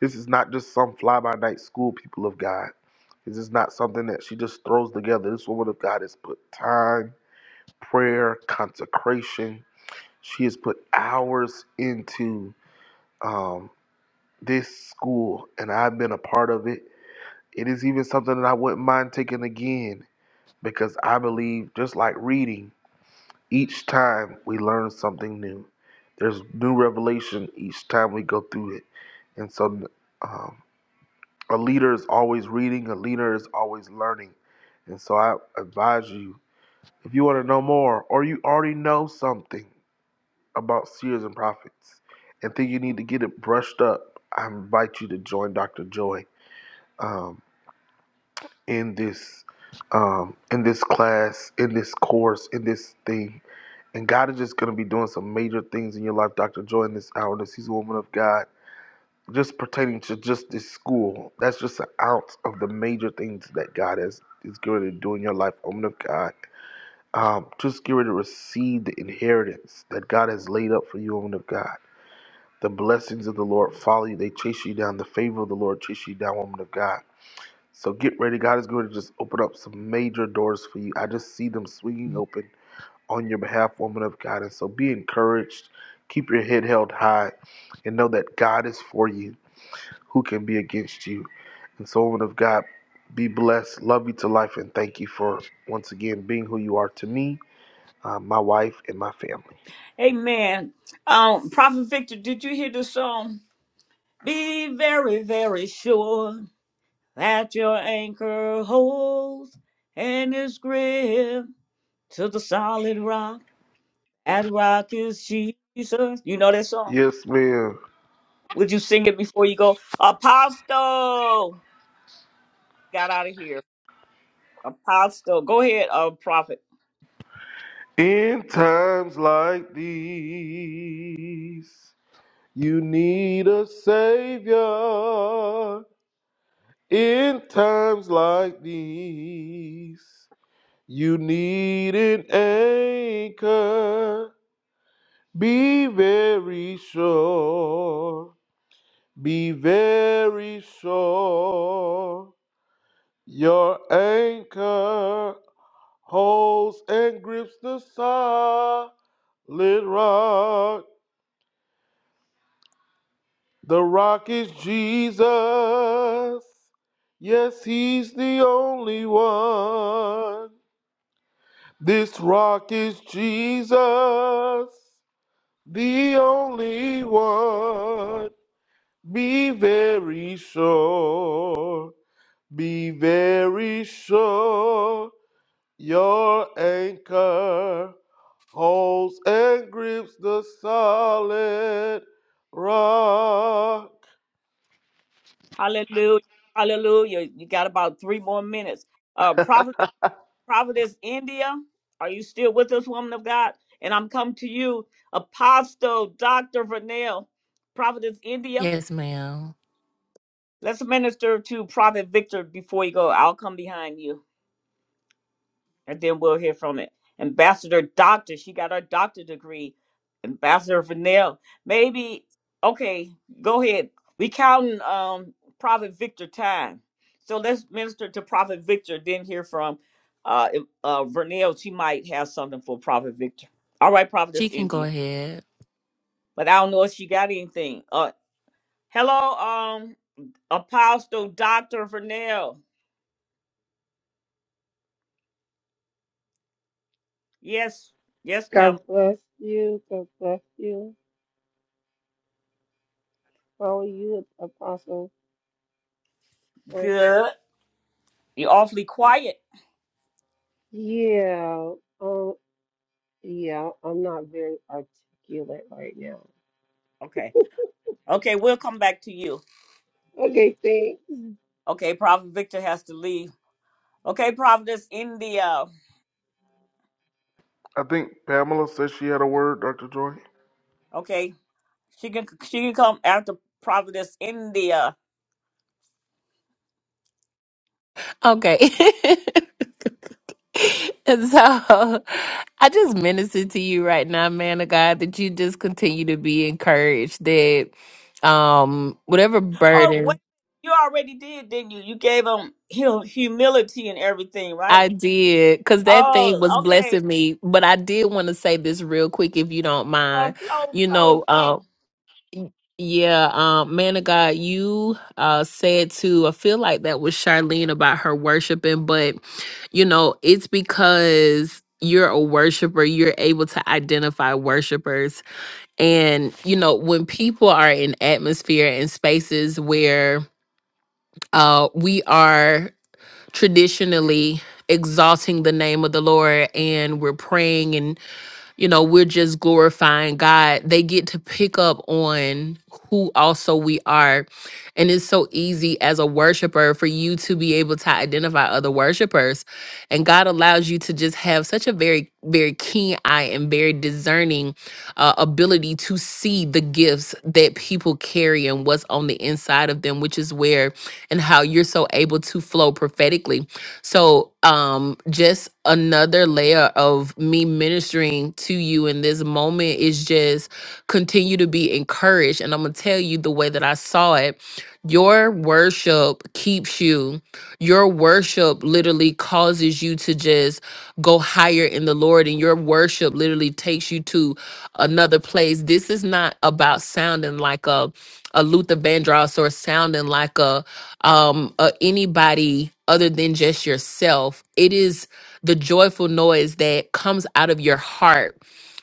this is not just some fly by night school, people of God. This is not something that she just throws together. This woman of God has put time, prayer, consecration. She has put hours into. um, this school and I've been a part of it. It is even something that I wouldn't mind taking again because I believe, just like reading, each time we learn something new. There's new revelation each time we go through it. And so um, a leader is always reading, a leader is always learning. And so I advise you if you want to know more or you already know something about seers and prophets and think you need to get it brushed up, I invite you to join Dr. Joy Um, in this um in this class in this course in this thing and god is just going to be doing some major things in your life dr joy in this hour this he's a woman of god just pertaining to just this school that's just an ounce of the major things that god has is going to do in your life woman of god um, just get ready to receive the inheritance that god has laid up for you woman of god the blessings of the lord follow you they chase you down the favor of the lord chase you down woman of god so get ready. God is going to just open up some major doors for you. I just see them swinging open on your behalf, woman of God. And so be encouraged. Keep your head held high and know that God is for you. Who can be against you? And so, woman of God, be blessed. Love you to life. And thank you for once again being who you are to me, uh, my wife, and my family.
Amen. Um, Prophet Victor, did you hear the song? Be very, very sure. that your anchor holds and is gripped to the solid rock. That rock is Jesus. You know that song.
Yes, ma'am.
Would you sing it before you go? Apostle got out of here. Apostle, go ahead, uh, prophet.
Be very sure your anchor holds and grips the solid rock. The rock is Jesus. Yes, he's the only one. This rock is Jesus. The your anchor holds and grips the solid rock. I
Hallelujah, hallelujah. You got about three more minutes. Uh, prophet, prophetess India, are you still with us, woman of God? And I'm come to you, Apostle Doctor Vernell, prophetess India.
Yes, ma'am.
Let's minister to Prophet Victor before you go. I'll come behind you, and then we'll hear from it. Ambassador Doctor, she got her doctor degree. Ambassador Vanell, maybe. Okay, go ahead. We counting um, Prophet Victor time. So let's minister to Prophet Victor, then hear from uh, if- uh, Vernell. She might have something for Prophet Victor. All right, Prophetess
She can go
India.
ahead.
But I don't know if she got anything. Uh, hello, um, Apostle Doctor Vernell. Yes, yes,
God
Pam.
bless you. God bless you. How are you, Apostle. Wait,
Good. You're awfully quiet.
Yeah. Um, yeah, I'm not very articulate right now.
Okay. Okay, we'll come back to you.
Okay, thanks.
Okay, Prophet Victor has to leave. Okay, Providence India.
think Pamela said she had a word, Dr. Joy.
Okay. She can she can come after Providence India.
Okay. And so I just minister to you right now, man of God, that you just continue to be encouraged that um whatever
Oh wait,
burden
you already did, didn't you? You gave him hu- humility and everything, right?
I did, because that thing was
Oh, okay.
blessing me, but I did want to say this real quick if you don't
Oh,
mind.
flow,
You
flow,
know, uh
flow.
yeah, um, man of God, you uh said to I feel like that was Charlene about her worshiping, but you know, it's because you're a worshiper, you're able to identify worshipers. And, you know, when people are in atmosphere and spaces where uh, we are traditionally exalting the name of the Lord and we're praying and you know, we're just glorifying God. They get to pick up on who also we are. And it's so easy as a worshiper for you to be able to identify other worshipers. And God allows you to just have such a very, very keen eye and very discerning uh, ability to see the gifts that people carry and what's on the inside of them, which is where and how you're so able to flow prophetically so, um, just another layer of me ministering to you in this moment is just continue to be encouraged. And I'm gonna tell you the way that I saw it. Your worship keeps you, your worship literally causes you to just go higher in the Lord, and your worship literally takes you to another place. This is not about sounding like a a Luther Vandross or sounding like um uh, anybody other than just yourself it is the joyful noise that comes out of your heart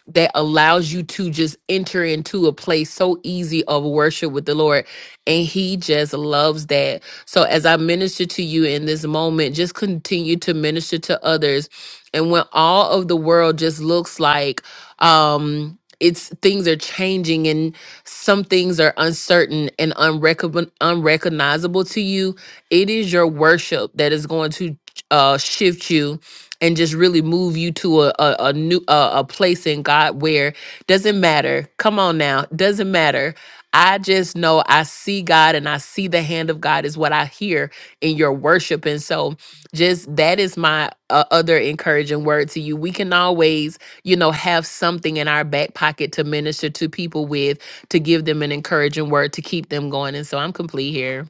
that allows you to just enter into a place so easy of worship with the Lord. And He just loves that. So as I minister to you in this moment, just continue to minister to others. And when all of the world just looks like, um, it's things are changing and some things are uncertain and unrecogn- unrecognizable to you. It is your worship that is going to uh, shift you and just really move you to a a, a new a, a place in God where doesn't matter. Come on now, doesn't matter. I just know I see God and I see the hand of God is what I hear in your worship, and so just that is my uh, other encouraging word to you. We can always, you know, have something in our back pocket to minister to people with, to give them an encouraging word to keep them going, and so I'm complete here.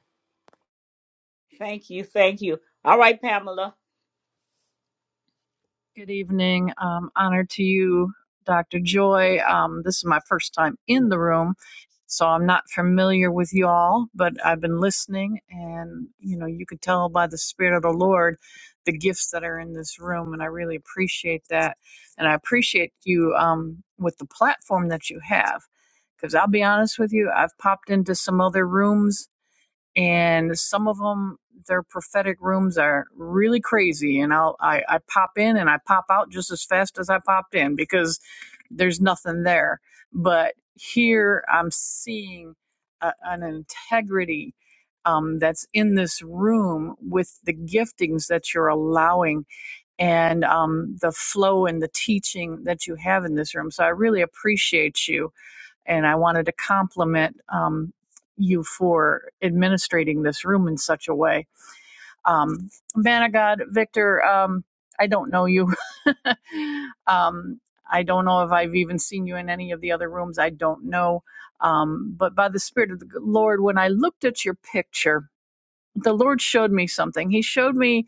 Thank you, thank you. All right, Pamela.
Good evening. Um, honor to you, Dr. Joy. Um, this is my first time in the room, so I'm not familiar with y'all, but I've been listening, and you know, you could tell by the Spirit of the Lord the gifts that are in this room, and I really appreciate that. And I appreciate you um, with the platform that you have, because I'll be honest with you, I've popped into some other rooms and some of them their prophetic rooms are really crazy and i'll I, I pop in and i pop out just as fast as i popped in because there's nothing there but here i'm seeing a, an integrity um, that's in this room with the giftings that you're allowing and um, the flow and the teaching that you have in this room so i really appreciate you and I wanted to compliment um, you for administrating this room in such a way. Um, man of God, Victor, um, I don't know you. um, I don't know if I've even seen you in any of the other rooms. I don't know. Um, but by the Spirit of the Lord, when I looked at your picture, the Lord showed me something. He showed me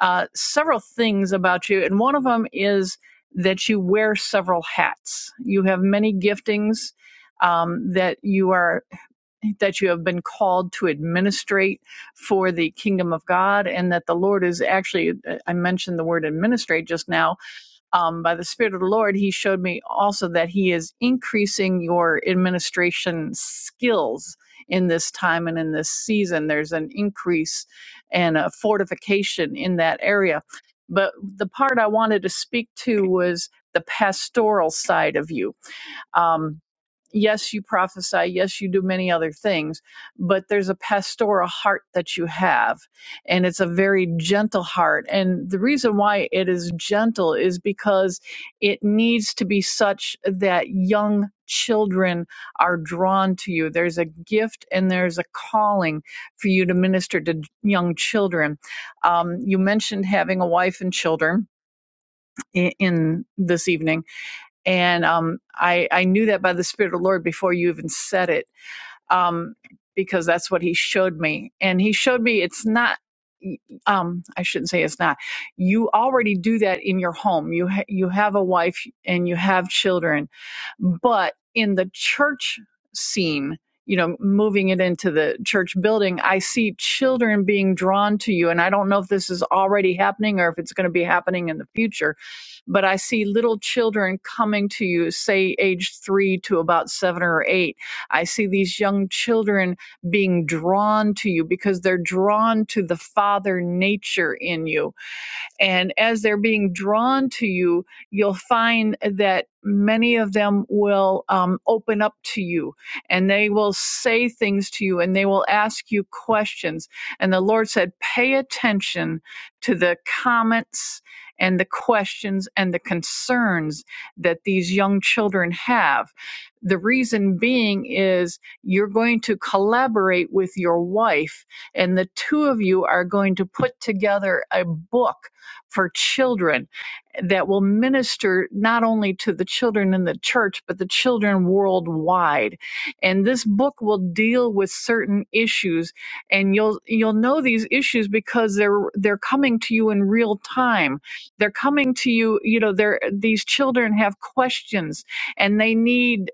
uh, several things about you, and one of them is that you wear several hats. You have many giftings um, that you are that you have been called to administrate for the kingdom of God, and that the Lord is actually. uh, I mentioned the word administrate just now um, by the Spirit of the Lord, He showed me also that He is increasing your administration skills in this time and in this season. There's an increase and a fortification in that area. But the part I wanted to speak to was the pastoral side of you um, yes, you prophesy. Yes, you do many other things, but there's a pastoral heart that you have, and it's a very gentle heart. And the reason why it is gentle is because it needs to be such that young children are drawn to you. There's a gift and there's a calling for you to minister to young children. Um, you mentioned having a wife and children i- in this evening and um, I, I knew that by the Spirit of the Lord before you even said it um, because that's what he showed me. And he showed me it's not. Um, I shouldn't say it's not. You already do that in your home. You ha- you have a wife and you have children, but in the church scene, you know, moving it into the church building, I see children being drawn to you, and I don't know if this is already happening or if it's going to be happening in the future but I see little children coming to you, say age three to about seven or eight, I see these young children being drawn to you because they're drawn to the father nature in you and as they're being drawn to you, you'll find that many of them will um, open up to you and they will say things to you and they will ask you questions. And the Lord said, pay attention to the comments and the questions and the concerns that these young children have. The reason being is you're going to collaborate with your wife, and the two of you are going to put together a book for children that will minister not only to the children in the church, but the children worldwide. And this book will deal with certain issues, and you'll you'll know these issues because they're they're coming to you in real time. They're coming to you, you know, they're these children have questions and they need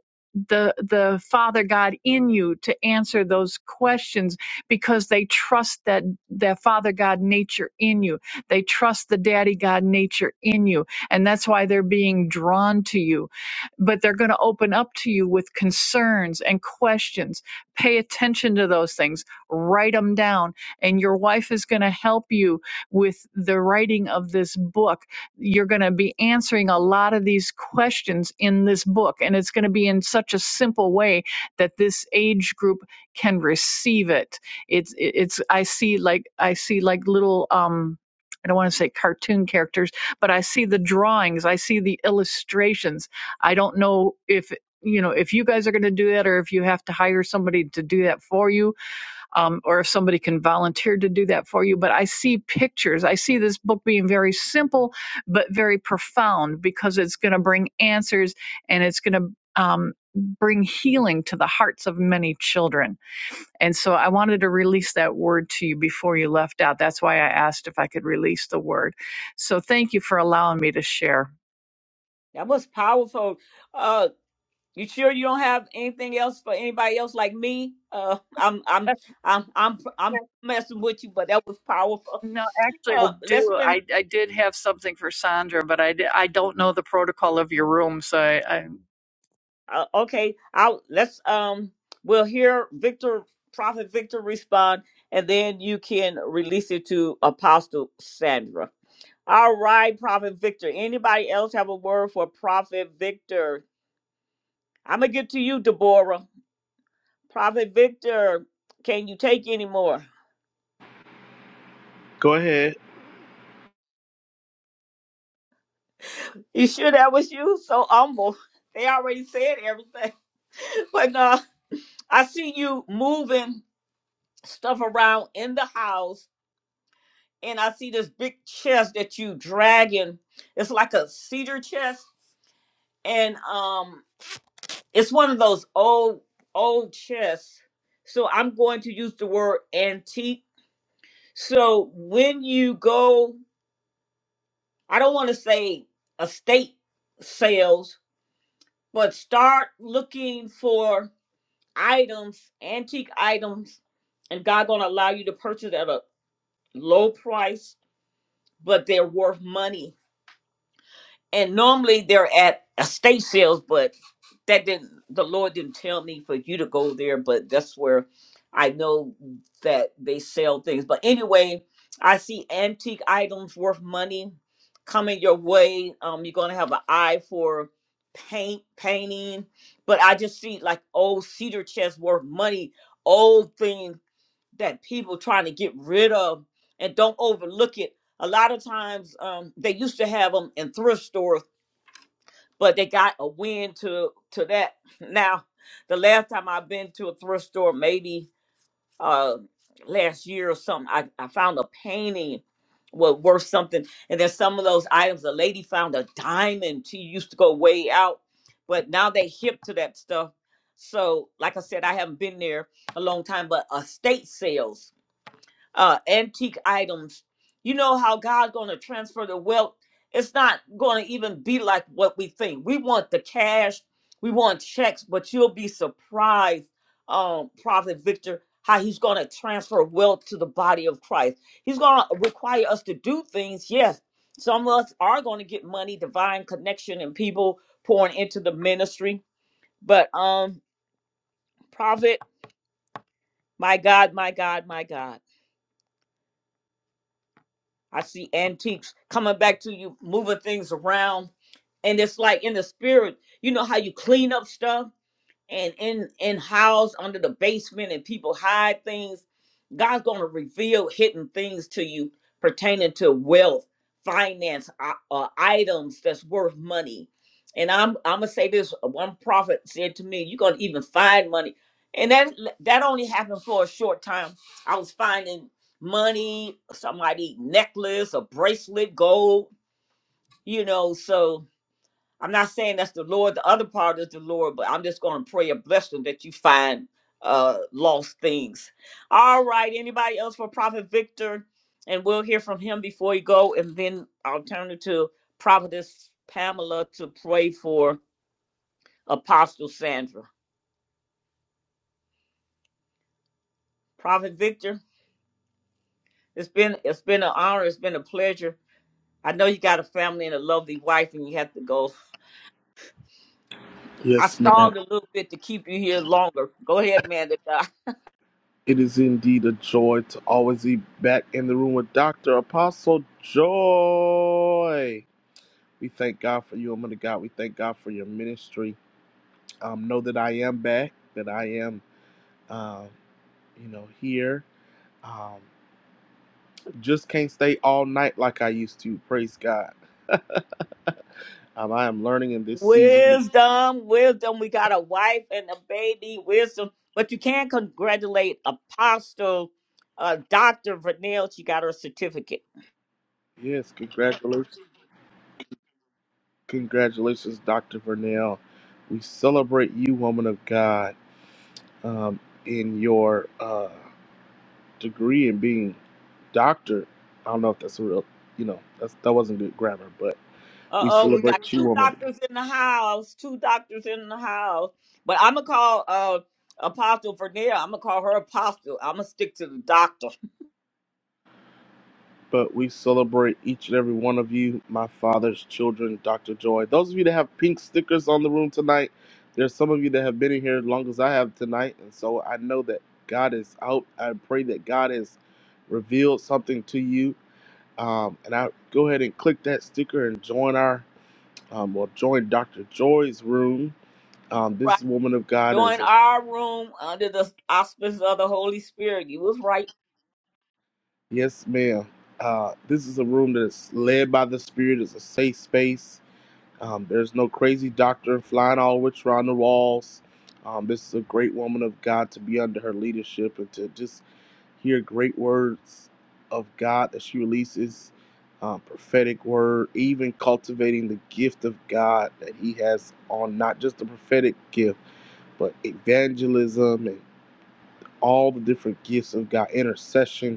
the the father god in you to answer those questions because they trust that that father god nature in you they trust the daddy God nature in you. And that's why they're being drawn to you. But they're going to open up to you with concerns and questions. Pay attention to those things, write them down. And your wife is going to help you with the writing of this book. You're going to be answering a lot of these questions in this book. And it's going to be in such a simple way that this age group can receive it it's it's i see like i see like little um I don't want to say cartoon characters, but I see the drawings, I see the illustrations. I don't know if you know if you guys are going to do that or if you have to hire somebody to do that for you um, or if somebody can volunteer to do that for you but i see pictures i see this book being very simple but very profound because it's going to bring answers and it's going to um, bring healing to the hearts of many children and so I wanted to release that word to you before you left out. That's why I asked if I could release the word. So thank you for allowing me to share.
That was powerful. Uh. You sure you don't have anything else for anybody else like me? Uh, I'm I'm I'm I'm I'm messing with you, but that was powerful.
No, actually, I
Uh, let's
do.
been
I, I did have something for Sandra, but I, d- I don't know the protocol of your room, so I, I
uh, okay. I'll let's um we'll hear Victor Prophet Victor respond, and then you can release it to Apostle Sandra. All right, Prophet Victor. Anybody else have a word for Prophet Victor? I'm gonna get to you, Deborah. Prophet Victor, can you take any more?
Go ahead.
You sure that was you? So humble. They already said everything. But uh, I see you moving stuff around in the house, and I see this big chest that you dragging. It's like a cedar chest, and um, it's one of those old old chests. So I'm going to use the word antique. So when you go, I don't want to say estate sales, but start looking for items, antique items, and God gonna allow you to purchase at a low price, but they're worth money and normally they're at estate sales, but that didn't the Lord didn't tell me for you to go there, but that's where I know that they sell things. But anyway, I see antique items worth money coming your way. Um, you're gonna have an eye for paint, painting, but I just see like old cedar chests worth money, old things that people trying to get rid of and don't overlook it. A lot of times um, they used to have them in thrift stores but they got a win to to that. Now, the last time I've been to a thrift store, maybe uh last year or something, I, I found a painting was worth something. And then some of those items, a lady found a diamond. She used to go way out, but now they hip to that stuff. So, like I said, I haven't been there a long time, but estate sales uh, antique items. You know how God's going to transfer the wealth. It's not going to even be like what we think. We want the cash, we want checks, but you'll be surprised, um, Prophet Victor, how he's going to transfer wealth to the body of Christ. He's going to require us to do things. Yes, some of us are going to get money, divine connection, and people pouring into the ministry. But um, Prophet, my God, my God, my God. I see antiques coming back to you, moving things around. And it's like in the spirit, you know how you clean up stuff? and in in house under the basement and people hide things god's going to reveal hidden things to you pertaining to wealth finance uh, uh, items that's worth money and i'm i'm gonna say this uh, one prophet said to me you're gonna even find money and that that only happened for a short time i was finding money somebody necklace a bracelet gold you know so I'm not saying that's the Lord. The other part is the Lord, but I'm just going to pray a blessing that you find uh lost things. All right. Anybody else for Prophet Victor? And we'll hear from him before you go, and then I'll turn it to Prophetess Pamela to pray for Apostle Sandra. Prophet Victor, it's been it's been an honor. It's been a pleasure. I know you got a family and a lovely wife, and you have to go. I
Yes, ma'am.
stalled a little bit to keep you here longer. Go ahead, man.
It is indeed a joy to always be back in the room with Dr. Apostle Joy. We thank God for you, woman of God. We thank God for your ministry. Um, know that I am back, that I am, um, you know, here. Um, just can't stay all night like I used to. Praise God. Um, I am learning in this season. that-
Wisdom, wisdom. We got a wife and a baby, wisdom. But you can congratulate Apostle uh, Dr. Vernell. She got her certificate.
Yes, congratulations. Congratulations, Dr. Vernell. We celebrate you, woman of God, um, in your. uh. degree and being doctor. I don't know if that's a real, you know, that's that wasn't good grammar, but
Uh
we
oh, we got
celebrate you,
two
woman.
doctors in the house. Two doctors in the house. But I'm going to call uh, Apostle Vernell. I'm going to call her Apostle. I'm going to stick to the doctor.
But we celebrate each and every one of you, my father's children, Dr. Joy. Those of you that have pink stickers on the room tonight, there's some of you that have been in here as long as I have tonight, and so I know that God is out. I pray that God has revealed something to you. Um, and I go ahead and click that sticker and join our, um, well, join Dr. Joy's room um,
Right.
this woman of God is
Join
a.
our room under the auspices of the Holy Spirit. You was right.
Yes, ma'am. Uh, this is a room that's led by the Spirit. It's a safe space. Um, there's no crazy doctor flying all which around the walls. Um, this is a great woman of God to be under her leadership and to just hear great words of God that she releases, uh, prophetic word, even cultivating the gift of God that He has on not just the prophetic gift, but evangelism and all the different gifts of God, intercession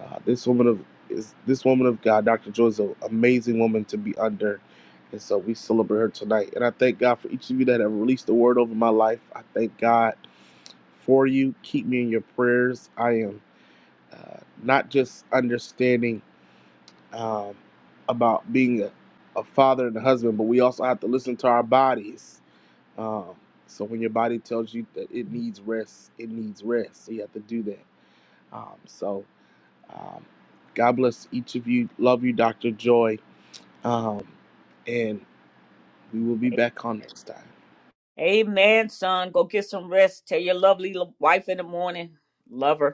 uh, this woman of is this woman of God, Dr. Joy, is an amazing woman to be under, and so we celebrate her tonight. And I thank God for each of you that have released the word over my life. I thank God for you. Keep me in your prayers. I am uh, not just understanding um, about being a, a father and a husband, but we also have to listen to our bodies. Um, so when your body tells you that it needs rest, it needs rest. So you have to do that. Um, so um, God bless each of you. Love you, Dr. Joy. Um, and we will be back on next time.
Amen, son. Go get some rest. Tell your lovely lo- wife in the morning. Love her.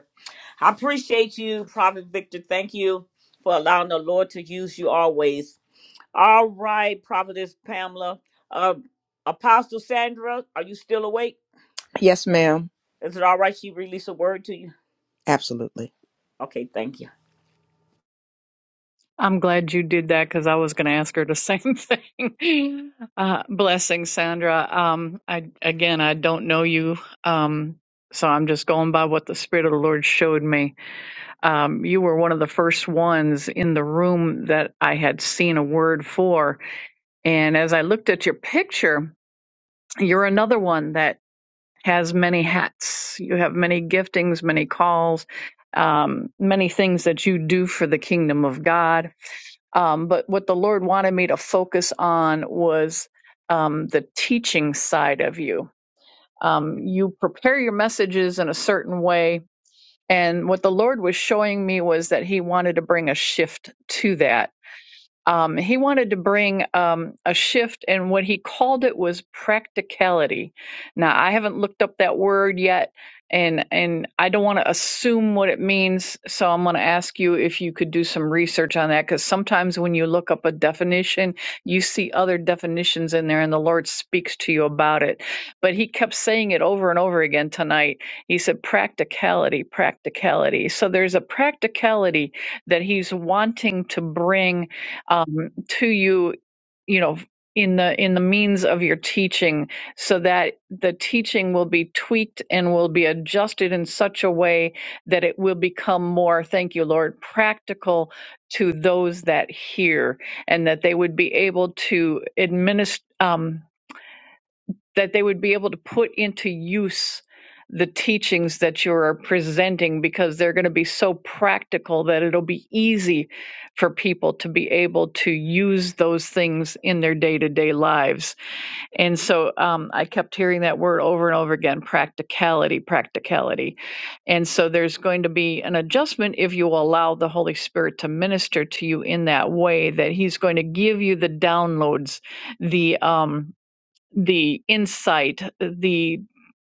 I appreciate you, Prophet Victor. Thank you for allowing the Lord to use you always. All right, Prophetess Pamela. Uh, Apostle Sandra, are you still awake?
Yes, ma'am.
Is it all right she released a word to you?
Absolutely.
Okay, thank you.
I'm glad you did that because I was going to ask her the same thing. Uh, blessing, Sandra. Um, I again, I don't know you, um, so I'm just going by what the Spirit of the Lord showed me um, you were one of the first ones in the room that I had seen a word for. And as I looked at your picture, you're another one that has many hats. You have many giftings, many calls, um, many things that you do for the kingdom of God. Um, but what the Lord wanted me to focus on was um, the teaching side of you. Um, you prepare your messages in a certain way and what the Lord was showing me was that He wanted to bring a shift to that um, he wanted to bring um, a shift, and what he called it was practicality. Now, I haven't looked up that word yet, and and I don't want to assume what it means. So I'm going to ask you if you could do some research on that, because sometimes when you look up a definition, you see other definitions in there, and the Lord speaks to you about it. But he kept saying it over and over again tonight. He said practicality, practicality. So there's a practicality that he's wanting to bring um, to you, you know, in the in the means of your teaching, so that the teaching will be tweaked and will be adjusted in such a way that it will become more, thank you, Lord, practical to those that hear, and that they would be able to administer that they would be able to put into use the teachings that you're presenting because they're going to be so practical that it'll be easy for people to be able to use those things in their day to day lives. And so um, I kept hearing that word over and over again practicality, practicality. And so there's going to be an adjustment if you allow the Holy Spirit to minister to you in that way, that He's going to give you the downloads, the. Um, the insight, the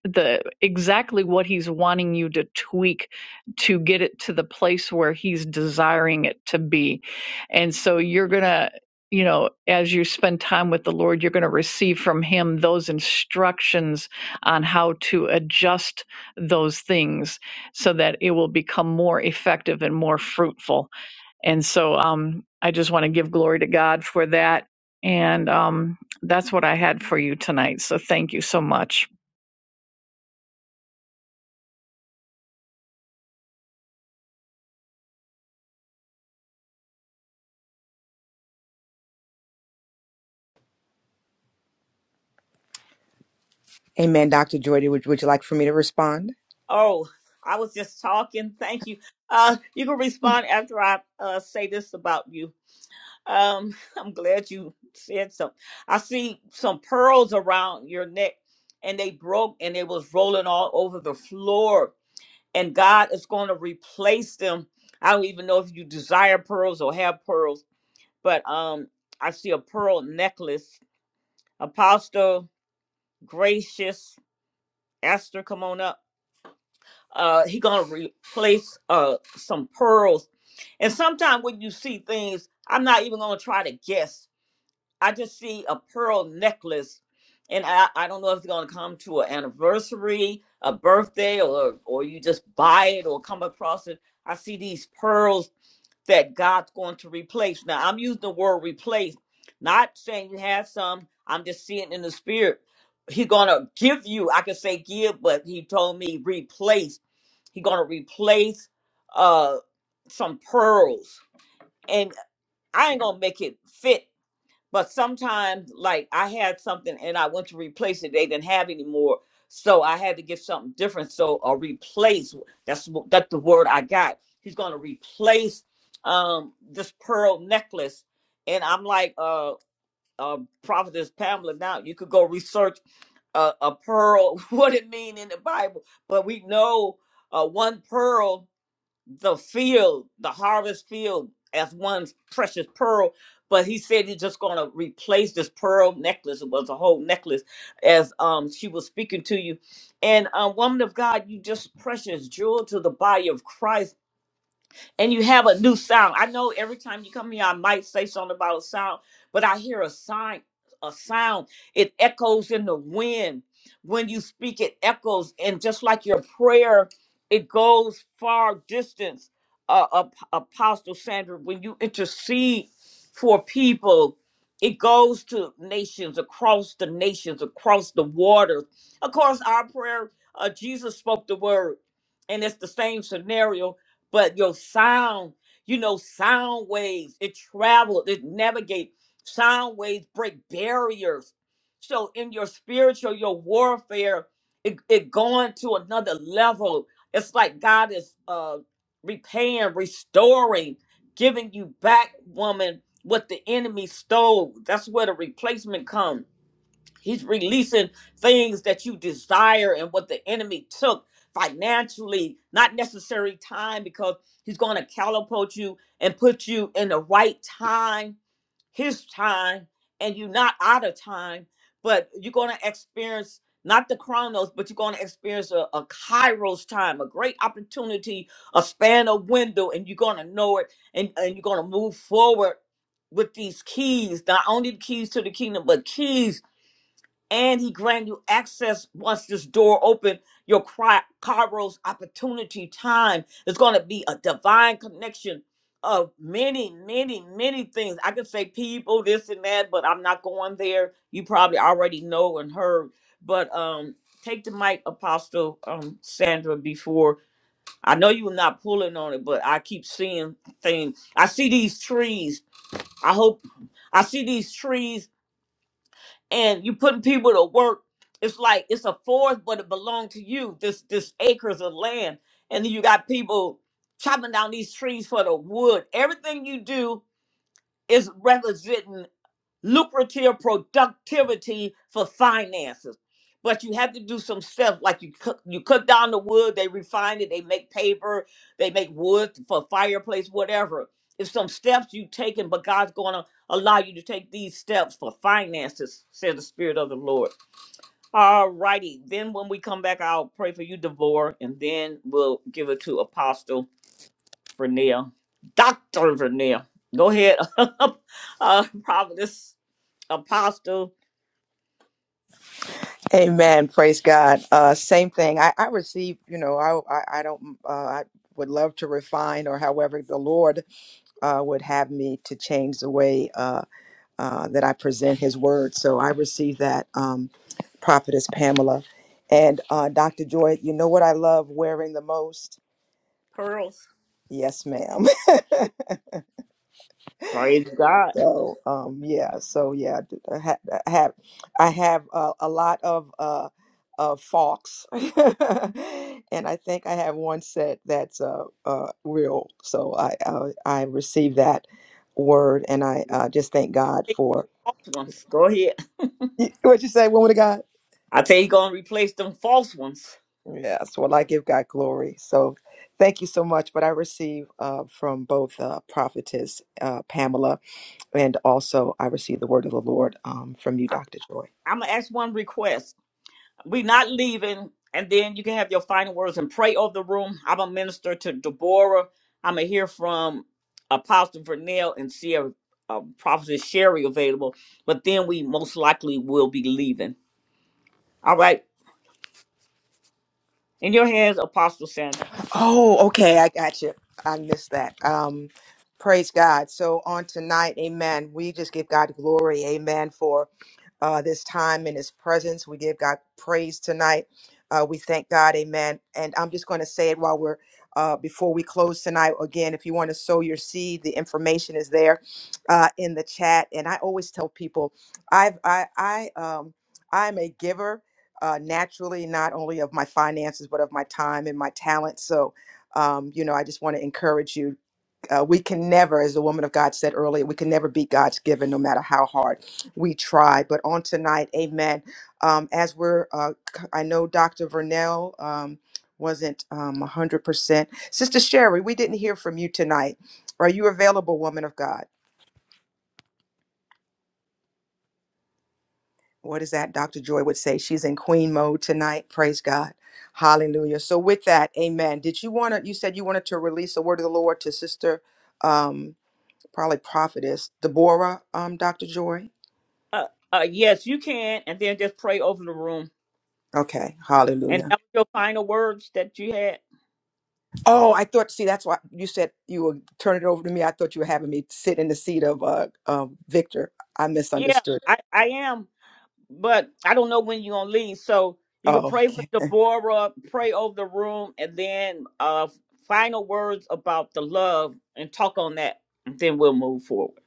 the exactly what he's wanting you to tweak to get it to the place where he's desiring it to be. And so you're going to you know, as you spend time with the Lord, you're going to receive from Him those instructions on how to adjust those things so that it will become more effective and more fruitful and so um, I just want to give glory to God for that. And um, that's what I had for you tonight. So thank you so much.
Amen. Dr. Joy, would, would you like for me to respond?
Oh, I was just talking. Thank you. Uh, you can respond after I uh, say this about you. Um, I'm glad you said something. I see some pearls around your neck, and they broke, and it was rolling all over the floor and God is going to replace them. I don't even know if you desire pearls or have pearls, but um, I see a pearl necklace. Apostle, gracious Esther, come on up. Uh, he gonna replace uh some pearls, and sometimes when you see things, I'm not even gonna try to guess. I just see a pearl necklace, and I, I don't know if it's gonna come to an anniversary, a birthday, or or you just buy it or come across it. I see these pearls that God's going to replace. Now, I'm using the word replace, not saying you have some. I'm just seeing in the spirit. He gonna give you. I could say give, but he told me replace. He gonna replace uh some pearls, and I ain't gonna make it fit. But sometimes, like I had something and I went to replace it, they didn't have anymore, so I had to get something different. So a replace. That's that's the word I got. He's gonna replace um this pearl necklace, and I'm like, uh, uh, prophetess Pamela. Now you could go research uh, a pearl, what it mean in the Bible, but we know uh, one pearl the field, the harvest field, as one's precious pearl. But he said he's just going to replace this pearl necklace. It was a whole necklace, as um she was speaking to you. And uh, woman of God, you just precious jewel to the body of Christ and you have a new sound. I know every time you come here, I might say something about a sound, but I hear a sign, a sound. It echoes in the wind. When you speak, it echoes, and just like your prayer, it goes far distance. Uh, Ap- Apostle Sandra, when you intercede for people, it goes to nations across the nations, across the waters. Of course, our prayer, uh, Jesus spoke the word, and it's the same scenario but your sound, you know, sound waves, it travels, it navigates. Sound waves break barriers. So in your spiritual, your warfare, it, it going to another level. It's like God is uh repaying, restoring, giving you back, woman, what the enemy stole. That's where the replacement comes He's releasing things that you desire and what the enemy took financially, not necessary time, because he's going to catapult you and put you in the right time, his time, and you're not out of time, but you're going to experience not the chronos, but you're going to experience a, a kairos time, a great opportunity, a span of window, and you're going to know it and, and you're going to move forward with these keys, not only the keys to the kingdom, but keys and he grant you access once this door open your cri- kairos opportunity time is going to be a divine connection of many many many things i could say people this and that but i'm not going there you probably already know and heard but um take the mic apostle um sandra before i know you were not pulling on it but i keep seeing things i see these trees i hope i see these trees and you putting people to work. It's like it's a forest, but it belonged to you. This this acres of land, and then you got people chopping down these trees for the wood. Everything you do is representing lucrative productivity for finances. But you have to do some stuff like you cut, you cut down the wood, they refine it, they make paper, they make wood for fireplace, whatever. It's some steps you've taken, but God's going to allow you to take these steps for finances, said the Spirit of the Lord. All righty. Then when we come back, I'll pray for you, Devorah, and then we'll give it to Apostle Vernell. Dr. Vernell. Go ahead, uh, Providence Apostle.
Amen. Praise God. Uh, same thing. I, I receive, you know, I, I, I don't, uh, I would love to refine or however the Lord uh, would have me to change the way uh, uh, that I present his word. So I receive that, um, Prophetess Pamela. And uh, Dr. Joy, you know what I love wearing the most?
Pearls.
Yes, ma'am.
Praise God.
So um yeah, so yeah, d- I ha- I have I have uh, a lot of uh of forks, and I think I have one set that's uh, uh real. So I I, I received that word, and I uh, just thank God
Replace
for
false ones. Go ahead.
Y- what you say, woman of God.
I tell you, gonna replace them false ones.
Yes, well I give God glory. So thank you so much. But I receive uh from both uh, prophetess uh, Pamela And also, I received the word of the Lord um, from you,
I,
Dr. Joy.
I'm gonna ask one request. We not leaving, and then you can have your final words and pray over the room. I'm a minister to Deborah. I'm gonna hear from Apostle Vernell and see if uh, Prophet Sherry available. But then we most likely will be leaving. All right, in your hands, Apostle Sandra.
Oh, okay. I got you. I missed that. Um, praise God. So on tonight, Amen. We just give God glory, Amen, for uh, this time in His presence. We give God praise tonight. Uh, we thank God, Amen. And I'm just going to say it while we're uh, before we close tonight. Again, if you want to sow your seed, the information is there uh, in the chat. And I always tell people, I've I I um I'm a giver uh, naturally, not only of my finances, but of my time and my talent. So, um, you know, I just want to encourage you. Uh, we can never, as the woman of God said earlier, we can never be God's given, no matter how hard we try. But on tonight, amen. Um, as we're, uh, c- I know Dr. Vernell um, wasn't um, 100%. Sister Sherry, we didn't hear from you tonight. Are you available, woman of God? what is that? Dr. Joy would say she's in queen mode tonight. Praise God. Hallelujah. So with that, amen. Did you want to, you said you wanted to release the word of the Lord to sister, um, probably prophetess Deborah, um, Dr. Joy.
Uh, uh, yes, you can, and then just pray over the room.
Okay.
And
Hallelujah.
that was your final words that you had.
Oh, I thought, see, that's why you said you were turning it over to me. I thought you were having me sit in the seat of, uh, um, Victor. I
Yeah,
misunderstood.
I, I am, but I don't know when you're gonna leave. So you can
Oh,
pray for
okay.
Deborah, pray over the room, and then uh final words about the love and talk on that, and then we'll move forward.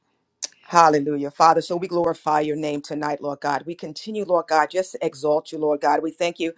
Hallelujah. Father, so we glorify your name tonight, Lord God. We continue, Lord God, just to exalt you, Lord God. We thank you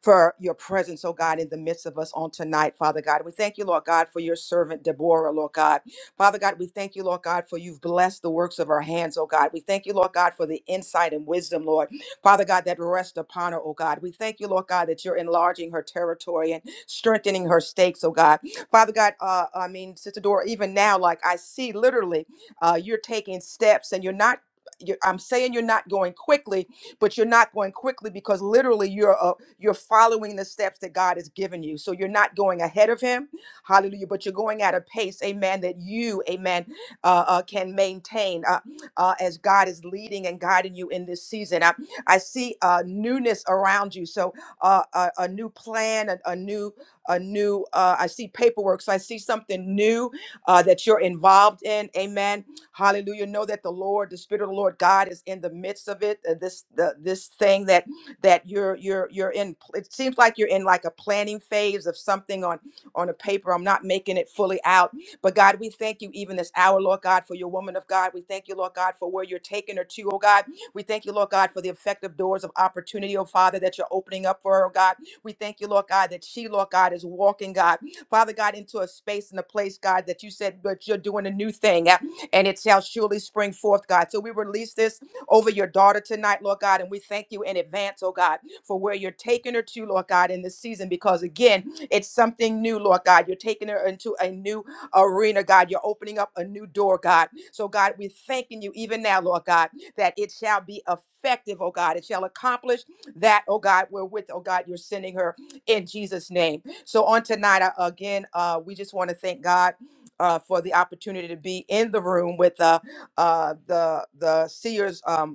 for your presence, oh God, in the midst of us on tonight, Father God. We thank you, Lord God, for your servant Deborah, Lord God. Father God, we thank you, Lord God, for you've blessed the works of her hands, oh God. We thank you, Lord God, for the insight and wisdom, Lord. Father God, that rest upon her, oh God. We thank you, Lord God, that you're enlarging her territory and strengthening her stakes, oh God. Father God, uh, I mean, Sister Dora, even now, like I see literally uh, you're taking steps and you're not you're, I'm saying you're not going quickly, but you're not going quickly because literally you're uh, you're following the steps that God has given you. So you're not going ahead of Him, Hallelujah. But you're going at a pace, Amen, that you, Amen, uh, uh, can maintain uh, uh, as God is leading and guiding you in this season. I, I see uh, newness around you, so uh, a, a new plan, a, a new a new uh, I see paperwork, so I see something new uh, that you're involved in, Amen Hallelujah. Know that the Lord, the Spirit of the Lord God is in the midst of it. uh, This the this thing that that you're you're you're in it seems like you're in like a planning phase of something on on a paper. I'm not making it fully out. But God, we thank you even this hour, Lord God, for your woman of God. We thank you, Lord God, for where you're taking her to, oh God. We thank you, Lord God, for the effective doors of opportunity, oh Father, that you're opening up for her, oh God. We thank you, Lord God, that she, Lord God, is walking, God, Father God, into a space and a place, God, that you said, but you're doing a new thing and it shall surely spring forth, God. So we release this over your daughter tonight, Lord God, and we thank you in advance, oh God, for where you're taking her to, Lord God, in this season, because again, it's something new, Lord God. You're taking her into a new arena, God. You're opening up a new door, God. So, God, we're thanking you even now, Lord God, that it shall be effective, oh God. It shall accomplish that, oh God, we with, oh God, you're sending her in Jesus' name. So, on tonight, I- again, uh, we just want to thank God uh, for the opportunity to be in the room with uh, uh, the the seers. Um,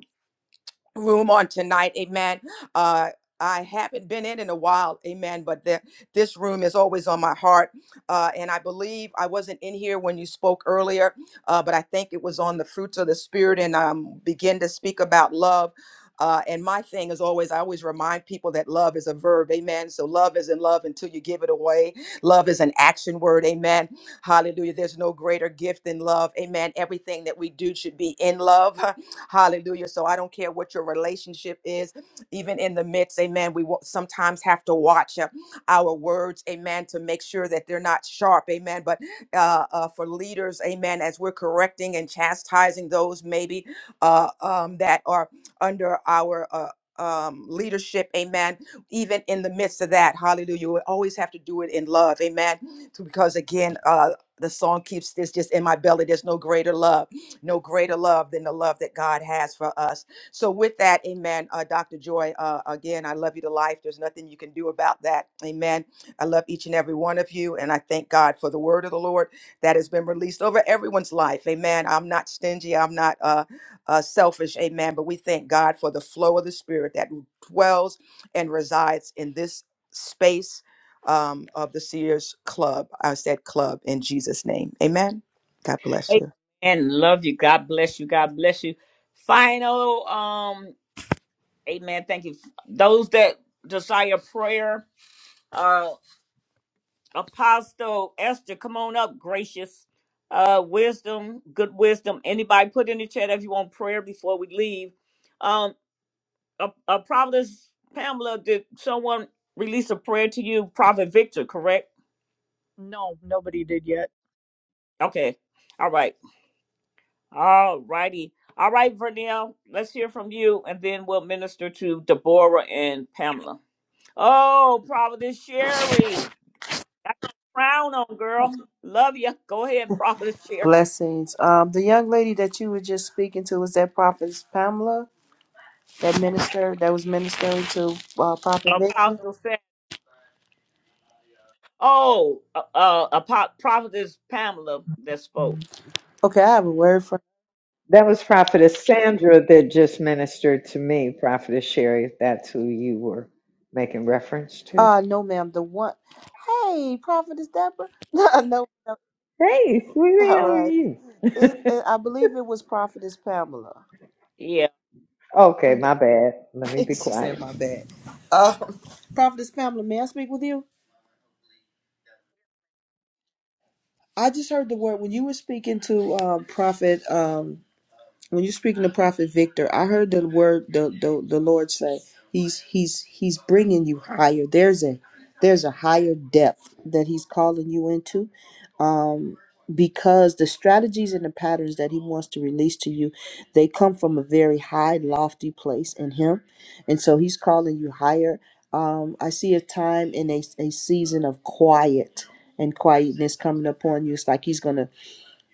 room on tonight. Amen. Uh, I haven't been in in a while, amen. But the, this room is always on my heart, uh, and I believe I wasn't in here when you spoke earlier, uh, but I think it was on the fruits of the spirit, and um, begin to speak about love. Uh, and my thing is always, I always remind people that love is a verb, amen. So love is in love until you give it away. Love is an action word, amen. Hallelujah. There's no greater gift than love, amen. Everything that we do should be in love. Hallelujah. So I don't care what your relationship is, even in the midst, amen. We wa- sometimes have to watch uh, our words, amen, to make sure that they're not sharp, amen. But uh, uh, for leaders, amen, as we're correcting and chastising those maybe uh, um, that are under our uh, um, leadership, amen. Even in the midst of that, hallelujah, we always have to do it in love, amen. To- Because again, uh, the song keeps this just in my belly. There's no greater love no greater love than the love that God has for us. So, with that, amen. Uh, Dr. Joy, uh, again, I love you to life. There's nothing you can do about that. Amen. I love each and every one of you. And I thank God for the word of the Lord that has been released over everyone's life. Amen. I'm not stingy. I'm not uh, uh, selfish. Amen. But we thank God for the flow of the Spirit that dwells and resides in this space um, of the Sears Club. I said club in Jesus' name. Amen. God bless you.
Amen. Love you. God bless you. God bless you. Final um Amen. Thank you. Those that desire prayer, uh, Apostle Esther, come on up, gracious. Uh, wisdom, good wisdom. Anybody put in the chat if you want prayer before we leave. Um, a, a prophetess Pamela, did someone release a prayer to you? Prophet Victor, correct?
No, nobody did yet.
Okay. All right. All righty. All right, Vernell, let's hear from you, and then we'll minister to Deborah and Pamela. Oh, Prophetess Sherry, got your crown on, girl. Love you. Go ahead, Prophetess Sherry.
Blessings. Um, the young lady that you were just speaking to was that prophet Pamela, that minister that was ministering to uh, Prophet Victor.
Apostle Oh, uh, uh, a pop, prophetess Pamela that spoke.
Okay, I have a word for.
That was Prophetess Sandra that just ministered to me, Prophetess Sherry, if that's who you were making reference to.
Uh no, ma'am. The one. Hey, prophetess Deborah. No, no. ma'am.
Hey, sweetie,
All
how are
right.
you?
It, it, I believe it was prophetess Pamela.
Yeah,
okay, my bad. Let me
she
be quiet.
said, "My bad." Um, prophetess Pamela, may I speak with you? I just heard the word when you were speaking to um, Prophet. Um, when you're speaking to prophet victor i heard the word the, the the lord say he's he's he's bringing you higher there's a there's a higher depth that he's calling you into um because the strategies and the patterns that he wants to release to you they come from a very high lofty place in him and so he's calling you higher um i see a time in a, a season of quiet and quietness coming upon you it's like he's gonna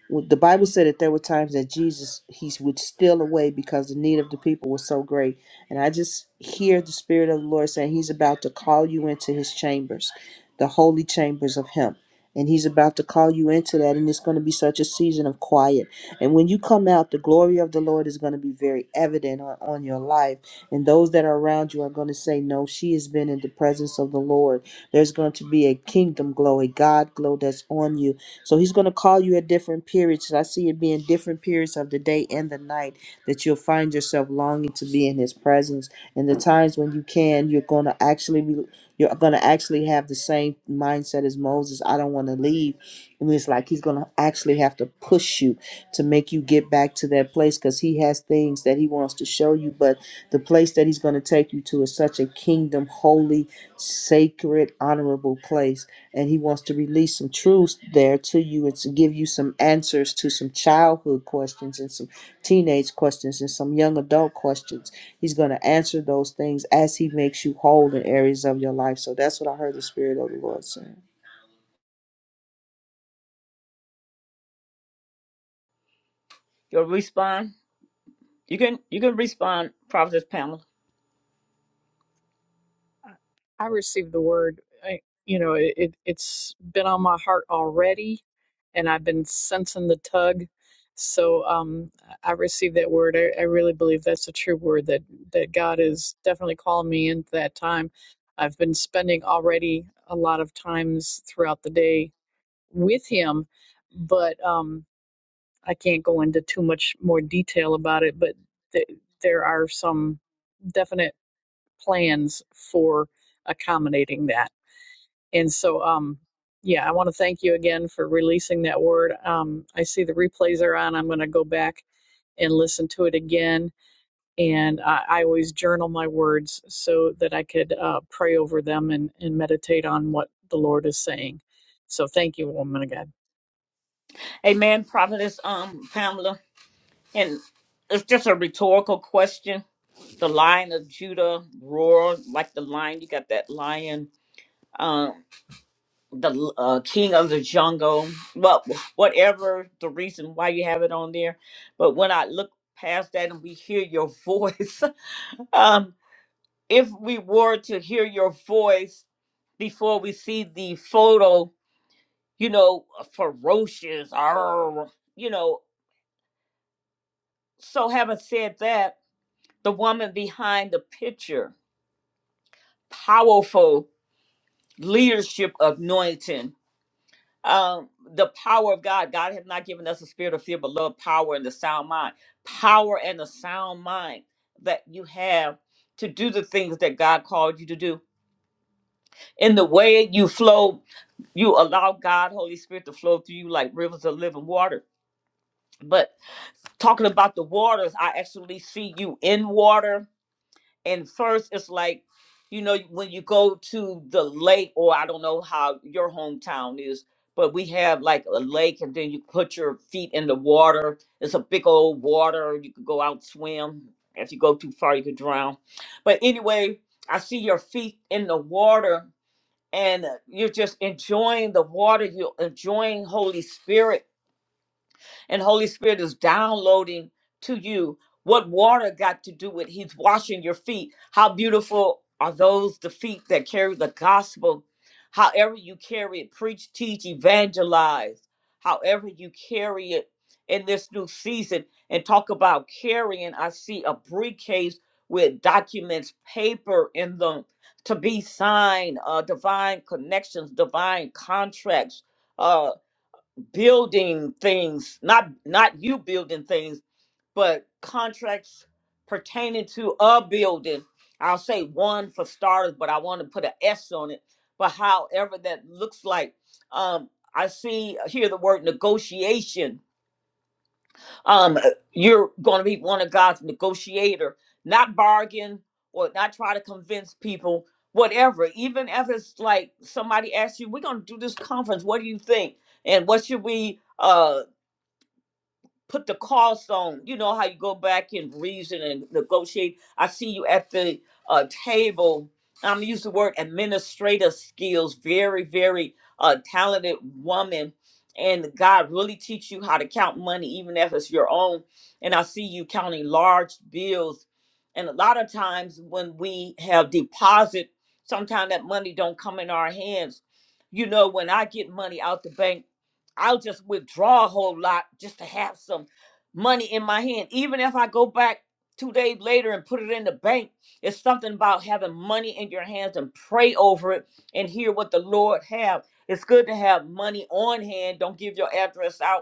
well, The Bible said that there were times that Jesus he would steal away because the need of the people was so great. And I just hear the Spirit of the Lord saying He's about to call you into His chambers, the holy chambers of Him. And he's about to call you into that, and it's going to be such a season of quiet. And when you come out, the glory of the Lord is going to be very evident on, on your life. And those that are around you are going to say, No, she has been in the presence of the Lord. There's going to be a kingdom glow, a God glow that's on you so he's going to call you at different periods. I see it being different periods of the day and the night that you'll find yourself longing to be in his presence. And the times when you can, you're going to actually be, you're going to actually have the same mindset as Moses. I don't want to leave. And it's like he's going to actually have to push you to make you get back to that place because he has things that he wants to show you. But the place that he's going to take you to is such a kingdom, holy, sacred, honorable place and he wants to release some truths there to you and to give you some answers to some childhood questions and some teenage questions and some young adult questions. He's going to answer those things as he makes you whole in areas of your life. So that's what I heard the Spirit of the Lord saying.
you'll respond. You can you can respond, prophetess Pamela.
I I received the word. I, you know, it, it, it's been on my heart already, and I've been sensing the tug. So um, I I received that word. I, I really believe that's a true word that, that God is definitely calling me into that time. I've been spending already a lot of times throughout the day with him, but um, I can't go into too much more detail about it. But th- there are some definite plans for accommodating that. And so, um, yeah, I want to thank you again for releasing that word. Um, I see the replays are on. I'm going to go back and listen to it again. And I, I always journal my words so that I could uh, pray over them and, and meditate on what the Lord is saying. So thank you, woman of God.
Amen, prophetess um Pamela. And it's just a rhetorical question. The lion of Judah roared like the lion. You got that lion. Um, the uh, king of the jungle. Well, whatever the reason why you have it on there, but when I look past that and we hear your voice, um if we were to hear your voice before we see the photo, you know, ferocious, arr, you know. So, having said that, the woman behind the picture, powerful leadership anointing, um, the power of God. God has not given us a spirit of fear, but love, power, and the sound mind. Power and the sound mind that you have to do the things that God called you to do in the way you flow you allow god holy spirit to flow through you like rivers of living water but talking about the waters i actually see you in water and first it's like you know when you go to the lake or i don't know how your hometown is but we have like a lake and then you put your feet in the water it's a big old water you could go out swim if you go too far you could drown but anyway i see your feet in the water and uh, you're just enjoying the water, you're enjoying Holy Spirit and Holy Spirit is downloading to you what water got to do with He's washing your feet. How beautiful are those the feet that carry the gospel? However you carry it, preach, teach, evangelize. However you carry it in this new season, and talk about carrying. I see a briefcase with documents, paper in them to be signed, uh, divine connections, divine contracts. uh, building things not not you building things but contracts pertaining to a building i'll say one for starters but i want to put an s on it but however that looks like um i see uh, hear the word negotiation um uh, you're going to be one of god's negotiator not bargain or not try to convince people whatever even if it's like somebody asks you we're going to do this conference what do you think and what should we Uh, put the cost on. You know how you go back and reason and negotiate. I see you at the uh, table. I'm gonna use the word administrative skills. Very, very uh, talented woman, and God really teach you how to count money, even if it's your own. And I see you counting large bills. And a lot of times when we have deposit, sometimes that money don't come in our hands. You know, when I get money out the bank. I'll just withdraw a whole lot just to have some money in my hand. Even if I go back two days later and put it in the bank, it's something about having money in your hands and pray over it and hear what the Lord have. It's good to have money on hand. Don't give your address out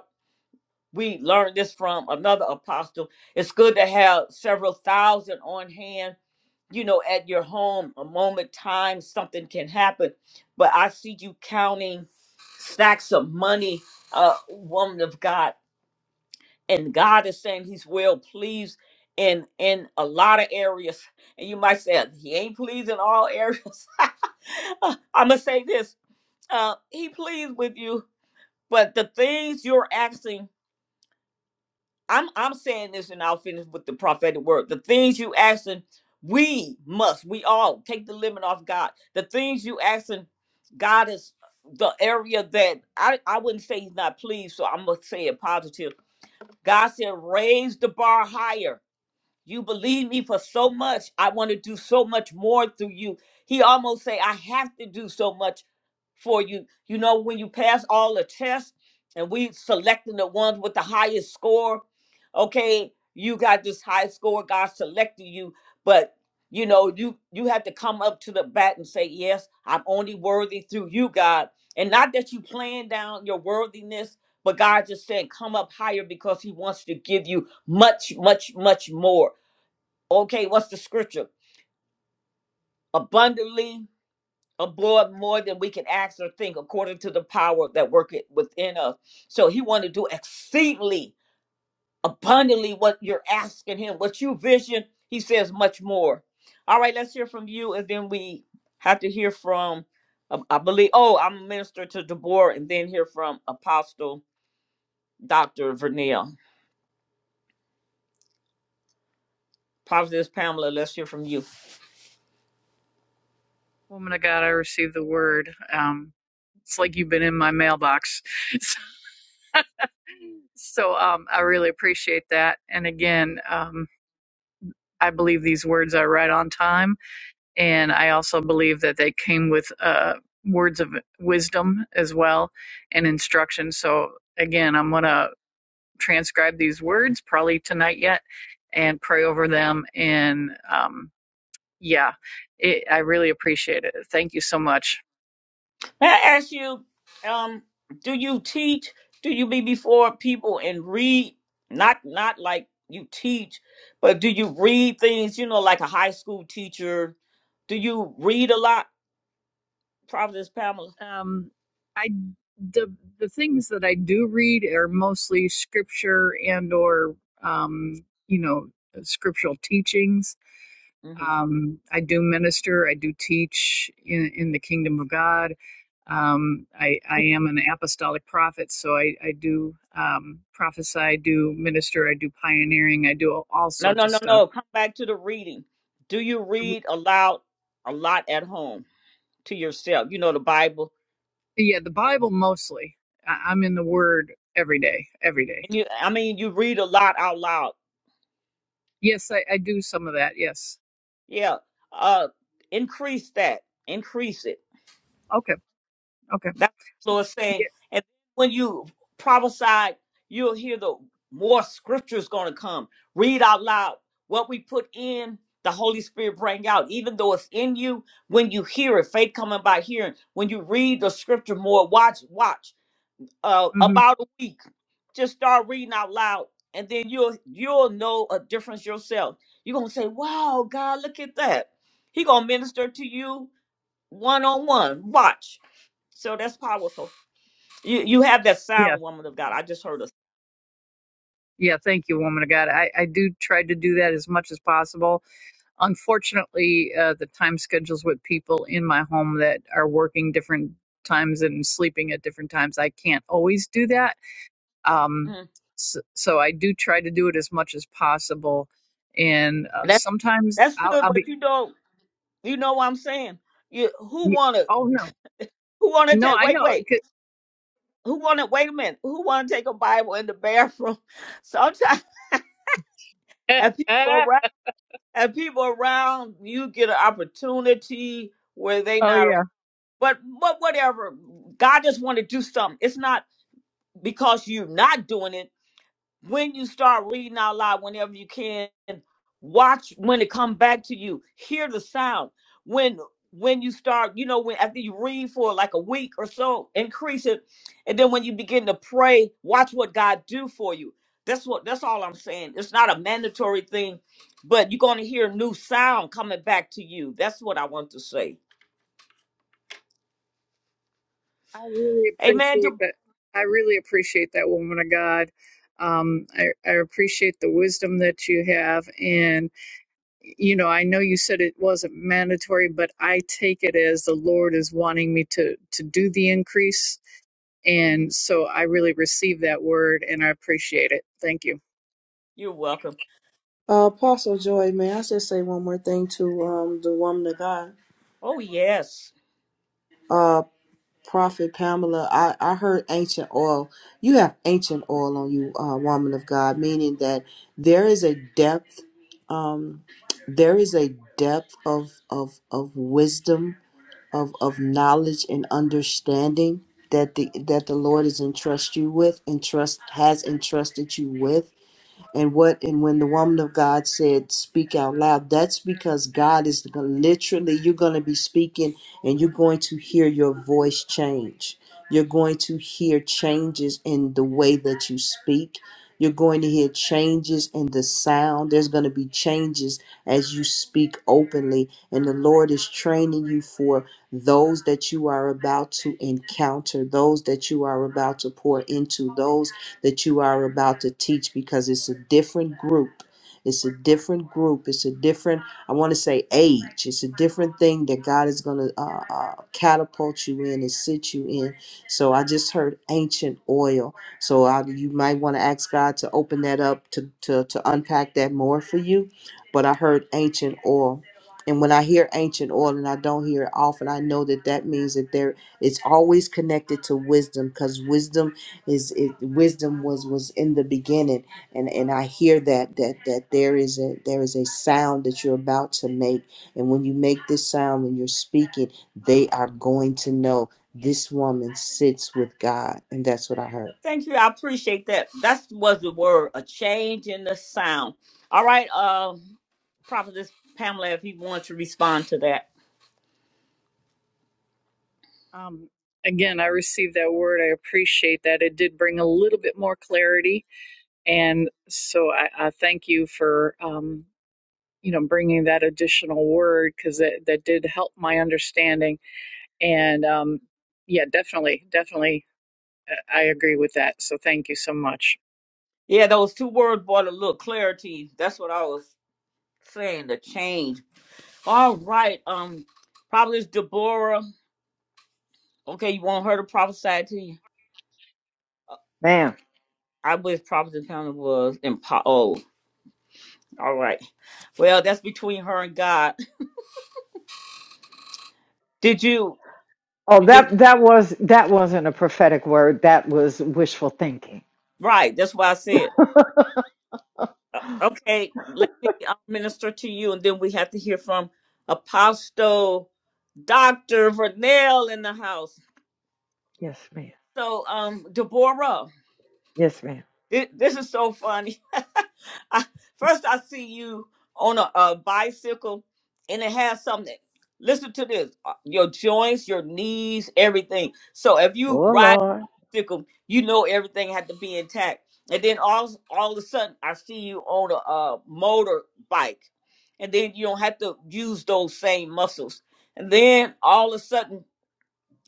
we learned this from another apostle. It's good to have several thousand on hand you know, at your home, a moment, time, something can happen. But I see you counting stacks of money, uh, woman of God, and God is saying He's well pleased in in a lot of areas. And you might say He ain't pleased in all areas. I'm gonna say this: uh, He pleased with you, but the things you're asking I'm I'm saying this and I'll finish with the prophetic word. The things you asking, we must, we all take the limit off God. The things you asking, God is the area that I, I wouldn't say he's not pleased, so I'm gonna say it positive. God said, raise the bar higher you believe me for so much. I want to do so much more through you. He almost say, I have to do so much for you. You know, when you pass all the tests and we selecting the ones with the highest score, okay, you got this high score, God selected you, but you know, you you have to come up to the bat and say, Yes, I'm only worthy through you, God. And not that you playing down your worthiness, but God just saying, come up higher because He wants to give you much, much, much more. Okay, what's the scripture? Abundantly abroad more than we can ask or think, according to the power that worketh within us. So he wanted to do exceedingly abundantly what you're asking him, what you vision. He says much more. All right, let's hear from you, and then we have to hear from. um, I believe. Oh, I'm a minister to Deborah, and then hear from Apostle Doctor Vernell. Prophetess Pamela, let's hear from you.
Woman of God, I received the word. Um, it's like you've been in my mailbox. so so um, I really appreciate that. And again, um, I believe these words are right on time. And I also believe that they came with uh, words of wisdom as well and instruction. So again, I'm going to transcribe these words probably tonight yet and pray over them. And um, yeah, it, I really appreciate it. Thank you so much.
May I ask you, um, do you teach? Do you be before people and read? Not not like you teach, but do you read things? You know, like a high school teacher. Do you read a lot, Providence Pamela?
Um, I the the things that I do read are mostly scripture and or um, you know scriptural teachings.
hmm
Um, I do minister. I do teach in, in the kingdom of God. Um, I, I am an apostolic prophet, so I, I do um, prophesy. I do minister. I do pioneering. I do all, all
No,
sorts
no,
of
no,
stuff.
no. Come back to the reading. Do you
The-
read aloud a lot at home to yourself? You know the Bible.
Yeah, the Bible mostly. I, I'm in the Word every day, every day.
And you, I mean, you read a lot out loud.
Yes, I, I do some of that. Yes.
Yeah. Uh, increase that. Increase it
Okay. Okay.
That's what the Lord's saying.
Yeah.
And when you prophesy, you'll hear the more scriptures going to come. Read out loud what we put in. The Holy Spirit bring out, even though it's in you. When you hear it, faith coming by hearing. When you read the scripture more, watch, watch. Uh,
hmm
about a week, just start reading out loud, and then you'll you'll know a difference yourself. You're gonna say, "Wow, God, look at that." He gonna minister to you one on one. Watch. So that's powerful. You you have that
Yeah.
sound, woman of God. I just heard a
Yeah. Thank you, woman of God. I, I do try to do that as much as possible. Unfortunately, uh, the time schedules with people in my home that are working different times and sleeping at different times, I can't always do that. Um,
Mhm.
so, so I do try to do it as much as possible. And uh,
That
sometimes
that's
I'll,
good,
I'll
but
be,
you don't you know what I'm saying? You who
y-
wanna
oh no,
who wanna
no,
take
I
wait,
know.
wait,
It
who wanna wait a minute, who wanna take a Bible in the bathroom? Sometimes
could-
and people around and people around you get an opportunity where they
oh
not
yeah.
around. But but whatever. God just wanna do something. It's not because you're not doing it when you start reading out loud whenever you can watch when it come back to you hear the sound when when you start you know when after you read for like a week or so increase it and then when you begin to pray watch what god do for you that's what that's all i'm saying it's not a mandatory thing but you're going to hear new sound coming back to you that's what i want to say
I really
amen
appreciate that. I really appreciate that woman of God. Um, I, I appreciate the wisdom that you have. And, you know, I know you said it wasn't mandatory, but I take it as the Lord is wanting me to, to do the increase. And so I really receive that word and I appreciate it. Thank you.
you're welcome
Uh, Apostle Joy, may I just say one more thing to um, the woman of God?
oh yes
Uh, Prophet Pamela, I, I heard ancient oil. You have ancient oil on you, uh, woman of God, meaning that there is a depth, um, there is a depth of of of wisdom, of of knowledge and understanding that the that the Lord has entrusted you with, entrust has entrusted you with and what and when the woman of God said speak out loud that's because God is gonna- literally you're going to be speaking and you're going to hear your voice change you're going to hear changes in the way that you speak you're going to hear changes in the sound there's going to be changes as you speak openly and the Lord is training you for those that you are about to encounter those that you are about to pour into those that you are about to teach because it's a different group. It's a different group. It's a different, I want to say, age. It's a different thing that God is going to uh, uh, catapult you in and sit you in. So I just heard ancient oil. So I, you might want to ask God to open that up to, to, to unpack that more for you. But I heard ancient oil. And when I hear ancient oil and I don't hear it often, I know that that means that there it's always connected to wisdom because wisdom is it wisdom was was in the beginning and and i hear that that that there is a there is a sound that you're about to make and when you make this sound when you're speaking they are going to know this woman sits with god and that's what i heard
Thank you. I appreciate that. That was the word, a change in the sound. All right, uh, Prophetess Pamela, if you want to respond to that.
Um, again, I received that word. I appreciate that. It did bring a little bit more clarity, and so I, I thank you for um, you know bringing that additional word because that that did help my understanding. And um, yeah, definitely, definitely, uh, I agree with that. So thank you so much,
Yeah, those two words brought a little clarity. That's what I was saying, the change. All right, um, Prophetess Deborah. Okay, you want her to prophesy to you?
Ma'am.
I wish Prophetess Pamela was in po- Oh, all right. Well, that's between her and God. Did you,
Oh,
did,
that that was that wasn't a prophetic word. That was wishful thinking.
right, that's why I said. Uh, Okay, let me uh, minister to you, and then we have to hear from Apostle Dr. Vernell in the house.
Yes, ma'am.
So, um, Deborah,
Yes, ma'am.
thi- this is so funny. I, first, I see you on a, a bicycle, and it has something. Listen to this: uh, your joints, your knees, everything. So, if you
Oh
ride
Lord.
fickle. You know everything had to be intact. And then all all of a sudden, I see you on a uh, motorbike, and then you don't have to use those same muscles. And then all of a sudden,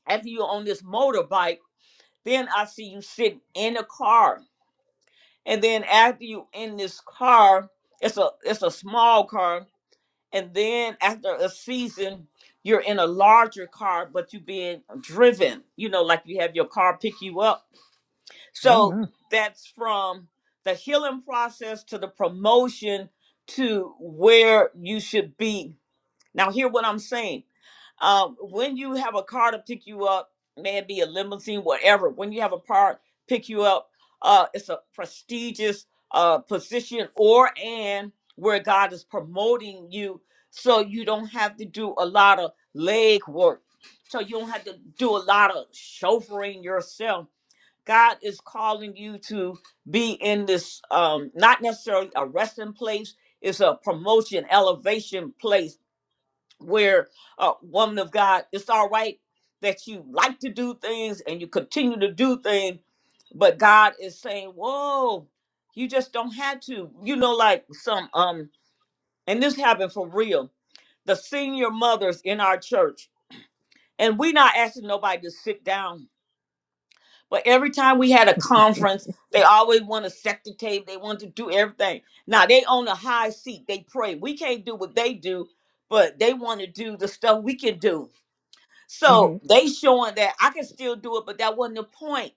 after you're on this motorbike, then I see you sitting in a car. And then after you in this car, it's a it's a small car. And then after a season, you're in a larger car, but you being driven. You know, like you have your car pick you up
Oh
so
my.
that's from the healing process to the promotion to where you should be. Now, hear what I'm saying. Um, when you have a car to pick you up, may it be a limousine, whatever, when you have a car pick you up, uh, it's a prestigious uh, position or and where God is promoting you so you don't have to do a lot of leg work. So you don't have to do a lot of chauffeuring yourself God is calling you to be in this, um, not necessarily a resting place, it's a promotion, elevation place where, uh, woman of God, it's all right that you like to do things and you continue to do things, but God is saying, whoa, you just don't have to. You know, like some, um, and this happened for real. The senior mothers in our church, and we not asking nobody to sit down But every time we had a conference, they always want to set the table. They want to do everything. Now they on a high seat. They pray. We can't do what they do, but they want to do the stuff we can do.
Mm-hmm.
So they showing that I can still do it, but that wasn't the point.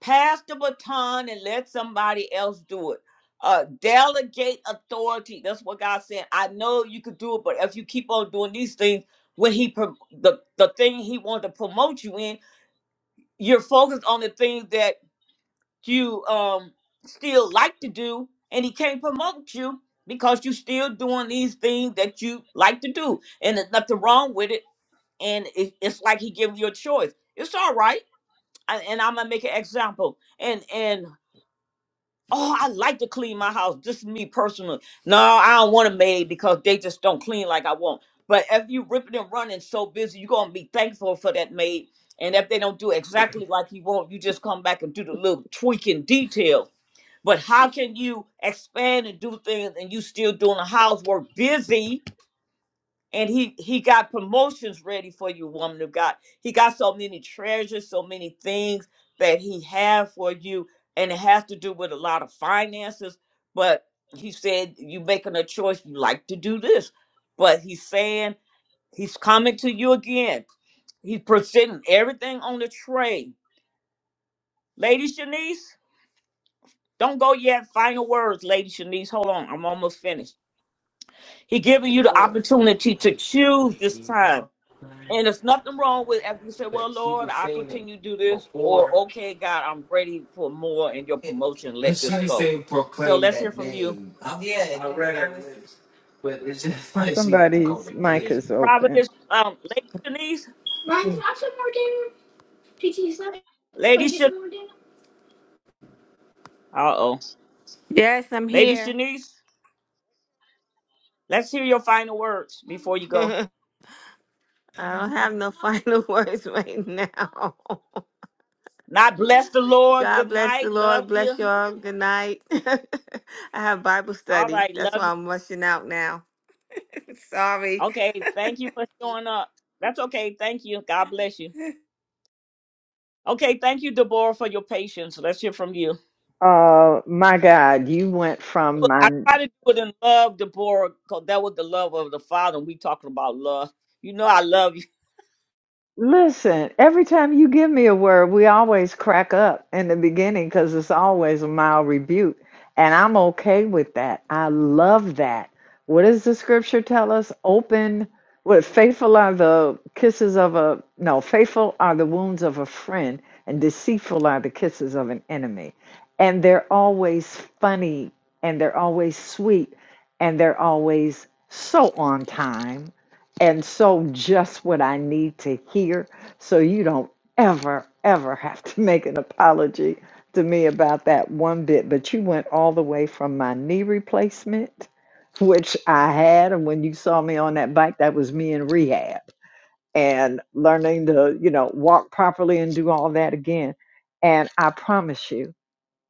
Pass the baton and let somebody else do it. Uh, delegate authority. That's what God said. I know you could do it, but if you keep on doing these things, when He prom- the the thing He wanted to promote you in, you're focused on the things that you um still like to do and he can't promote you because you still doing these things that you like to do and there's nothing wrong with it and it, it's like he giving you a choice it's all right I, and i'm gonna make an example and and oh i like to clean my house this is me personally no i don't want a maid because they just don't clean like i want but if you ripping and running so busy you're gonna be thankful for that maid and if they don't do exactly like you want you just come back and do the little tweaking detail but how can you expand and do things and you still doing the housework busy? And he he got promotions ready for you, woman of God. He got so many treasures, so many things that he have for you, and it has to do with a lot of finances. But he said you making a choice, you like to do this. But he's saying he's coming to you again. He's presenting everything on the tray. Lady Shanice, don't go yet. Final words, Lady Shanice. Hold on, I'm almost finished. He giving you the opportunity to choose this time. And there's nothing wrong with after you say, Well, Lord, I continue to do this, or okay, God, I'm ready for more in your promotion. Let this go. So let's hear from you.
Somebody's mic is open.
Providence, um, Lady Shanice, Lady Shanice. Uh oh.
Yes, I'm
Lady
here.
Shanice, let's hear your final words before you go.
I don't have no final words right now.
Not bless the Lord. Good
God bless the
night. Love
Lord. Bless
you.
y'all. Good night. I have Bible
All
study.
right,
That's why
love you.
I'm rushing out now. Sorry.
Okay, thank you for showing up. That's okay. Thank you. God bless you. Okay, thank you, Deborah, for your patience. Let's hear from you.
Uh, my God, you went from
I
my
try to do it in love, Deborah, because that was the love of the Father. We talking about love. You know I love you.
Listen, every time you give me a word, we always crack up in the beginning because it's always a mild rebuke. And I'm okay with that. I love that. What does the scripture tell us? Open, what faithful are the kisses of a, no, faithful are the wounds of a friend, and deceitful are the kisses of an enemy. And they're always funny, and they're always sweet, and they're always so on time and so, just what I need to hear, so you don't ever, ever have to make an apology to me about that one bit. But you went all the way from my knee replacement, which I had. And when you saw me on that bike, that was me in rehab and learning to, you know, walk properly and do all that again. And I promise you,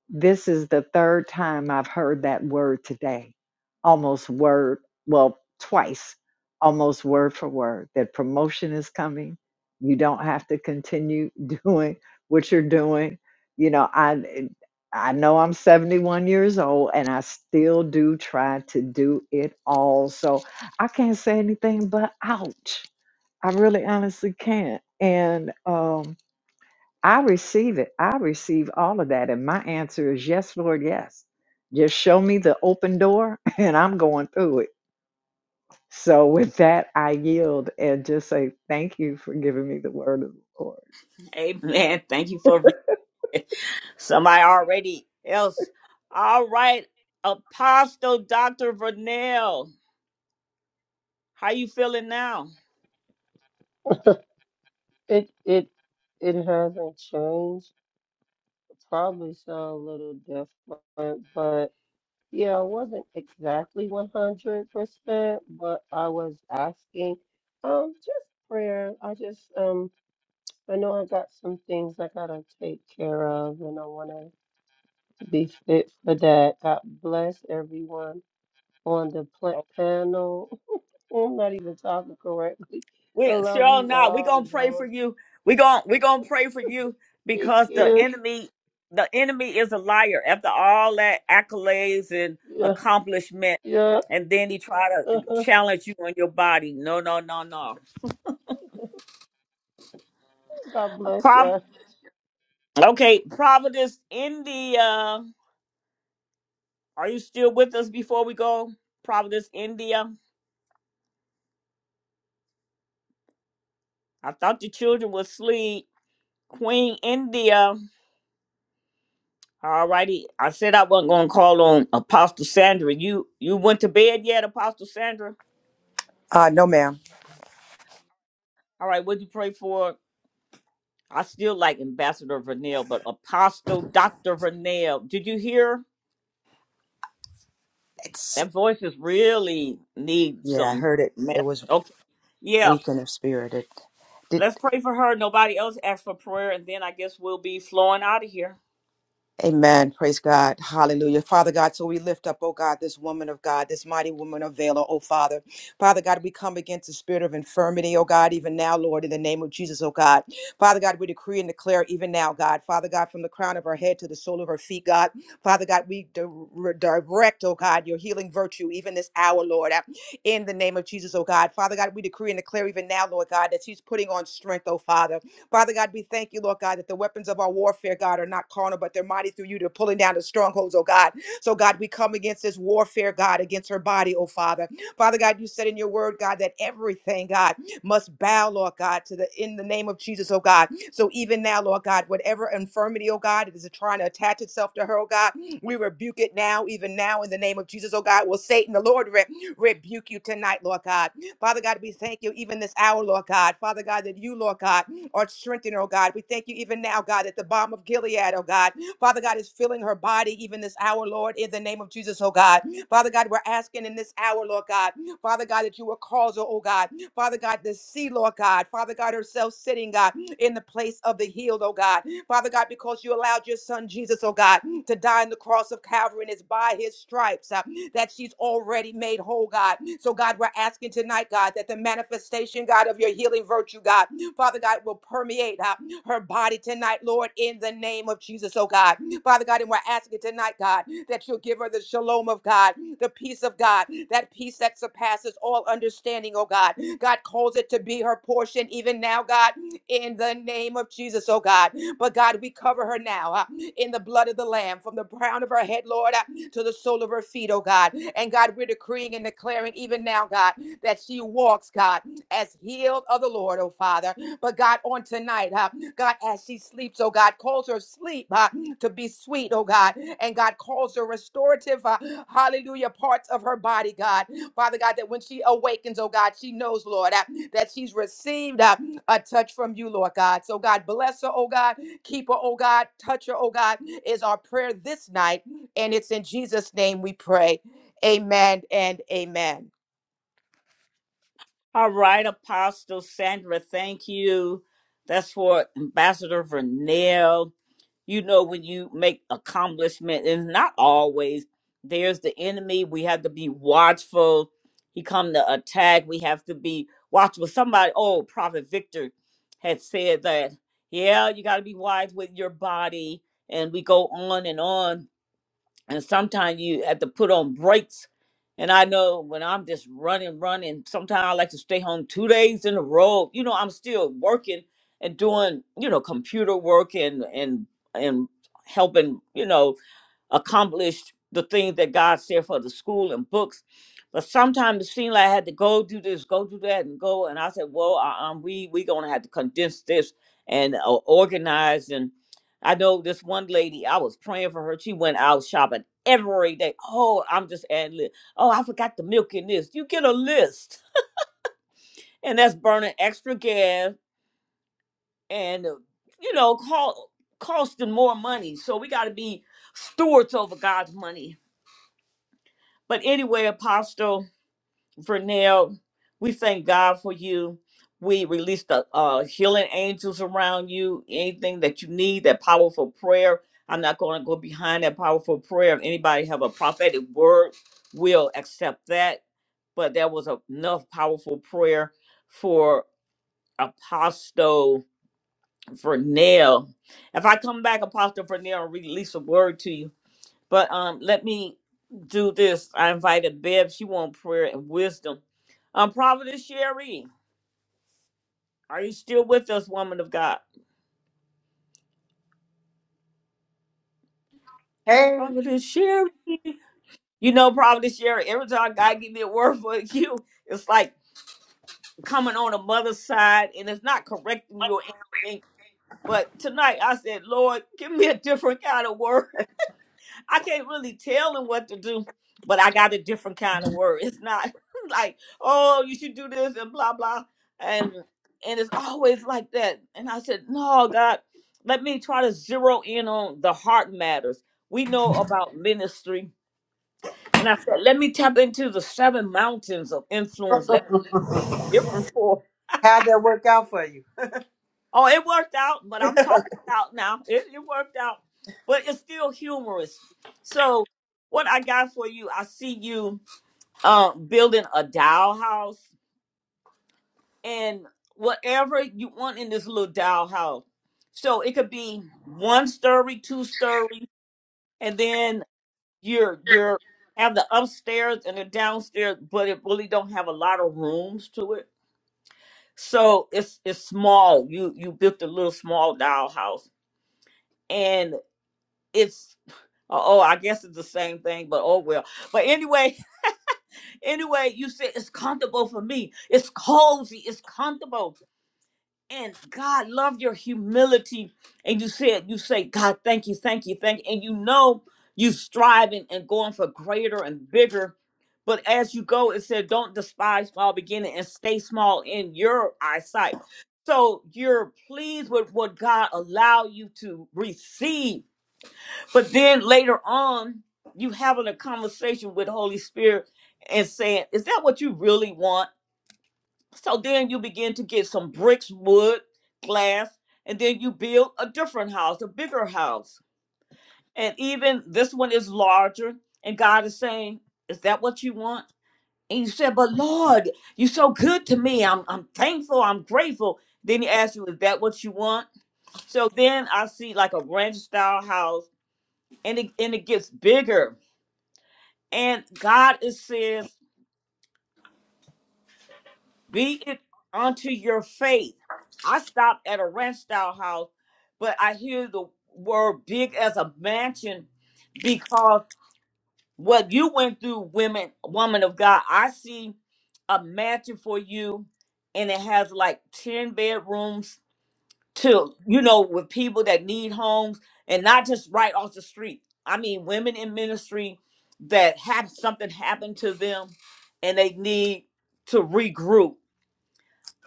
this is the third time I've heard that word today, almost word, well, twice, almost word for word, that promotion is coming. You don't have to continue doing what you're doing. You know, I I know I'm 71 years old and I still do try to do it all. So I can't say anything but ouch. I really honestly can't. And um I receive it. I receive all of that. And my answer is yes, Lord, yes. Just show me the open door and I'm going through it. So with that, I yield and just say thank you for giving me the word of the Lord.
Amen. Thank you for re- somebody already else. All right, Apostle Dr. Vernell, how you feeling now?
It it it hasn't changed. Probably sound a little different, but yeah, I wasn't exactly 100%, but I was asking um just prayer. I just um I know I got some things I gotta take care of, and I wanna be fit for that. God bless everyone on the pla- panel. I'm not even talking correctly. I
We
love
sure
you
not. We
all.
gonna pray
do
for you. We gonna we gonna pray for you
thank
because the
you.
enemy, the enemy is a liar. After all that accolades and
Yeah,
accomplishment,
yeah.
and then he try to challenge you on your body. No, no, no, no.
God bless
Prov-
you.
okay, Providence, India. Are you still with us before we go? Providence, India. I thought the children would sleep. Queen India. All righty. I said I wasn't gonna call on Apostle Sandra. You you went to bed yet, Apostle Sandra?
Uh, no, ma'am.
All right, what'd you pray for? I still like Ambassador Vernell, but Apostle Dr. Vernell, did you hear?
It's
That voice is really need
yeah, I
some
heard it.
man.
It was
Okay. Yeah.
weekend of spirit. It did.
Let's pray for her. Nobody else asked for prayer, and then I guess we'll be flowing out of here.
Amen. Praise God. Hallelujah. Father God, so we lift up, oh God, this woman of God, this mighty woman of valor, oh Father. Father God, we come against the spirit of infirmity, oh God, even now, Lord, in the name of Jesus, oh God. Father God, we decree and declare even now, God. Father God, from the crown of her head to the sole of her feet, God. Father God, we di- re- direct, oh God, your healing virtue even this hour, Lord, uh, in the name of Jesus, oh God. Father God, we decree and declare even now, Lord God, that she's putting on strength, oh Father. Father God, we thank you, Lord God, that the weapons of our warfare, God, are not carnal, but they're mighty through you to pulling down the strongholds, oh God. So, God, we come against this warfare, God, against her body, oh Father. Father God, you said in your word, God, that everything, God, must bow, Lord God, to the in the name of Jesus, oh God. So even now, Lord God, whatever infirmity, oh God, it is trying to attach itself to her, oh God, we rebuke it now, even now, in the name of Jesus, oh God. Will Satan, the Lord, re- rebuke you tonight, Lord God. Father God, we thank you even this hour, Lord God. Father God, that you, Lord God, are strengthened, oh God. We thank you even now, God, that the bomb of Gilead, oh God, Father God, is filling her body even this hour, Lord, in the name of Jesus, oh God. Father God, we're asking in this hour, Lord God, Father God, that you will cause, her, oh God, Father God, to see, Lord God, Father God, herself sitting, God, in the place of the healed, oh God. Father God, because you allowed your son Jesus, oh God, to die on the cross of Calvary, and it's by his stripes uh, that she's already made whole, God. So, God, we're asking tonight, God, that the manifestation, God, of your healing virtue, God, Father God, will permeate uh, her body tonight, Lord, in the name of Jesus, oh God. Father God, and we're asking tonight, God, that you'll give her the shalom of God, the peace of God, that peace that surpasses all understanding, oh God. God calls it to be her portion even now, God, in the name of Jesus, oh God. But God, we cover her now uh, in the blood of the Lamb, from the crown of her head, Lord, uh, to the sole of her feet, oh God. And God, we're decreeing and declaring even now, God, that she walks, God, as healed of the Lord, oh Father. But God, on tonight, uh, God, as she sleeps, oh God, calls her sleep uh, to be sweet, oh God. And God calls her restorative, uh, hallelujah, parts of her body, God. Father God, that when she awakens, oh God, she knows, Lord, uh, that she's received uh, a touch from you, Lord God. So God, bless her, oh God. Keep her, oh God. Touch her, oh God, is our prayer this night. And it's in Jesus' name we pray. Amen and amen.
All right, Apostle Sandra, thank you. That's for Ambassador Vernell. you know, when you make accomplishment, and not always, there's the enemy. We have to be watchful. He come to attack. We have to be watchful. Somebody, oh, Prophet Victor had said that, yeah, you got to be wise with your body. And we go on and on and sometimes you have to put on brakes. And I know when I'm just running, running, sometimes I like to stay home two days in a row. You know, I'm still working and doing, you know, computer work and and and helping, you know, accomplished the things that God said for the school and books. But sometimes it seemed like I had to go do this, go do that, and go. And I said, well, uh, um, we we gonna have to condense this and uh, organize. And I know this one lady, I was praying for her. She went out shopping every day. Oh, I'm just adding. lib. Oh, I forgot the milk in this. You get a list, and that's burning extra gas and uh, you know, call, costing more money. So we got to be stewards over God's money But anyway, Apostle Vernell, we thank God for you. We release the uh, healing angels around you. Anything that you need, that powerful prayer. I'm not going to go behind that powerful prayer. If anybody have a prophetic word, we'll accept that. But that was a- enough powerful prayer for Apostle Vernell. If I come back, Apostle Vernell, and release a word to you, but um, let me do this. I invited Bev. She wants prayer and wisdom. Um, Providence Sherry, are you still with us, woman of God?
Hey,
Providence Sherry. You know, Providence Sherry, every time God give me a word for you, it's like coming on a mother's side, and it's not correcting you or anything. But tonight I said, Lord, give me a different kind of word I can't really tell him what to do, but I got a different kind of word. It's not like, oh, you should do this and blah blah, and and it's always like that. And I said, no, God, let me try to zero in on the heart matters. We know about ministry, and I said, let me tap into the seven mountains of influence. Let different for.
how'd that work out for you?
Oh, it worked out, but I'm talking about now. It, it worked out, but it's still humorous. So, what I got for you, I see you uh, building a dollhouse and whatever you want in this little dollhouse. So it could be one story, two story, and then you're you're have the upstairs and the downstairs, but it really don't have a lot of rooms to it. So it's it's small. You you built a little small dollhouse, and it's oh I guess it's the same thing, but oh well. But anyway, anyway, you said it's comfortable for me. It's cozy. It's comfortable and God loved your humility. And you said, you say, God, thank you, thank you, thank you. And you know you striving and going for greater and bigger. But as you go, it said, don't despise small beginning and stay small in your eyesight. So you're pleased with what God allow you to receive. But then later on, you having a conversation with Holy Spirit and saying, is that what you really want? So then you begin to get some bricks, wood, glass, and then you build a different house, a bigger house. And even this one is larger. And God is saying, Is that what you want? And you said, But Lord, you're so good to me. I'm, I'm thankful. I'm grateful. Then he asks you, Is that what you want? So then I see like a ranch style house and it, and it gets bigger. And God is says, Be it unto your faith. I stopped at a ranch style house, but I hear the word big as a mansion because what you went through, women, woman of God, I see a mansion for you and it has like 10 bedrooms to, you know, with people that need homes and not just right off the street. I mean, women in ministry that have something happen to them and they need to regroup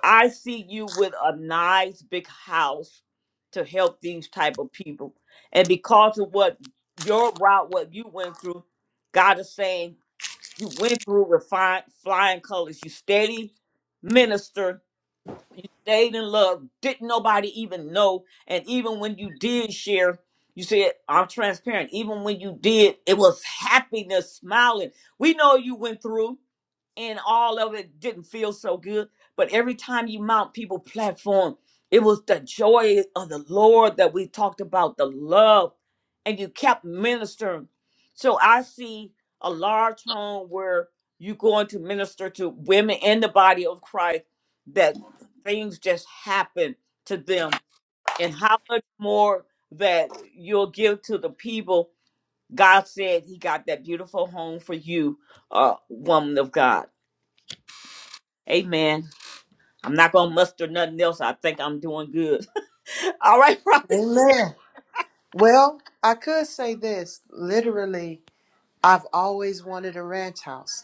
I see you with a nice big house to help these type of people. And because of what your route, what you went through, God is saying you went through with fine, flying colors. You steady minister. You stayed in love. Didn't nobody even know. And even when you did share, you said, I'm transparent. Even when you did, it was happiness, smiling. We know you went through and all of it didn't feel so good. But every time you mount people platform, it was the joy of the Lord that we talked about, the love, and you kept ministering. So I see a large home where you're going to minister to women in the body of Christ that things just happen to them, and how much more that you'll give to the people. God said He got that beautiful home for you, uh, woman of God. Amen. I'm not gonna muster nothing else. I think I'm doing good. All right, prophet.
amen Well, I could say this. Literally, I've always wanted a ranch house.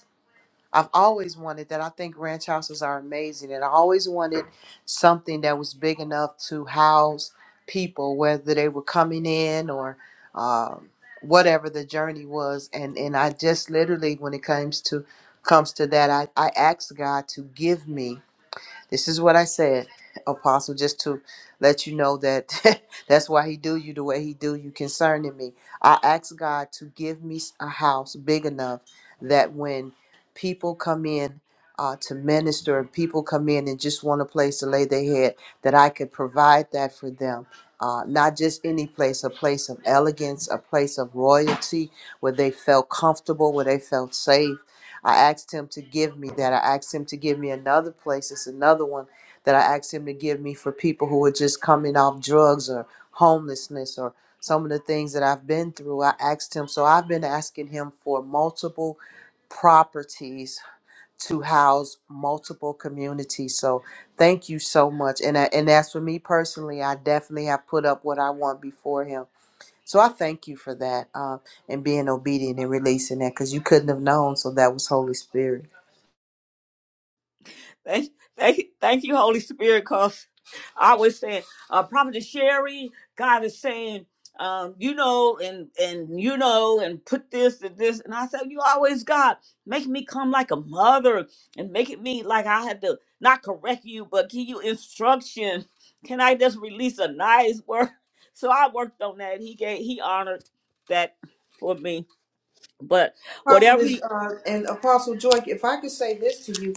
I've always wanted that. I think ranch houses are amazing, and I always wanted something that was big enough to house people, whether they were coming in or um, whatever the journey was. And and I just literally, when it comes to comes to that, I I asked God to give me. This is what I said, Apostle, just to let you know that that's why he do you the way he do you concerning me. I asked God to give me a house big enough that when people come in uh, to minister and people come in and just want a place to lay their head, that I could provide that for them. Uh, not just any place, a place of elegance, a place of royalty where they felt comfortable, where they felt safe I asked him to give me that. I asked him to give me another place. It's another one that I asked him to give me for people who are just coming off drugs or homelessness or some of the things that I've been through. I asked him. So I've been asking him for multiple properties to house multiple communities. So thank you so much. And I, and as for me personally, I definitely have put up what I want before him so I thank you for that uh, and being obedient and releasing that because you couldn't have known. So that was Holy Spirit.
Thank, thank, thank you, Holy Spirit. Cause I was saying, uh, prophet Sherry, God is saying, um, you know, and and you know, and put this and this. And I said, you always God making me come like a mother and making me like I had to not correct you, but give you instruction. Can I just release a nice word? So I worked on that. He gave, he honored that for me. But whatever,
prophetess
he,
uh, and apostle joy if i could say this to you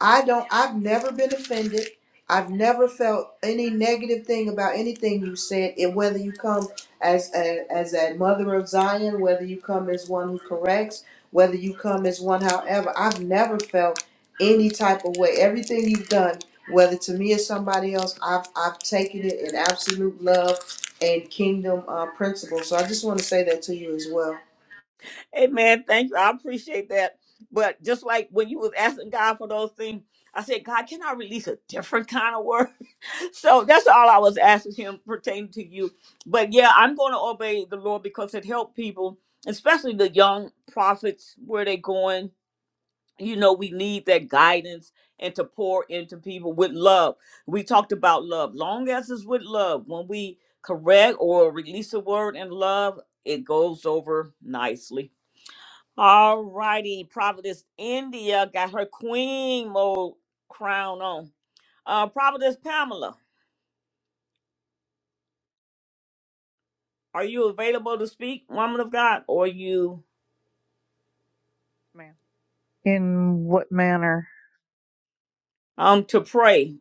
i don't i've never been offended i've never felt any negative thing about anything you said and whether you come as a, as a mother of zion whether you come as one who corrects whether you come as one however i've never felt any type of way everything you've done whether to me or somebody else i've i've taken it in absolute love and kingdom uh, principles so i just want to say that to you as well
Amen. Thank you. I appreciate that. But just like when you was asking God for those things, I said, God, can I release a different kind of word? So that's all I was asking Him pertaining to you. But yeah, I'm going to obey the Lord because it helped people, especially the young prophets, where they going. you know we need that guidance and to pour into people with love we talked about love long as it's with love when we correct or release a word in love it goes over nicely all righty providence india got her queen mode crown on uh providence pamela are you available to speak woman of god or you
ma'am. In what manner?
um to pray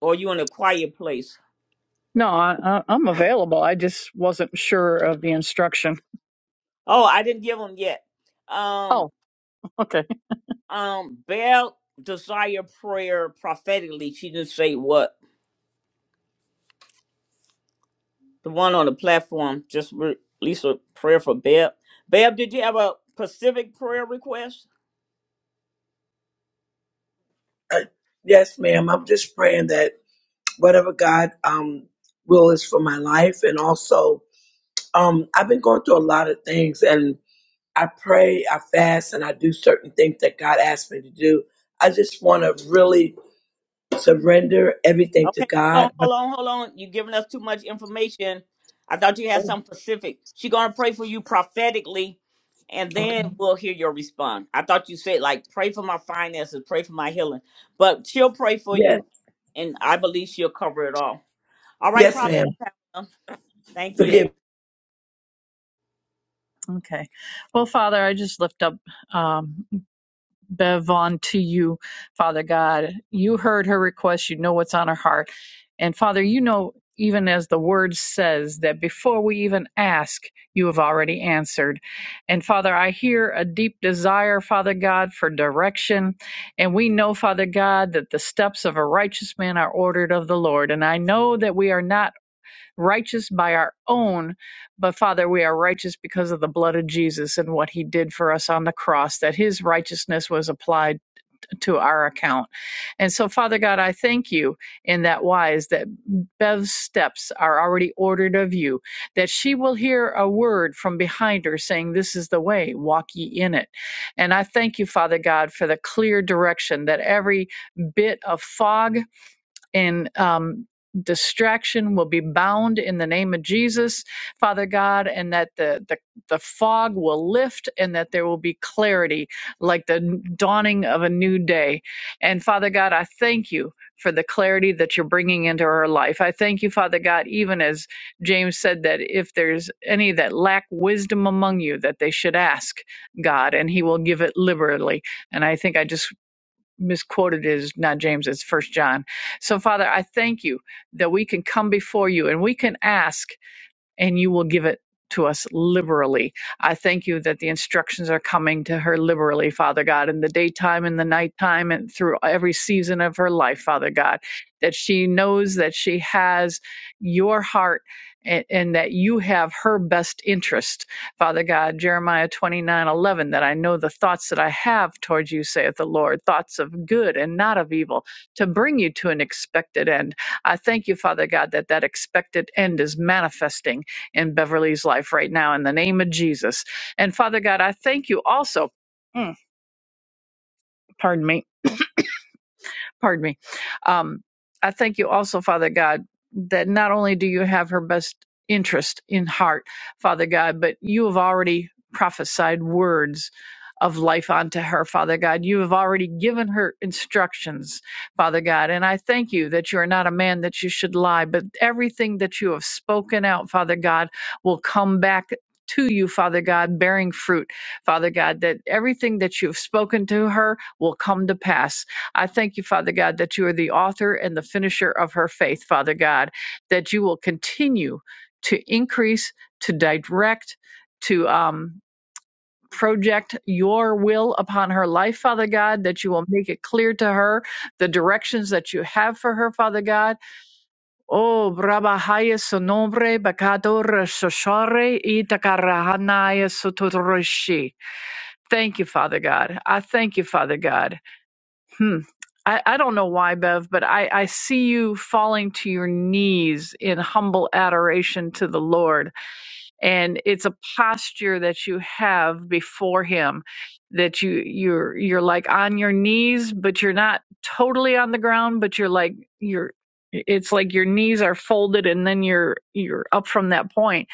or you in a quiet place
No, I, I, I'm available. I just wasn't sure of the instruction.
oh i didn't give them yet Um.
Oh, okay,
Um, Bell desire prayer prophetically. She didn't say what. The one on the platform just re- released a prayer for Bell. Bell, did you have a specific prayer request?
Uh, yes, ma'am. I'm just praying that whatever God um will is for my life, and also um I've been going through a lot of things, and I pray, I fast, and I do certain things that God asked me to do. I just want to really surrender everything to
Okay, hold
God.
on, hold on, hold on. You're giving us too much information. I thought you had
Oh,
something specific. She gonna pray for you prophetically, and
okay.
then we'll hear your response. I thought you said like pray for my finances, pray for my healing, but she'll pray for
Yes,
you, and I believe she'll cover it all. All right,
yes,
Prophet.
ma'am.
Pamela, Thank
Forgive.
you.
okay. Well, Father, I just lift up. Um, Bev on to you, Father God. You heard her request, you know what's on her heart. And Father, you know, even as the word says, that before we even ask, you have already answered. And Father, I hear a deep desire, Father God, for direction. And we know, Father God, that the steps of a righteous man are ordered of the Lord. And I know that we are not righteous by our own, but Father, we are righteous because of the blood of Jesus and what he did for us on the cross, that his righteousness was applied to our account. And so, Father God, I thank you in that wise that Bev's steps are already ordered of you, that she will hear a word from behind her saying, This is the way, walk ye in it. And I thank you, Father God, for the clear direction that every bit of fog in um, distraction will be bound in the name of Jesus, Father God, and that the, the the fog will lift and that there will be clarity like the dawning of a new day. And Father God, I thank you for the clarity that you're bringing into her life. I thank you, Father God, even as James said that if there's any that lack wisdom among you that they should ask God and he will give it liberally. And I think I just misquoted it as not James, it's First John. So, Father, I thank you that we can come before you and we can ask and you will give it to us liberally. I thank you that the instructions are coming to her liberally, Father God, in the daytime, in the nighttime, and through every season of her life, Father God, that she knows that she has your heart and, and that you have her best interest. Father God, Jeremiah twenty nine eleven. that I know the thoughts that I have towards you, saith the Lord, thoughts of good and not of evil, to bring you to an expected end. I thank you, Father God, that that expected end is manifesting in Beverly's life right now in the name of Jesus. And Father God, I thank you also. Mm, Pardon me pardon me. Um, I thank you also, Father God, that not only do you have her best interest in heart, Father God, but you have already prophesied words of life unto her, Father God. You have already given her instructions, Father God. And I thank you that you are not a man that you should lie, but everything that you have spoken out, Father God, will come back. To you, Father God, bearing fruit, Father God, that everything that you have spoken to her will come to pass I thank you, Father God, that you are the author and the finisher of her faith, Father God, that you will continue to increase, to direct, to um, project your will upon her life, Father God, that you will make it clear to her the directions that you have for her, Father God. Oh, brabahaya sonombre bakador soshare itakarahanaya sotoroshi. Thank you, Father God. I thank you, Father God. Hmm. I, I don't know why, Bev, but I, I see you falling to your knees in humble adoration to the Lord. And it's a posture that you have before him that you you're you're like on your knees, but you're not totally on the ground, but you're like you're it's like your knees are folded and then you're you're up from that point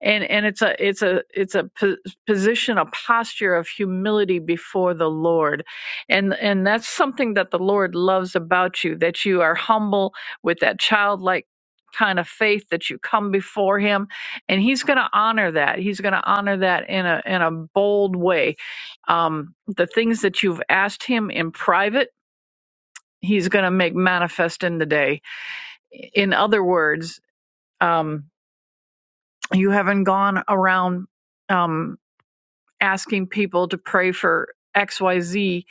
and and it's a it's a it's a po- position a posture of humility before the lord and and that's something that the lord loves about you that you are humble with that childlike kind of faith that you come before him and he's going to honor that he's going to honor that in a in a bold way um the things that you've asked him in private he's going to make manifest in the day in other words um you haven't gone around Um, asking people to pray for XYZ,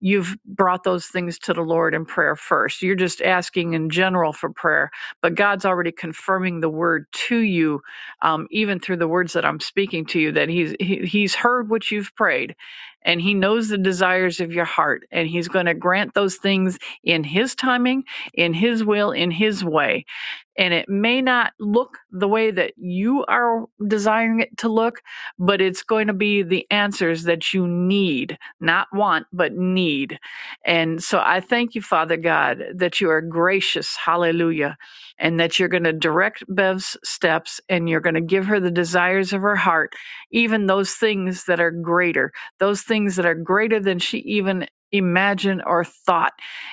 you've brought those things to the Lord in prayer first. You're just asking in general for prayer, but God's already confirming the word to you, um, even through the words that I'm speaking to you, that He's he, He's heard what you've prayed, and He knows the desires of your heart, and He's going to grant those things in His timing, in His will, in His way and it may not look the way that you are desiring it to look, but it's going to be the answers that you need, not want, but need. And so I thank you, Father God, that you are gracious, hallelujah, and that you're going to direct Bev's steps and you're going to give her the desires of her heart, even those things that are greater, those things that are greater than she even imagined or thought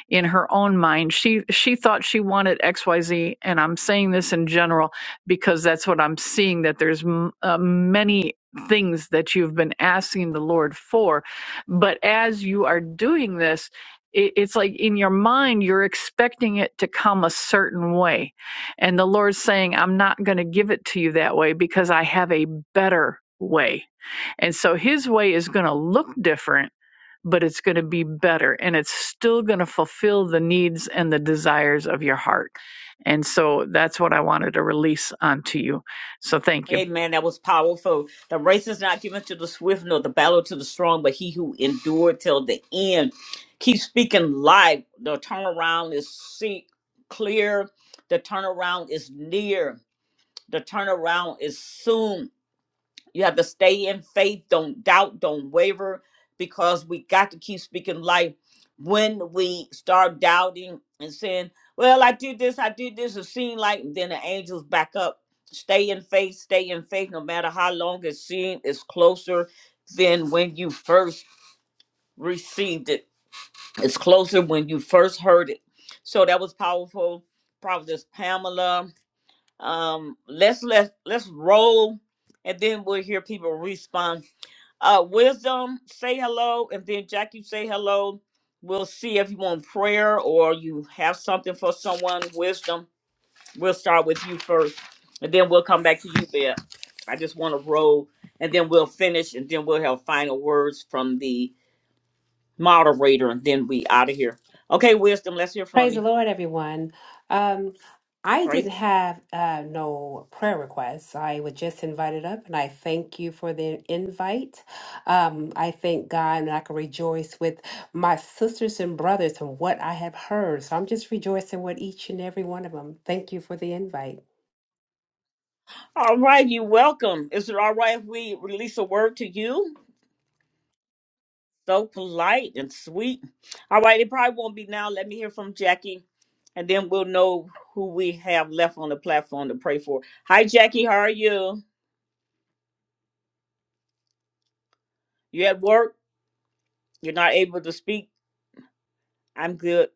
in her own mind she she thought she wanted xyz and i'm saying this in general because that's what i'm seeing that there's m- uh, many things that you've been asking the lord for but as you are doing this it, it's like in your mind you're expecting it to come a certain way and the lord's saying i'm not going to give it to you that way because i have a better way and so his way is going to look different but it's going to be better and it's still going to fulfill the needs and the desires of your heart. And so that's what I wanted to release onto you. So thank you.
Amen. That was powerful. The race is not given to the swift nor the battle to the strong, but he who endured till the end. Keep speaking life. The turnaround is see- clear. The turnaround is near. The turnaround is soon. You have to stay in faith. Don't doubt. Don't waver because we got to keep speaking life. When we start doubting and saying, well, I do this, I do this, it seems like then the angels back up. Stay in faith, stay in faith, no matter how long it seems, it's closer than when you first received it. It's closer when you first heard it. So that was powerful. Prophetess Pamela. Um, let's let let's roll and then we'll hear people respond uh, Wisdom, say hello, and then Jackie, say hello. We'll see if you want prayer or you have something for someone. Wisdom, we'll start with you first, and then we'll come back to you, Bear. I just want to roll, and then we'll finish, and then we'll have final words from the moderator, and then we out of here. Okay, Wisdom, let's hear from
Praise the
you.
Lord, everyone. Um, I
Praise.
didn't have uh, no prayer requests. I was just invited up, and I thank you for the invite. Um, I thank God, and I can rejoice with my sisters and brothers and what I have heard. So I'm just rejoicing with each and every one of them. Thank you for the invite.
All right, you welcome. Is it all right if we release a word to you? So polite and sweet. All right, it probably won't be now. Let me hear from Jackie, and then we'll know who we have left on the platform to pray for. Hi, Jackie. How are you? You at work? You're not able to speak? I'm good.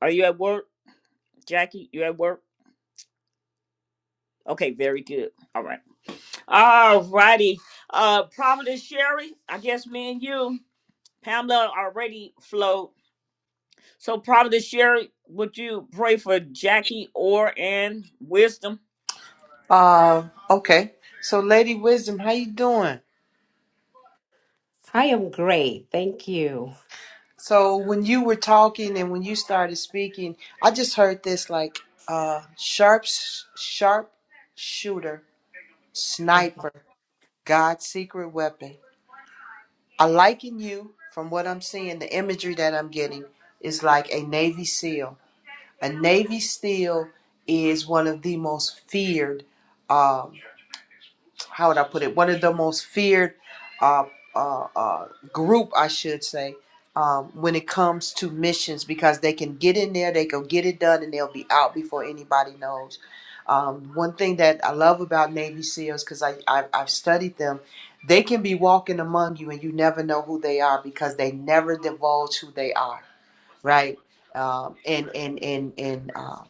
Are you at work, Jackie? You at work? Okay, very good. All right. All righty. Uh, Providence Sherry, I guess me and you, Pamela already flowed. So, Providence Sherry, would you pray for Jackie or and wisdom?
Uh, okay. So, Lady Wisdom, how you doing?
I am great. Thank you.
So, when you were talking and when you started speaking, I just heard this like uh, sharp, sharp shooter, sniper, God's secret weapon. I liken you from what I'm seeing. The imagery that I'm getting is like a Navy SEAL. A Navy SEAL is one of the most feared. um, how would I put it? One of the most feared uh, uh, uh, group, I should say, um, when it comes to missions, because they can get in there, they can get it done, and they'll be out before anybody knows. Um, one thing that I love about Navy SEALs, because I, I I've studied them, they can be walking among you, and you never know who they are because they never divulge who they are, right? Um, and and and and. uh,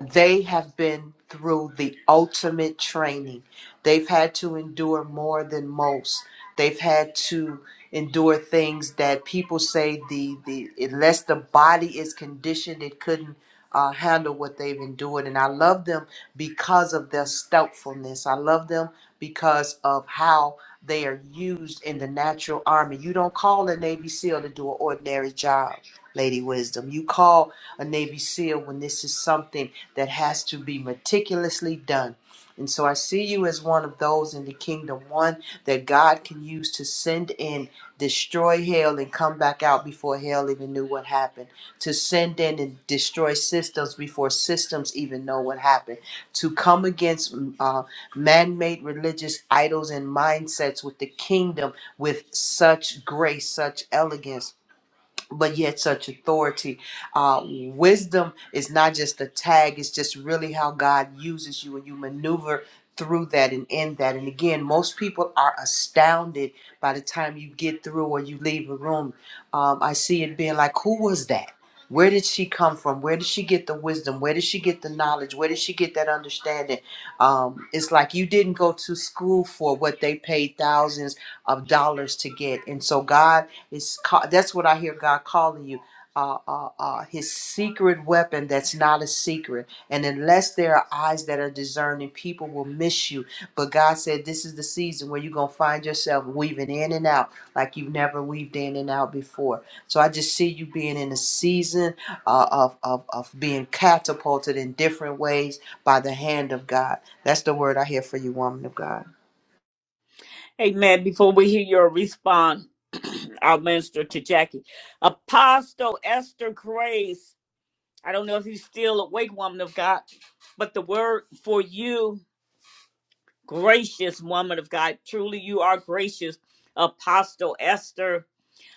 they have been through the ultimate training. They've had to endure more than most. They've had to endure things that people say the, the unless the body is conditioned, it couldn't uh, handle what they've endured. And I love them because of their stoutfulness. I love them because of how they are used in the natural army. You don't call a Navy SEAL to do an ordinary job, Lady Wisdom. You call a Navy SEAL when this is something that has to be meticulously done. And so I see you as one of those in the kingdom, one that God can use to send in, destroy hell, and come back out before hell even knew what happened, to send in and destroy systems before systems even know what happened, to come against mm, uh, man made religious idols and mindsets with the kingdom with such grace, such elegance but yet such authority. Uh, wisdom is not just a tag, it's just really how God uses you and you maneuver through that and in that. And again, most people are astounded by the time you get through or you leave a room. Um, I see it being like, who was that? Where did she come from? Where did she get the wisdom? Where did she get the knowledge? Where did she get that understanding? Um, it's like you didn't go to school for what they paid thousands of dollars to get. And so, God it's ca- that's what I hear God calling you. Uh, uh, uh, his secret weapon that's not a secret. And unless there are eyes that are discerning, people will miss you. But God said, This is the season where you're going to find yourself weaving in and out like you've never weaved in and out before. So I just see you being in a season uh, of, of, of being catapulted in different ways by the hand of God. That's the word I hear for you, woman of God.
Hey, man, before we hear your response, I'll minister to Jackie. Apostle Esther Grace, I don't know if you're still awake, woman of God, but the word for you, gracious woman of God, truly you are gracious, Apostle Esther.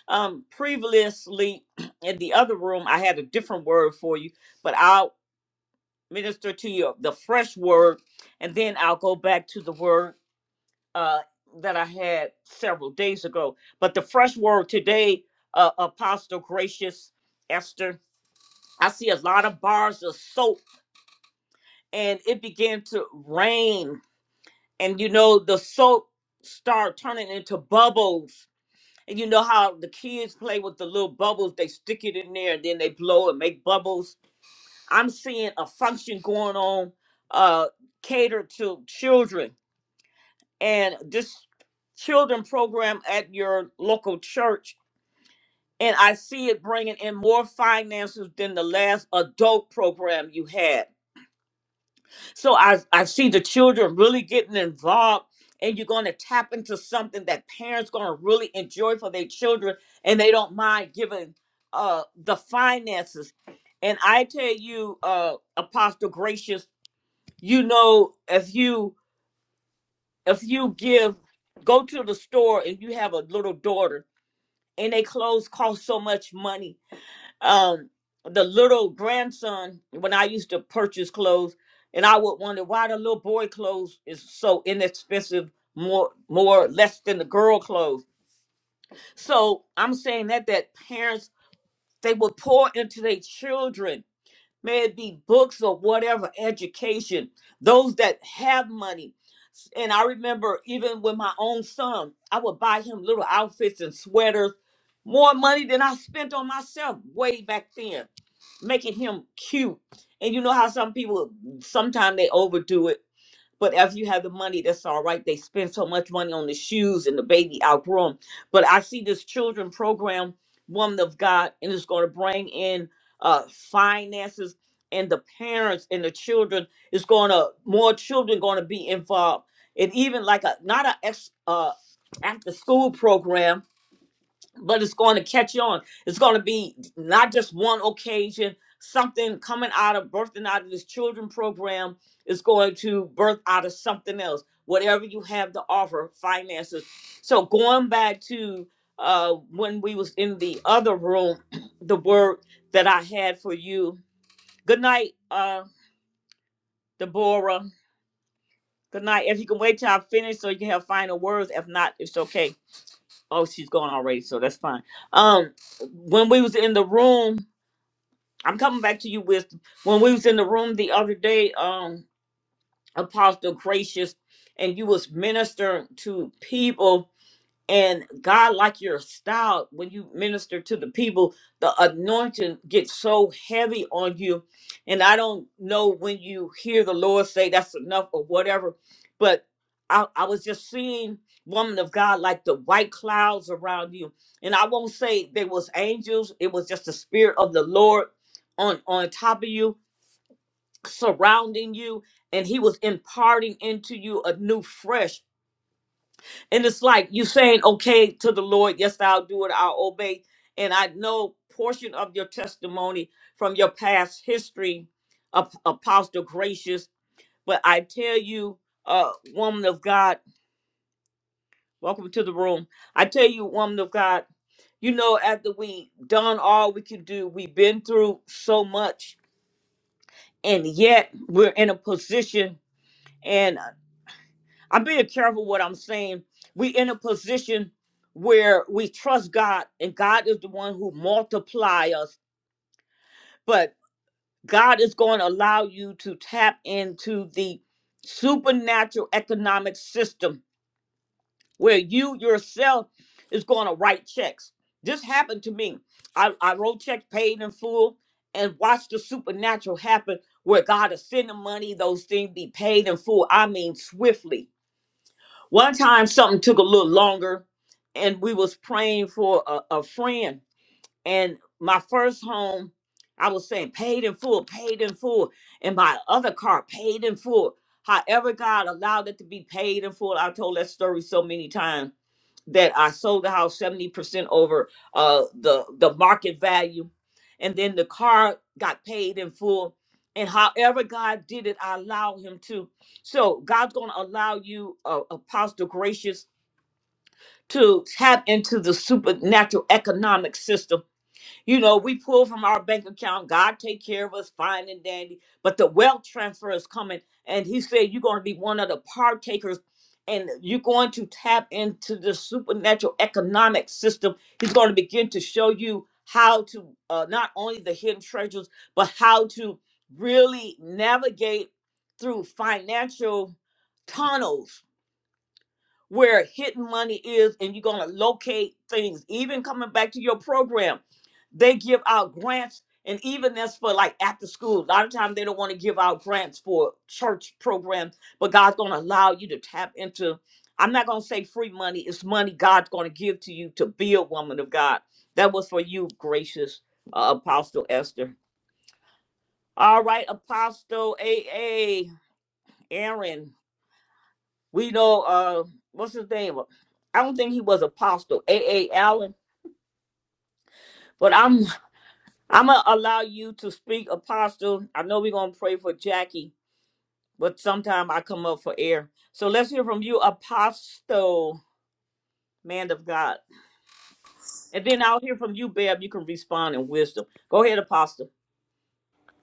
Um, previously in the other room, I had a different word for you, but I'll minister to you the fresh word, and then I'll go back to the word uh, that I had several days ago. But the fresh word today, uh, Apostle Gracious Esther, I see a lot of bars of soap and it began to rain. And you know, the soap start turning into bubbles. And you know how the kids play with the little bubbles, they stick it in there and then they blow and make bubbles. I'm seeing a function going on uh, catered to children and this children program at your local church and i see it bringing in more finances than the last adult program you had so i, I see the children really getting involved and you're going to tap into something that parents going to really enjoy for their children and they don't mind giving uh the finances and i tell you uh apostle gracious you know if you if you give go to the store and you have a little daughter and they clothes cost so much money um the little grandson when i used to purchase clothes and i would wonder why the little boy clothes is so inexpensive more more less than the girl clothes so i'm saying that that parents they would pour into their children may it be books or whatever education those that have money and i remember even with my own son i would buy him little outfits and sweaters more money than i spent on myself way back then making him cute and you know how some people sometimes they overdo it but if you have the money, that's all right. They spend so much money on the shoes and the baby outgrown. But I see this children program, Woman of God, and it's going to bring in uh, finances and the parents and the children. It's going to more children going to be involved, and even like a not a ex, uh, after school program but it's going to catch on. It's going to be not just one occasion. Something coming out of birthing out of this children program is going to birth out of something else. Whatever you have to offer, finances. So going back to uh, when we was in the other room, the word that I had for you. Good night, uh, Deborah. Good night. If you can wait till I finish so you can have final words. If not, it's okay Oh, she's gone already, so that's fine. Um, when we was in the room, I'm coming back to you with when we was in the room the other day, um, Apostle Gracious, and you was ministering to people and God, like your style, when you minister to the people, the anointing gets so heavy on you. And I don't know when you hear the Lord say that's enough or whatever, but I, I was just seeing woman of God like the white clouds around you. And I won't say they was angels, it was just the spirit of the Lord on on top of you, surrounding you, and he was imparting into you a new fresh. And it's like you saying, okay, to the Lord, yes, I'll do it, I'll obey. And I know portion of your testimony from your past history, Ap- Apostle Gracious. But I tell you, uh, woman of God, welcome to the room. I tell you, woman of God, you know, after we done all we could do, we've been through so much, and yet we're in a position. and. I'm being careful what I'm saying. We in a position where we trust God, and God is the one who multiply us. But God is going to allow you to tap into the supernatural economic system where you yourself is going to write checks. This happened to me. I, I wrote checks paid in full and watched the supernatural happen where God is sending money, those things be paid in full. I mean, swiftly One time something took a little longer and we was praying for a, a friend. And my first home, I was saying paid in full, paid in full. And my other car paid in full. However, God allowed it to be paid in full. I told that story so many times that I sold the house 70% over uh the the market value and then the car got paid in full and however God did it I allow him to so God's going to allow you uh, apostle gracious to tap into the supernatural economic system you know, we pull from our bank account. God take care of us fine and dandy. But the wealth transfer is coming. And he said, you're going to be one of the partakers and you're going to tap into the supernatural economic system. He's going to begin to show you how to uh, not only the hidden treasures, but how to really navigate through financial tunnels where hidden money is and you're going to locate things. Even coming back to your program, they give out grants and even that's for like after school. A lot of times they don't want to give out grants for church programs, but God's going to allow you to tap into I'm not going to say free money. It's money God's going to give to you to be a woman of God. That was for you, gracious uh, Apostle Esther. All right, Apostle A. A. Aaron. We know uh what's his name? I don't think he was apostle, A. A. Allen, but I'm I'm gonna allow you to speak apostle. I know we're gonna pray for Jackie, but sometime I come up for air. So let's hear from you, apostle, man of God. And then I'll hear from you, Bab. You can respond in wisdom. Go ahead, apostle.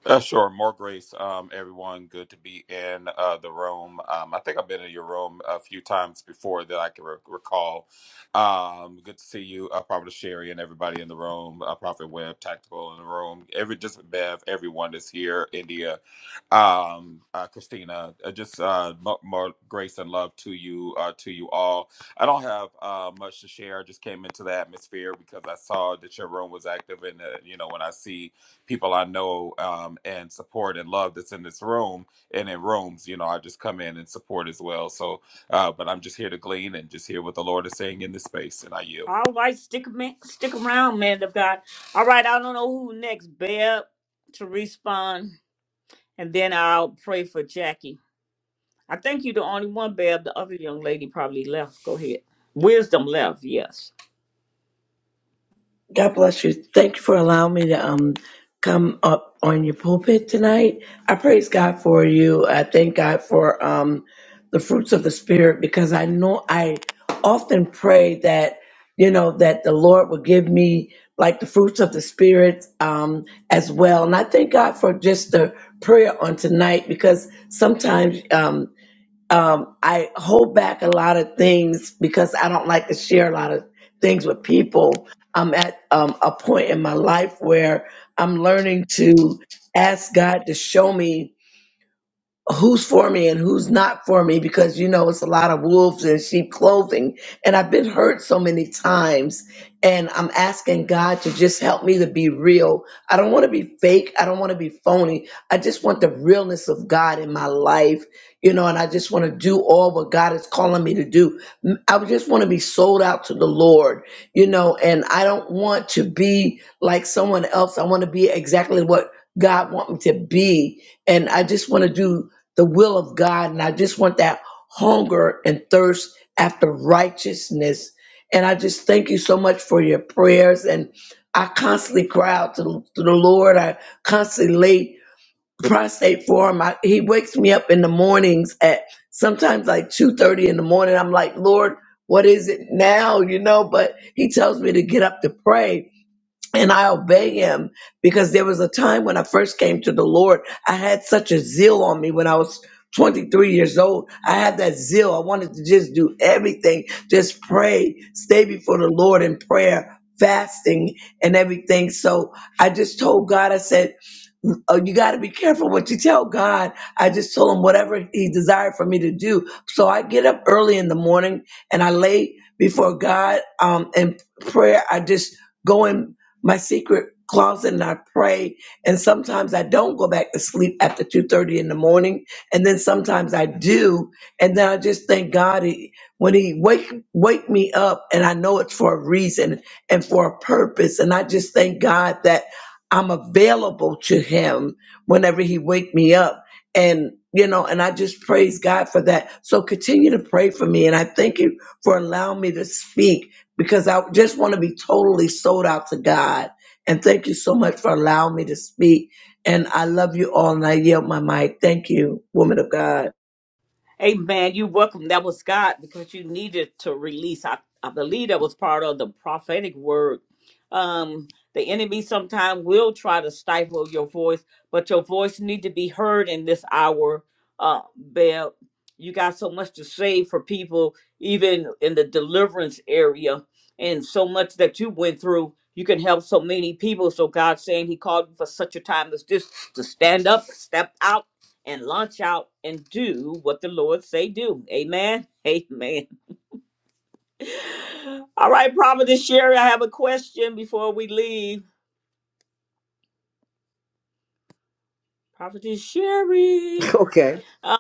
Uh, sure. More grace, um, everyone. Good to be in uh, the room. Um, I think I've been in your room a few times before that I can re- recall. Um, good to see you, uh, Prophet Sherry, and everybody in the room. Uh, Prophet Webb, Tactical in the room. Every just Bev, everyone that's here. India, um, uh, Christina. Uh, just uh, mo- more grace and love to you, uh, to you all. I don't have uh, much to share. I just came into the atmosphere because I saw that your room was active, and uh, you know when I see people I know um, and support and love that's in this room and in rooms. You know, I just come in and support as well. So, uh, but I'm just here to glean and just hear what the Lord is saying in this space, and I yield.
All right, stick man, stick around, man of God. All right, I don't know who next, Bab, to respond, and then I'll pray for Jackie. I think you're the only one, Bab. The other young lady probably left. Go ahead. Wisdom left, yes.
God bless you. Thank you for allowing me to um come up on your pulpit tonight. I praise God for you. I thank God for um the fruits of the spirit because I know I often pray that you know that the Lord will give me like the fruits of the spirit um as well. And I thank God for just the prayer on tonight because sometimes um um, I hold back a lot of things because I don't like to share a lot of things with people. I'm at um, a point in my life where I'm learning to ask God to show me who's for me and who's not for me because you know it's a lot of wolves in sheep clothing and i've been hurt so many times and i'm asking god to just help me to be real i don't want to be fake i don't want to be phony i just want the realness of god in my life you know and i just want to do all what god is calling me to do M- i would just want to be sold out to the lord you know and i don't want to be like someone else i want to be exactly what god want me to be and i just want to do the will of God. And I just want that hunger and thirst after righteousness. And I just thank you so much for your prayers. And I constantly cry out to, to the Lord. I constantly lay prostrate for him. I, he wakes me up in the mornings at sometimes like 2.30 in the morning. I'm like, Lord, what is it now? You know, but he tells me to get up to pray and I obey him because there was a time when I first came to the Lord, I had such a zeal on me when I was 23 years old. I had that zeal. I wanted to just do everything, just pray, stay before the Lord in prayer, fasting, and everything. So I just told God, I said, Oh, you got to be careful what you tell God. I just told him whatever he desired for me to do. So I get up early in the morning and I lay before God um, in prayer. I just go in my secret closet and I pray. And sometimes I don't go back to sleep after 2.30 in the morning. And then sometimes I do. And then I just thank God he, when he wake, wake me up and I know it's for a reason and for a purpose. And I just thank God that I'm available to him whenever he wake me up. And, you know, and I just praise God for that. So continue to pray for me. And I thank you for allowing me to speak because I just want to be totally sold out to God. And thank you so much for allowing me to speak. And I love you all. And I yield my mic. Thank you, woman of God.
Amen. you welcome. That was God because you needed to release. I, I believe that was part of the prophetic word. Um, the enemy sometimes will try to stifle your voice, but your voice need to be heard in this hour. Uh, Bell, you got so much to say for people, even in the deliverance area, and so much that you went through. You can help so many people. So God's saying He called you for such a time as this to stand up, step out and launch out and do what the Lord say do. Amen. Amen. All right, Prophetess Sherry, I have a question before we leave. Prophetess Sherry. Uh,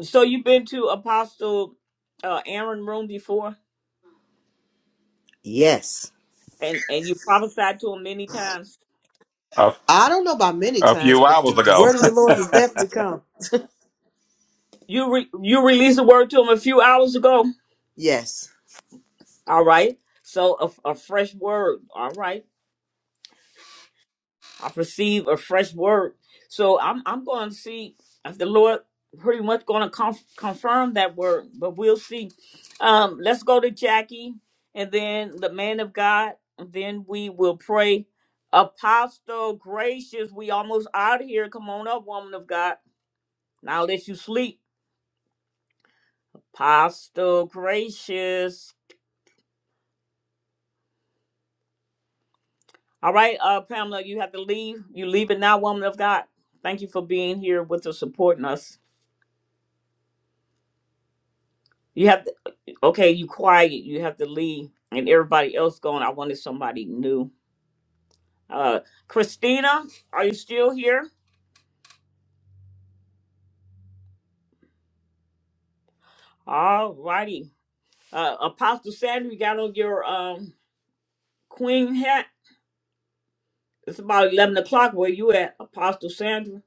so you've been to Apostle uh, Aaron room before
Okay.
and, and you prophesied to him many times.
A,
I don't know about many
a
times,
few
but the
hours
the
ago,
word of the Lord has definitely come.
You re- you released a word to him a few hours ago.
Yes.
All right. So a, a fresh word. All right. I perceive a fresh word. So I'm I'm going to see if the Lord pretty much going to conf- confirm that word, but we'll see. Um, let's go to Jackie and then the man of God, and then we will pray. Apostle gracious, we almost out of here. Come on up, woman of God. Now let you sleep. Apostle gracious. All right, uh, Pamela, you have to leave. You leave it now, woman of God. Thank you for being here with us, supporting us. You have okay, you quiet, you have to leave, and everybody else going. I wanted somebody new. Uh, Christina, are you still here? All righty. Uh, Apostle Sandra, you got on your um, queen hat. It's about 11 o'clock. Where you at, Apostle Sandra?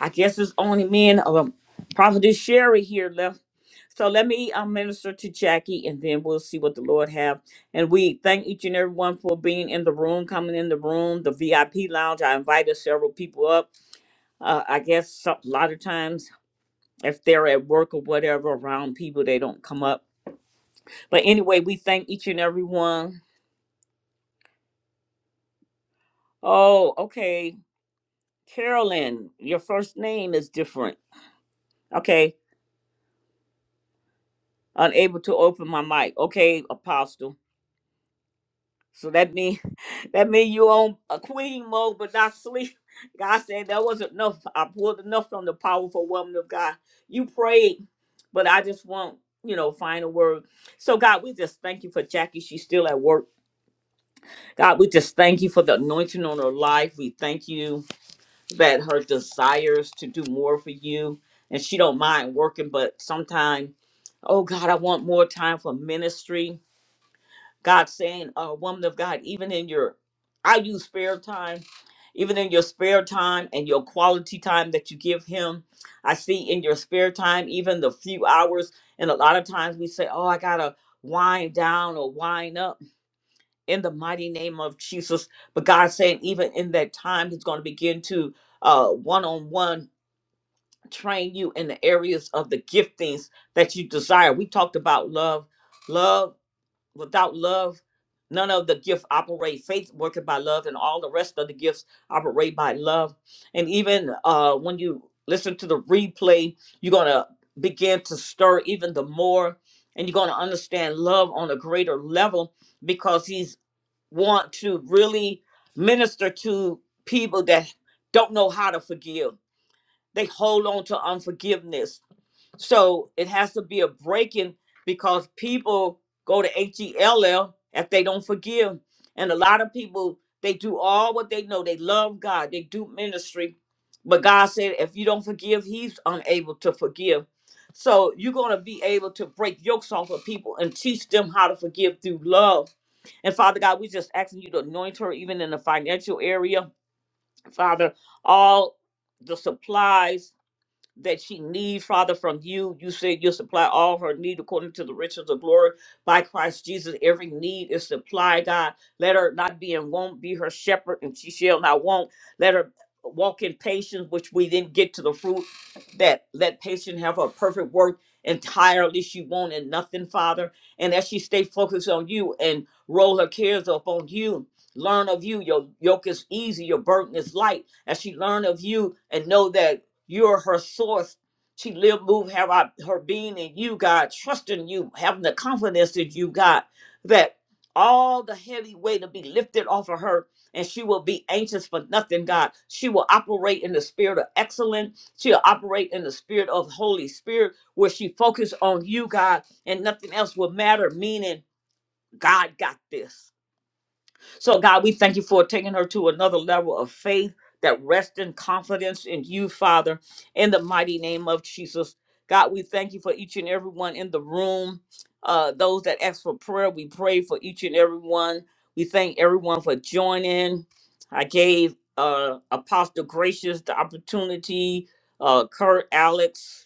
I guess it's only me and um, Prophetess Sherry here left. So let me uh, minister to Jackie, and then we'll see what the Lord have. And we thank each and everyone for being in the room, coming in the room, the VIP lounge. I invited several people up. Uh, I guess some- a lot of times if they're at work or whatever around people, they don't come up. But anyway, we thank each and every one. Oh, okay. Carolyn, your first name is different. Okay. Unable to open my mic. Okay, Apostle. So that mean that mean you on a queen mode but not sleep. God said that was enough. I pulled enough from the powerful woman of God. You prayed, but I just want, you know, final word. So God, we just thank you for Jackie. She's still at work. God, we just thank you for the anointing on her life. We thank you that her desires to do more for you, and she don't mind working, but sometime, oh God, I want more time for ministry. God saying, uh, woman of God, even in your, I use spare time, even in your spare time and your quality time that you give Him, I see in your spare time, even the few hours, and a lot of times we say, oh, I gotta wind down or wind up in the mighty name of Jesus. But God saying, even in that time, He's going to begin to one on one train you in the areas of the giftings that you desire. We talked about love. Love, without love, none of the gifts operate. Faith working by love, and all the rest of the gifts operate by love. And even uh, when you listen to the replay, you're going to begin to stir even the more. And you're going to understand love on a greater level because he's want to really minister to people that don't know how to forgive. They hold on to unforgiveness. So it has to be a breaking because people go to H E L L if they don't forgive. And a lot of people, they do all what they know. They love God, they do ministry. But God said, if you don't forgive, He's unable to forgive. So you're going to be able to break yokes off of people and teach them how to forgive through love. And Father God, we just asking you to anoint her even in the financial area. Father, all the supplies that she need, Father, from you. You said you'll supply all her need according to the riches of glory by Christ Jesus. Every need is supplied, God. Let her not be and won't be her shepherd, and she shall not want. Let her walk in patience, which we then get to the fruit that let patience have her perfect work entirely. She won't in nothing, Father. And as she stay focused on you and roll her cares up on you, learn of you. Your yoke is easy, your burden is light. As she learn of you and know that you're her source. She live, move, have our, her being in you, God, trusting you, having the confidence that you got, that all the heavy weight will be lifted off of her and she will be anxious for nothing, God. She will operate in the spirit of excellence. She'll operate in the spirit of Holy Spirit where she focus on you, God, and nothing else will matter, meaning God got this. So, God, we thank you for taking her to another level of faith that rests in confidence in you, Father, in the mighty name of Jesus. God, we thank you for each and every one in the room. Uh, those that ask for prayer, we pray for each and every one. We thank everyone for joining. I gave uh, Apostle Gracious the opportunity, uh, Kurt, Alex,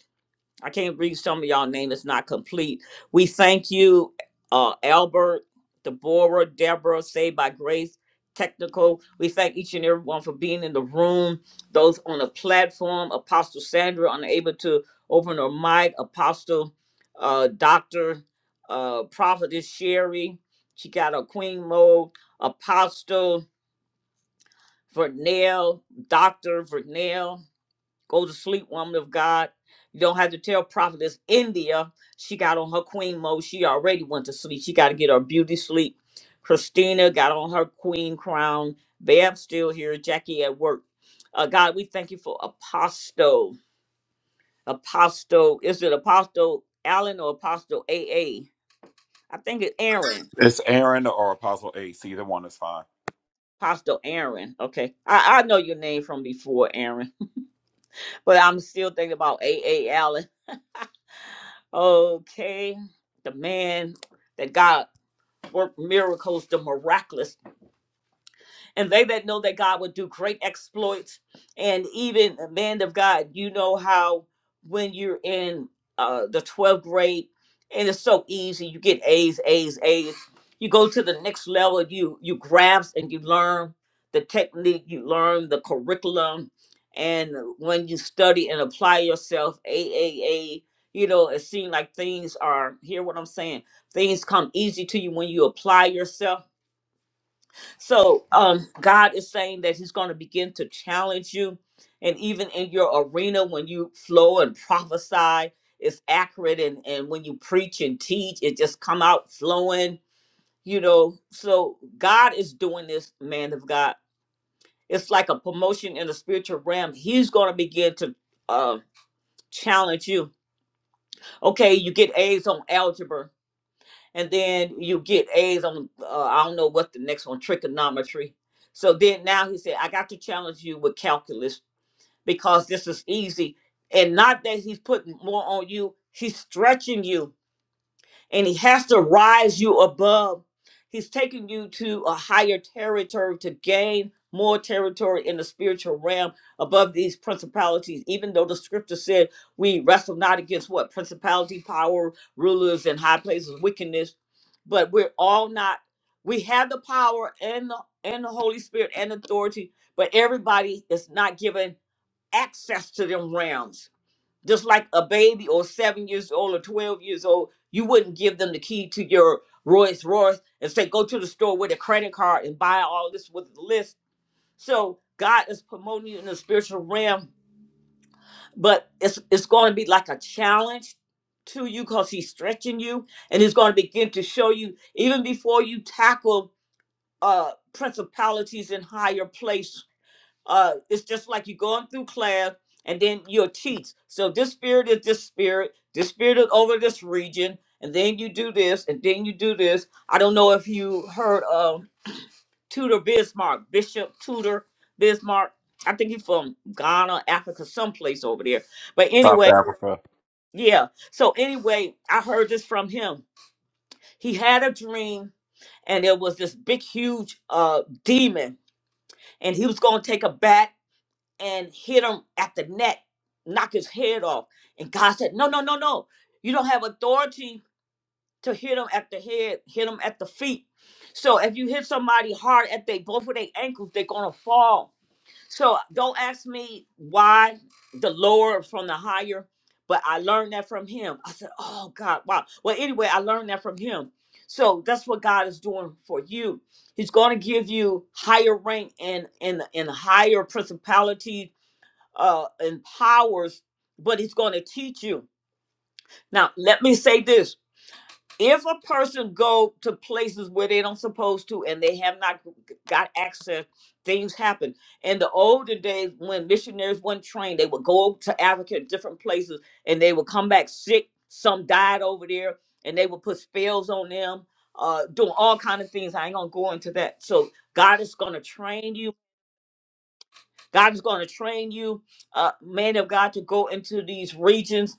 I can't read some of y'all name. It's not complete. We thank you, uh, Albert, Deborah, Deborah, Saved by Grace, Technical. We thank each and everyone for being in the room. Those on the platform, Apostle Sandra, unable to open her mic. Apostle, uh, Doctor, uh, Prophetess Sherry. She got a queen mode. Apostle Vernell, Doctor Vernell. Go to sleep, woman of God. You don't have to tell prophetess India. She got on her queen mode. She already went to sleep. She got to get her beauty sleep. Christina got on her queen crown. Bab's still here. Jackie at work. Uh, God, we thank you for Apostle. Apostle, is it Apostle Allen or Apostle A A? I think it's Aaron.
it's Aaron or Apostle Ace. Either one is fine.
Apostle Aaron. Okay. I, I know your name from before, Aaron. But I'm still thinking about A A Allen. Okay, the man that God worked miracles, the miraculous and they that know that God will do great exploits. And even a man of God, you know how when you're in uh, the 12th grade and it's so easy, you get A's, A's, A's. You go to the next level, you you grasp and you learn the technique, you learn the curriculum, and when you study and apply yourself, A, A, A. you know, it seems like things are. Hear what I'm saying? Things come easy to you when you apply yourself so um, God is saying that He's going to begin to challenge you, and even in your arena when you flow and prophesy, it's accurate, and and when you preach and teach, it just come out flowing. You know, so God is doing this, man of God. It's like a promotion in the spiritual realm. He's going to begin to uh, challenge you. Okay, you get A's on algebra and then you get A's on. Uh, I don't know what the next one trigonometry. So then now he said, I got to challenge you with calculus because this is easy, and not that he's putting more on you. He's stretching you and he has to rise you above. He's taking you to a higher territory to gain more territory in the spiritual realm above these principalities, even though the scripture said we wrestle not against what principality, power, rulers, and high places, wickedness, but we're all not. We have the power and the and the Holy Spirit and authority, but everybody is not given access to them realms just like a baby or seven years old or 12 years old, you wouldn't give them the key to your Rolls Royce and say, go to the store with a credit card and buy all this with the list. So God is promoting you in the spiritual realm, but it's it's going to be like a challenge to you because he's stretching you and he's going to begin to show you even before you tackle uh principalities in higher place uh it's just like you're going through class and then you'll teach so this spirit is this spirit this spirit is over this region and then you do this and then you do this i don't know if you heard of tudor bismarck bishop tudor bismarck i think he's from ghana africa someplace over there but
South
anyway
Africa.
yeah so anyway i heard this from him he had a dream and there was this big huge uh demon and he was going to take a bat and hit him at the neck, knock his head off. And God said, No, no, no, no. You don't have authority to hit him at the head, hit him at the feet. So if you hit somebody hard at they both of their ankles, they're gonna fall. So don't ask me why the lower from the higher, but I learned that from him. I said, Oh God, wow. Well, anyway, I learned that from him. So that's what God is doing for you. He's going to give you higher rank and and and higher principalities uh, and powers, but he's going to teach you. Now, let me say this. If a person go to places where they don't supposed to and they have not got access, things happen. In the older days when missionaries weren't trained, they would go to Africa different places and they would come back sick. Some died over there and they would put spells on them, uh, doing all kind of things. I ain't gonna go into that. So God is gonna train you God is going to train you, uh, man of God, to go into these regions.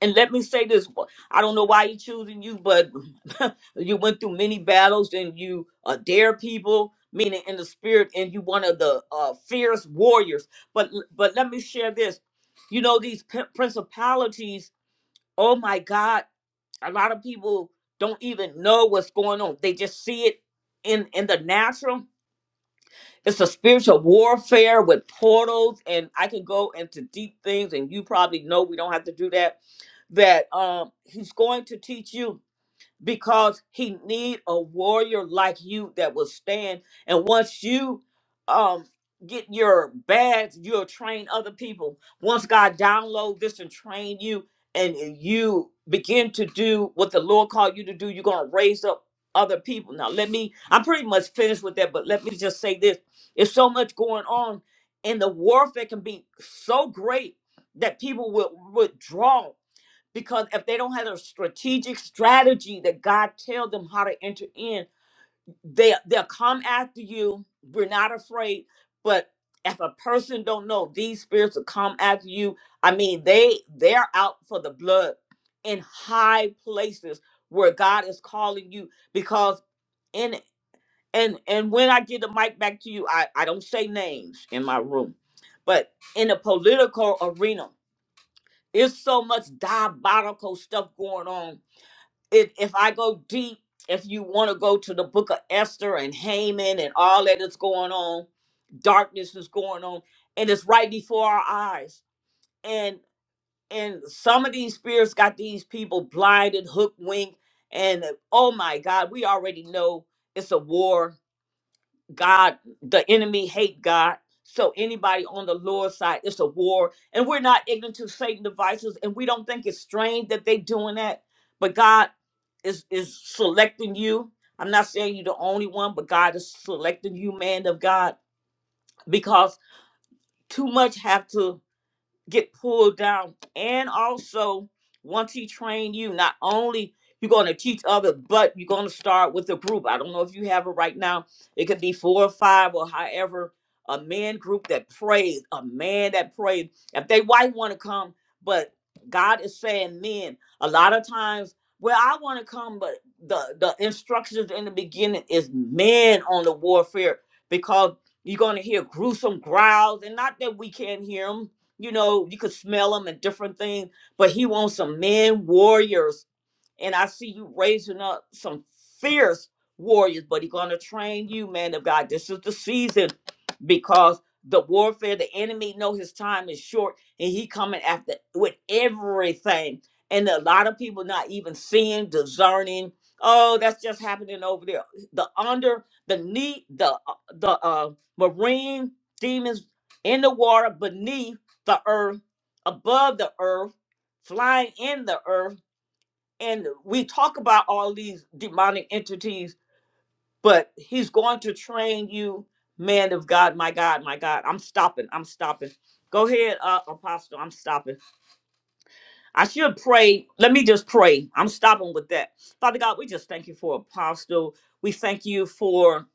And let me say this: I don't know why He's choosing you, but you went through many battles, and you uh, dare people, meaning in the spirit, and you one of the uh, fierce warriors. But but let me share this: you know these p- principalities. Oh my God! A lot of people don't even know what's going on; they just see it in in the natural it's a spiritual warfare with portals, and I can go into deep things, and you probably know we don't have to do that. That um, he's going to teach you because he need a warrior like you that will stand. And once you um get your badge, you'll train other people. Once God download this and train you, and you begin to do what the Lord called you to do, you're gonna raise up other people. Now let me I'm pretty much finished with that, but let me just say this. It's so much going on and the warfare can be so great that people will withdraw because if they don't have a strategic strategy that God tells them how to enter in, they they'll come after you. We're not afraid, but if a person don't know these spirits will come after you, I mean they they're out for the blood in high places where God is calling you because in and and when I give the mic back to you, I I don't say names in my room, but in the political arena, there's so much diabolical stuff going on if if I go deep, if you want to go to the book of Esther and Haman and all that is going on, darkness is going on, and it's right before our eyes. And and some of these spirits got these people blinded, hook, wink, and uh, oh my God, we already know it's a war God, the enemy hate God. So anybody on the Lord's side, it's a war. And we're not ignorant to Satan devices, and we don't think it's strange that they doing that. But God is is selecting you. I'm not saying you're the only one, but God is selecting you, man of God, because too much have to get pulled down. And also, once he train you, not only you're going to teach other, but you're going to start with a group. I don't know if you have it right now. It could be four or five or however a man group that prays, a man that prays. If they white want to come, but God is saying men. A lot of times, well, I want to come, but the the instructions in the beginning is men on the warfare because you're going to hear gruesome growls, and not that we can't hear them you know, you could smell them and different things, but he wants some men warriors and I see you raising up some fierce warriors, but he's going to train you, man of God. This is the season because the warfare, the enemy know his time is short and he coming after with everything. And a lot of people not even seeing, discerning. Oh, that's just happening over there. The under, the knee, the uh, the uh, marine demons in the water beneath the earth, above the earth, flying in the earth and we talk about all these demonic entities, but he's going to train you, man of God, my God, my God. I'm stopping. I'm stopping. Go ahead, uh, Apostle. I'm stopping. I should pray. Let me just pray. I'm stopping with that. Father God, we just thank you for Apostle. We thank you for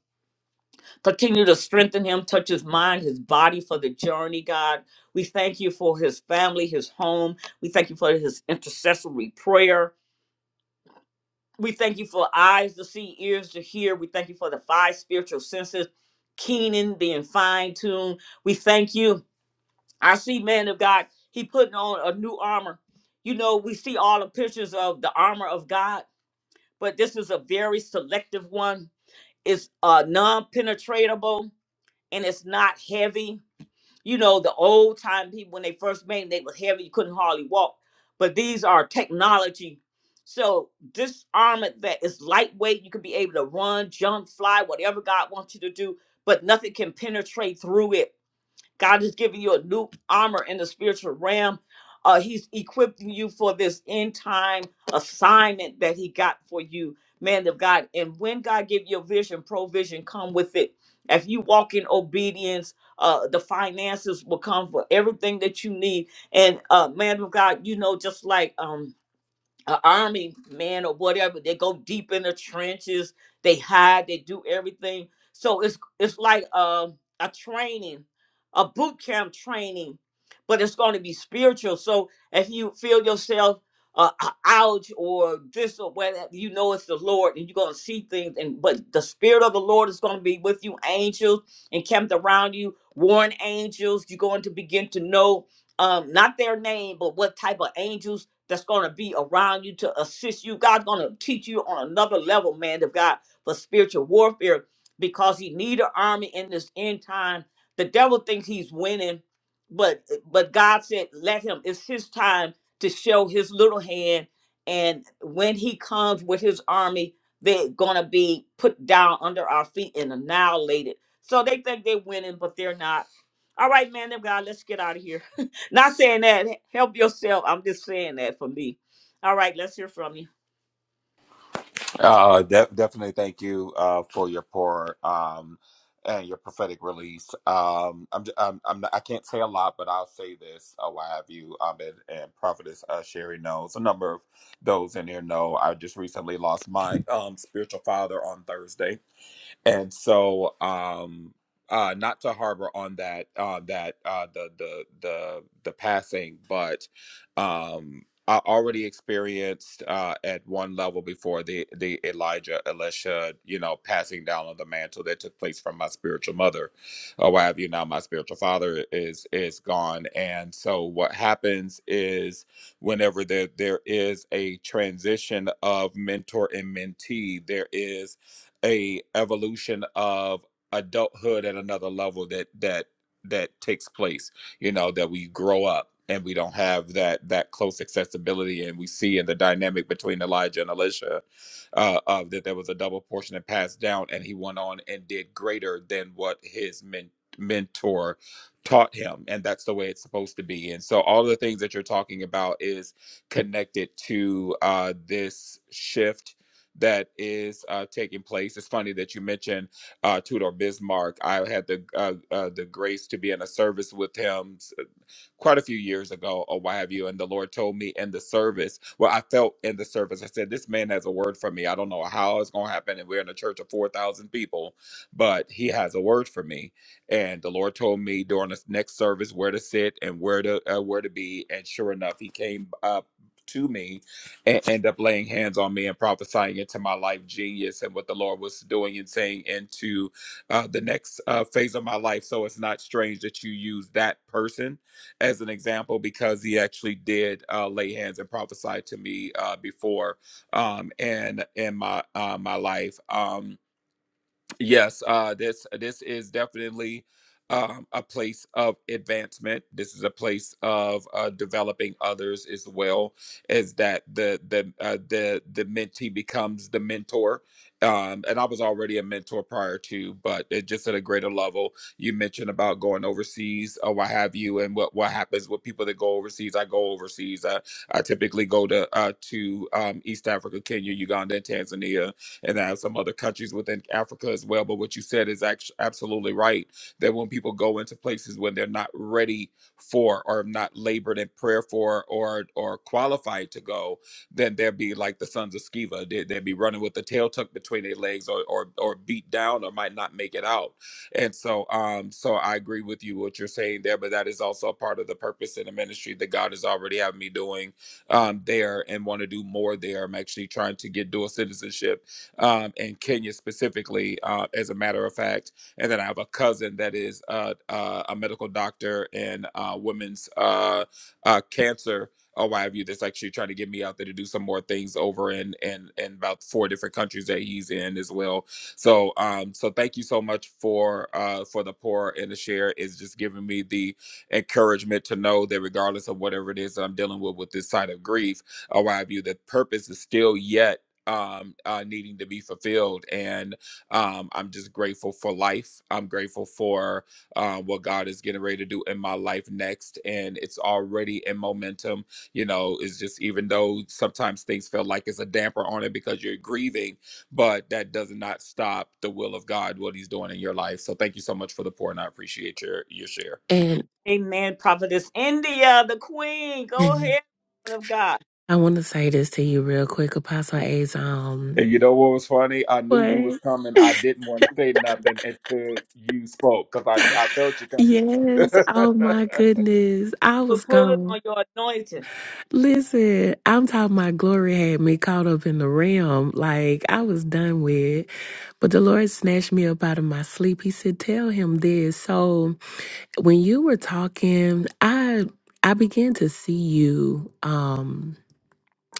continue to strengthen him, touch his mind, his body for the journey, God. We thank you for his family, his home. We thank you for his intercessory prayer. We thank you for eyes to see, ears to hear. We thank you for the five spiritual senses, keening, being fine tuned. We thank you. I see, man of God, he putting on a new armor. You know, we see all the pictures of the armor of God, but this is a very selective one. It's uh, non penetratable and it's not heavy you know, the old time people when they first made 'em, they was heavy, you couldn't hardly walk. But these are technology. So this armor that is lightweight, you can be able to run, jump, fly, whatever God wants you to do, but nothing can penetrate through it God is giving you a new armor in the spiritual realm. Uh, he's equipping you for this end time assignment that He got for you, man of God. And when God give you a vision, provision come with it. If you walk in obedience, uh, the finances will come for everything that you need. And uh, man of God, you know, just like um, an army man or whatever. They go deep in the trenches. They hide. They do everything. So it's it's like um a training, a boot camp training, but it's going to be spiritual. So if you feel yourself uh, uh, out or this or whatever, you know it's the Lord, and you're going to see things. And but the spirit of the Lord is going to be with you. Angels encamped around you, warring angels. You're going to begin to know um, not their name, but what type of angels that's going to be around you to assist you. God's going to teach you on another level, man, of God for spiritual warfare because he need an army in this end time. The devil thinks he's winning, but but God said, let him. It's his time to show his little hand. And when he comes with his army, they're going to be put down under our feet and annihilated. So they think they're winning, but they're not. All right, man of God, let's get out of here. Not saying that. Help yourself. I'm just saying that for me. All right, let's hear from you.
Uh, de- definitely thank you uh, for your pour um, and your prophetic release. Um, I'm, j- I'm, I'm not, I can't say a lot, but I'll say this. Oh, I have you, um, and, and Prophetess uh, Sherry knows. A number of those in here know. I just recently lost my um, spiritual father on Thursday and so um uh not to harbor on that uh that uh the the the the passing but um I already experienced uh, at one level before the the Elijah Elisha, you know, passing down of the mantle that took place from my spiritual mother, or what have you. Now my spiritual father is is gone, and so what happens is whenever there there is a transition of mentor and mentee, there is a evolution of adulthood at another level that that that takes place you know that we grow up and we don't have that that close accessibility and we see in the dynamic between elijah and elisha uh, of that there was a double portion that passed down and he went on and did greater than what his men- mentor taught him and that's the way it's supposed to be and so all the things that you're talking about is connected to uh, this shift that is uh, taking place. It's funny that you mentioned uh, Tudor Bismarck. I had the uh, uh, the grace to be in a service with him quite a few years ago or what have you. And the Lord told me in the service, well, I felt in the service, I said, This man has a word for me. I don't know how it's going to happen. And we're in a church of 4,000 people, but he has a word for me. And the Lord told me during the next service where to sit and where to uh, where to be. And sure enough, he came up to me and end up laying hands on me and prophesying into my life genius and what the Lord was doing and saying into uh, the next uh, phase of my life. So it's not strange that you use that person as an example because he actually did uh, lay hands and prophesy to me uh, before um, in in my uh, my life. Um, Yes, uh, this this is definitely um, a place of advancement. This is a place of uh, developing others as well as that the the uh, the the mentee becomes the mentor. Um, and I was already a mentor prior to, but it just at a greater level. You mentioned about going overseas or what have you, and what what happens with people that go overseas. I go overseas. I, I typically go to uh, to um, East Africa, Kenya, Uganda, and Tanzania and I have some other countries within Africa as well. But what you said is actually absolutely right that when people go into places when they're not ready for or not labored in prayer for or or qualified to go, then they'll be like the sons of Sceva. They, they'll be running with the tail tucked between their legs or, or or beat down or might not make it out. And so um so I agree with you what you're saying there, but that is also a part of the purpose in the ministry that God has already had me doing um there and want to do more there. I'm actually trying to get dual citizenship um, in Kenya specifically, uh, as a matter of fact. And then I have a cousin that is uh, uh, a medical doctor in uh, women's uh, uh, cancer. Or why have you? That's actually trying to get me out there to do some more things over in in in about four different countries that he's in as well. So um, so thank you so much for uh for the pour and the share. It's just giving me the encouragement to know that regardless of whatever it is that I'm dealing with with this side of grief, or why have you, that purpose is still yet um, uh, needing to be fulfilled. And um, I'm just grateful for life. I'm grateful for uh, what God is getting ready to do in my life next. And it's already in momentum. You know, it's just even though sometimes things feel like it's a damper on it because you're grieving, but that does not stop the will of God, what He's doing in your life. So thank you so much for the pour, and I appreciate your your share.
And
Amen. Prophetess India, the queen. Go ahead, woman of God.
I want to say this to you real quick, Apostle A's.
And you know what was funny? I knew you was
What?
coming. I didn't want to say nothing until you spoke because I I felt you
Yes.
coming.
Oh my goodness. I
We're
was
pulling
gone.
on your anointing.
Listen, I'm talking my glory had me caught up in the realm. Like I was done with. But the Lord snatched me up out of my sleep. He said, Tell him this. So when you were talking, I I began to see you. Um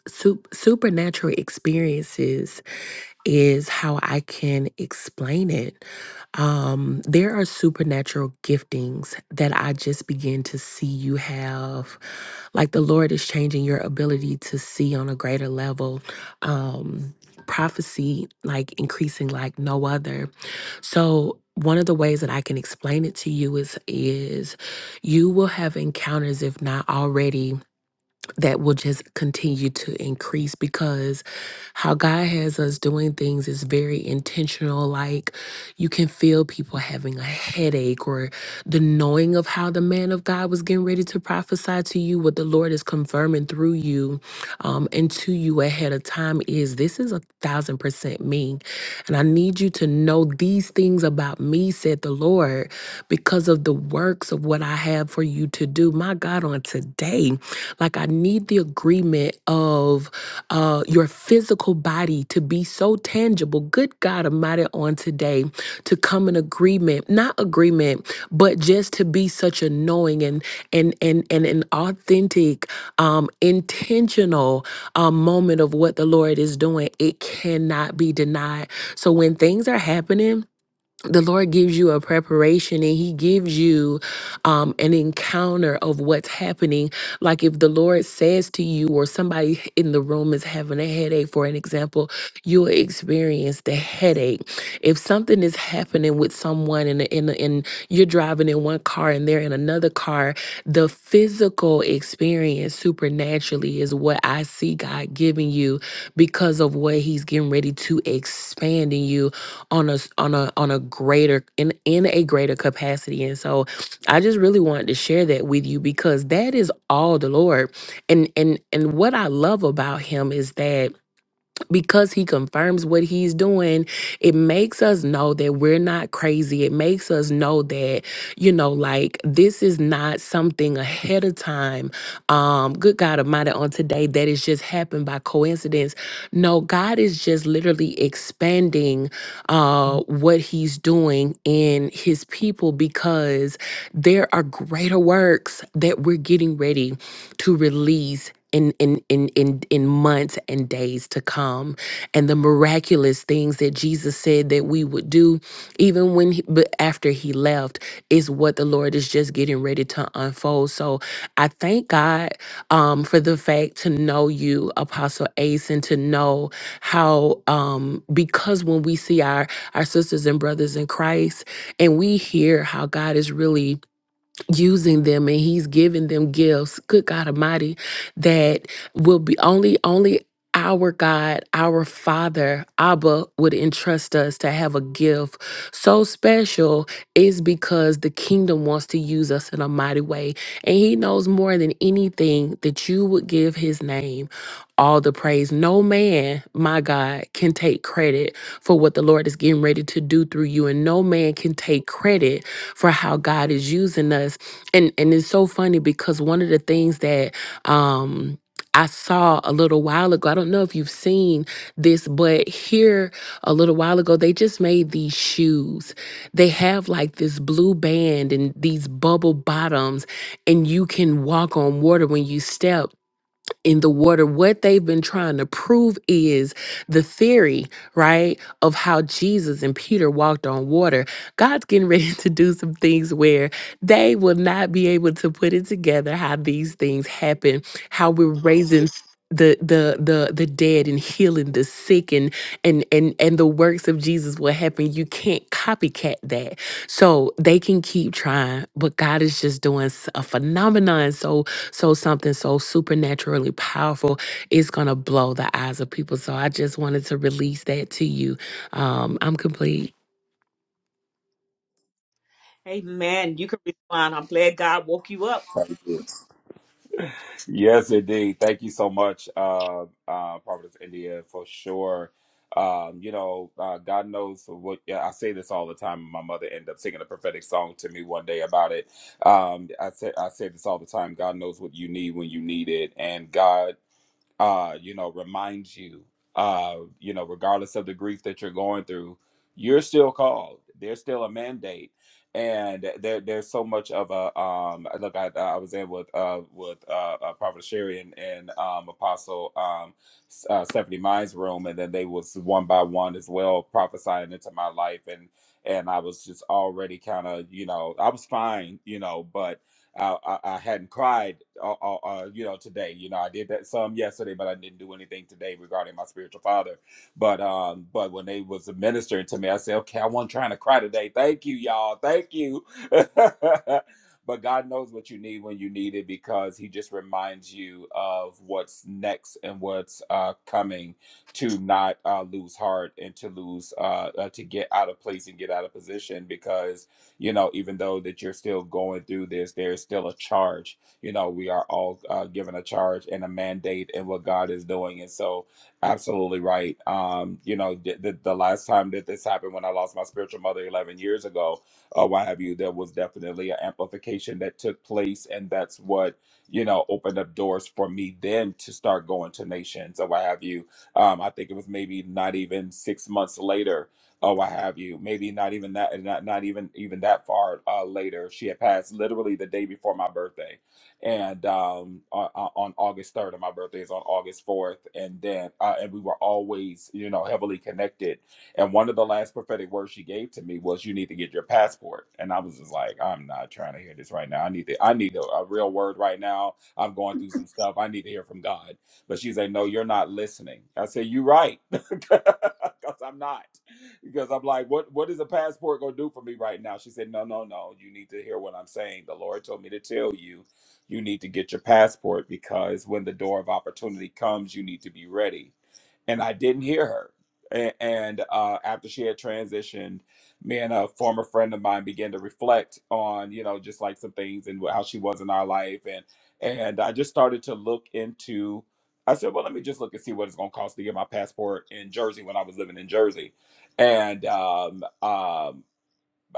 Su- supernatural experiences is how I can explain it. Um, there are supernatural giftings that I just begin to see you have. Like the Lord is changing your ability to see on a greater level. Um, prophecy, like increasing like no other. So, one of the ways that I can explain it to you is is you will have encounters if not already that will just continue to increase because how God has us doing things is very intentional. Like you can feel people having a headache or the knowing of how the man of God was getting ready to prophesy to you, what the Lord is confirming through you um, and to you ahead of time is this is a thousand percent me. And I need you to know these things about me, said the Lord, because of the works of what I have for you to do. My God, on today, like I need the agreement of uh, your physical body to be so tangible. Good God Almighty, on today, to come in agreement, not agreement, but just to be such a knowing and and and and an authentic um, intentional um, moment of what the Lord is doing, it cannot be denied. So when things are happening, the Lord gives you a preparation and He gives you um, an encounter of what's happening. Like if the Lord says to you, or somebody in the room is having a headache, for an example, you'll experience the headache. If something is happening with someone and in, in, in you're driving in one car and they're in another car, the physical experience supernaturally is what I see God giving you because of what He's getting ready to expand in you on a on a on a greater in in a greater capacity. And so I just really wanted to share that with you because that is all the Lord. And and and what I love about him is that because he confirms what he's doing, it makes us know that we're not crazy. It makes us know that, you know, like this is not something ahead of time. Um, good God Almighty, on today that is just happened by coincidence. No, God is just literally expanding uh what he's doing in his people because there are greater works that we're getting ready to release in in in in in months and days to come and the miraculous things that Jesus said that we would do even when he, but after he left is what the Lord is just getting ready to unfold so I thank God um for the fact to know you apostle ace and to know how um because when we see our our sisters and brothers in Christ and we hear how God is really using them and he's giving them gifts good god almighty that will be only only our god our father abba would entrust us to have a gift so special is because the kingdom wants to use us in a mighty way and he knows more than anything that you would give his name all the praise no man my god can take credit for what the lord is getting ready to do through you and no man can take credit for how god is using us and and it's so funny because one of the things that um I saw a little while ago. I don't know if you've seen this, but here a little while ago, they just made these shoes. They have like this blue band and these bubble bottoms, and you can walk on water when you step in the water, what they've been trying to prove is the theory, right, of how Jesus and Peter walked on water. God's getting ready to do some things where they will not be able to put it together how these things happen, how we're raising the the the the dead and healing the sick and and and and the works of Jesus will happen. You can't copycat that. So they can keep trying, but God is just doing s- a phenomenon. So so something so supernaturally powerful is going to blow the eyes of people. So I just wanted to release that to you. Um, I'm complete.
Amen. You can respond. I'm glad God woke you up.
Thank you. Yes, indeed. Thank you so much, uh, uh, Providence India, for sure. Um, you know, uh, God knows what yeah, I say this all the time. My mother ended up singing a prophetic song to me one day about it. Um, I say I say this all the time. God knows what you need when you need it, and God uh, you know, reminds you, uh, you know, regardless of the grief that you're going through, you're still called. There's still a mandate, and there, there's so much of a um. Look, I, I was in with uh with uh, uh Prophet Sherry and, and um Apostle um uh, Stephanie Mine's room, and then they was one by one as well prophesying into my life and. And I was just already kind of, you know, I was fine, you know, but I, I, I hadn't cried, uh, uh, uh, you know, today. You know, I did that some yesterday, but I didn't do anything today regarding my spiritual father. But um, but when they was ministering to me, I said, okay, I wasn't trying to cry today. Thank you, y'all. Thank you. but God knows what you need when you need it because He just reminds you of what's next and what's uh, coming to not uh, lose heart and to lose uh, uh, to get out of place and get out of position because you know even though that you're still going through this there is still a charge you know we are all uh, given a charge and a mandate in what god is doing and so absolutely right um you know the, the, the last time that this happened when i lost my spiritual mother 11 years ago or what have you there was definitely an amplification that took place and that's what you know opened up doors for me then to start going to nations or what have you um i think it was maybe not even six months later or what have you. Maybe not even that, not not even even that far uh, later. She had passed literally the day before my birthday, and um, on, on August third, and my birthday is on August fourth. And then, uh, and we were always, you know, heavily connected. And one of the last prophetic words she gave to me was, "You need to get your passport." And I was just like, "I'm not trying to hear this right now. I need to, I need a, a real word right now. I'm going through some stuff. I need to hear from God." But she's like, "No, you're not listening." I said, "You're right, because I'm not." because I'm like, what what is a passport gonna do for me right now? She said, No, no, no. You need to hear what I'm saying. The Lord told me to tell you, you need to get your passport because when the door of opportunity comes, you need to be ready. And I didn't hear her. And, and uh, after she had transitioned, me and a former friend of mine began to reflect on, you know, just like some things and how she was in our life, and and I just started to look into I said, well, let me just look and see what it's going to cost to get my passport in Jersey when I was living in Jersey and um, um,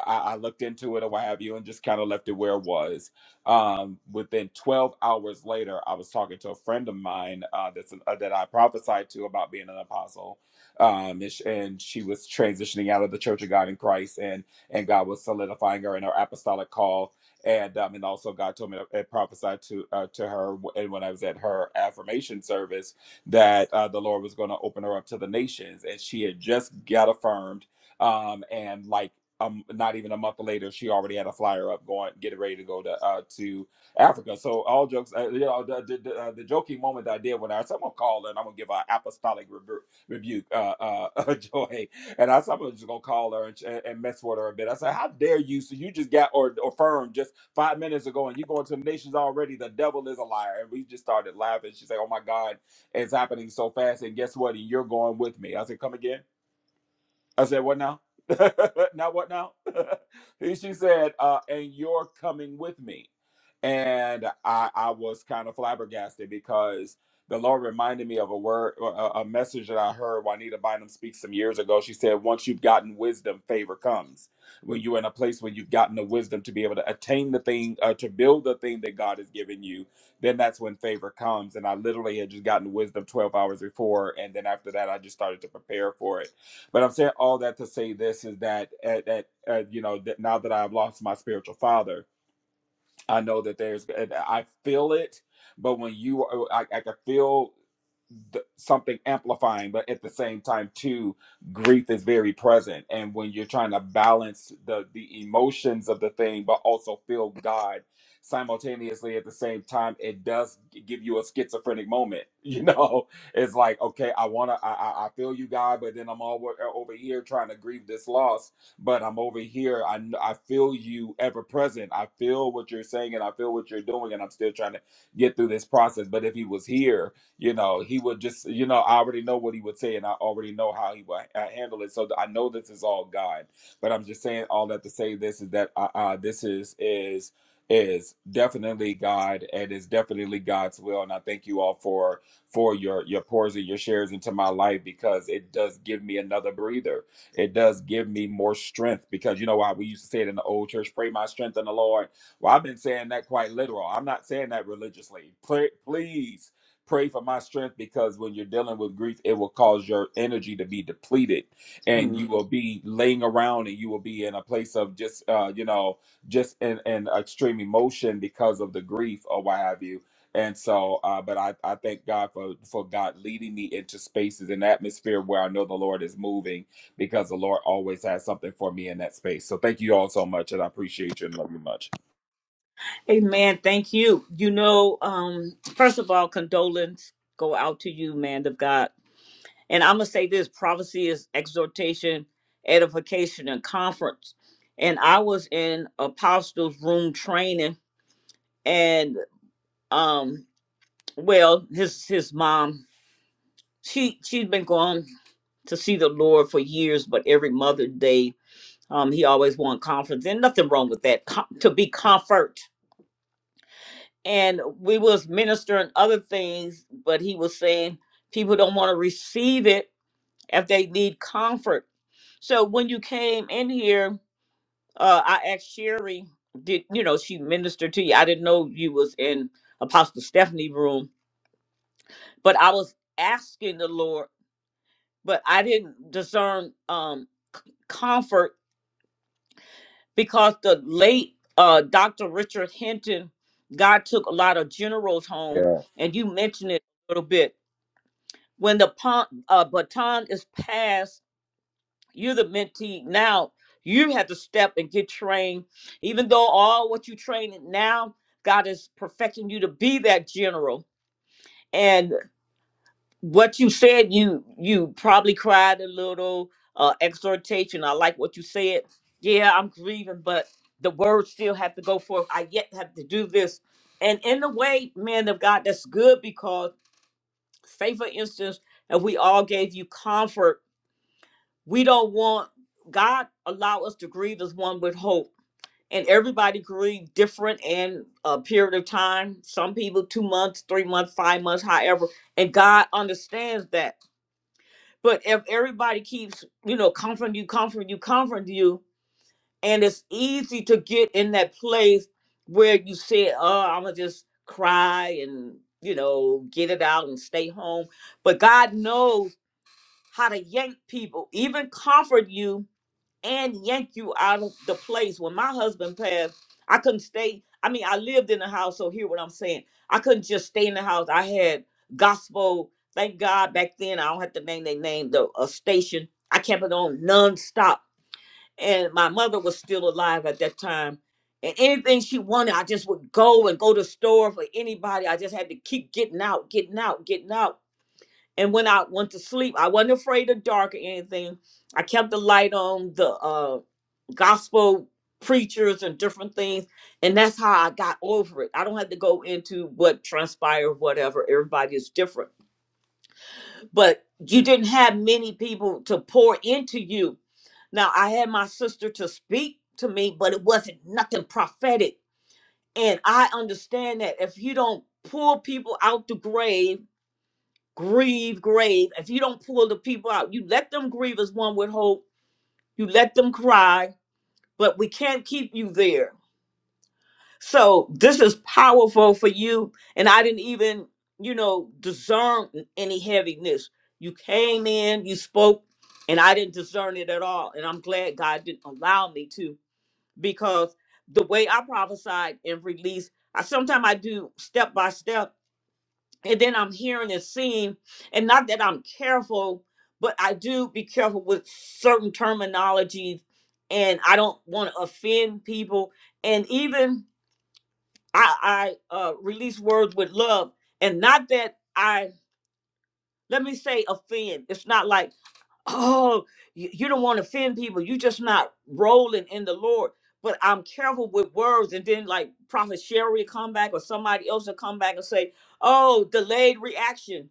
I, I looked into it or what have you and just kind of left it where it was. Um, within 12 hours later, I was talking to a friend of mine uh, that's an, uh, that I prophesied to about being an apostle. Um, and, sh- and she was transitioning out of the Church of God in Christ, and and God was solidifying her in her apostolic call. And um, and also God told me to and prophesied to uh, to her, w- and when I was at her affirmation service, that uh, the Lord was going to open her up to the nations, and she had just got affirmed um, and like um, not even a month later, she already had a flyer up going, getting ready to go to uh, to Africa. So all jokes, uh, you know, the, the, the, uh, the joking moment that I did when I someone called and I'm gonna give an apostolic rebu- rebuke, uh, uh, uh, Joy, and I someone was just gonna call her and, ch- and mess with her a bit. I said, "How dare you? So you just got or or firm just five minutes ago, and you going to the nations already? The devil is a liar." And we just started laughing. She's like, "Oh my God, it's happening so fast!" And guess what? And you're going with me. I said, "Come again." I said, what now? Now what now? he, she said, uh, and you're coming with me. And I, I was kind of flabbergasted because the Lord reminded me of a word, a, a message that I heard Juanita Bynum speak some years ago. She said, once you've gotten wisdom, favor comes. When you're in a place where you've gotten the wisdom to be able to attain the thing, uh, to build the thing that God has given you, then that's when favor comes. And I literally had just gotten wisdom 12 hours before. And then after that, I just started to prepare for it but I'm saying all that to say this is that at, at, at you know that now that I've lost my spiritual father, I know that there's, and I feel it, but when you, are- oh, I, I can feel th- something amplifying, but at the same time, too, grief is very present. And when you're trying to balance the the emotions of the thing, but also feel God simultaneously at the same time, it does g- give you a schizophrenic moment. You know, it's like, okay, I wanna, I, I I feel you, God, but then I'm all wo- uh, over here trying to grieve this loss but I'm over here. I kn- I feel you ever present. I feel what you're saying and I feel what you're doing, and I'm still trying to get through this process. But if he was here, you know, he would just, you know, I already know what he would say, and I already know how he would uh, handle it. So th- I know this is all God. But I'm just saying all that to say this is that uh, uh, this is is is definitely God and is definitely God's will. And I thank you all for for your your pours and your shares into my life because it does give me another breather it does give me more strength because you know why we used to say it in the old church pray my strength in the lord well i've been saying that quite literal i'm not saying that religiously pray, please pray for my strength because when you're dealing with grief it will cause your energy to be depleted and
Mm.
you will be laying around and you will be in a place of just uh you know just in, in extreme emotion because of the grief or what have you and so uh but i i thank god for for god leading me into spaces and atmosphere where i know the lord is moving because the Lord always has something for me in that space. So thank you all so much, and I appreciate you and love you much.
Amen. Thank you. You know, um, first of all, condolence go out to you, man of God. And I'm going to say this prophecy is exhortation, edification, and conference. And I was in Apostles' room training, and um, well, his his mom, she she's been going to see the Lord for years, but every Mother's Day, um, he always wanted conference, and nothing wrong with that. Com- to be comfort, and we was ministering other things, but he was saying people don't want to receive it if they need comfort. So when you came in here, uh, I asked Sherry, did you know she ministered to you? I didn't know you was in Apostle Stephanie room, but I was asking the Lord, but I didn't discern um comfort because the late uh Dr. Richard Hinton, God took a lot of generals
Yeah.
home, and you mentioned it a little bit. When the pon- uh, baton is passed you're the mentee now you have to step and get trained even though all what you train in now god is perfecting you to be that general and what you said you you probably cried a little uh exhortation i like what you said yeah i'm grieving but the words still have to go forth i yet have to do this and in a way man of god that's good because say for instance if we all gave you comfort we don't want God allow us to grieve as one with hope. And everybody grieve different in a period of time. Some people two months, three months, five months, however. And God understands that. But if everybody keeps, you know, comforting you, comforting you, comforting you, and it's easy to get in that place where you say, "Oh, I'm gonna just cry and you know get it out and stay home," but God knows how to yank people, even comfort you and yank you out of the place. When my husband passed, I couldn't stay. I mean, I lived in the house, so hear what I'm saying. I couldn't just stay in the house. I had gospel. Thank God back then I don't have to name their name, the a station. I kept it on nonstop. And my mother was still alive at that time. And anything she wanted, I just would go and go to the store for anybody. I just had to keep getting out, getting out, getting out. And when I went to sleep, I wasn't afraid of dark or anything. I kept the light on. The um gospel preachers and different things. And that's how I got over it. I don't have to go into what transpired, whatever. Everybody is different. But you didn't have many people to pour into you. Now, I had my sister to speak to me, but it wasn't nothing prophetic. And I understand that if you don't pull people out the grave, grieve, grave, if you don't pull the people out, you let them grieve as one would hope, you let them cry, but we can't keep you there So this is powerful for you. And I didn't even, you know, discern any heaviness. You came in, you spoke, and I didn't discern it at all. And I'm glad God didn't allow me to because the way I prophesied and released, I sometimes I do step by step, and then I'm hearing and seeing. And not that I'm careful, but I do be careful with certain terminologies, and I don't want to offend people. And even I, I uh, release words with love, and not that I let me say offend. It's not like oh you, you don't want to offend people. You just not rolling in the Lord. But I'm careful with words, and then like Prophet Sherry will come back, or somebody else will come back and say, "Oh, delayed reaction."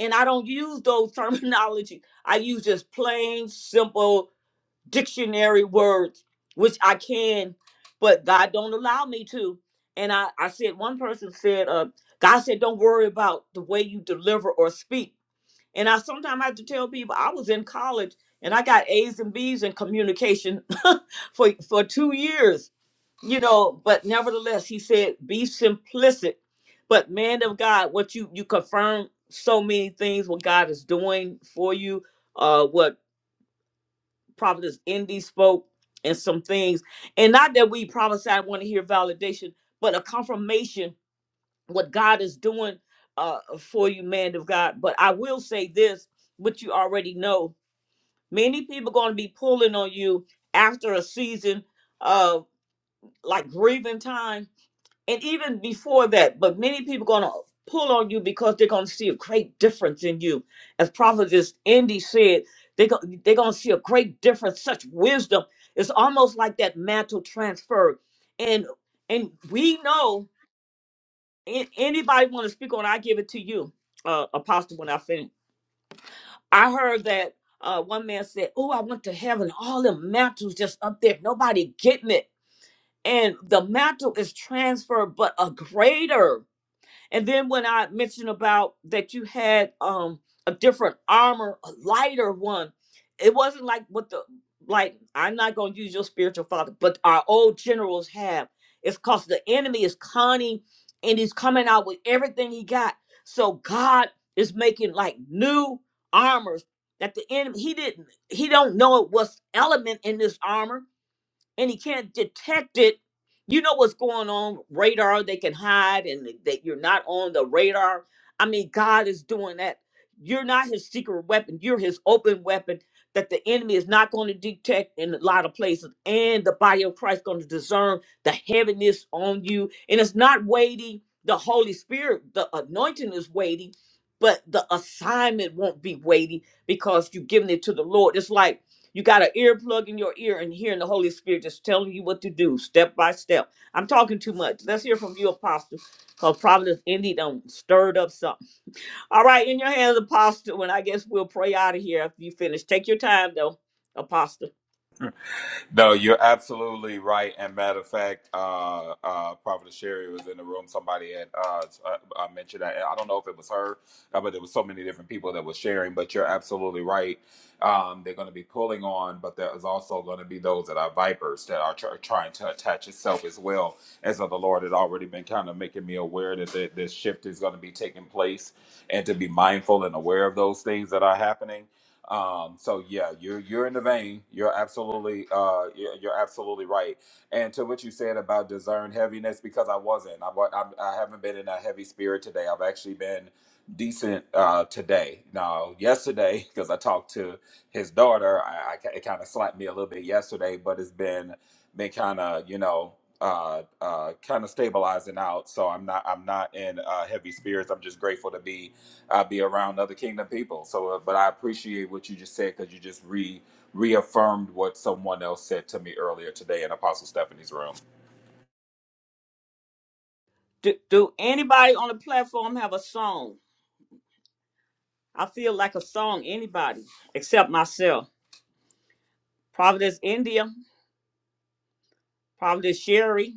And I don't use those terminology. I use just plain, simple dictionary words, which I can, but God don't allow me to. And I, I said, one person said, uh, God said, don't worry about the way you deliver or speak. And I sometimes have to tell people I was in college and I got A's and B's in communication for, for two years, you know, but nevertheless, he said, be simplistic. But man of God, what you, you confirm so many things, what God is doing for you, uh, what prophetess Indy spoke and some things. And not that we prophesy want to hear validation, but a confirmation what God is doing uh, for you, man of God. But I will say this, which you already know. Many people going to be pulling on you after a season of like grieving time and even before that but many people gonna pull on you because they're gonna see a great difference in you as prophetess indy said they go, they're gonna see a great difference such wisdom it's almost like that mantle transfer and and we know an- anybody want to speak on it, i give it to you uh apostle when i finish i heard that uh one man said oh i went to heaven all them mantles just up there nobody getting it and the mantle is transferred but a greater and then when I mentioned about that you had um a different armor, a lighter one, it wasn't like what the like I'm not gonna use your spiritual father, but our old generals have. It's cause the enemy is cunning and he's coming out with everything he got. So God is making like new armors that the enemy he didn't he don't know it was element in this armor and he can't detect it. You know what's going on radar they can hide and that you're not on the radar. I mean, God is doing that. You're not his secret weapon, you're his open weapon that the enemy is not going to detect in a lot of places. And the body of Christ going to discern the heaviness on you. And it's not weighty. The Holy Spirit, the anointing is weighty, but the assignment won't be weighty because you've given it to the Lord. It's like you got an earplug in your ear and hearing the Holy Spirit just telling you what to do step by step. I'm talking too much. Let's hear from you, Apostle, because Providence Indy done stirred up something. All right, in your hands, Apostle, and I guess we'll pray out of here after you finish. Take your time, though, Apostle.
No, you're absolutely right. And matter of fact, uh, uh, Prophet Sherry was in the room. Somebody had uh, uh, uh, mentioned that. I don't know if it was her, uh, but there was so many different people that were sharing. But you're absolutely right. Um, they're going to be pulling on, but there is also going to be those that are vipers that are tr- trying to attach itself as well. As so, the Lord had already been kind of making me aware that th- this shift is going to be taking place, and to be mindful and aware of those things that are happening um, so yeah, you're you're in the vein. You're absolutely uh, you're, you're absolutely right. And to what you said about discern heaviness, because I wasn't. I wa- I'm, I haven't been in a heavy spirit today. I've actually been decent uh, today. Now yesterday, because I talked to his daughter, I, I ca- it kind of slapped me a little bit yesterday, but it's been been kind of you know uh uh kind of stabilizing out so i'm not i'm not in uh heavy spirits i'm just grateful to be I'll be around other kingdom people. So, uh, but I appreciate what you just said because you just re reaffirmed what someone else said to me earlier today in Apostle Stephanie's room.
Do, do anybody on the platform have a song? I feel like a song, anybody except myself. Providence, India. Providence, Sherry.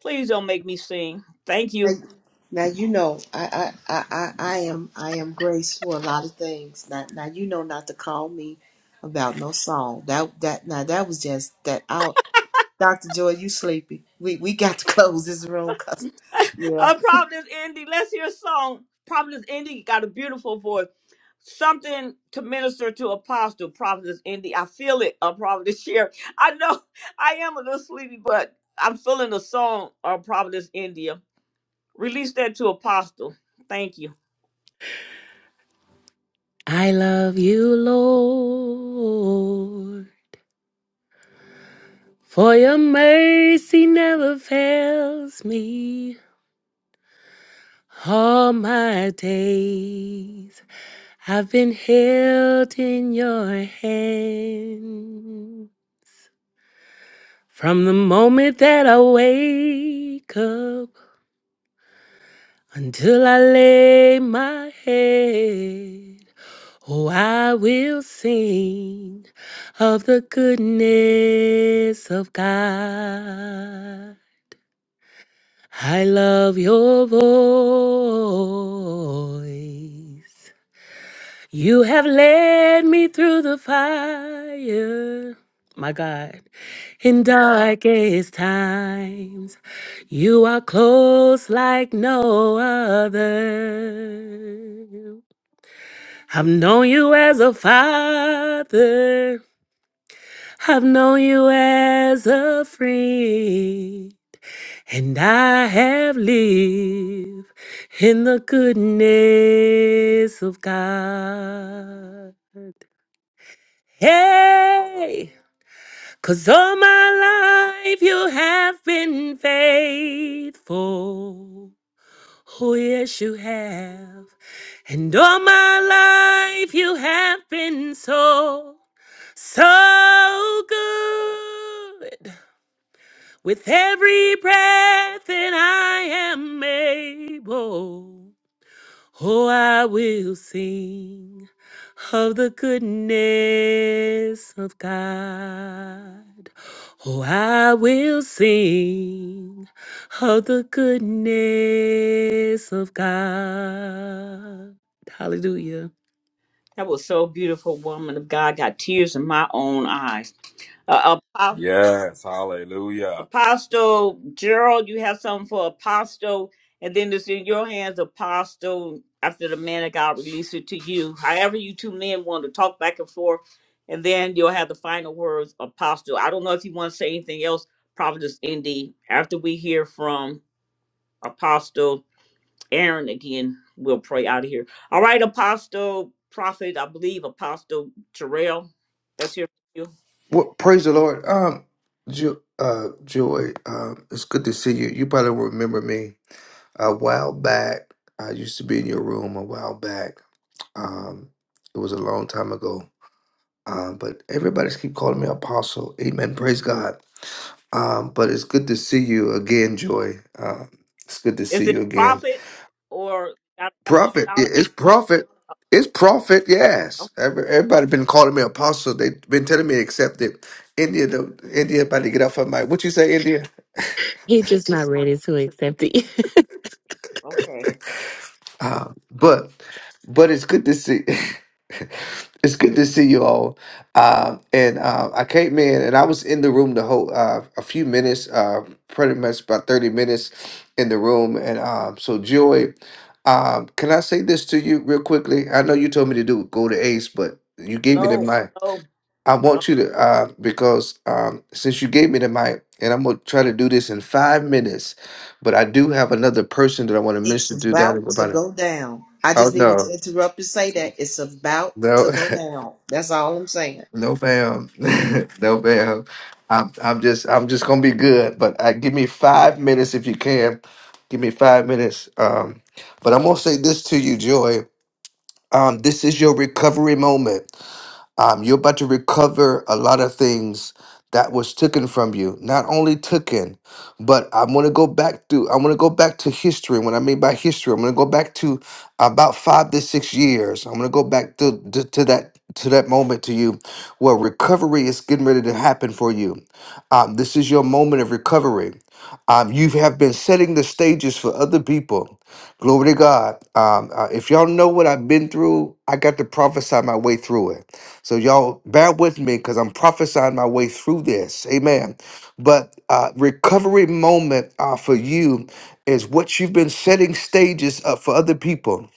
Please don't make me sing. Thank
Now,
you.
now you know I, I I I I am I am grace for a lot of things. Now now you know not to call me about no song. That that now that was just that out. Doctor Joy, you sleepy? We we got to close this room because yeah,
Uh, Providence, Indy. Let's hear a song. Providence, Indy got a beautiful voice. Something to minister to Apostle Providence, Indy. I feel it. Uh, Providence, Sherry. I know I am a little sleepy, but I'm feeling the song. Uh, Providence, India. Release that to Apostle. Thank you.
I love you, Lord, for your mercy never fails me. All my days I've been held in your hand. From the moment that I wake up Until I lay my head, oh, I will sing of the goodness of God. I love your voice. You have led me through the fire, my God, in darkest times. You are close like no other. I've known you as a father. I've known you as a friend. And I have lived in the goodness of God. Hey, cause all my life you have been faithful. Oh, yes, you have. And all my life you have been so, so good. With every breath that I am able. Oh, I will sing of the goodness of God. Oh, I will sing of the goodness of God. Hallelujah.
That was so beautiful, woman of God. Got tears in my own eyes. Uh, Apostle.
Yes. Hallelujah.
Apostle Gerald, you have something for Apostle, and then it's in your hands, Apostle. After the man of God, release it to you. However, you two men want to talk back and forth, and then you'll have the final words, Apostle. I don't know if you want to say anything else, Providence Indy. After we hear from Apostle Aaron again, we'll pray out of here. All right, Apostle Prophet, I believe Apostle Terrell. That's here for you.
Well, praise the Lord. Um, jo- uh, Joy, um, it's good to see you. You probably remember me a while back. I used to be in your room a while back. Um, it was a long time ago. Um, but everybody's keep calling me Apostle. Amen. Praise God. Um, but it's good to see you again, Joy. Um, it's good to
Is
see
it
you again.
Prophet or
Prophet,
apostolic?
i- it's prophet, it's prophet. Yes, Every- everybody been calling me apostle. They've been telling me to accept it. India, the India, about to get off her mic. What you say, India?
He just not ready to accept it.
Okay.
Uh, but, but it's good to see. it's good to see you all. Um, and uh, I came in, and I was in the room the whole uh, a few minutes, uh, pretty much about thirty minutes in the room. And um, so, Joy, um, can I say this to you real quickly? I know you told me to do go to Ace, but you gave me the
Flow,
mic.
flow,
I
flow,
want you to uh, because um, since you gave me the mic, and I'm gonna try to do this in five minutes, but I do have another person that I want to
it's
minister to down in
about to
about. a-
go down. I
Oh
just needed to
no,
interrupt and say that it's about to
no,
go down. That's all I'm saying.
no, ma'am, no, ma'am. I'm, I'm just, I'm just gonna be good. But uh, give me five minutes if you can. Give me five minutes. Um, but I'm gonna say this to you, Joy. Um, this is your recovery moment. Um, you're about to recover a lot of things that was taken from you. Not only taken, but I'm going to go back to I'm going to go back to history. What I mean by history, I'm going to go back to about five to six years. I'm going to go back to, to to that to that moment to you, where recovery is getting ready to happen for you. Um, this is your moment of recovery. Um, you have been setting the stages for other people. Glory to God. Um, uh, if y'all know what I've been through, I got to prophesy my way through it. So y'all bear with me because I'm prophesying my way through this. Amen. But uh, recovery moment uh, for you is what you've been setting stages up for other people.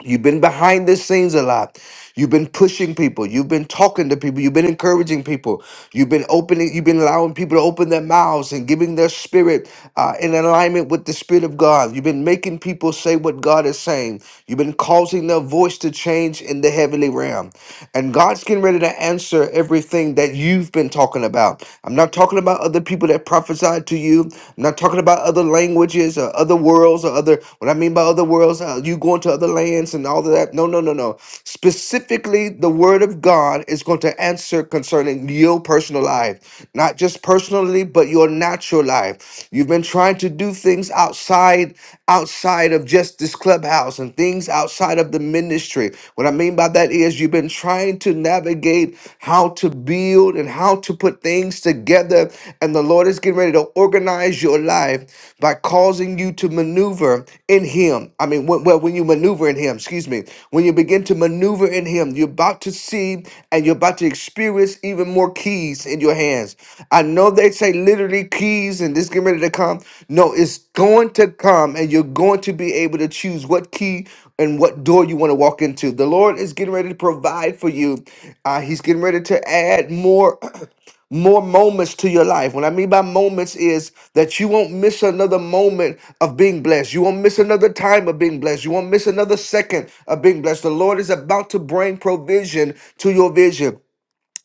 You've been behind the scenes a lot. You've been pushing people. You've been talking to people. You've been encouraging people. You've been opening. You've been allowing people to open their mouths and giving their spirit uh, in alignment with the spirit of God. You've been making people say what God is saying. You've been causing the voice to change in the heavenly realm. And God's getting ready to answer everything that you've been talking about. I'm not talking about other people that prophesied to you. I'm not talking about other languages or other worlds or other, what I mean by other worlds, uh, you going to other lands and all of that. No, no, no, no. Specifically, the word of God is going to answer concerning your personal life life, not just personally, but your natural life. You've been trying to do things outside outside of just this clubhouse and things outside of the ministry. What I mean by that is you've been trying to navigate how to build and how to put things together and the Lord is getting ready to organize your life by causing you to maneuver in him. I mean, when, when, well, when you maneuver in Him, excuse me, when you begin to maneuver in Him, you're about to see and you're about to experience even more keys in your hands. I know they say literally keys and this getting ready to come. No, it's going to come and you're going to be able to choose what key and what door you want to walk into. The Lord is getting ready to provide for you. Uh, he's getting ready to add more. more moments to your life. What I mean by moments is that you won't miss another moment of being blessed. You won't miss another time of being blessed. You won't miss another second of being blessed. The Lord is about to bring provision to your vision.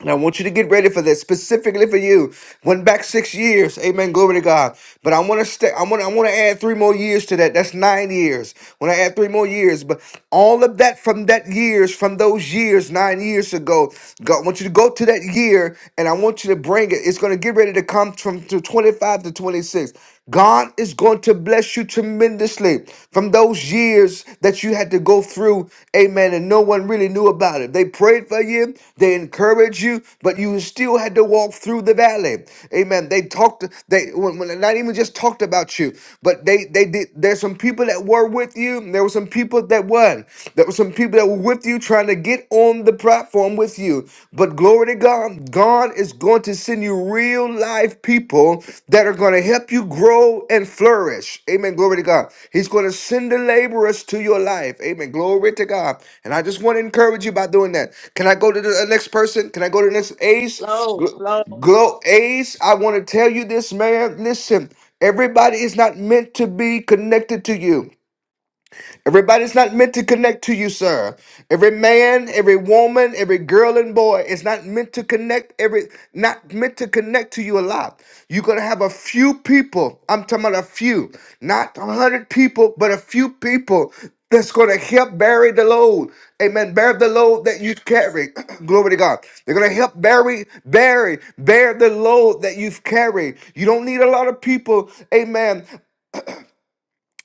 And I want you to get ready for this specifically for you. Went back six years. Amen. Glory to God. But I want to stay. I want. I want to add three more years to that. That's nine years. When I add three more years, but all of that from that years, from those years, nine years ago. God, I want you to go to that year, and I want you to bring it. It's going to get ready to come from to twenty five to twenty six. God is going to bless you tremendously from those years that you had to go through, amen, and no one really knew about it. They prayed for you, they encouraged you, but you still had to walk through the valley. Amen. They talked, they when, when- not even just talked about you, but they they did there's some people that were with you, and there were some people that weren't. There were some people that were with you trying to get on the platform with you you. But glory to God, God is going to send you real life people that are going to help you grow and flourish. Amen. Glory to God. He's going to send the laborers to your life. Amen. Glory to God. And I just want to encourage you by doing that. Can I go to the uh, next person? Can I go to the next Ace?
flow,
Gl-
flow, flow,
Glow Ace, I want to tell you this, man. Listen, everybody is not meant to be connected to you. Everybody's not meant to connect to you, sir. Every man, every woman, every girl and boy is not meant to connect. Every not meant to connect to you a lot. You're gonna have a few people. I'm talking about a few, not a hundred people, but a few people that's gonna help bury the load. Amen. Bear the load that you carry. Glory to God. They're gonna help bury, bury, bear the load that you've carried. You don't need a lot of people, amen.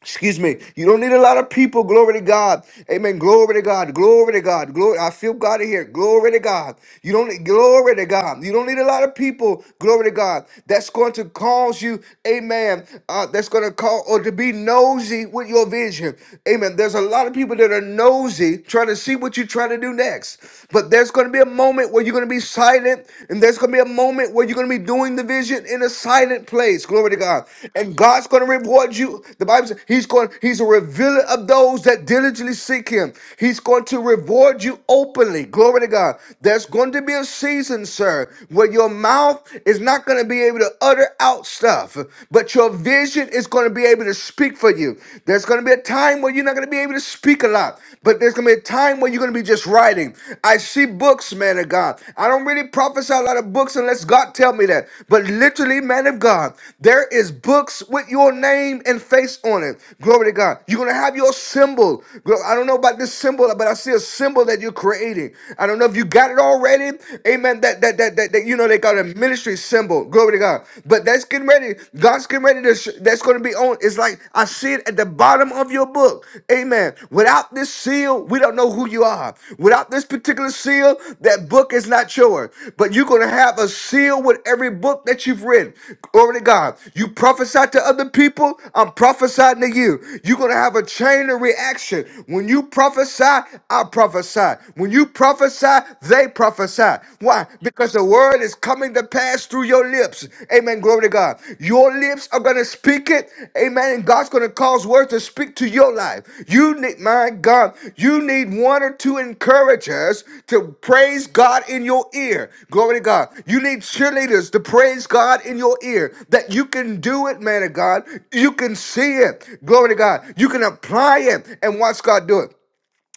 Excuse me. You don't need a lot of people. Glory to God. Amen. Glory to God. Glory to God. Glory. I feel God in here. Glory to God. You don't need glory to God. You don't need a lot of people. Glory to God. That's going to cause you, amen. Uh, that's going to call or to be nosy with your vision. Amen. There's a lot of people that are nosy trying to see what you're trying to do next. But there's going to be a moment where you're going to be silent, and there's going to be a moment where you're where you're going to be doing the vision in a silent place. Glory to God. And God's going to reward you. The Bible says he's going, he's a revealer of those that diligently seek him. He's going to reward you openly. Glory to God. There's going to be a season, sir, where your mouth is not going to be able to utter out stuff, but your vision is going to be able to speak for you. There's going to be a time where you're not going to be able to speak a lot, but there's going to be a time where where you're going to be just writing. I see books, man of God. I don't really prophesy a lot of books unless God tell me that. But literally, man of God, there is books with your name and face on it. Glory to God. You're going to have your symbol. Glo- I don't know about this symbol, but I see a symbol that you're creating. I don't know if you got it already. Amen. That, that, that, that, that you know, they got a ministry symbol. Glory to God. But that's getting ready. God's getting ready to, sh- that's going to be Nobody on. It's like I see it at the bottom of your book. Amen. Without this seal, we don't know who you are. Without this particular seal, that book is not yours. But you're going to have a seal with every book that you've written. Glory to God. You prophesy to other people, I'm prophesying to you. You're going to have a chain of reaction. When you prophesy, I prophesy. When you prophesy, they prophesy. Why? Because the the word is coming to pass through your lips. Amen. Glory to God. Your lips are going to speak it. Amen. And God's going to cause words to speak to your life. You need, my God, you need one or two encouragers to praise God in your ear. Glory to God. You need cheerleaders to praise God in your ear that you can do it, man of God. You can see it. Glory to God. You can apply it and watch God do it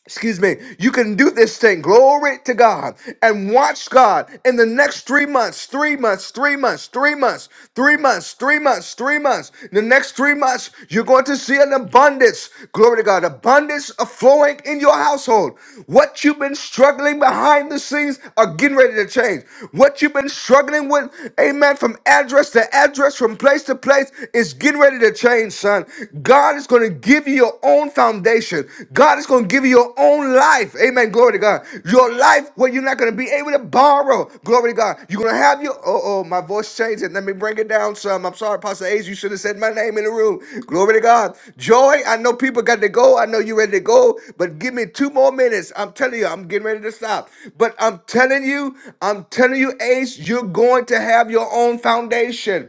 excuse me, you can do this thing. Glory to God. And watch God in the next three months, three months, three months, three months, three months, three months, three months. In the next three months, you're going to see an abundance. Glory to God. Abundance of flowing in your household. What you've been struggling behind the scenes are getting ready to change. What you've been struggling with, amen, from address to address, from place to place, is getting ready to change, son. God is going to give you your own foundation. God is going to give you your own life. Amen. Glory to God. Your life where you're not going to be able to borrow. Glory to God. You're going to have your. Oh, oh, my voice changed. it. Let me bring it down some. I'm sorry, Pastor Ace. You should have said my name in the room. Glory to God. Joy, I know people got to go. I know you're ready to go, but give me two more minutes. I'm telling you, I'm getting ready to stop. But I'm telling you, I'm telling you, Ace, you're going to have your own foundation.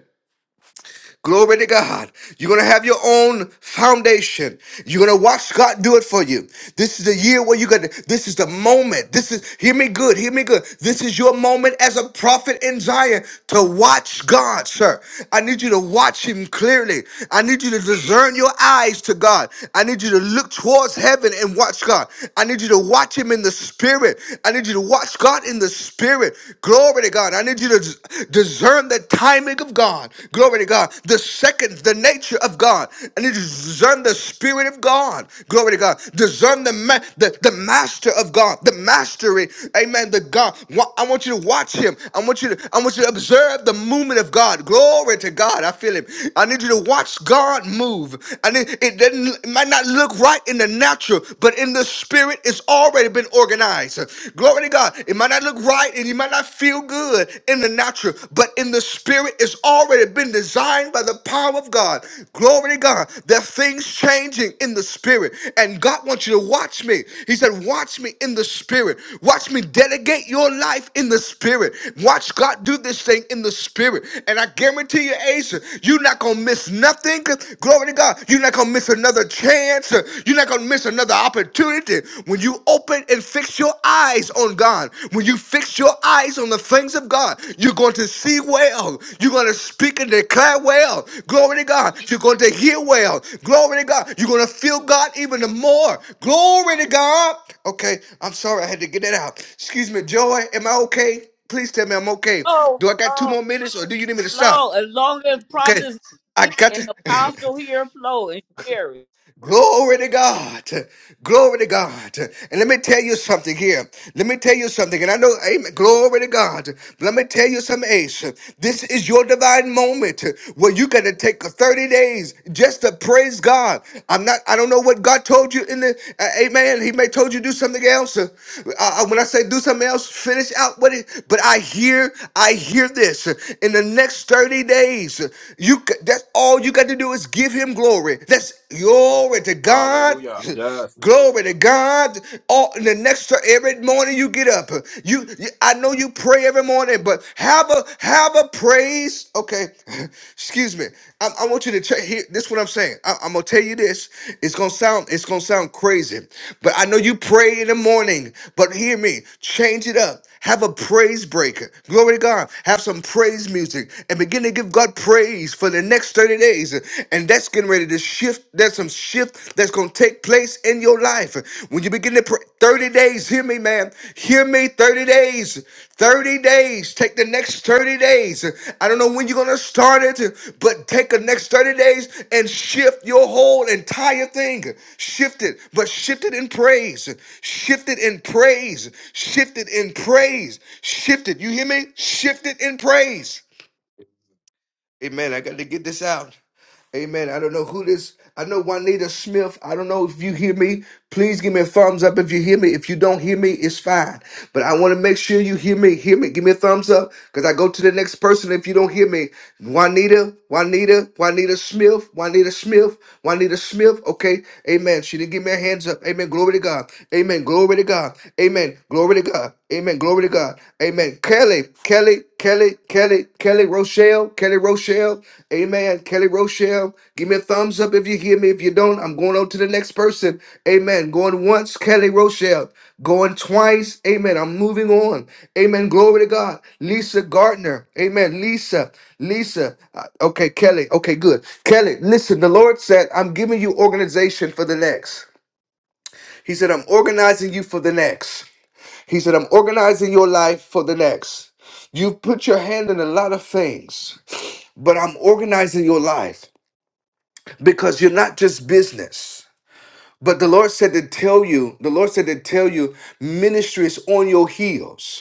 Glory to God. You're going to have your own foundation. You're going to watch God do it for you. This is the year where you got to, this is the moment. This is, hear me good, hear me good. This is your moment as a prophet in Zion to watch God, sir. I need you to watch Him clearly. I need you to discern your eyes to God. I need you to look towards heaven and watch God. I need you to watch Him in the spirit. I need you to watch God in the spirit. Glory to to God. I need you to dis- discern the timing of God. Glory to God. The second, the nature of God. I need you to discern the spirit of God. Glory to God. Discern the ma- the, the master of God, the mastery. Amen. The God. Wa- I want you to watch him. I want you to I want you to observe the movement of God. Glory to God. I feel him. I need you to watch God move. I need it doesn't it might not look right in the natural, but in the spirit, it's already already been organized. Glory to God. It might not look right and you might not feel good in the natural, but in the spirit, it's already been designed by the power of God. Glory to God. There are things changing in the spirit. And God wants you to watch me. He said, Watch me in the spirit. Watch me delegate your life in the spirit. Watch God do this thing in the spirit. And I guarantee you, Asa, you're not going to miss nothing. Glory to God. You're not going to miss another chance. You're not going to miss another opportunity. When you open and fix your eyes on God, when you fix your eyes on the things of God, you're going to see well. You're going to speak and declare well. Glory to God. You're going to hear well. Glory to God. You're going to feel God even the more. Glory to God. Okay, I'm sorry I had to get that out. Excuse me, Joy. Am I okay? Please tell me I'm okay. Do I got two
flow,
more minutes or do you need me to
flow.
stop?
As long as
Okay.
Providence
I got
and
to.
Apostle here flow and Sherry.
Glory to God. Glory to God. And let me tell you something here. Let me tell you something. And I know, amen. Glory to God. But let me tell you something, Ace. This is your divine moment where you got to take 30 days just to praise God. I'm not, I don't know what God told you in the, uh, amen. He may told you do something else. Uh, uh, when I say do something else, finish out what it, but I hear, I hear this. In the next 30 days, you, c- that's all you got to do is give. Give him glory. That's glory to God.
Hallelujah. Yes.
glory to God. All in the next every morning you get up. You, you I know you pray every morning, but have a have a praise. Okay, excuse me. I, I want you to check here. This is what I'm saying. I, I'm gonna tell you this. It's gonna sound it's gonna sound crazy, but I know you pray in the morning. But hear me. Change it up. Have a praise break. Glory to God. Have some praise music and begin to give God praise for the next 30 days and that's getting ready to shift there's some shift that's going to take place in your life when you begin to pray 30 days hear me man hear me 30 days 30 days take the next 30 days i don't know when you're going to start it but take the next 30 days and shift your whole entire thing shift it but shift it in praise shift it in praise shift it in praise shift it you hear me shift it in praise Amen. I got to get this out. Amen. I don't know who this. I know Juanita Smith. I don't know if you hear me. Please give me a thumbs up if you hear me. If you don't hear me, it's fine. But I want to make sure you hear me. Hear me. Give me a thumbs up because I go to the next person if you don't hear me. Juanita, Juanita, Juanita Smith, Juanita Smith, Juanita Smith. Okay. Amen. She didn't give me a hands up. Amen. Glory to God. Amen. Glory to God. Amen. Glory to God. Amen. Glory to God. Amen. Kelly, Kelly, Kelly, Kelly, Kelly Rochelle, Kelly Rochelle, amen. Kelly Rochelle, give me a thumbs up if you hear me. If you don't, I'm going on to the next person, amen. Going once, Kelly Rochelle, going twice, amen. I'm moving on, amen. Glory to God. Lisa Gardner, amen. Lisa, Lisa, uh, okay, Kelly, okay, good. Kelly, listen, the Lord said, I'm giving you organization for the next. He said, I'm organizing you for the next. He said, I'm organizing your life for the next. You've put your hand in a lot of things, but I'm organizing your life because you're not just business. But the Lord said to tell you, the Lord said to tell you, ministry is on your heels.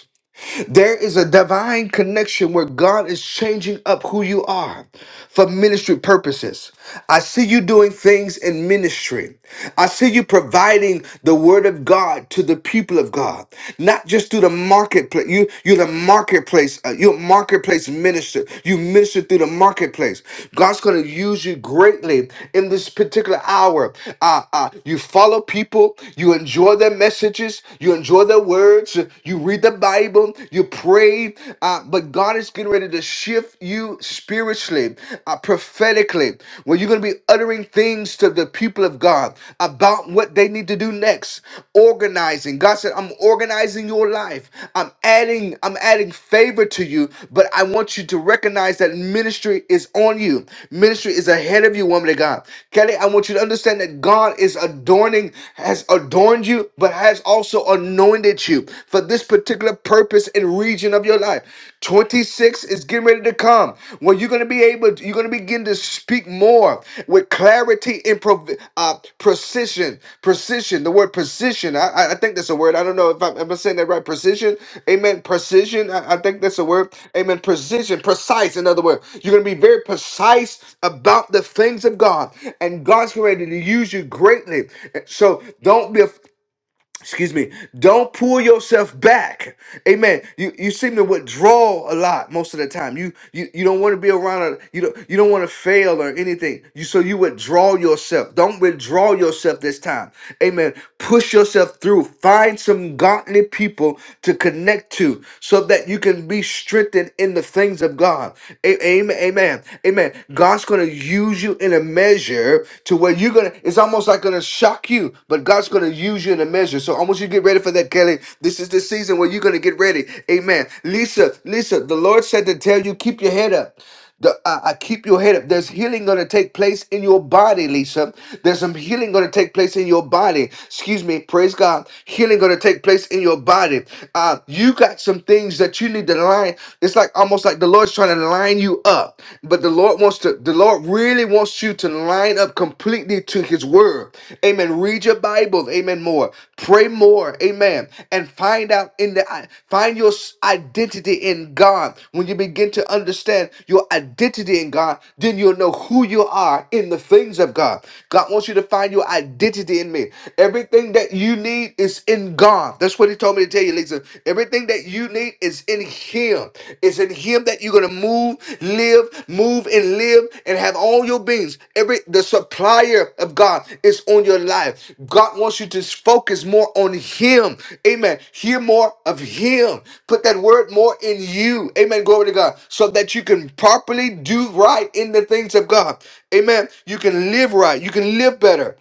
There is a divine connection where God is changing up who you are for ministry purposes. I see you doing things in ministry. I see you providing the word of God to the people of God, not just through the marketplace. You, you're the marketplace. uh, you're a marketplace minister. You minister through the marketplace. God's going to use you greatly in this particular hour. Uh, uh, you follow people. You enjoy their messages. You enjoy their words you read the Bible, you pray, uh, but God is getting ready to shift you spiritually, uh, prophetically, where you're going to be uttering things to the people of God about what they need to do next. Organizing. God said, I'm organizing your life. I'm adding, I'm adding favor to you, but I want you to recognize that ministry is on you. Ministry is ahead of you, woman of God. Kelly, I want you to understand that God is adorning, has adorned you, but has also anointed you for this particular purpose and region of your life. 26 is getting ready to come where you're going to be able, you're going to begin to speak more with clarity and prov- uh, precision. Precision, the word precision, I, I I think that's a word. I don't know if I'm, am I saying that right. Precision, amen. Precision, I, I think that's a word. Amen. Precision, precise, in other words. You're going to be very precise about the things of God, and God's going to use you greatly. So don't be excuse me don't pull yourself back amen you you seem to withdraw a lot most of the time you you, you don't want to be around a, you don't you don't want to fail or anything you so you withdraw yourself don't withdraw yourself this time amen push yourself through find some godly people to connect to so that you can be strengthened in the things of god A- amen amen amen god's going to use you in a measure measure to where you're gonna it's almost like gonna shock you but god's gonna use you in a measure so i want you to get ready for that kelly this is the season where you're gonna get ready amen lisa lisa the lord said to tell you keep your head up the, I, I keep your head up. There's healing going to take place in your body, Lisa. There's some healing going to take place in your body. Excuse me. Praise God. Healing going to take place in your body. Uh, you got some things that you need to line. It's like almost like the Lord is trying to line you up, but the Lord wants to, the Lord really wants you to line up completely to His Word. Amen. Read your Bible. Amen. More. Pray more. Amen. And find out in the, find your s- identity in God. When you begin to understand your identity in God, then you'll know who you are in the things of God. God wants you to find your identity in me. Everything that you need is in God. That's what He told me me to tell you, listen, everything that you need is in Him. It's in Him that you're gonna move, live, move, and live, and have all your beings. Every the supplier of God is on your life. God wants you to focus more on Him. Amen. Hear more of Him. Put that word more in you. Amen. Glory to God. So that you can properly do right in the things of God. Amen. You can live right. You can live better.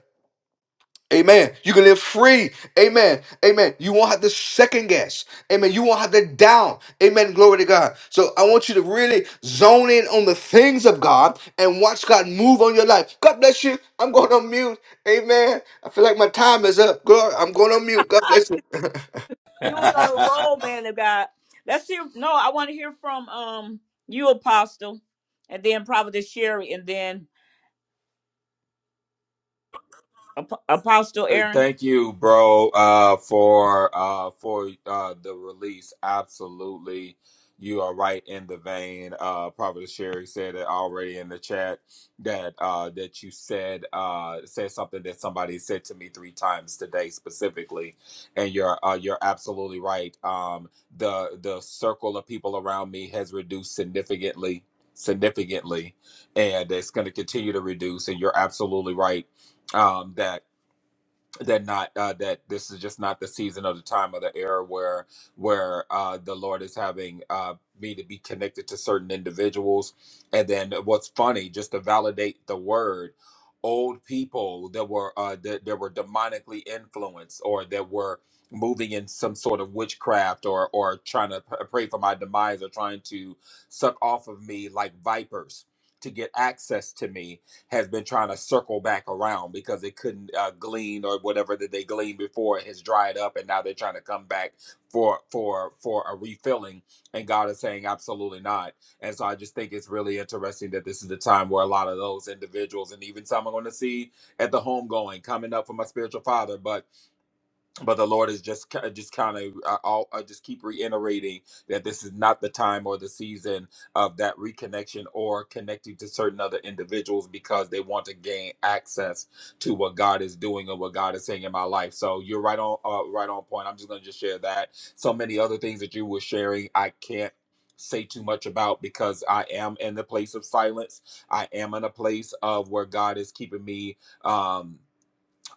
Amen. You can live free. Amen. Amen. You won't have to second guess. Amen. You won't have to down. Amen. Glory to God. So I want you to really zone in on the things of God and watch God move on your life. God bless you. I'm going on mute. Amen. I feel like my time is up. Glory. I'm going on mute. God
I
bless you.
can you was on a roll, man of God. Let's hear no, I want to hear from um you, Apostle, and then Providence Sherry, and then Ap- Apostle
Uh,
Aaron.
Thank you, bro, uh, for uh, for uh, the release. Absolutely, you are right in the vein. Uh, Prophet Sherry said it already in the chat that uh, that you said uh, said something that somebody said to me three times today specifically, and you're uh, you're absolutely right. Um, the the circle of people around me has reduced significantly, significantly, and it's going to continue to reduce. And you're absolutely right um, that that not uh, that this is just not the season of the time of the era where where uh, the Lord is having uh, me to be connected to certain individuals. And then what's funny, just to validate the word, old people that were uh, that, that were demonically influenced or that were moving in some sort of witchcraft or or trying to p- uh, pray for my demise or trying to suck off of me like vipers to get access to me has been trying to circle back around because it couldn't uh, glean or whatever that they gleaned before has dried up, and now they're trying to come back for for for a refilling. And God is saying, absolutely not. And so I just think it's really interesting that this is the time where a lot of those individuals and even some I'm going to see at the homegoing coming up for my spiritual father, but but the Lord is just just kind of I, I'll- I just keep reiterating that this is not the time or the season of that reconnection or connecting to certain other individuals because they want to gain access to what God is doing and what God is saying in my life. So you're right on uh, right on point. I'm just going to just share that. So many other things that you were sharing, I can't say too much about because I am in the place of silence. I am in a place of where God is keeping me um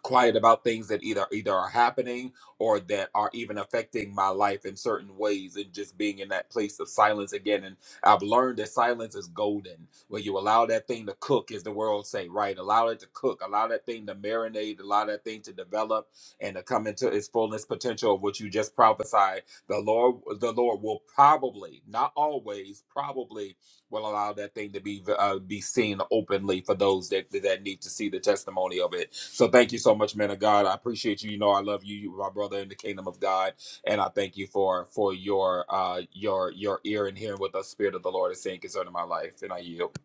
quiet about things that either either are happening or that are even affecting my life in certain ways and just being in that place of silence again and i've learned that silence is golden when you allow that thing to cook as the world say right allow it to cook allow that thing to marinate allow that thing to develop and to come into its fullness potential of what you just prophesied the lord the lord will probably not always probably will allow that thing to be uh, be seen openly for those that that need to see the testimony of it. So thank you so much, man of God. I appreciate you. You know, I love you. You are my brother in the kingdom of God, and I thank you for for your uh your your ear and hearing what the spirit of the Lord is saying concerning my life. And I yield.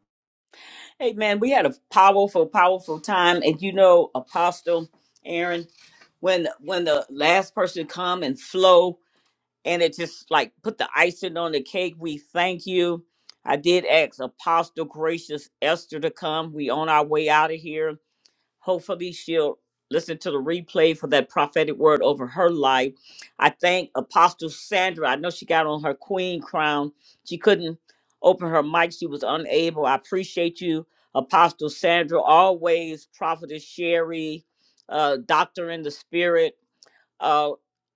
Hey man, we had a powerful, powerful time. And you know, Apostle Aaron, when when the last person come and flow. and it just like put the icing on the cake. We thank you. I did ask Apostle Gracious Esther to come. We on our way out of here. Hopefully she'll listen to the replay for that prophetic word over her life. I thank Apostle Sandra. I know she got on her queen crown. She couldn't open her mic. She was unable. I appreciate you, Apostle Sandra. Always Prophetess Sherry, uh, Doctor in the Spirit uh,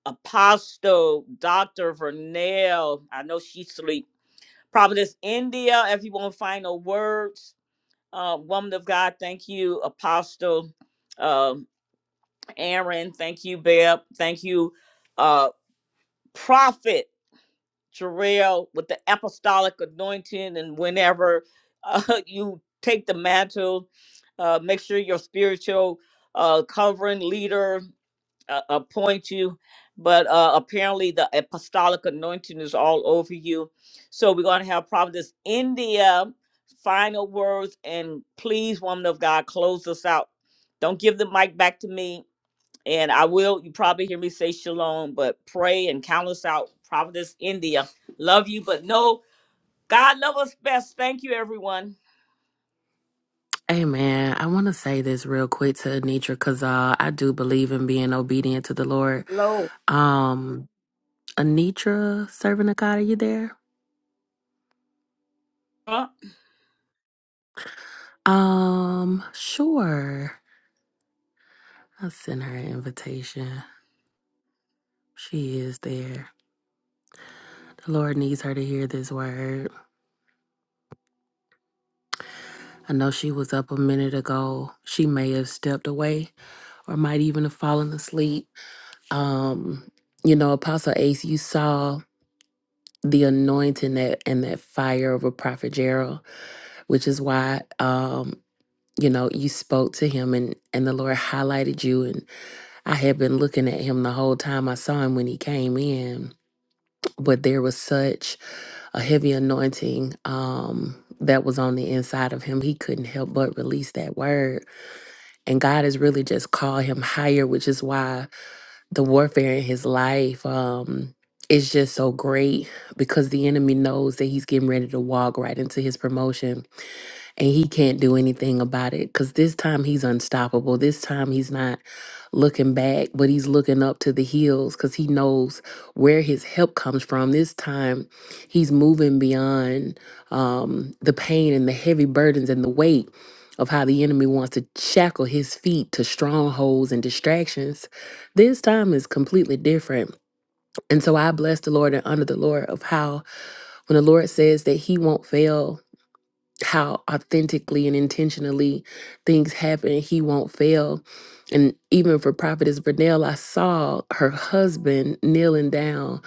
Apostle Dr. Vernell. I know she sleep. Providence India, if you want final words. Uh, woman of God, thank you, Apostle um Aaron. Thank you, Beb. Thank you, uh, Prophet Jarrell, with the apostolic anointing. And whenever uh, you take the mantle, uh, make sure your spiritual uh, covering leader uh, appoint you, but uh, apparently the apostolic anointing is all over you. So we're going to have Providence India final words, and please, woman of God, close us out. Don't give the mic back to me, and I will. You probably hear me say shalom, but pray and count us out. Providence India, love you, but no, God love us best. Thank you, everyone.
Hey man, I want to say this real quick to Anitra because uh, I do believe in being obedient to the Lord.
Hello.
Um, Anitra, servant of God, are you there?
Uh,
Um, sure. I sent her an invitation. She is there. The Lord needs her to hear this word. I know she was up a minute ago. She may have stepped away or might even have fallen asleep. Um, you know, Apostle Ace, you saw the anointing that and that fire over Prophet Gerald, which is why um, you know, you spoke to him and and the Lord highlighted you and I had been looking at him the whole time I saw him when he came in but there was such a heavy anointing um that was on the inside of him he couldn't help but release that word and god has really just called him higher which is why the warfare in his life um is just so great because the enemy knows that he's getting ready to walk right into his promotion and he can't do anything about it because this time he's unstoppable. This time he's not looking back, but he's looking up to the hills because he knows where his help comes from. This time he's moving beyond um, the pain and the heavy burdens and the weight of how the enemy wants to shackle his feet to strongholds and distractions. This time is completely different. And so I bless the Lord and honor the Lord of how when the Lord says that he won't fail how authentically and intentionally things happen. He won't fail. And even for Prophetess Vernell, I saw her husband kneeling down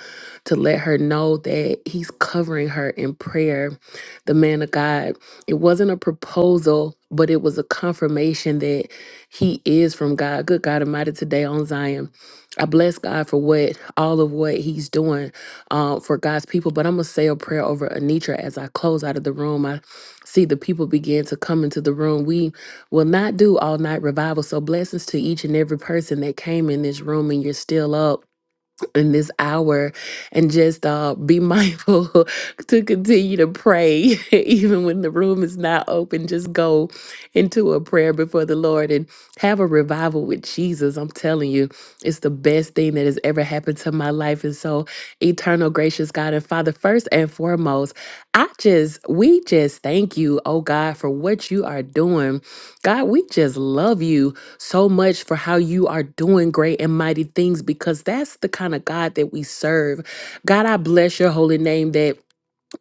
to let her know that he's covering her in prayer. The man of God, it wasn't a proposal, but it was a confirmation that he is from God. Good God Almighty today on Zion. I bless God for what all of what He's doing uh, for God's people. But I'm gonna say a prayer over Anitra as I close out of the room see the people begin to come into the room. We will not do all night revival. So blessings to each and every person that came in this room and you're still up in this hour and just uh, be mindful to continue to pray even when the room is not open just go into a prayer before the lord and have a revival with jesus i'm telling you it's the best thing that has ever happened to my life and so eternal gracious god and father first and foremost i just we just thank you oh god for what you are doing god we just love you so much for how you are doing great and mighty things because that's the kind of God that we serve. God, I bless your holy name that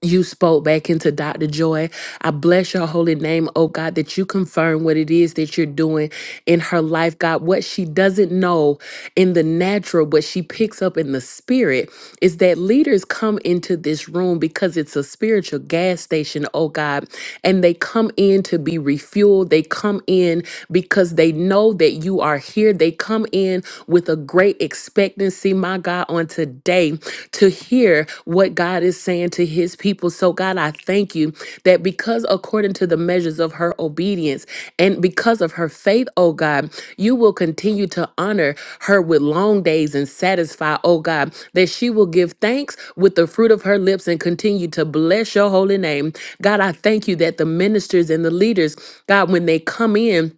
you spoke back into Dr. Joy. I bless your holy name, oh God, that you confirm what it is that you're doing in her life, God. What she doesn't know in the natural, but she picks up in the spirit, is that leaders come into this room because it's a spiritual gas station, oh God, and they come in to be refueled. They come in because they know that you are here. They come in with a great expectancy, my God, on on today to hear what God is saying to his people. So, God, I thank you that because according to the measures of her obedience and because of her faith, oh God, you will continue to honor her with long days and satisfy, oh God, that she will give thanks with the fruit of her lips and continue to bless your holy name. God, I thank you that the ministers and the leaders, God, when they come in,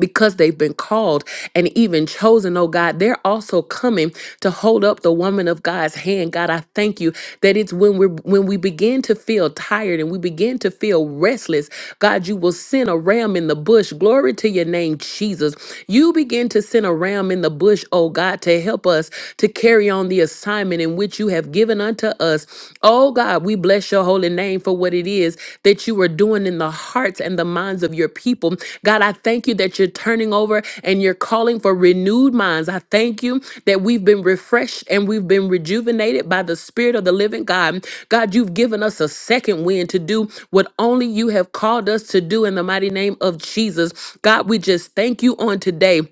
because they've been called and even chosen, oh God, they're also coming to hold up the woman of God's hand. God, I thank you that it's when we're when we begin to feel tired and we begin to feel restless, God, you will send a ram in the bush. Glory to your name, Jesus. You begin to send a ram in the bush, oh God, to help us to carry on the assignment in which you have given unto us. Oh Oh God, we bless your holy name for what it is that you are doing in the hearts and the minds of your people. God, I thank you that you're turning over and you're calling for renewed minds. I thank you that we've been refreshed and we've been rejuvenated by the Spirit of the living God. God, you've given us a second wind to do what only you have called us to do in the mighty name of Jesus. God, we just thank you on today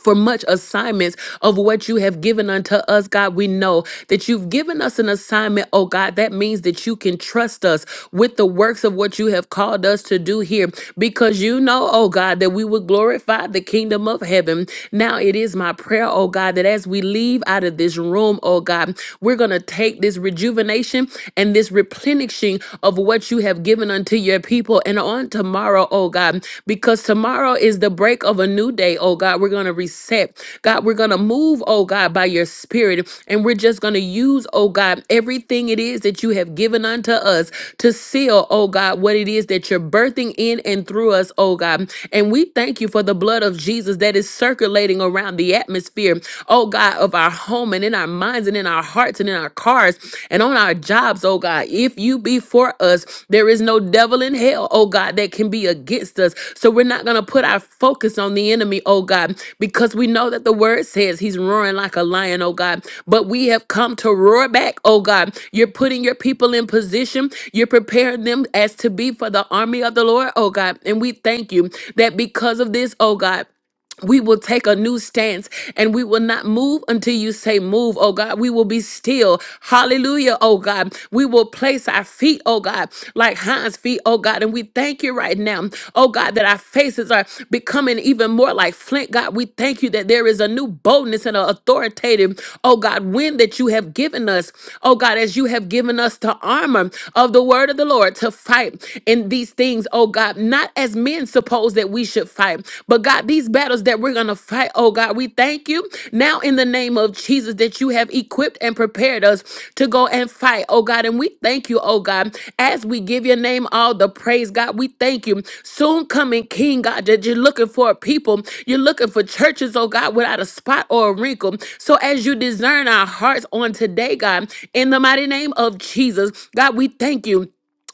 for much assignments of what you have given unto us, God. We know that you've given us an assignment, oh God. That means that you can trust us with the works of what you have called us to do here because you know, oh God, that we would glorify the kingdom of heaven. Now it is my prayer, oh God, that as we leave out of this room, oh God, we're going to take this rejuvenation and this replenishing of what you have given unto your people your people and on tomorrow, oh God, because tomorrow is the break of a new day, oh God. We're going to reset. God, we're going to move, oh God, by your spirit. And we're just going to use, oh God, everything it is that you have given unto us to seal, oh God, what it is that you're birthing in and through us, oh God. And we thank you for the blood of Jesus that is circulating around the atmosphere, oh God, of our home and in our minds and in our hearts hearts and in our cars and on our jobs, oh God. If you be for us, there is no devil in hell, oh God, that can be against us. So we're not going to put our focus on the enemy, oh God, because we know that the word says he's roaring like a lion, oh God. But we have come to roar back, oh God. You're putting your people in position, you're preparing them as to be for the army of the Lord, oh God. And we thank you that because of this, oh God we will take a new stance and we will not move until you say move, oh God. We will be still. Hallelujah, oh God. We will place our feet, oh God, like Hans' feet, oh God. And we thank you right now, oh God, that our faces are becoming even more like flint, God. We thank you that there is a new boldness and an authoritative, oh God, wind that you have given us, oh God, as you have given us the armor of the word of the Lord to fight in these things, oh God, not as men suppose that we should fight. But God, these battles that we're going to fight, oh God, we thank you now in the name of Jesus that you have equipped and prepared us to go and fight, oh God. And we thank you, oh God, as we give your name all the praise, God. We thank you. Soon coming King, God, that you're looking for a people. You're looking for churches, oh God, without a spot or a wrinkle. So as you discern our hearts on today, God, in the mighty name of Jesus, God, we thank you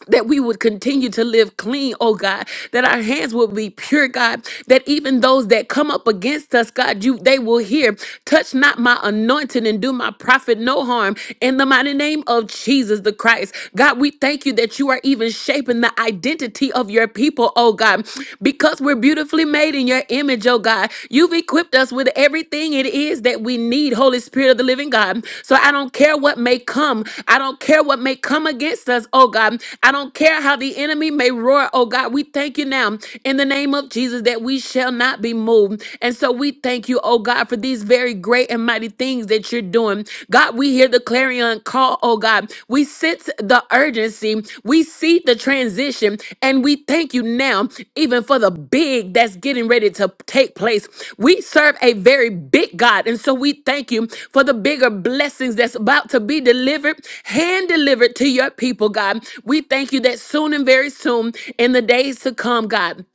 that we would continue to live clean, oh God, that our hands will be pure, God, that even those that come up against us, God, you they will hear, touch not my anointing and do my prophet no harm in the mighty name of Jesus the Christ. God, we thank you that you are even shaping the identity of your people, oh God, because we're beautifully made in your image, oh God. You've equipped us with everything it is that we need, Holy Spirit of the living God. So I don't care what may come. I don't care what may come against us, oh God. I don't care how the enemy may roar, oh God. We thank you now in the name of Jesus that we shall not be moved. And so we thank you, oh God, for these very great and mighty things that you're doing. God, we hear the clarion call, oh God. We sense the urgency, we see the transition, and we thank you now, even for the big that's getting ready to take place. We serve a very big God, and so we thank you for the bigger blessings that's about to be delivered, hand delivered to your people, God. We thank you that soon and very soon, in the days to come, God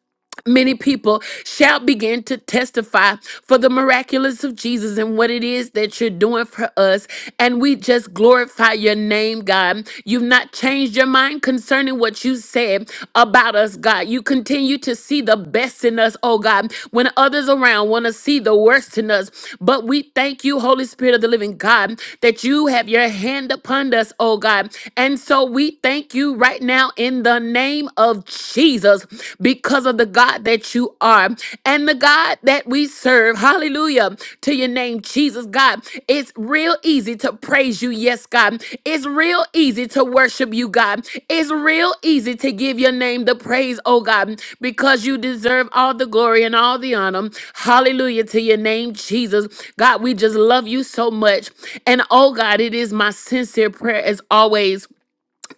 many people shall begin to testify for the miraculous of Jesus and what it is that you're doing for us. And we just glorify your name, God. You've not changed your mind concerning what you said about us, God. You continue to see the best in us, oh God, when others around want to see the worst in us. But we thank you, Holy Spirit of the living God, that you have your hand upon us, oh God. And so we thank you right now in the name name of Jesus because of the God that you are and the God that we serve. Hallelujah to your name, Jesus, God. It's real easy to praise you, yes, God. It's real easy to worship you, God. It's real easy to give your name the praise, oh God, because you deserve all the glory and all the honor. Hallelujah to your name, Jesus. God, we just love you so much. And oh God, it is my sincere prayer as always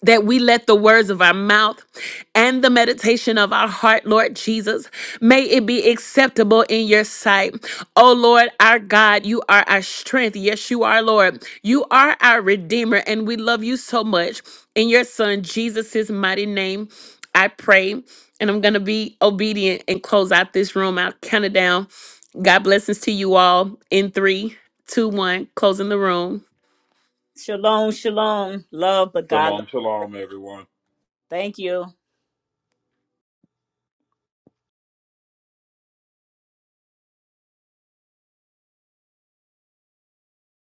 that we let the words of our mouth and the meditation of our heart, Lord Jesus, may it be acceptable in your sight. Oh Lord, our God, you are our strength. Yes, you are, Lord. You are our Redeemer, and we love you so much. In your Son, Jesus' mighty name, I pray. And I'm going to be obedient and close out this room. I'll count it down. God blessings to you all in three, two, one, closing the room.
Shalom, shalom, love, but God love.
Shalom,
us.
shalom, everyone.
Thank you.